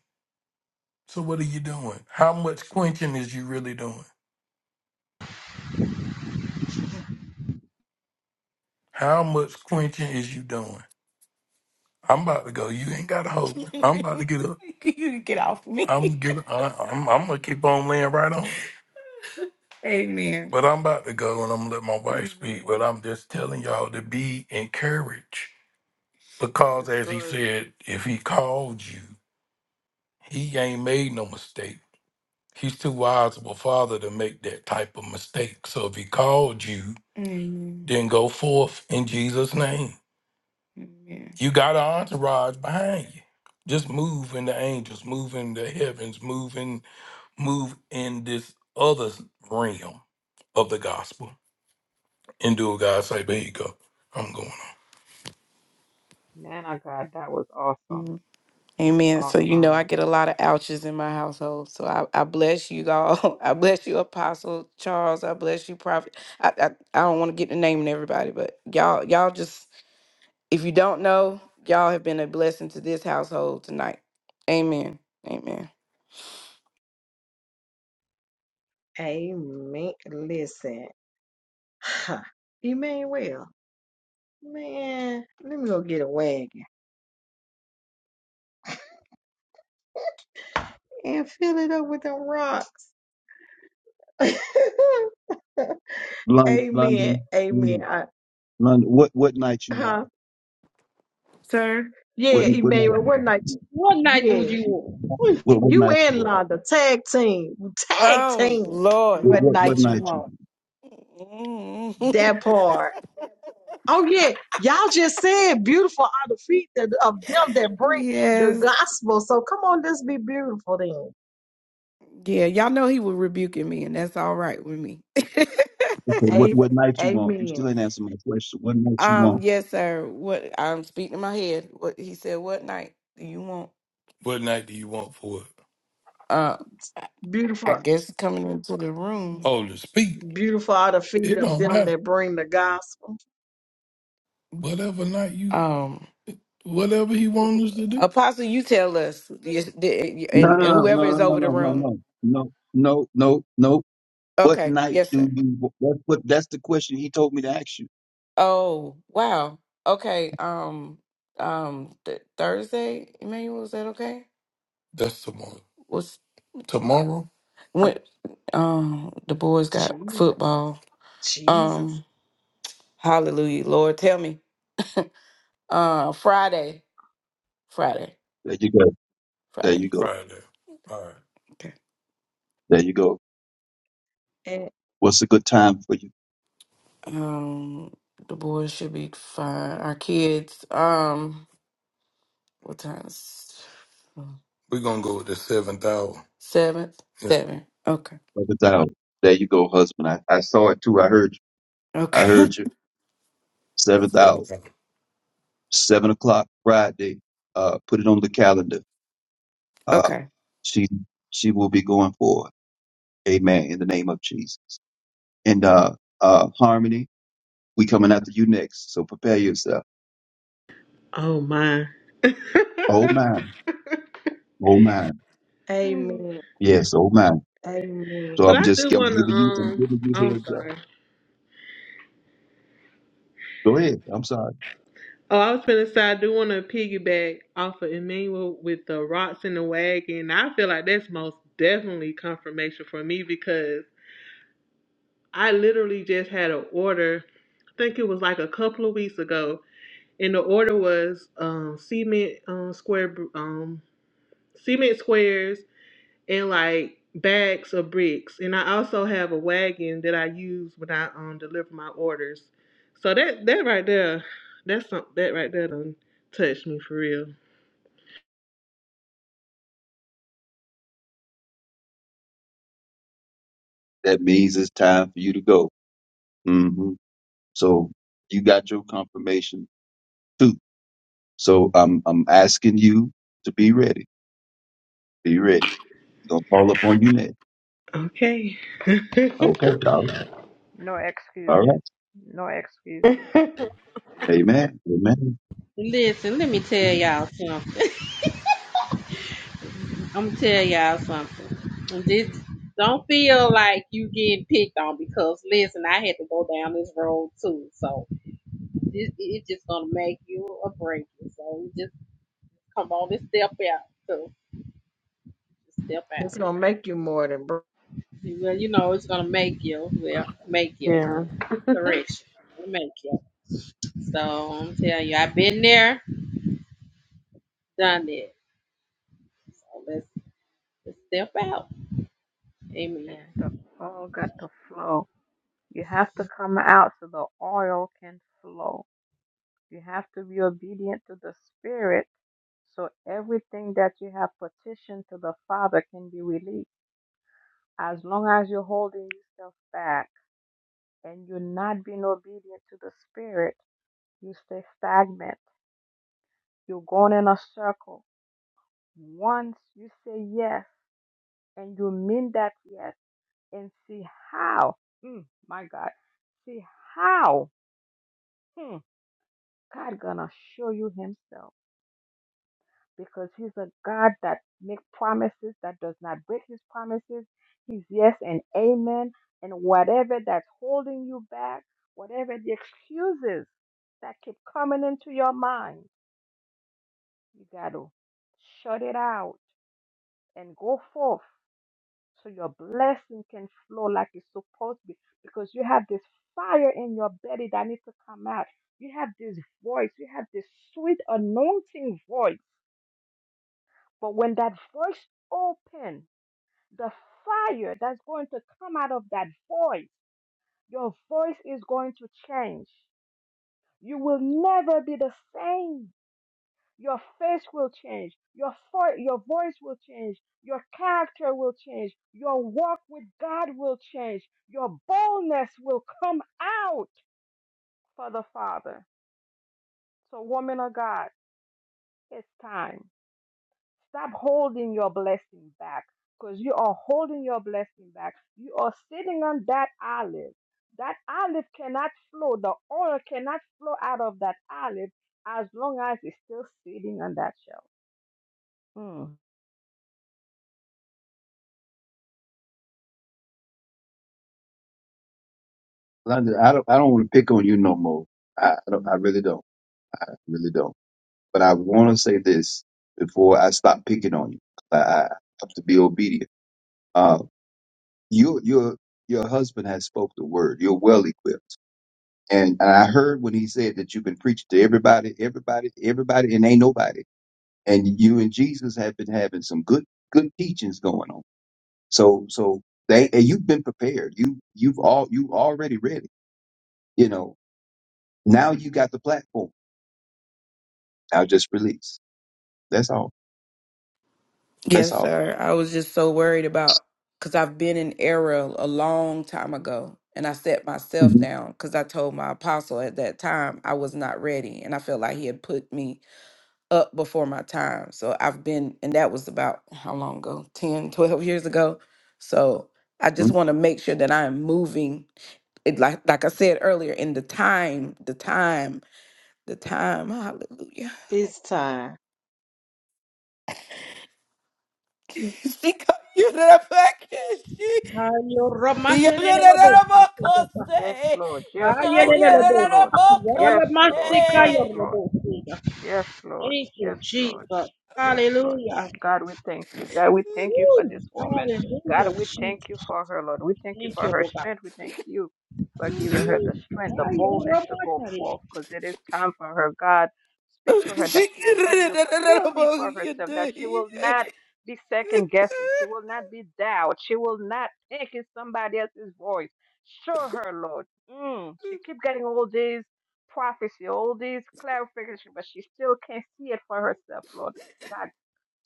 S12: So what are you doing? How much quenching is you really doing? How much quenching is you doing? I'm about to go. You ain't got a hold. me. I'm about to [laughs] get up. you get off me. I'm [laughs] get. I, I'm. I'm gonna keep on laying right on. [laughs] Amen. But I'm about to go and I'm gonna let my wife speak. But I'm just telling y'all to be encouraged.
S4: This
S12: Because
S4: is
S12: as he
S4: good.
S12: said, if he called you, he ain't made no mistake. He's too wise of a father to make that type of mistake. So if he called you, Amen. then go forth in Jesus' name. Amen. You got an entourage behind you. Just move in the angels, move in the heavens, move in, move in this other realm of the gospel. And do what God say, there you go. I'm going.
S4: Man of God, that was awesome.
S12: Amen. So you know I
S4: Awesome.
S12: get a lot of ouches in my household. So I, I bless you all. [laughs] I bless you, Apostle Charles. I bless you, Prophet. I I, I don't want to get the name and everybody, but y'all y'all just if you don't know, y'all have been a blessing to this household tonight. Amen. Amen.
S1: Amen. Listen, [sighs] Huh. Emmanuel, man, let me go get a wagon and fill it up with them rocks. [laughs]
S2: London,
S1: Amen.
S2: London,
S1: Amen.
S2: London.
S1: I,
S2: London. What what night you want?
S1: huh?
S12: Sir?
S2: What
S1: Yeah,
S2: what night
S1: Emmanuel,
S2: you
S1: we're
S2: want?
S1: not.
S6: What night do
S1: Yeah,
S6: you want?
S2: What
S1: And
S2: what
S1: you
S2: night you
S1: and
S2: want?
S1: Londa tag team, tag
S12: Oh
S1: team.
S12: Lord.
S2: What
S1: What
S2: what, what
S1: night you
S2: night you
S1: want?
S2: on?
S12: Mm.
S1: That part. Oh yeah, y'all just said beautiful are the feet that, of them that
S12: [laughs]
S1: bring the
S12: yes.
S1: gospel. So come on, let's be beautiful then.
S12: Yeah, y'all know he was rebuking me, and that's all right with me.
S2: Okay,
S12: [laughs]
S2: what
S1: A-
S2: what night you want? You still
S1: Amen.
S2: ain't answer my question. What night you
S12: Um,
S2: want?
S12: yes, sir. What I'm speaking in my head. What he said, what night do you want? What night do you want for it? Uh I I
S1: Beautiful,
S12: guess coming into the room. Oh, to speak.
S1: beautiful are the feet
S12: It
S1: of
S12: don't
S1: them
S12: matter.
S1: that bring the gospel.
S12: Whatever night you, Um whatever he wants us to do. Apostle, you tell us yes, the-
S2: No,
S12: and and
S2: no,
S12: whoever is
S2: no, no,
S12: over the
S2: no, no,
S12: room.
S2: no, no, no, no, no. no. What
S12: Okay,
S2: night
S12: yes,
S2: do
S12: sir.
S2: you? What, what? That's the question he told me to ask you.
S12: Oh, wow. Okay, um um th- Thursday, Emmanuel, is that okay? That's tomorrow. What's Tomorrow? when um the boys got
S1: Jesus,
S12: football.
S1: Jesus,
S12: Um hallelujah, Lord, tell me. [laughs] uh Friday. Friday.
S2: There you go. There
S12: Friday.
S2: you go.
S12: Friday. All right. Okay.
S2: There you go.
S1: and
S2: What's a good time for you?
S12: Um the boys should be fine. Our kids, um what time's We're gonna go with the seventh hour. seventh? Yes. Seven. Okay.
S2: Seventh hour. There you go, husband. I, I saw it too. I heard you. I
S12: Okay.
S2: heard you.
S12: [laughs]
S2: Seventh hour.
S12: Seventh hour.
S2: Seven o'clock Friday. Uh, put it on the calendar. Uh,
S12: okay.
S2: she she will be going for. it. Amen. In the name of Jesus. And uh, uh, harmony. We coming after you next, so prepare yourself.
S15: Oh my. [laughs] but
S2: Oh man, oh man,
S1: Amen,
S2: yes, oh man. So I'm
S1: Amen.
S15: I
S2: just
S15: do
S2: I'm
S15: wanna
S2: giving you, I'm
S15: um
S2: giving you
S15: oh, I'm
S2: heads up.
S15: sorry.
S2: Go ahead. I'm sorry.
S15: Oh, I was gonna say I do wanna piggyback off of Emmanuel with the rocks in the wagon. I feel like that's most definitely confirmation for me because I literally just had an order I think it was like a couple of weeks ago, and the order was um cement um square um cement squares and like bags of bricks. And I also have a wagon that I use when I um deliver my orders. So that that right there, that's some that right there done touched me for real.
S2: That means it's time for you to go. hmm So you got your confirmation too. So I'm I'm asking you to be ready. Be ready. We're gonna call up on you next.
S15: Okay. [laughs]
S2: Okay. All right.
S4: No
S2: All right.
S4: excuses. No excuses.
S2: Amen. Amen.
S6: Listen, let me tell y'all something. I'm gonna tell y'all something. This don't feel like you getting picked on because listen, I had to go down this road too. So It, it's just gonna make you or break you. So just come on and step out. So just step
S1: It's
S6: out.
S1: gonna make you more than br-
S6: Well, you know it's gonna make you. Well, make you.
S15: yeah.
S6: then.
S15: [laughs]
S6: Correction. It'll Make you. So I'm telling you, I've been there, done it. So let's, let's step out. Amen.
S4: Yeah, the oil got to flow. You have to come out so the oil can flow. You have to be obedient to the Spirit so everything that you have petitioned to the Father can be released. As long as you're holding yourself back and you're not being obedient to the Spirit, you stay stagnant. You're going in a circle. Once you say yes and you mean that yes and see how, mm, my God, see how hmm, God gonna show you himself because he's a God that makes promises that does not break his promises. He's yes and amen. And whatever that's holding you back, whatever the excuses that keep coming into your mind, you got to shut it out and go forth so your blessing can flow like it's supposed to be because you have this fire in your belly that needs to come out. You have this voice, you have this sweet anointing voice. But when that voice opens, the fire that's going to come out of that voice, your voice is going to change. You will never be the same. Your face will change. Your, fo- your voice will change. Your character will change. Your walk with God will change. Your boldness will come out for the Father. So, woman of God, it's time. Stop holding your blessing back because you are holding your blessing back. You are sitting on that olive. That olive cannot flow. The oil cannot flow out of that olive as long as it's still sitting on that shelf. Mm.
S2: London, I don't I don't want to pick on you no more. I, I don't. I really don't. I really don't. But I want to say this before I stop picking on you. I, I have to be obedient. Uh, you, your, your husband has spoke the word. You're well equipped. And, and I heard when he said that you've been preaching to everybody, everybody, everybody, and ain't nobody. And you and Jesus have been having some good, good teachings going on. So, so they, and you've been prepared. You, you've all, you already ready. You know, now you got the platform. Now just release. That's all. That's
S12: Yes,
S2: all.
S12: sir. I was just so worried about because I've been in error a long time ago, and I set myself
S2: hmm
S12: down because I told my apostle at that time I was not ready, and I felt like he had put me up before my time. So I've been, and that was about how long ago? 10, [laughs] 12 years ago. So I just want to make sure that I am moving it like like I said earlier, in the time, the time, the time, hallelujah.
S1: it's time.
S12: [laughs] she got you to the back. [laughs] Yorororobokose.
S4: Yes, Lord. Yes, Lord. Yes, Lord. Yes,
S12: Yorororobokose.
S4: Lord. Yes, Lord. Yes, Lord.
S6: Thank you,
S4: Yes, Lord.
S6: Jesus.
S4: Yes, Lord.
S6: Hallelujah.
S4: God, we thank you. God, we thank you for
S6: Woo.
S4: this woman. God,
S6: Hallelujah,
S4: we thank
S6: Jesus.
S4: you for her, Lord. We thank you
S6: Thank
S4: for
S6: you,
S4: her
S6: Lord God.
S4: strength. We thank you for giving her the strength, the boldness to go forth because it is time for her. God, speak to her that she will hear you clearly
S12: Shikorororobokose.
S4: for herself, that she will not be second guessing. She will not be doubt. She will not take in somebody else's voice. Show her, Lord. Mm, she keep getting all these prophecy, all these clarification, but she still can't see it for herself, Lord. God,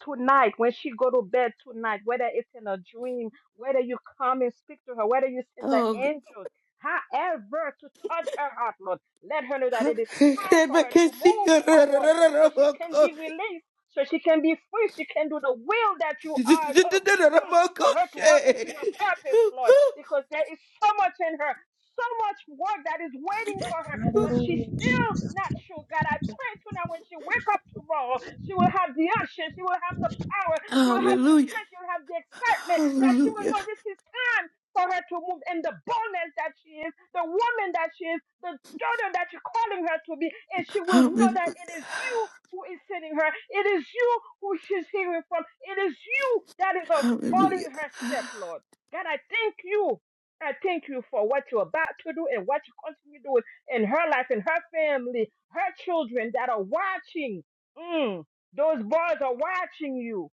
S4: tonight, when she go to bed tonight, whether it's in a dream, whether you come and speak to her, whether you send the
S12: Oh, God.
S4: angels, however, to touch her heart, Lord, let her know that it is time for her to move forward so she can be
S12: Yorororobokose.
S4: released, so she can be free, she can do the will that you are. Oh, mm, for her to walk
S12: [laughs]
S4: into your purpose, Lord, because there is so much in her, so much work that is waiting for her but she's still not sure, God. I pray tonight when she wake up tomorrow, she will have the unction, she will have the power, she will have the
S12: Hallelujah.
S4: strength, she will have the excitement that she will
S12: Hallelujah.
S4: know this is time for her to move in the boldness that she is, the woman that she is, the daughter that you're calling her to be, and she will know that
S12: Hallelujah.
S4: it is you who is sending her, it is you who she's hearing from, it is you that is uh,
S12: Hallelujah.
S4: ordering her step, Lord. God, I thank you. I thank you for what you're about to do and what you continue doing in her life, in her family, her children that are watching. Mm, those boys are watching you.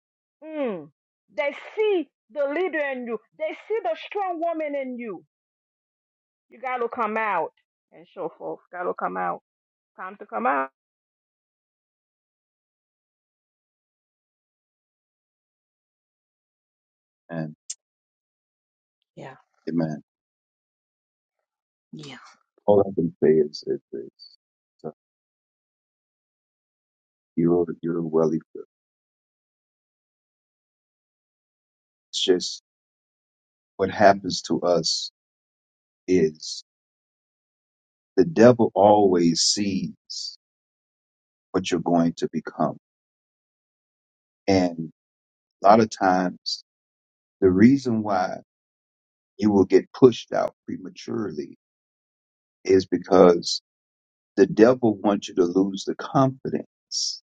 S4: Mm, they see the leader in you, they see the strong woman in you. You got to come out and show folks. Got to come out. Time to come out.
S2: And
S1: Yeah,
S2: amen.
S1: yeah.
S2: all I can say is, is, is uh, you're you're well equipped. It's just what happens to us is the devil always sees what you're going to become, and a lot of times the reason why you will get pushed out prematurely is because the devil wants you to lose the confidence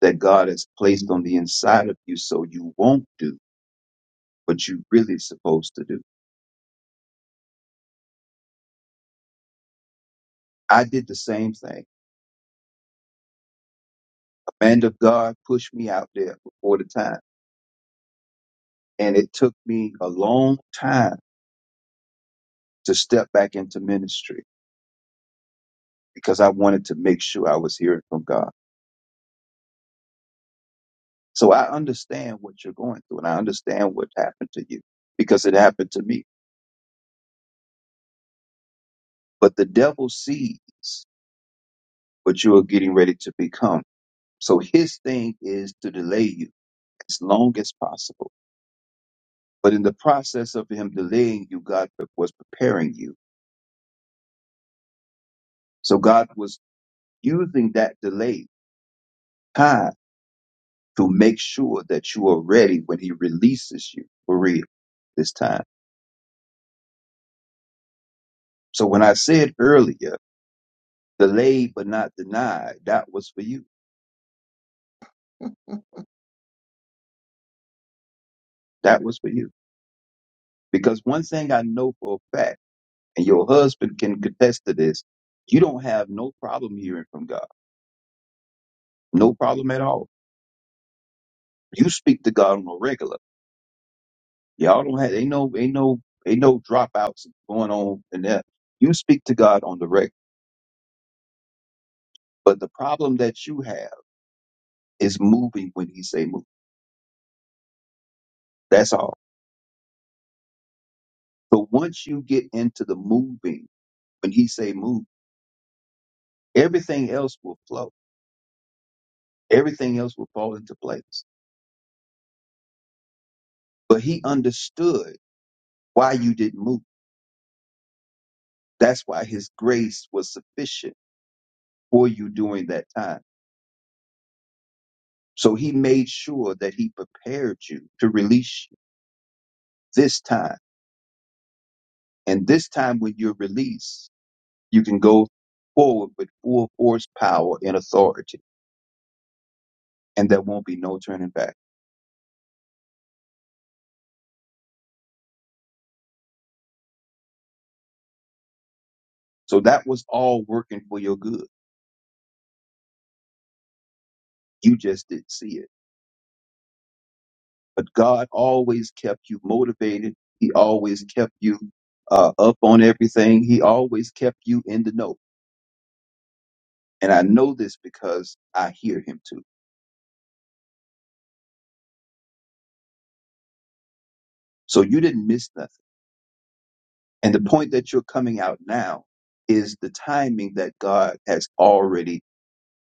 S2: that God has placed on the inside of you, so you won't do what you're really supposed to do. I did the same thing man of God pushed me out there before the time. And it took me a long time to step back into ministry because I wanted to make sure I was hearing from God. So I understand what you're going through and I understand what happened to you because it happened to me. But the devil sees what you are getting ready to become. So his thing is to delay you as long as possible. But in the process of him delaying you, God was preparing you. So God was using that delay time. to make sure that you are ready when he releases you for real this time. So when I said earlier, delayed but not denied, that was for you. That was for you. Because one thing I know for a fact, and your husband can contest to this, you don't have no problem hearing from God. No problem at all. You speak to God on a regular. Y'all don't have ain't no ain't no ain't no dropouts going on in there. You speak to God on the regular. But the problem that you have is moving when he say move. That's all. But once you get into the moving, when he say move, everything else will flow. Everything else will fall into place. But he understood why you didn't move. That's why his grace was sufficient for you during that time. So he made sure that he prepared you to release you this time. And this time when you're released, you can go forward with full force, power, and authority. And there won't be no turning back. So that was all working for your good. You just didn't see it. but God always kept you motivated. He always kept you uh, up on everything. He always kept you in the know. And I know this because I hear him too. So you didn't miss nothing. And the point that you're coming out now is the timing that God has already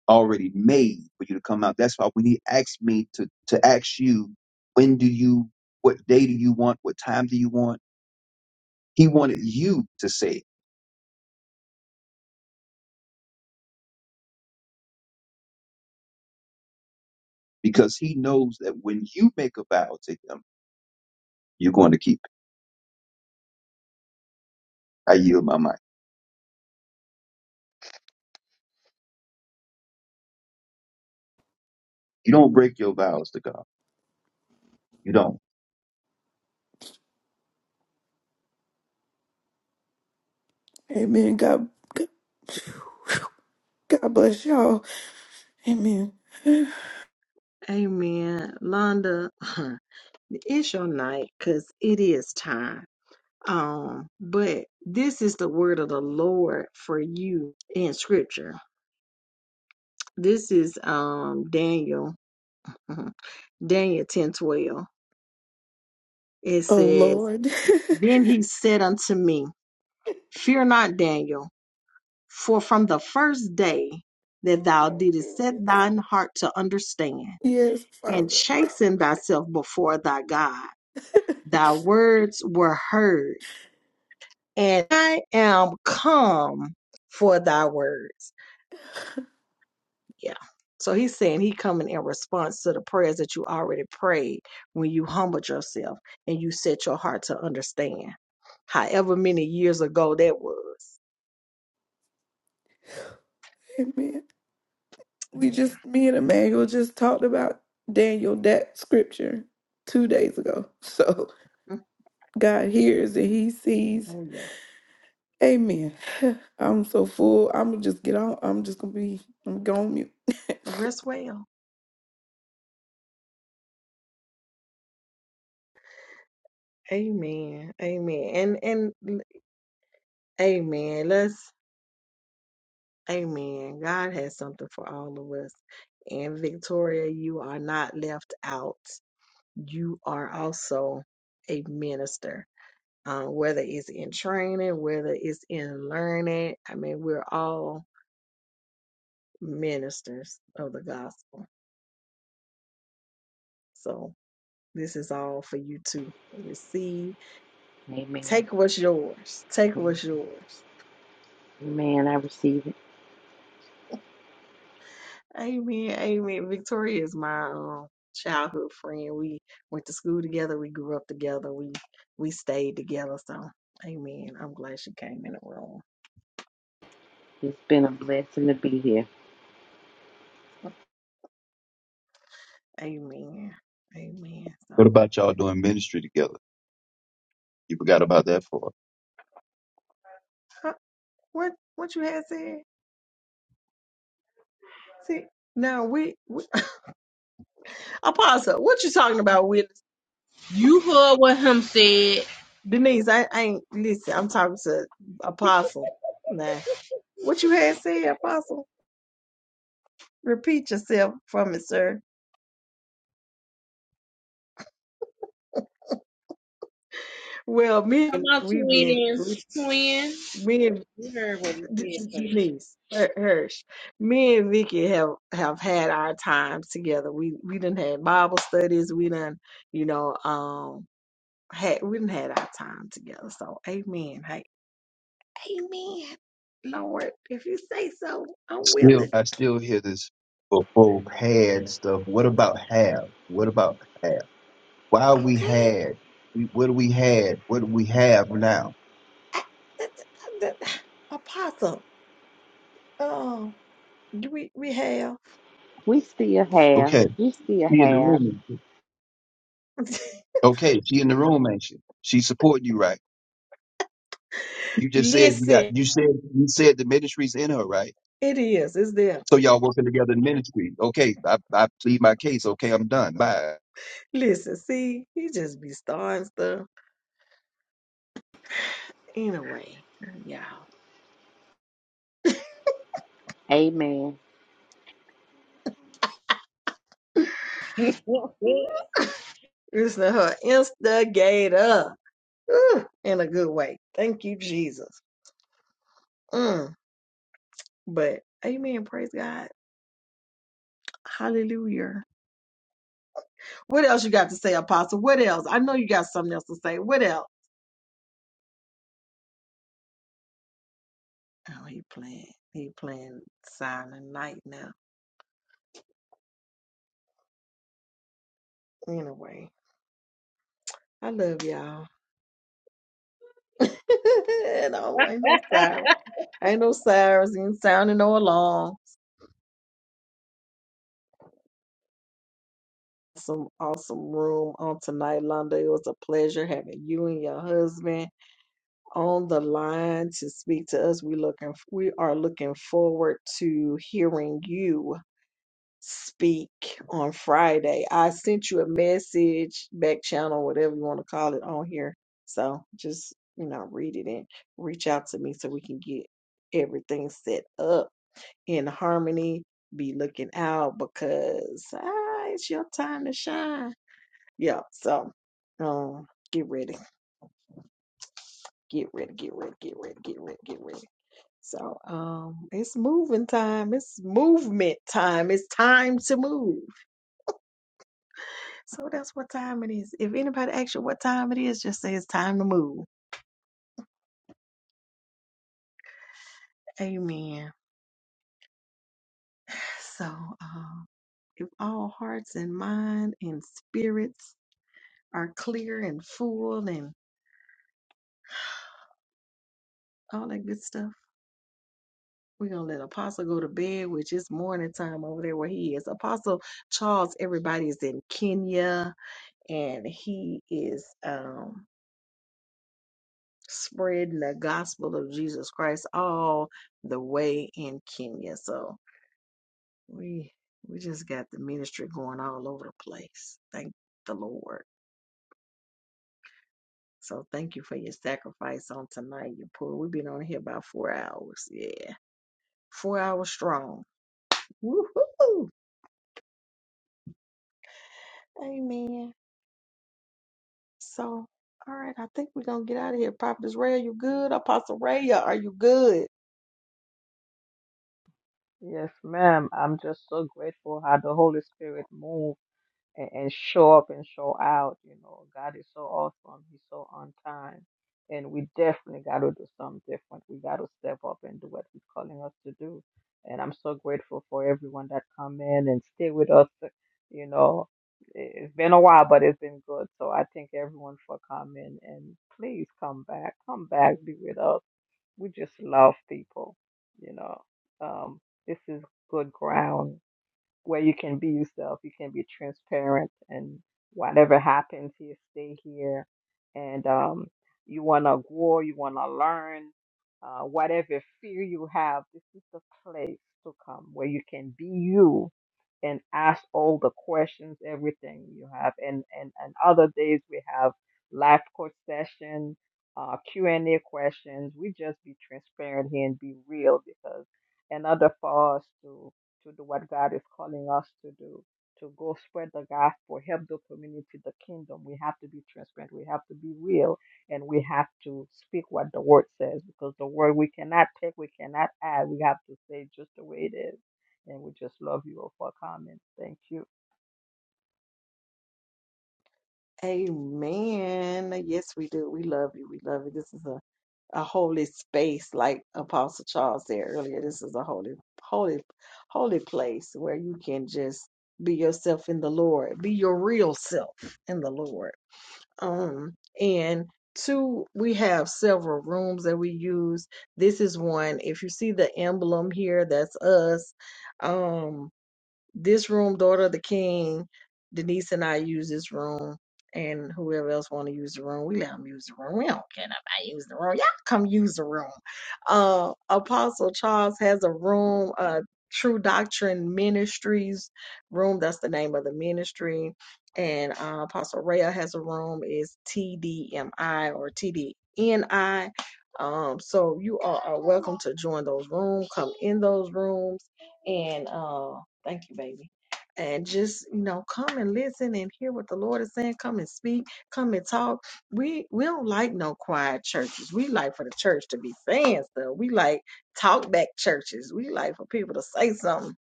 S2: already made for you to come out. That's why when he asked me to to ask you, when do you what day do you want? What time do you want? He wanted you to say it because he knows that when you make a vow to him You're going to keep it. I yield my mind. You don't break your vows to God. You don't.
S12: Amen. God, God God bless y'all. Amen.
S1: Amen, Londa. [laughs] It's your night, cause it is time. Um, but this is the word of the Lord for you in scripture. This is um Daniel, mhm, Daniel ten twelve. It
S12: Oh
S1: says,
S12: Lord.
S1: Then
S12: [laughs]
S1: he said unto me, Fear not, Daniel, for from the first day that
S12: oh
S1: thou
S12: my
S1: didst set
S12: goodness.
S1: thine heart to understand
S12: Yes,
S1: and
S12: Father.
S1: chasten thyself before thy God,
S12: [laughs]
S1: thy words were heard, and I am come for thy words. Yeah. So he's saying he coming in response to the prayers that you already prayed when you humbled yourself and you set your heart to understand. However many years ago that was.
S12: Amen. We
S1: Amen.
S12: just me and Emmanuel just talked about Daniel that scripture two days ago. [laughs] So
S1: Mm,
S12: God hears and He sees.
S1: Oh yeah.
S12: Amen. [sighs] I'm so full. I'm gonna just get on. I'm just gonna be. I'm going mute.
S1: Rest well. Amen. Amen. And and amen. Let's amen. God has something for all of us. And Victoria, you are not left out. You are also a minister um, whether it's in training, whether it's in learning. I mean, we're all ministers of the gospel. So this is all for you to receive.
S8: Amen.
S1: Take what's yours. Take what's yours.
S8: Amen. I receive it.
S1: Amen. Amen. Victoria is my um, childhood friend. We went to school together. We grew up together. We we stayed together. So, Amen. I'm glad she came in the room.
S8: It's been a blessing to be here.
S1: Amen. Amen.
S2: What
S1: So,
S2: about y'all doing ministry together? You forgot about that part.
S1: huh, what what you had said? See, now we Apostle, what you talking about, witness?
S6: You heard what him said.
S1: Denise, I, I ain't listen. I'm talking to Apostle now. What you had said, Apostle? Repeat yourself from it, sir. Well, me
S6: Come
S1: and
S6: out to
S1: we've been
S6: it in,
S1: we,
S6: twin.
S1: me and
S6: You heard what
S1: D-
S6: he
S1: D-
S6: said,
S1: Denise Her- Hirsch, me and Vicky have have had our times together. We we done had Bible studies. We done you know um had we done had our time together. So, Amen. Hey, Amen. Lord, if you say so, I'm
S2: Still,
S1: willing.
S2: I still hear this before had stuff. What about have? What about have? Why we
S1: Okay,
S2: had? We- What do we had? What do we have now?
S1: that's that, apostle. Um, do we we have.
S8: We still have.
S2: Okay.
S8: We still
S2: She in the
S8: have.
S2: room.
S1: [laughs]
S2: Okay. She in the room, ain't she? She supporting you, right? You just said you got,
S1: Listen,
S2: you said, you said the ministry's in her, right?
S1: it is. It's there.
S2: So y'all working together in ministry. Okay. I, I plead my case. Okay. I'm done. Bye.
S1: Listen, see, he just be starting stuff anyway. Y'all,
S8: Amen.
S6: twin.
S1: it's her instigator Ooh, in a good way. Thank you, Jesus. Mm, but Amen. Praise God. Hallelujah. What else you got to say, Apostle? What else? I know you got something else to say. What else? Oh, he playing. He playing silent night now. Anyway, I love y'all. [laughs] and I ain't no sirens. Ain't no sirens. Ain't sounding no alarm. Some awesome room on tonight, Londa. It was a pleasure having you and your husband on the line to speak to us. We looking we are looking forward to hearing you speak on Friday. I sent you a message back channel, whatever you want to call it, on here. So just you know, read it and reach out to me so we can get everything set up in harmony. Be looking out because ah, it's your time to shine. Yeah. So um, get ready, get ready, get ready, get ready, get ready, get ready. So um, it's moving time. It's movement time. It's time to move. So that's what time it is. If anybody asks you what time it is, just say it's time to move. Amen. So uh, if all hearts and mind and spirits are clear and full and all that good stuff, we're going to let Apostle go to bed, which is morning time over there where he is. Apostle Charles, everybody is in Kenya and he is um, spreading the gospel of Jesus Christ all the way in Kenya. So we we just got the ministry going all over the place. Thank the Lord. So thank you for your sacrifice on tonight, you poor. We've been on here about four hours. Yeah. Four hours strong. Woohoo. Amen. So all right, I think we're gonna get out of here. Prophetess Ray, are you good? Apostle Ray, are you good?
S4: Yes, ma'am. I'm just so grateful how the Holy Spirit moves and, and show up and show out. You know, God is so awesome. He's so on time. And we definitely got to do something different. We got to step up and do what He's calling us to do. And I'm so grateful for everyone that come in and stay with us. You know, It- has been a while, but it's been good. So I thank everyone for coming. And please come back. Come back. Be with us. We just love people. You know, um, this is good ground where you can be yourself, you can be transparent, and whatever happens here, stay here. And um, you want to grow, you want to learn, uh, whatever fear you have, this is the place to come where you can be you and ask all the questions, everything you have. And and, and other days we have life coach session, uh, Q and A questions. We just be transparent here and be real because in order for us to to do what God is calling us to do, to go spread the gospel, help the community, the kingdom. We have to be transparent, we have to be real, and we have to speak what the word says because the word we cannot take, we cannot add. We have to say just the way it is. And we just love you all for comments. Thank you.
S1: Amen. Yes, we do. We love you. We love you. This is a a holy space like Apostle Charles said earlier. This is a holy, holy, holy place where you can just be yourself in the Lord, be your real self in the Lord. Um, and two, we have several rooms that we use. This is one. If you see the emblem here, that's us. Um, this room, Daughter of the King, Denise and I use this room, and whoever else want to use the room, we let them use the room. We don't care if I use the room. Y'all come use the room. Uh, Apostle Charles has a room, uh, True Doctrine Ministries room. That's the name of the ministry. And uh, Apostle Rhea has a room. Is TDMI or TDNI. Um, so you all are welcome to join those rooms. Come in those rooms and. Uh, Thank you, baby. And just, you know, come and listen and hear what the Lord is saying. Come and speak. Come and talk. We we don't like no quiet churches. We like for the church to be saying stuff. We like talk back churches. We like for people to say something.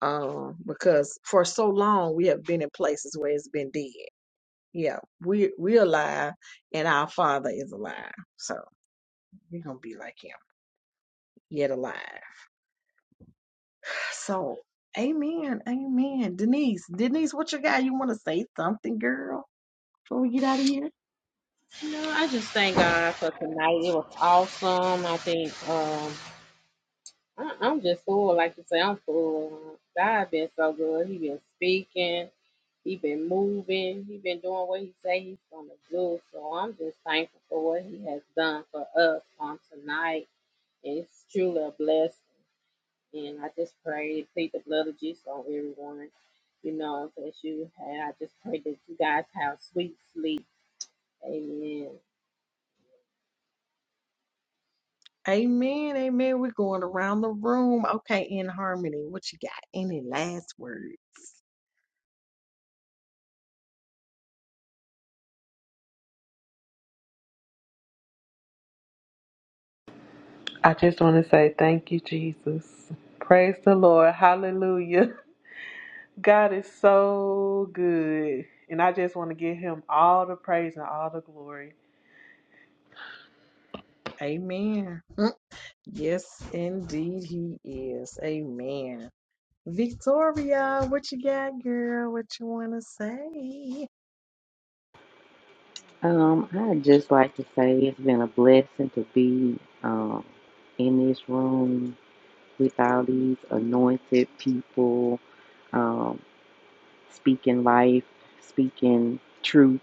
S1: Um, because for so long we have been in places where it's been dead. Yeah, we we alive and our father is alive. So we're gonna be like him, yet alive. So, amen, amen. Denise, Denise, what you got? You want to say something, girl, before we get out of here?
S6: No, I just thank God for tonight. It was awesome. I think um, I, I'm just full. Like you say, I'm full. God been so good. He been speaking. He been moving. He been doing what he say he's gonna do. So I'm just thankful for what he has done for us on tonight. It's truly a blessing. And I just pray, and plead the blood of Jesus on everyone. You know, that you have. I just pray that you guys have sweet sleep. Amen.
S1: Amen, amen. We're going around the room. Okay, in harmony, what you got? Any last words?
S15: I just want to say thank you, Jesus. Praise the Lord. Hallelujah. God is so good. And I just want to give him all the praise and all the glory.
S1: Amen. Mm, Yes, indeed, he is. Amen. Victoria, what you got, girl? What you want to say?
S8: Um, I'd just like to say it's been a blessing to be um in this room with all these anointed people, um, speaking life, speaking truth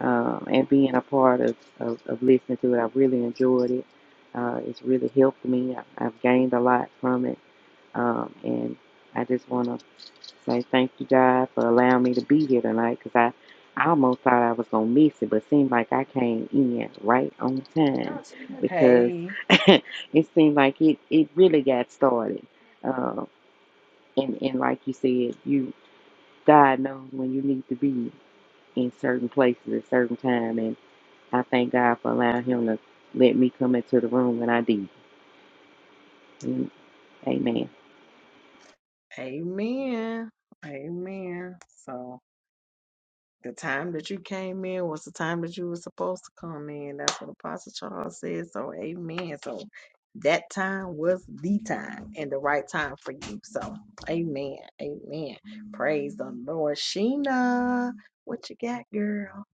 S8: um, and being a part of, of, of listening to it. I really enjoyed it. Uh, it's really helped me. I, I've gained a lot from it. Um, and I just want to say thank you, God, for allowing me to be here tonight because I, I almost thought I was going to miss it, but it seemed like I came in right on time because
S1: Hey,
S8: [laughs] it seemed like it, it really got started. Um, and, and like you said, you God knows when you need to be in certain places at certain time. and I thank God for allowing him to let me come into the room when I did. Mm, Amen.
S1: amen, amen. So. The time that you came in was the time that you were supposed to come in. That's what Apostle Charles said. So, amen. So, that time was the time and the right time for you. So, amen. Amen. Praise the Lord. Sheena, what you got, girl?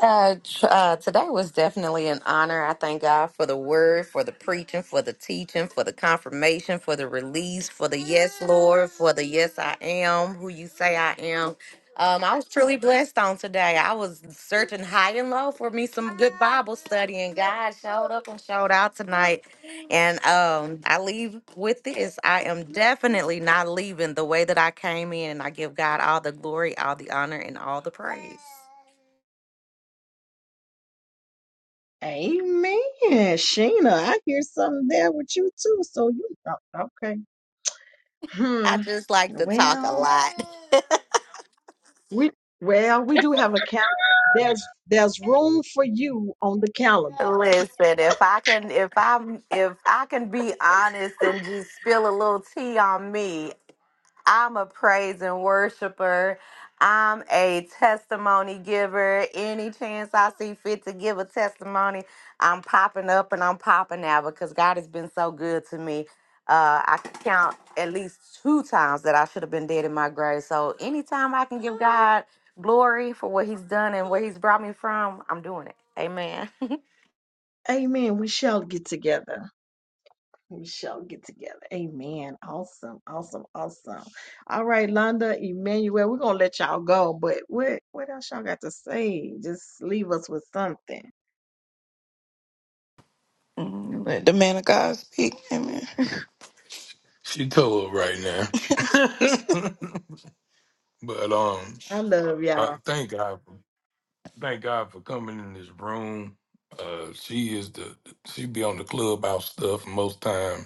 S10: Uh, tr- uh, today was definitely an honor. I thank God for the word, for the preaching, for the teaching, for the confirmation, for the release, for the yes, Lord, for the yes, I am who you say I am. Um, I was truly blessed on today. I was searching high and low for me some good Bible study, and God showed up and showed out tonight. And um, I leave with this I am definitely not leaving the way that I came in. I give God all the glory, all the honor, and all the praise.
S1: Amen. Sheena, I hear something there with you too. So, you, oh, okay.
S10: I
S1: Hmm.
S10: just like to talk a
S1: Well,
S10: lot. [laughs]
S1: we, well, we do have a count. There's, there's room for you on the calendar.
S10: Listen, if I can if I'm if I can be honest and just spill a little tea on me, I'm a praise and worshiper. I'm a testimony giver. Any chance I see fit to give a testimony, I'm popping up and I'm popping out because God has been so good to me. Uh, I can count at least two times that I should have been dead in my grave. So anytime I can give God glory for what He's done and where He's brought me from, I'm doing it. Amen. [laughs]
S1: Amen. We shall get together. We shall get together. Amen. Awesome. Awesome. Awesome. All right, Londa, Emmanuel, we're gonna let y'all go, but what what else y'all got to say? Just leave us with something.
S12: Mm, Let the man of God speak. Amen. [laughs] She cold right now. [laughs] but um,
S1: I love
S12: I
S1: y'all.
S12: thank God. thank God for coming in this room. Uh, she is the she be on the clubhouse stuff most time.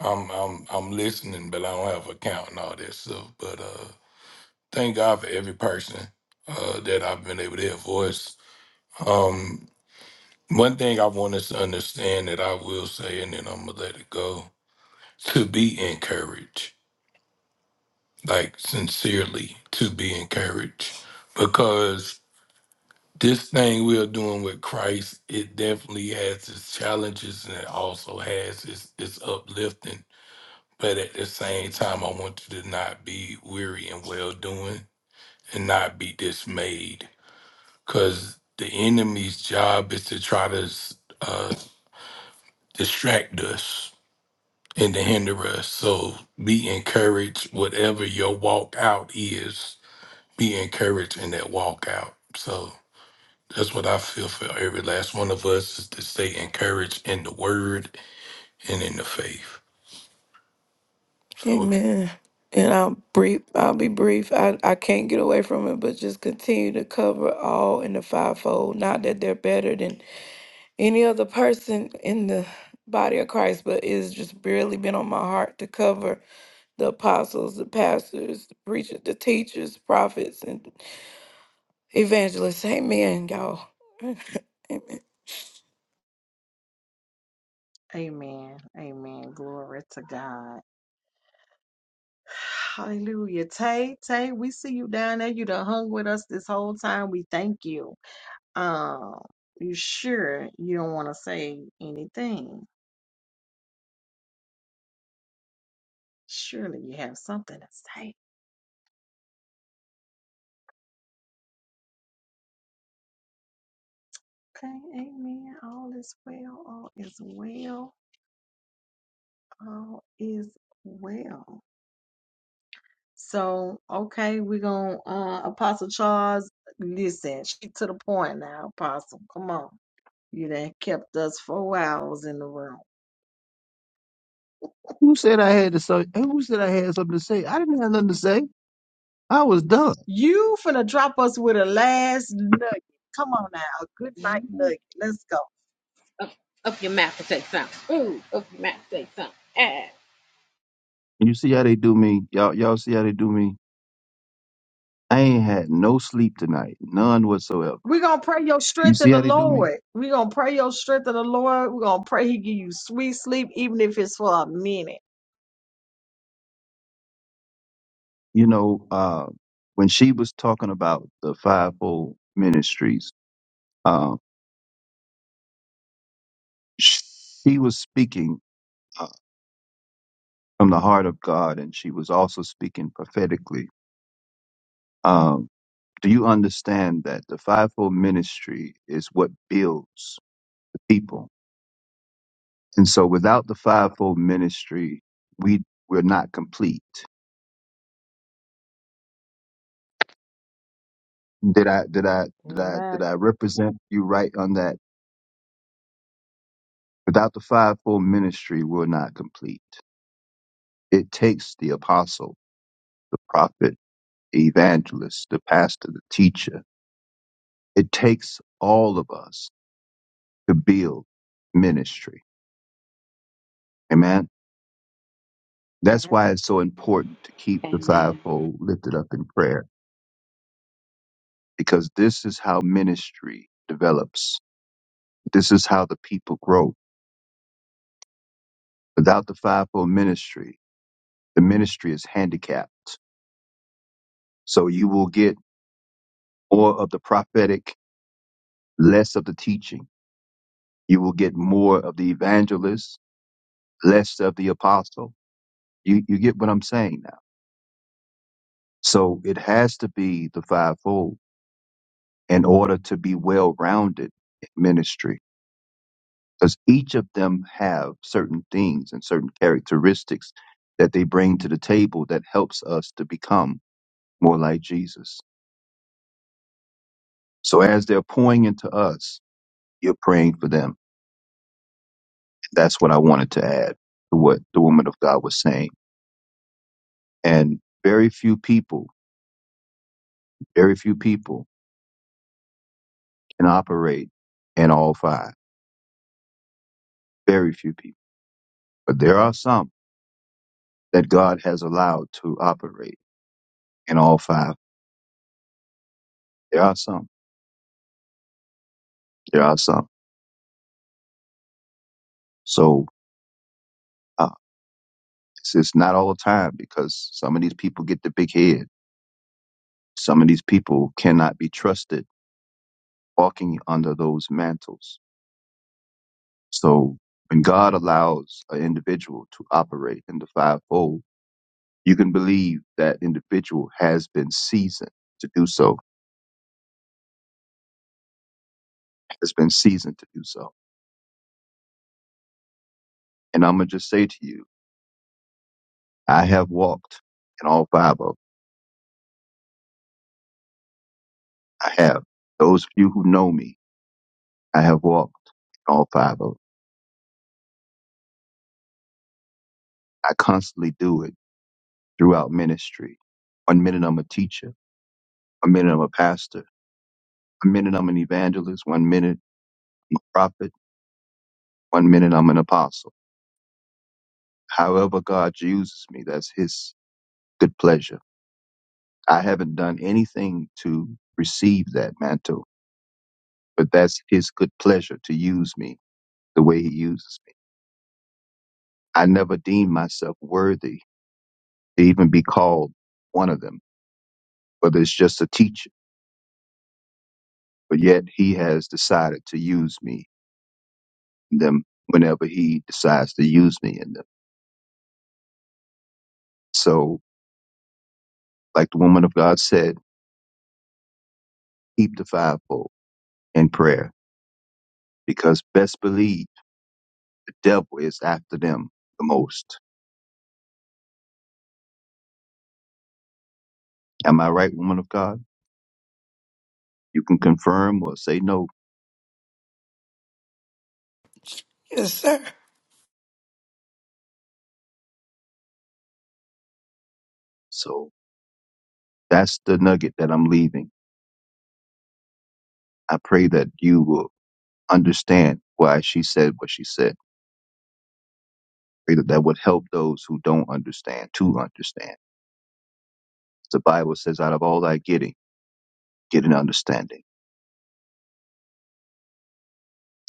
S12: I'm I'm I'm listening, but I don't have an account and all that stuff. But uh, thank God for every person uh, that I've been able to hear voice. Um, one thing I want us to understand that I will say, and then I'm gonna let it go. To be encouraged, like sincerely, to be encouraged, because this thing we are doing with Christ, it definitely has its challenges and it also has its, its uplifting. But at the same time, I want you to not be weary and well doing and not be dismayed because the enemy's job is to try to uh, distract us and to hinder us. So be encouraged, whatever your walk out is, be encouraged in that walk out. So That's what I feel for every last one of us is to stay encouraged in the word and in the faith. So Amen. And I'll brief. I'll be brief. I, I can't get away from it, but just continue to cover all in the fivefold. Not that they're better than any other person in the body of Christ, but it's just really been on my heart to cover the apostles, the pastors, the preachers, the teachers, prophets, and evangelists. Amen, y'all. [laughs] Amen.
S1: Amen. Amen. Glory to God. Hallelujah. Tay, Tay, we see you down there. You done hung with us this whole time. We thank you. Um, you sure you don't want to say anything? Surely you have something to say. Okay, amen. All is well. All is well. All is well. So, okay, we're going to, uh, Apostle Charles, listen, she to the point now, Apostle. Come on. You done kept us four hours in the room.
S2: Who said I had to say? Who said I had something to say? I didn't have nothing to say. I was done.
S1: You finna drop us with a last nugget. Come on now, a good night nugget. Let's go.
S6: Up, up your mouth and say something. Ooh, up your mouth and say something. Ah,
S2: You see how they do me, y'all. Y'all see how they do me. I ain't had no sleep tonight, none whatsoever.
S1: We're gonna pray your
S2: You
S1: strength in
S2: see
S1: the
S2: how they do me.
S1: Lord. We're gonna pray your strength in the Lord. We're gonna pray He give you sweet sleep, even if it's for a minute.
S2: You know, uh, when she was talking about the fivefold ministries, uh, she was speaking uh, from the heart of God, and she was also speaking prophetically. Um, do you understand that the fivefold ministry is what builds the people? And so without the fivefold ministry, we we're not complete. Did I did I did I did I
S4: Amen.
S2: represent you right on that? Without the fivefold ministry, we're not complete. It takes the apostle, the prophet, the evangelist, the pastor, the teacher. It takes all of us to build ministry. Amen. That's
S1: Amen.
S2: why it's so important to keep the
S8: Amen.
S2: fivefold lifted up in prayer because this is how ministry develops. This is how the people grow Without the fivefold ministry, the ministry is handicapped. So you will get more of the prophetic, less of the teaching. You will get more of the evangelist, less of the apostle. You, you get what I'm saying now. So it has to be the fivefold in order to be well rounded in ministry because each of them have certain things and certain characteristics that they bring to the table that helps us to become more like Jesus. So as they're pouring into us, You're praying for them. That's what I wanted to add to what the woman of God was saying. And very few people, very few people can operate in all five. Very few people. But there are some that God has allowed to operate in all five. There are some. There are some. So uh, it's, it's not all the time because some of these people get the big head. Some of these people cannot be trusted walking under those mantles So when God allows an individual to operate in the fivefold, you can believe that individual has been seasoned to do so, has been seasoned to do so. And I'm going to just say to you, I have walked in all five of them. I have. Those of you who know me, I have walked in all five of them. I constantly do it throughout ministry. One minute I'm a teacher. One minute I'm a pastor. One minute I'm an evangelist. One minute I'm a prophet. One minute I'm an apostle However God uses me, that's his good pleasure. I haven't done anything to receive that mantle, but that's his good pleasure to use me the way he uses me. I never deemed myself worthy to even be called one of them, whether it's just a teacher, but yet he has decided to use me in them whenever he decides to use me in them. So like the woman of God said, keep the fivefold in prayer because best believe the devil is after them the most. Am I right, woman of God? You can confirm or say no.
S12: Yes, sir.
S2: So that's the nugget that I'm leaving. I pray that you will understand why she said what she said. Pray that that would help those who don't understand to understand. The Bible says, out of all thy getting, get an understanding.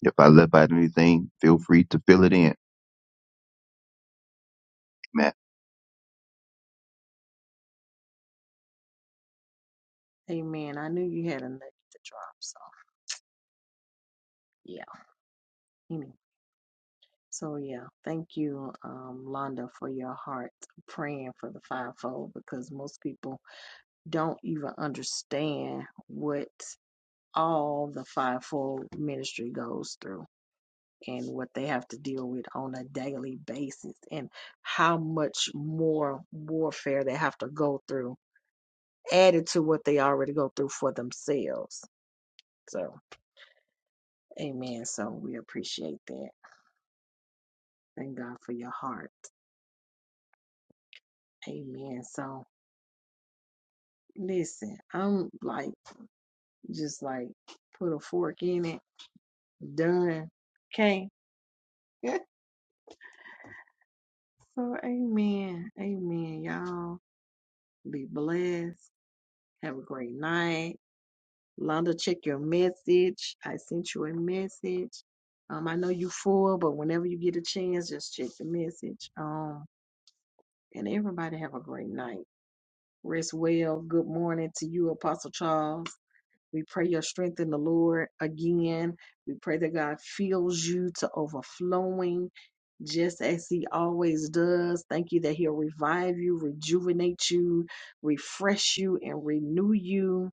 S2: If I left out anything, feel free to fill it in. man.
S1: Amen. I knew you had a nugget to drop, so yeah. Amen. So yeah, thank you, um, Londa, for your heart praying for the fivefold because most people don't even understand what all the fivefold ministry goes through. and what they have to deal with on a daily basis and how much more warfare they have to go through added to what they already go through for themselves. So, amen. So, we appreciate that. Thank God for your heart. Amen. So, listen, I'm like, just like, put a fork in it. Done. Okay. [laughs] so, amen. Amen. Y'all be blessed. Have a great night. Londa, check your message. I sent you a message. Um, I know you full, but whenever you get a chance, just check the message. Um, and everybody have a great night. Rest well. Good morning to you, Apostle Charles. We pray your strength in the Lord again. We pray that God fills you to overflowing just as he always does. Thank you that he'll revive you, rejuvenate you, refresh you, and renew you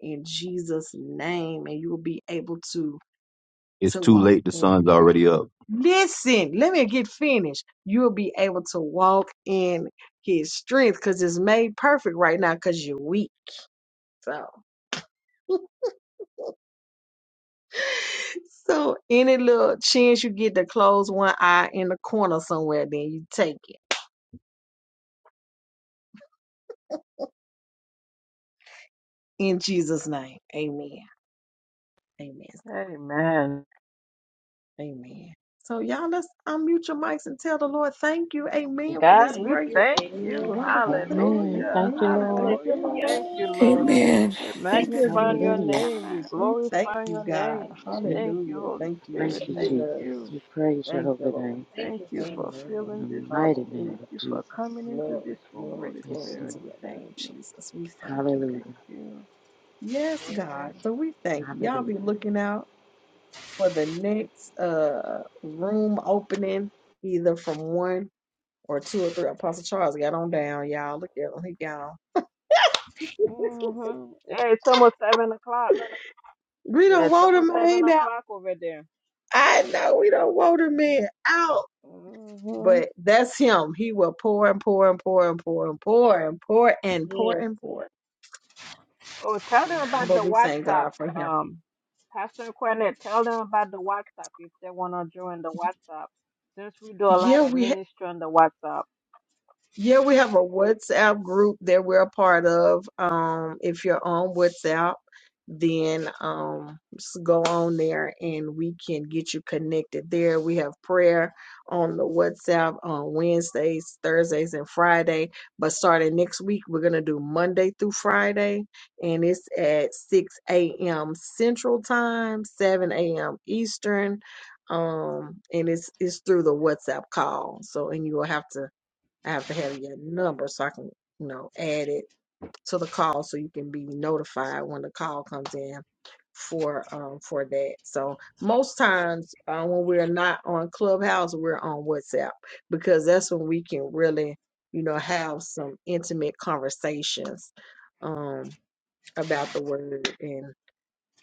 S1: in Jesus' name. And you will be able to
S2: It's
S1: to
S2: too
S1: walk.
S2: late. The
S1: in-
S2: sun's already up.
S1: Listen, let me get finished. You'll be able to walk in his strength because it's made perfect right now because you're weak. So [laughs] so any little chance you get to close one eye in the corner somewhere, then you take it. In Jesus' name. Amen. Amen.
S4: Amen.
S1: Amen. So y'all let's unmute your mics and tell the Lord thank you. Amen for this
S4: God,
S6: thank
S4: we
S1: great,
S6: you.
S4: thank
S6: Amen.
S4: you.
S1: wonderful thing.
S8: Amen.
S4: Hallelujah.
S8: Thank you,
S1: Amen. Thank
S8: Lord.
S1: you,
S4: Hallelujah.
S1: Lord.
S4: Thank you, Lord.
S6: Hallelujah.
S12: Amen.
S4: We
S6: Thank you,
S4: magnify
S6: Jesus.
S4: your
S1: Yes,
S8: Hallelujah.
S4: name. We
S1: God. We thank
S4: glorify
S1: you,
S4: your
S1: God.
S4: name. We thank
S8: Thank
S4: you,
S1: Hallelujah.
S4: Holy
S1: Thank you,
S4: Spirit.
S8: you,
S4: Thank
S8: Jesus.
S1: Jesus.
S4: you.
S8: We praise your
S1: Thank you,
S8: holy
S1: Lord.
S8: name
S6: Thank
S4: Thank
S6: you,
S4: you for
S1: Amen.
S8: in
S4: filling this
S8: the mighty
S4: room.
S8: name
S1: Hallelujah.
S4: Thank
S8: of
S4: you for
S8: Jesus.
S4: coming into
S1: Glory,
S4: this room,
S1: glory,
S4: Holy
S8: Yes,
S1: glory
S4: Spirit.
S8: Lord.
S1: to
S4: We
S1: your
S4: thank
S1: name,
S4: you.
S1: Jesus. We thank you, God.
S8: Hallelujah.
S4: Thank you.
S1: Yes, God. So we thank you. Y'all
S8: Hallelujah.
S1: be looking out for the next uh room opening, either from one or two or three. Apostle Charles got on down, y'all. Look at him, he gone.
S6: Jesus.
S4: Mm-hmm. Yeah, it's almost seven o'clock.
S1: We
S4: Yeah,
S1: don't
S4: it's
S1: want a
S4: almost seven
S1: man out.
S4: o'clock over there.
S1: I know we don't want a man out,
S4: hmm
S1: but that's him. He will pour and pour and pour and pour and pour and pour
S6: [laughs]
S1: and pour
S6: yes.
S1: and pour.
S4: Oh, tell them about
S1: But
S4: the
S1: we thank
S4: WhatsApp.
S1: God for him.
S4: Um, Pastor Quinette, tell them about the WhatsApp if they want to join the WhatsApp. Since we do a
S1: Yeah,
S4: lot of
S1: we. ha-
S4: ministry on the WhatsApp.
S1: Yeah, we have a WhatsApp group that we're a part of. Um, if you're on WhatsApp, then um, s- go on there and we can get you connected there. We have prayer on the WhatsApp on Wednesdays, Thursdays, and Friday. But starting next week, we're going to do Monday through Friday, and it's at 6 a.m. Central Time, 7 a.m. Eastern. Um, and it's it's through the WhatsApp call. So, and you will have to I have to have your number so I can, you know, add it to the call so you can be notified when the call comes in for um for that. So most times uh, when we're not on Clubhouse, we're on WhatsApp because that's when we can really, you know, have some intimate conversations um about the word and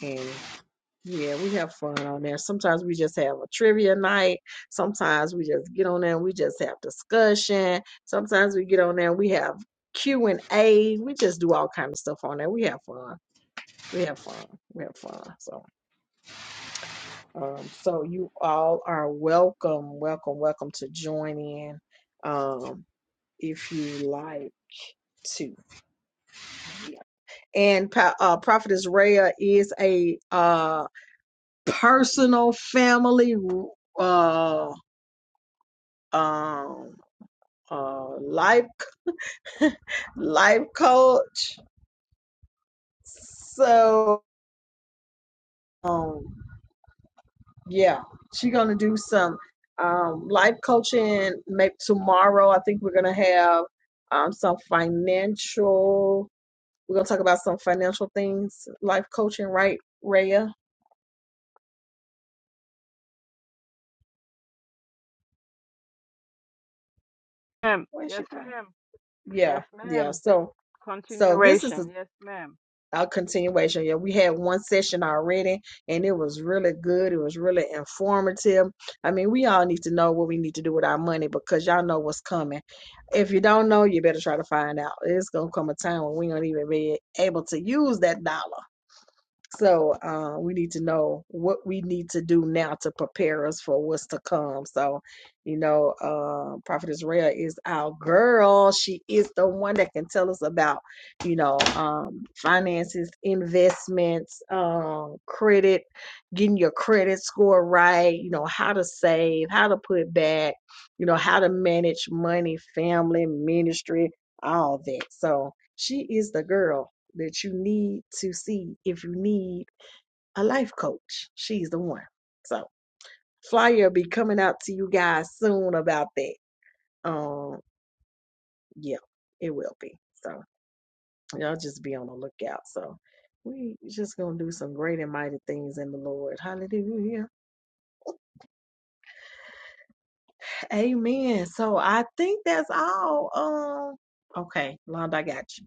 S1: and yeah, we have fun on there. Sometimes we just have a trivia night. Sometimes we just get on there and we just have discussion. Sometimes we get on there and we have Q and A. We just do all kind of stuff on there. We have fun. We have fun. We have fun. So, um, so you all are welcome, welcome, welcome to join in, um, if you like to. Yeah. And Pa- uh, Prophetess Rhea is a uh personal family. uh. um, uh, life life coach. So um, yeah, she's gonna do some um, life coaching. Maybe tomorrow, I think we're gonna have um, some financial. We're gonna talk about some financial things, life coaching, right, Raya?
S4: Ma'am,
S1: Where's she
S4: yes,
S1: from?
S4: ma'am.
S1: Yeah,
S4: Yes,
S1: yeah.
S4: ma'am.
S1: So so this is
S4: Continuation.
S1: the
S4: Yes, ma'am.
S1: a continuation. Yeah, we had one session already, and it was really good. It was really informative. I mean, we all need to know what we need to do with our money because y'all know what's coming. If you don't know, you better try to find out. It's gonna come a time when we don't even be able to use that dollar. So uh, we need to know what we need to do now to prepare us for what's to come. So, you know, uh, Prophet Israel is our girl. She is the one that can tell us about, you know, um, finances, investments, um, credit, getting your credit score right, you know, how to save, how to put back, you know, how to manage money, family, ministry, all that. So she is the girl that you need to see if you need a life coach. She's the one. So flyer will be coming out to you guys soon about that. Um, yeah, it will be. So y'all just be on the lookout. So we just gonna do some great and mighty things in the Lord. Hallelujah. Amen. So I think that's all. Um, okay, Londa, I got you.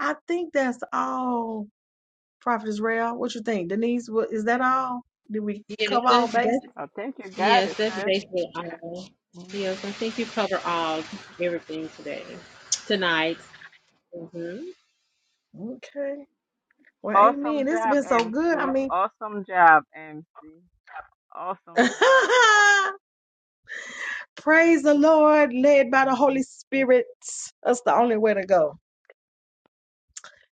S1: I think that's all. Prophet Israel, what you think? Denise, what, is that all? Did we
S6: Yes,
S1: cover all
S6: that's,
S1: bases?
S6: that's,
S4: I think you got
S6: yes,
S4: it,
S6: that's
S4: sis.
S6: basically all. Yes,
S4: Mhm.
S6: I think you covered all, everything today, tonight. hmm
S1: Okay. Well,
S4: Awesome
S1: amen. It's
S4: job,
S1: been so good. I
S4: MC.
S1: mean,
S4: Awesome job, MC. Awesome job.
S1: [laughs] praise the Lord, led by the Holy Spirit. That's the only way to go.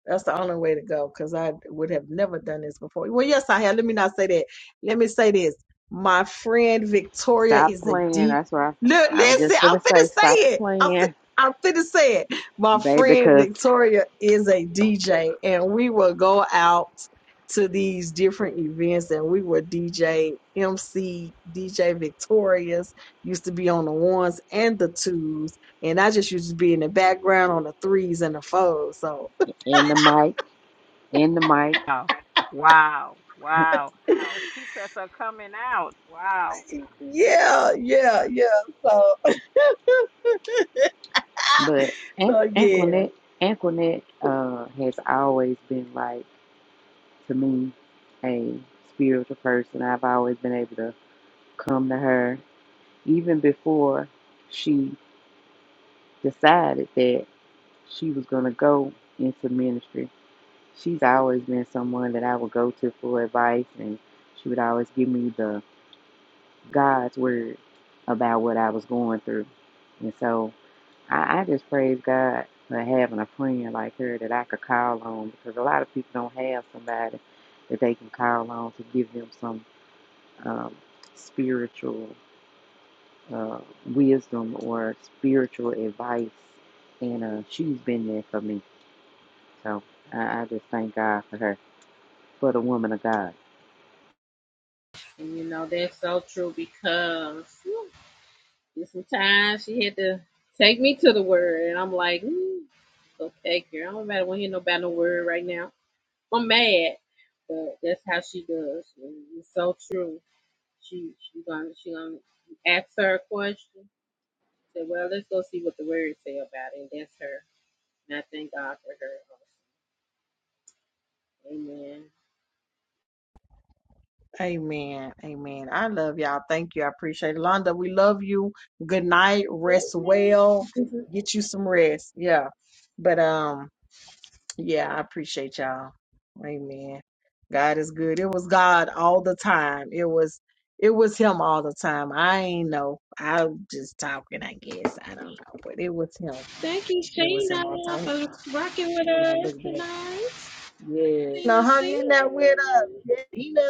S1: That's the only way to go because I would have never done this before. Well, yes, I have. Let me not say that. Let me say this. My friend Victoria
S8: Stop
S1: is a
S8: playing.
S1: deep.
S8: That's why
S1: Look,
S8: I was
S1: listen,
S8: just
S1: I'm
S8: gonna
S1: finna
S8: say,
S1: say
S8: stop
S1: it. I'm finna,
S8: playing,
S1: I'm finna say it. My
S8: baby,
S1: friend
S8: because
S1: Victoria is a DJ, and we will go out to these different events and we will DJ MC DJ Victorious used to be on the ones and the twos and I just used to be in the background on the threes and the fours so
S8: in the mic, in the mic.
S4: Wow. Wow. Wow. The secrets are coming out. Wow.
S1: Yeah, yeah, yeah. So,
S8: But An-
S1: so yeah.
S8: Antoinette, Antoinette, uh, has always been like. to me a spiritual person. I've always been able to come to her even before she decided that she was going to go into ministry. She's always been someone that I would go to for advice, and she would always give me the God's word about what I was going through. And so I, I just praise God for having a friend like her that I could call on because a lot of people don't have somebody that they can call on to give them some um, spiritual uh, wisdom or spiritual advice, and uh, she's been there for me. So I, I just thank God for her, for the woman of God.
S6: And you know, that's so true because whew, sometimes she had to take me to the word. And I'm like, mm, okay, girl, I don't matter want to hear nobody no word right now. I'm mad. But that's how she does. And it's so true. She she gonna she gonna ask her a question. Say, well, let's go see what the word say about it. And that's her. And I thank God for her. Amen.
S1: Amen. Amen. I love y'all. Thank you. I appreciate it. Londa, we love you. Good night. Rest well. Get you some rest. Yeah. But um, yeah, I appreciate y'all. Amen. God is good. It was God all the time. It was it was him all the time. I ain't know. I'm just talking, I guess. I don't know. But it was him.
S6: Thank you,
S1: It was him all the
S6: Shayna,
S1: time
S6: for rocking with
S1: when I
S6: us
S1: look back.
S6: tonight.
S1: Yeah. Now hung
S6: Shayna,
S1: in there with us. Yeah, Nina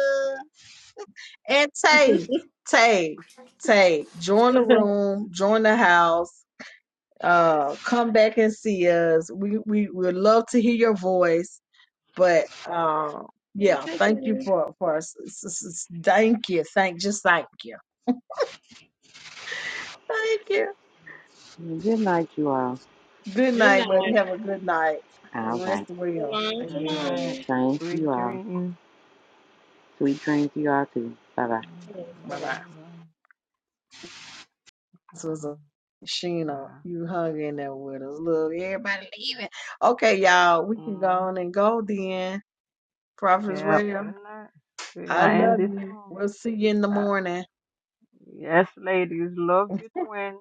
S1: and Tay. Tay. Tay. Join the
S6: Shayna. [laughs]
S1: room. Join the house. Uh come back and see us. We we would love to hear your voice. But um
S6: You're
S1: yeah, thank
S6: taking
S1: you
S6: me.
S1: for for s- s- s- thank you. Thank just thank you. Thank you.
S8: Good night, you all.
S1: Good
S6: Good
S1: night, but
S6: night.
S1: have a good night.
S8: All
S1: Rest
S8: right.
S1: well.
S6: Shalom,
S4: Good
S1: Amen.
S4: night.
S6: shalom.
S8: Same to you
S4: Sweet
S8: all.
S4: dreams.
S8: Sweet dreams to you all, too. Bye bye.
S4: Thank you,
S1: Bye
S6: Bye-bye.
S1: bye.
S4: Father.
S1: This was a
S4: Oh,
S1: Sheena,
S4: God.
S1: you hung in there with us. Look, everybody leaving. Okay, y'all, we can go
S4: Mm.
S1: on and go then. Prophets
S4: Yep.
S1: Radio,
S4: Good night. We're
S1: I
S4: gonna end
S1: love
S4: this
S1: you.
S4: room.
S1: We'll see you in the
S4: Uh,
S1: morning.
S4: yes, ladies. Love you, twin.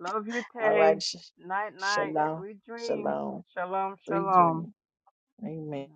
S4: Love you,
S1: All
S4: Tay.
S1: right, sh-
S4: Night, night.
S1: shalom,
S4: Sweet dreams.
S1: shalom,
S4: Shalom,
S1: sweet
S4: shalom.
S1: dream. Amen.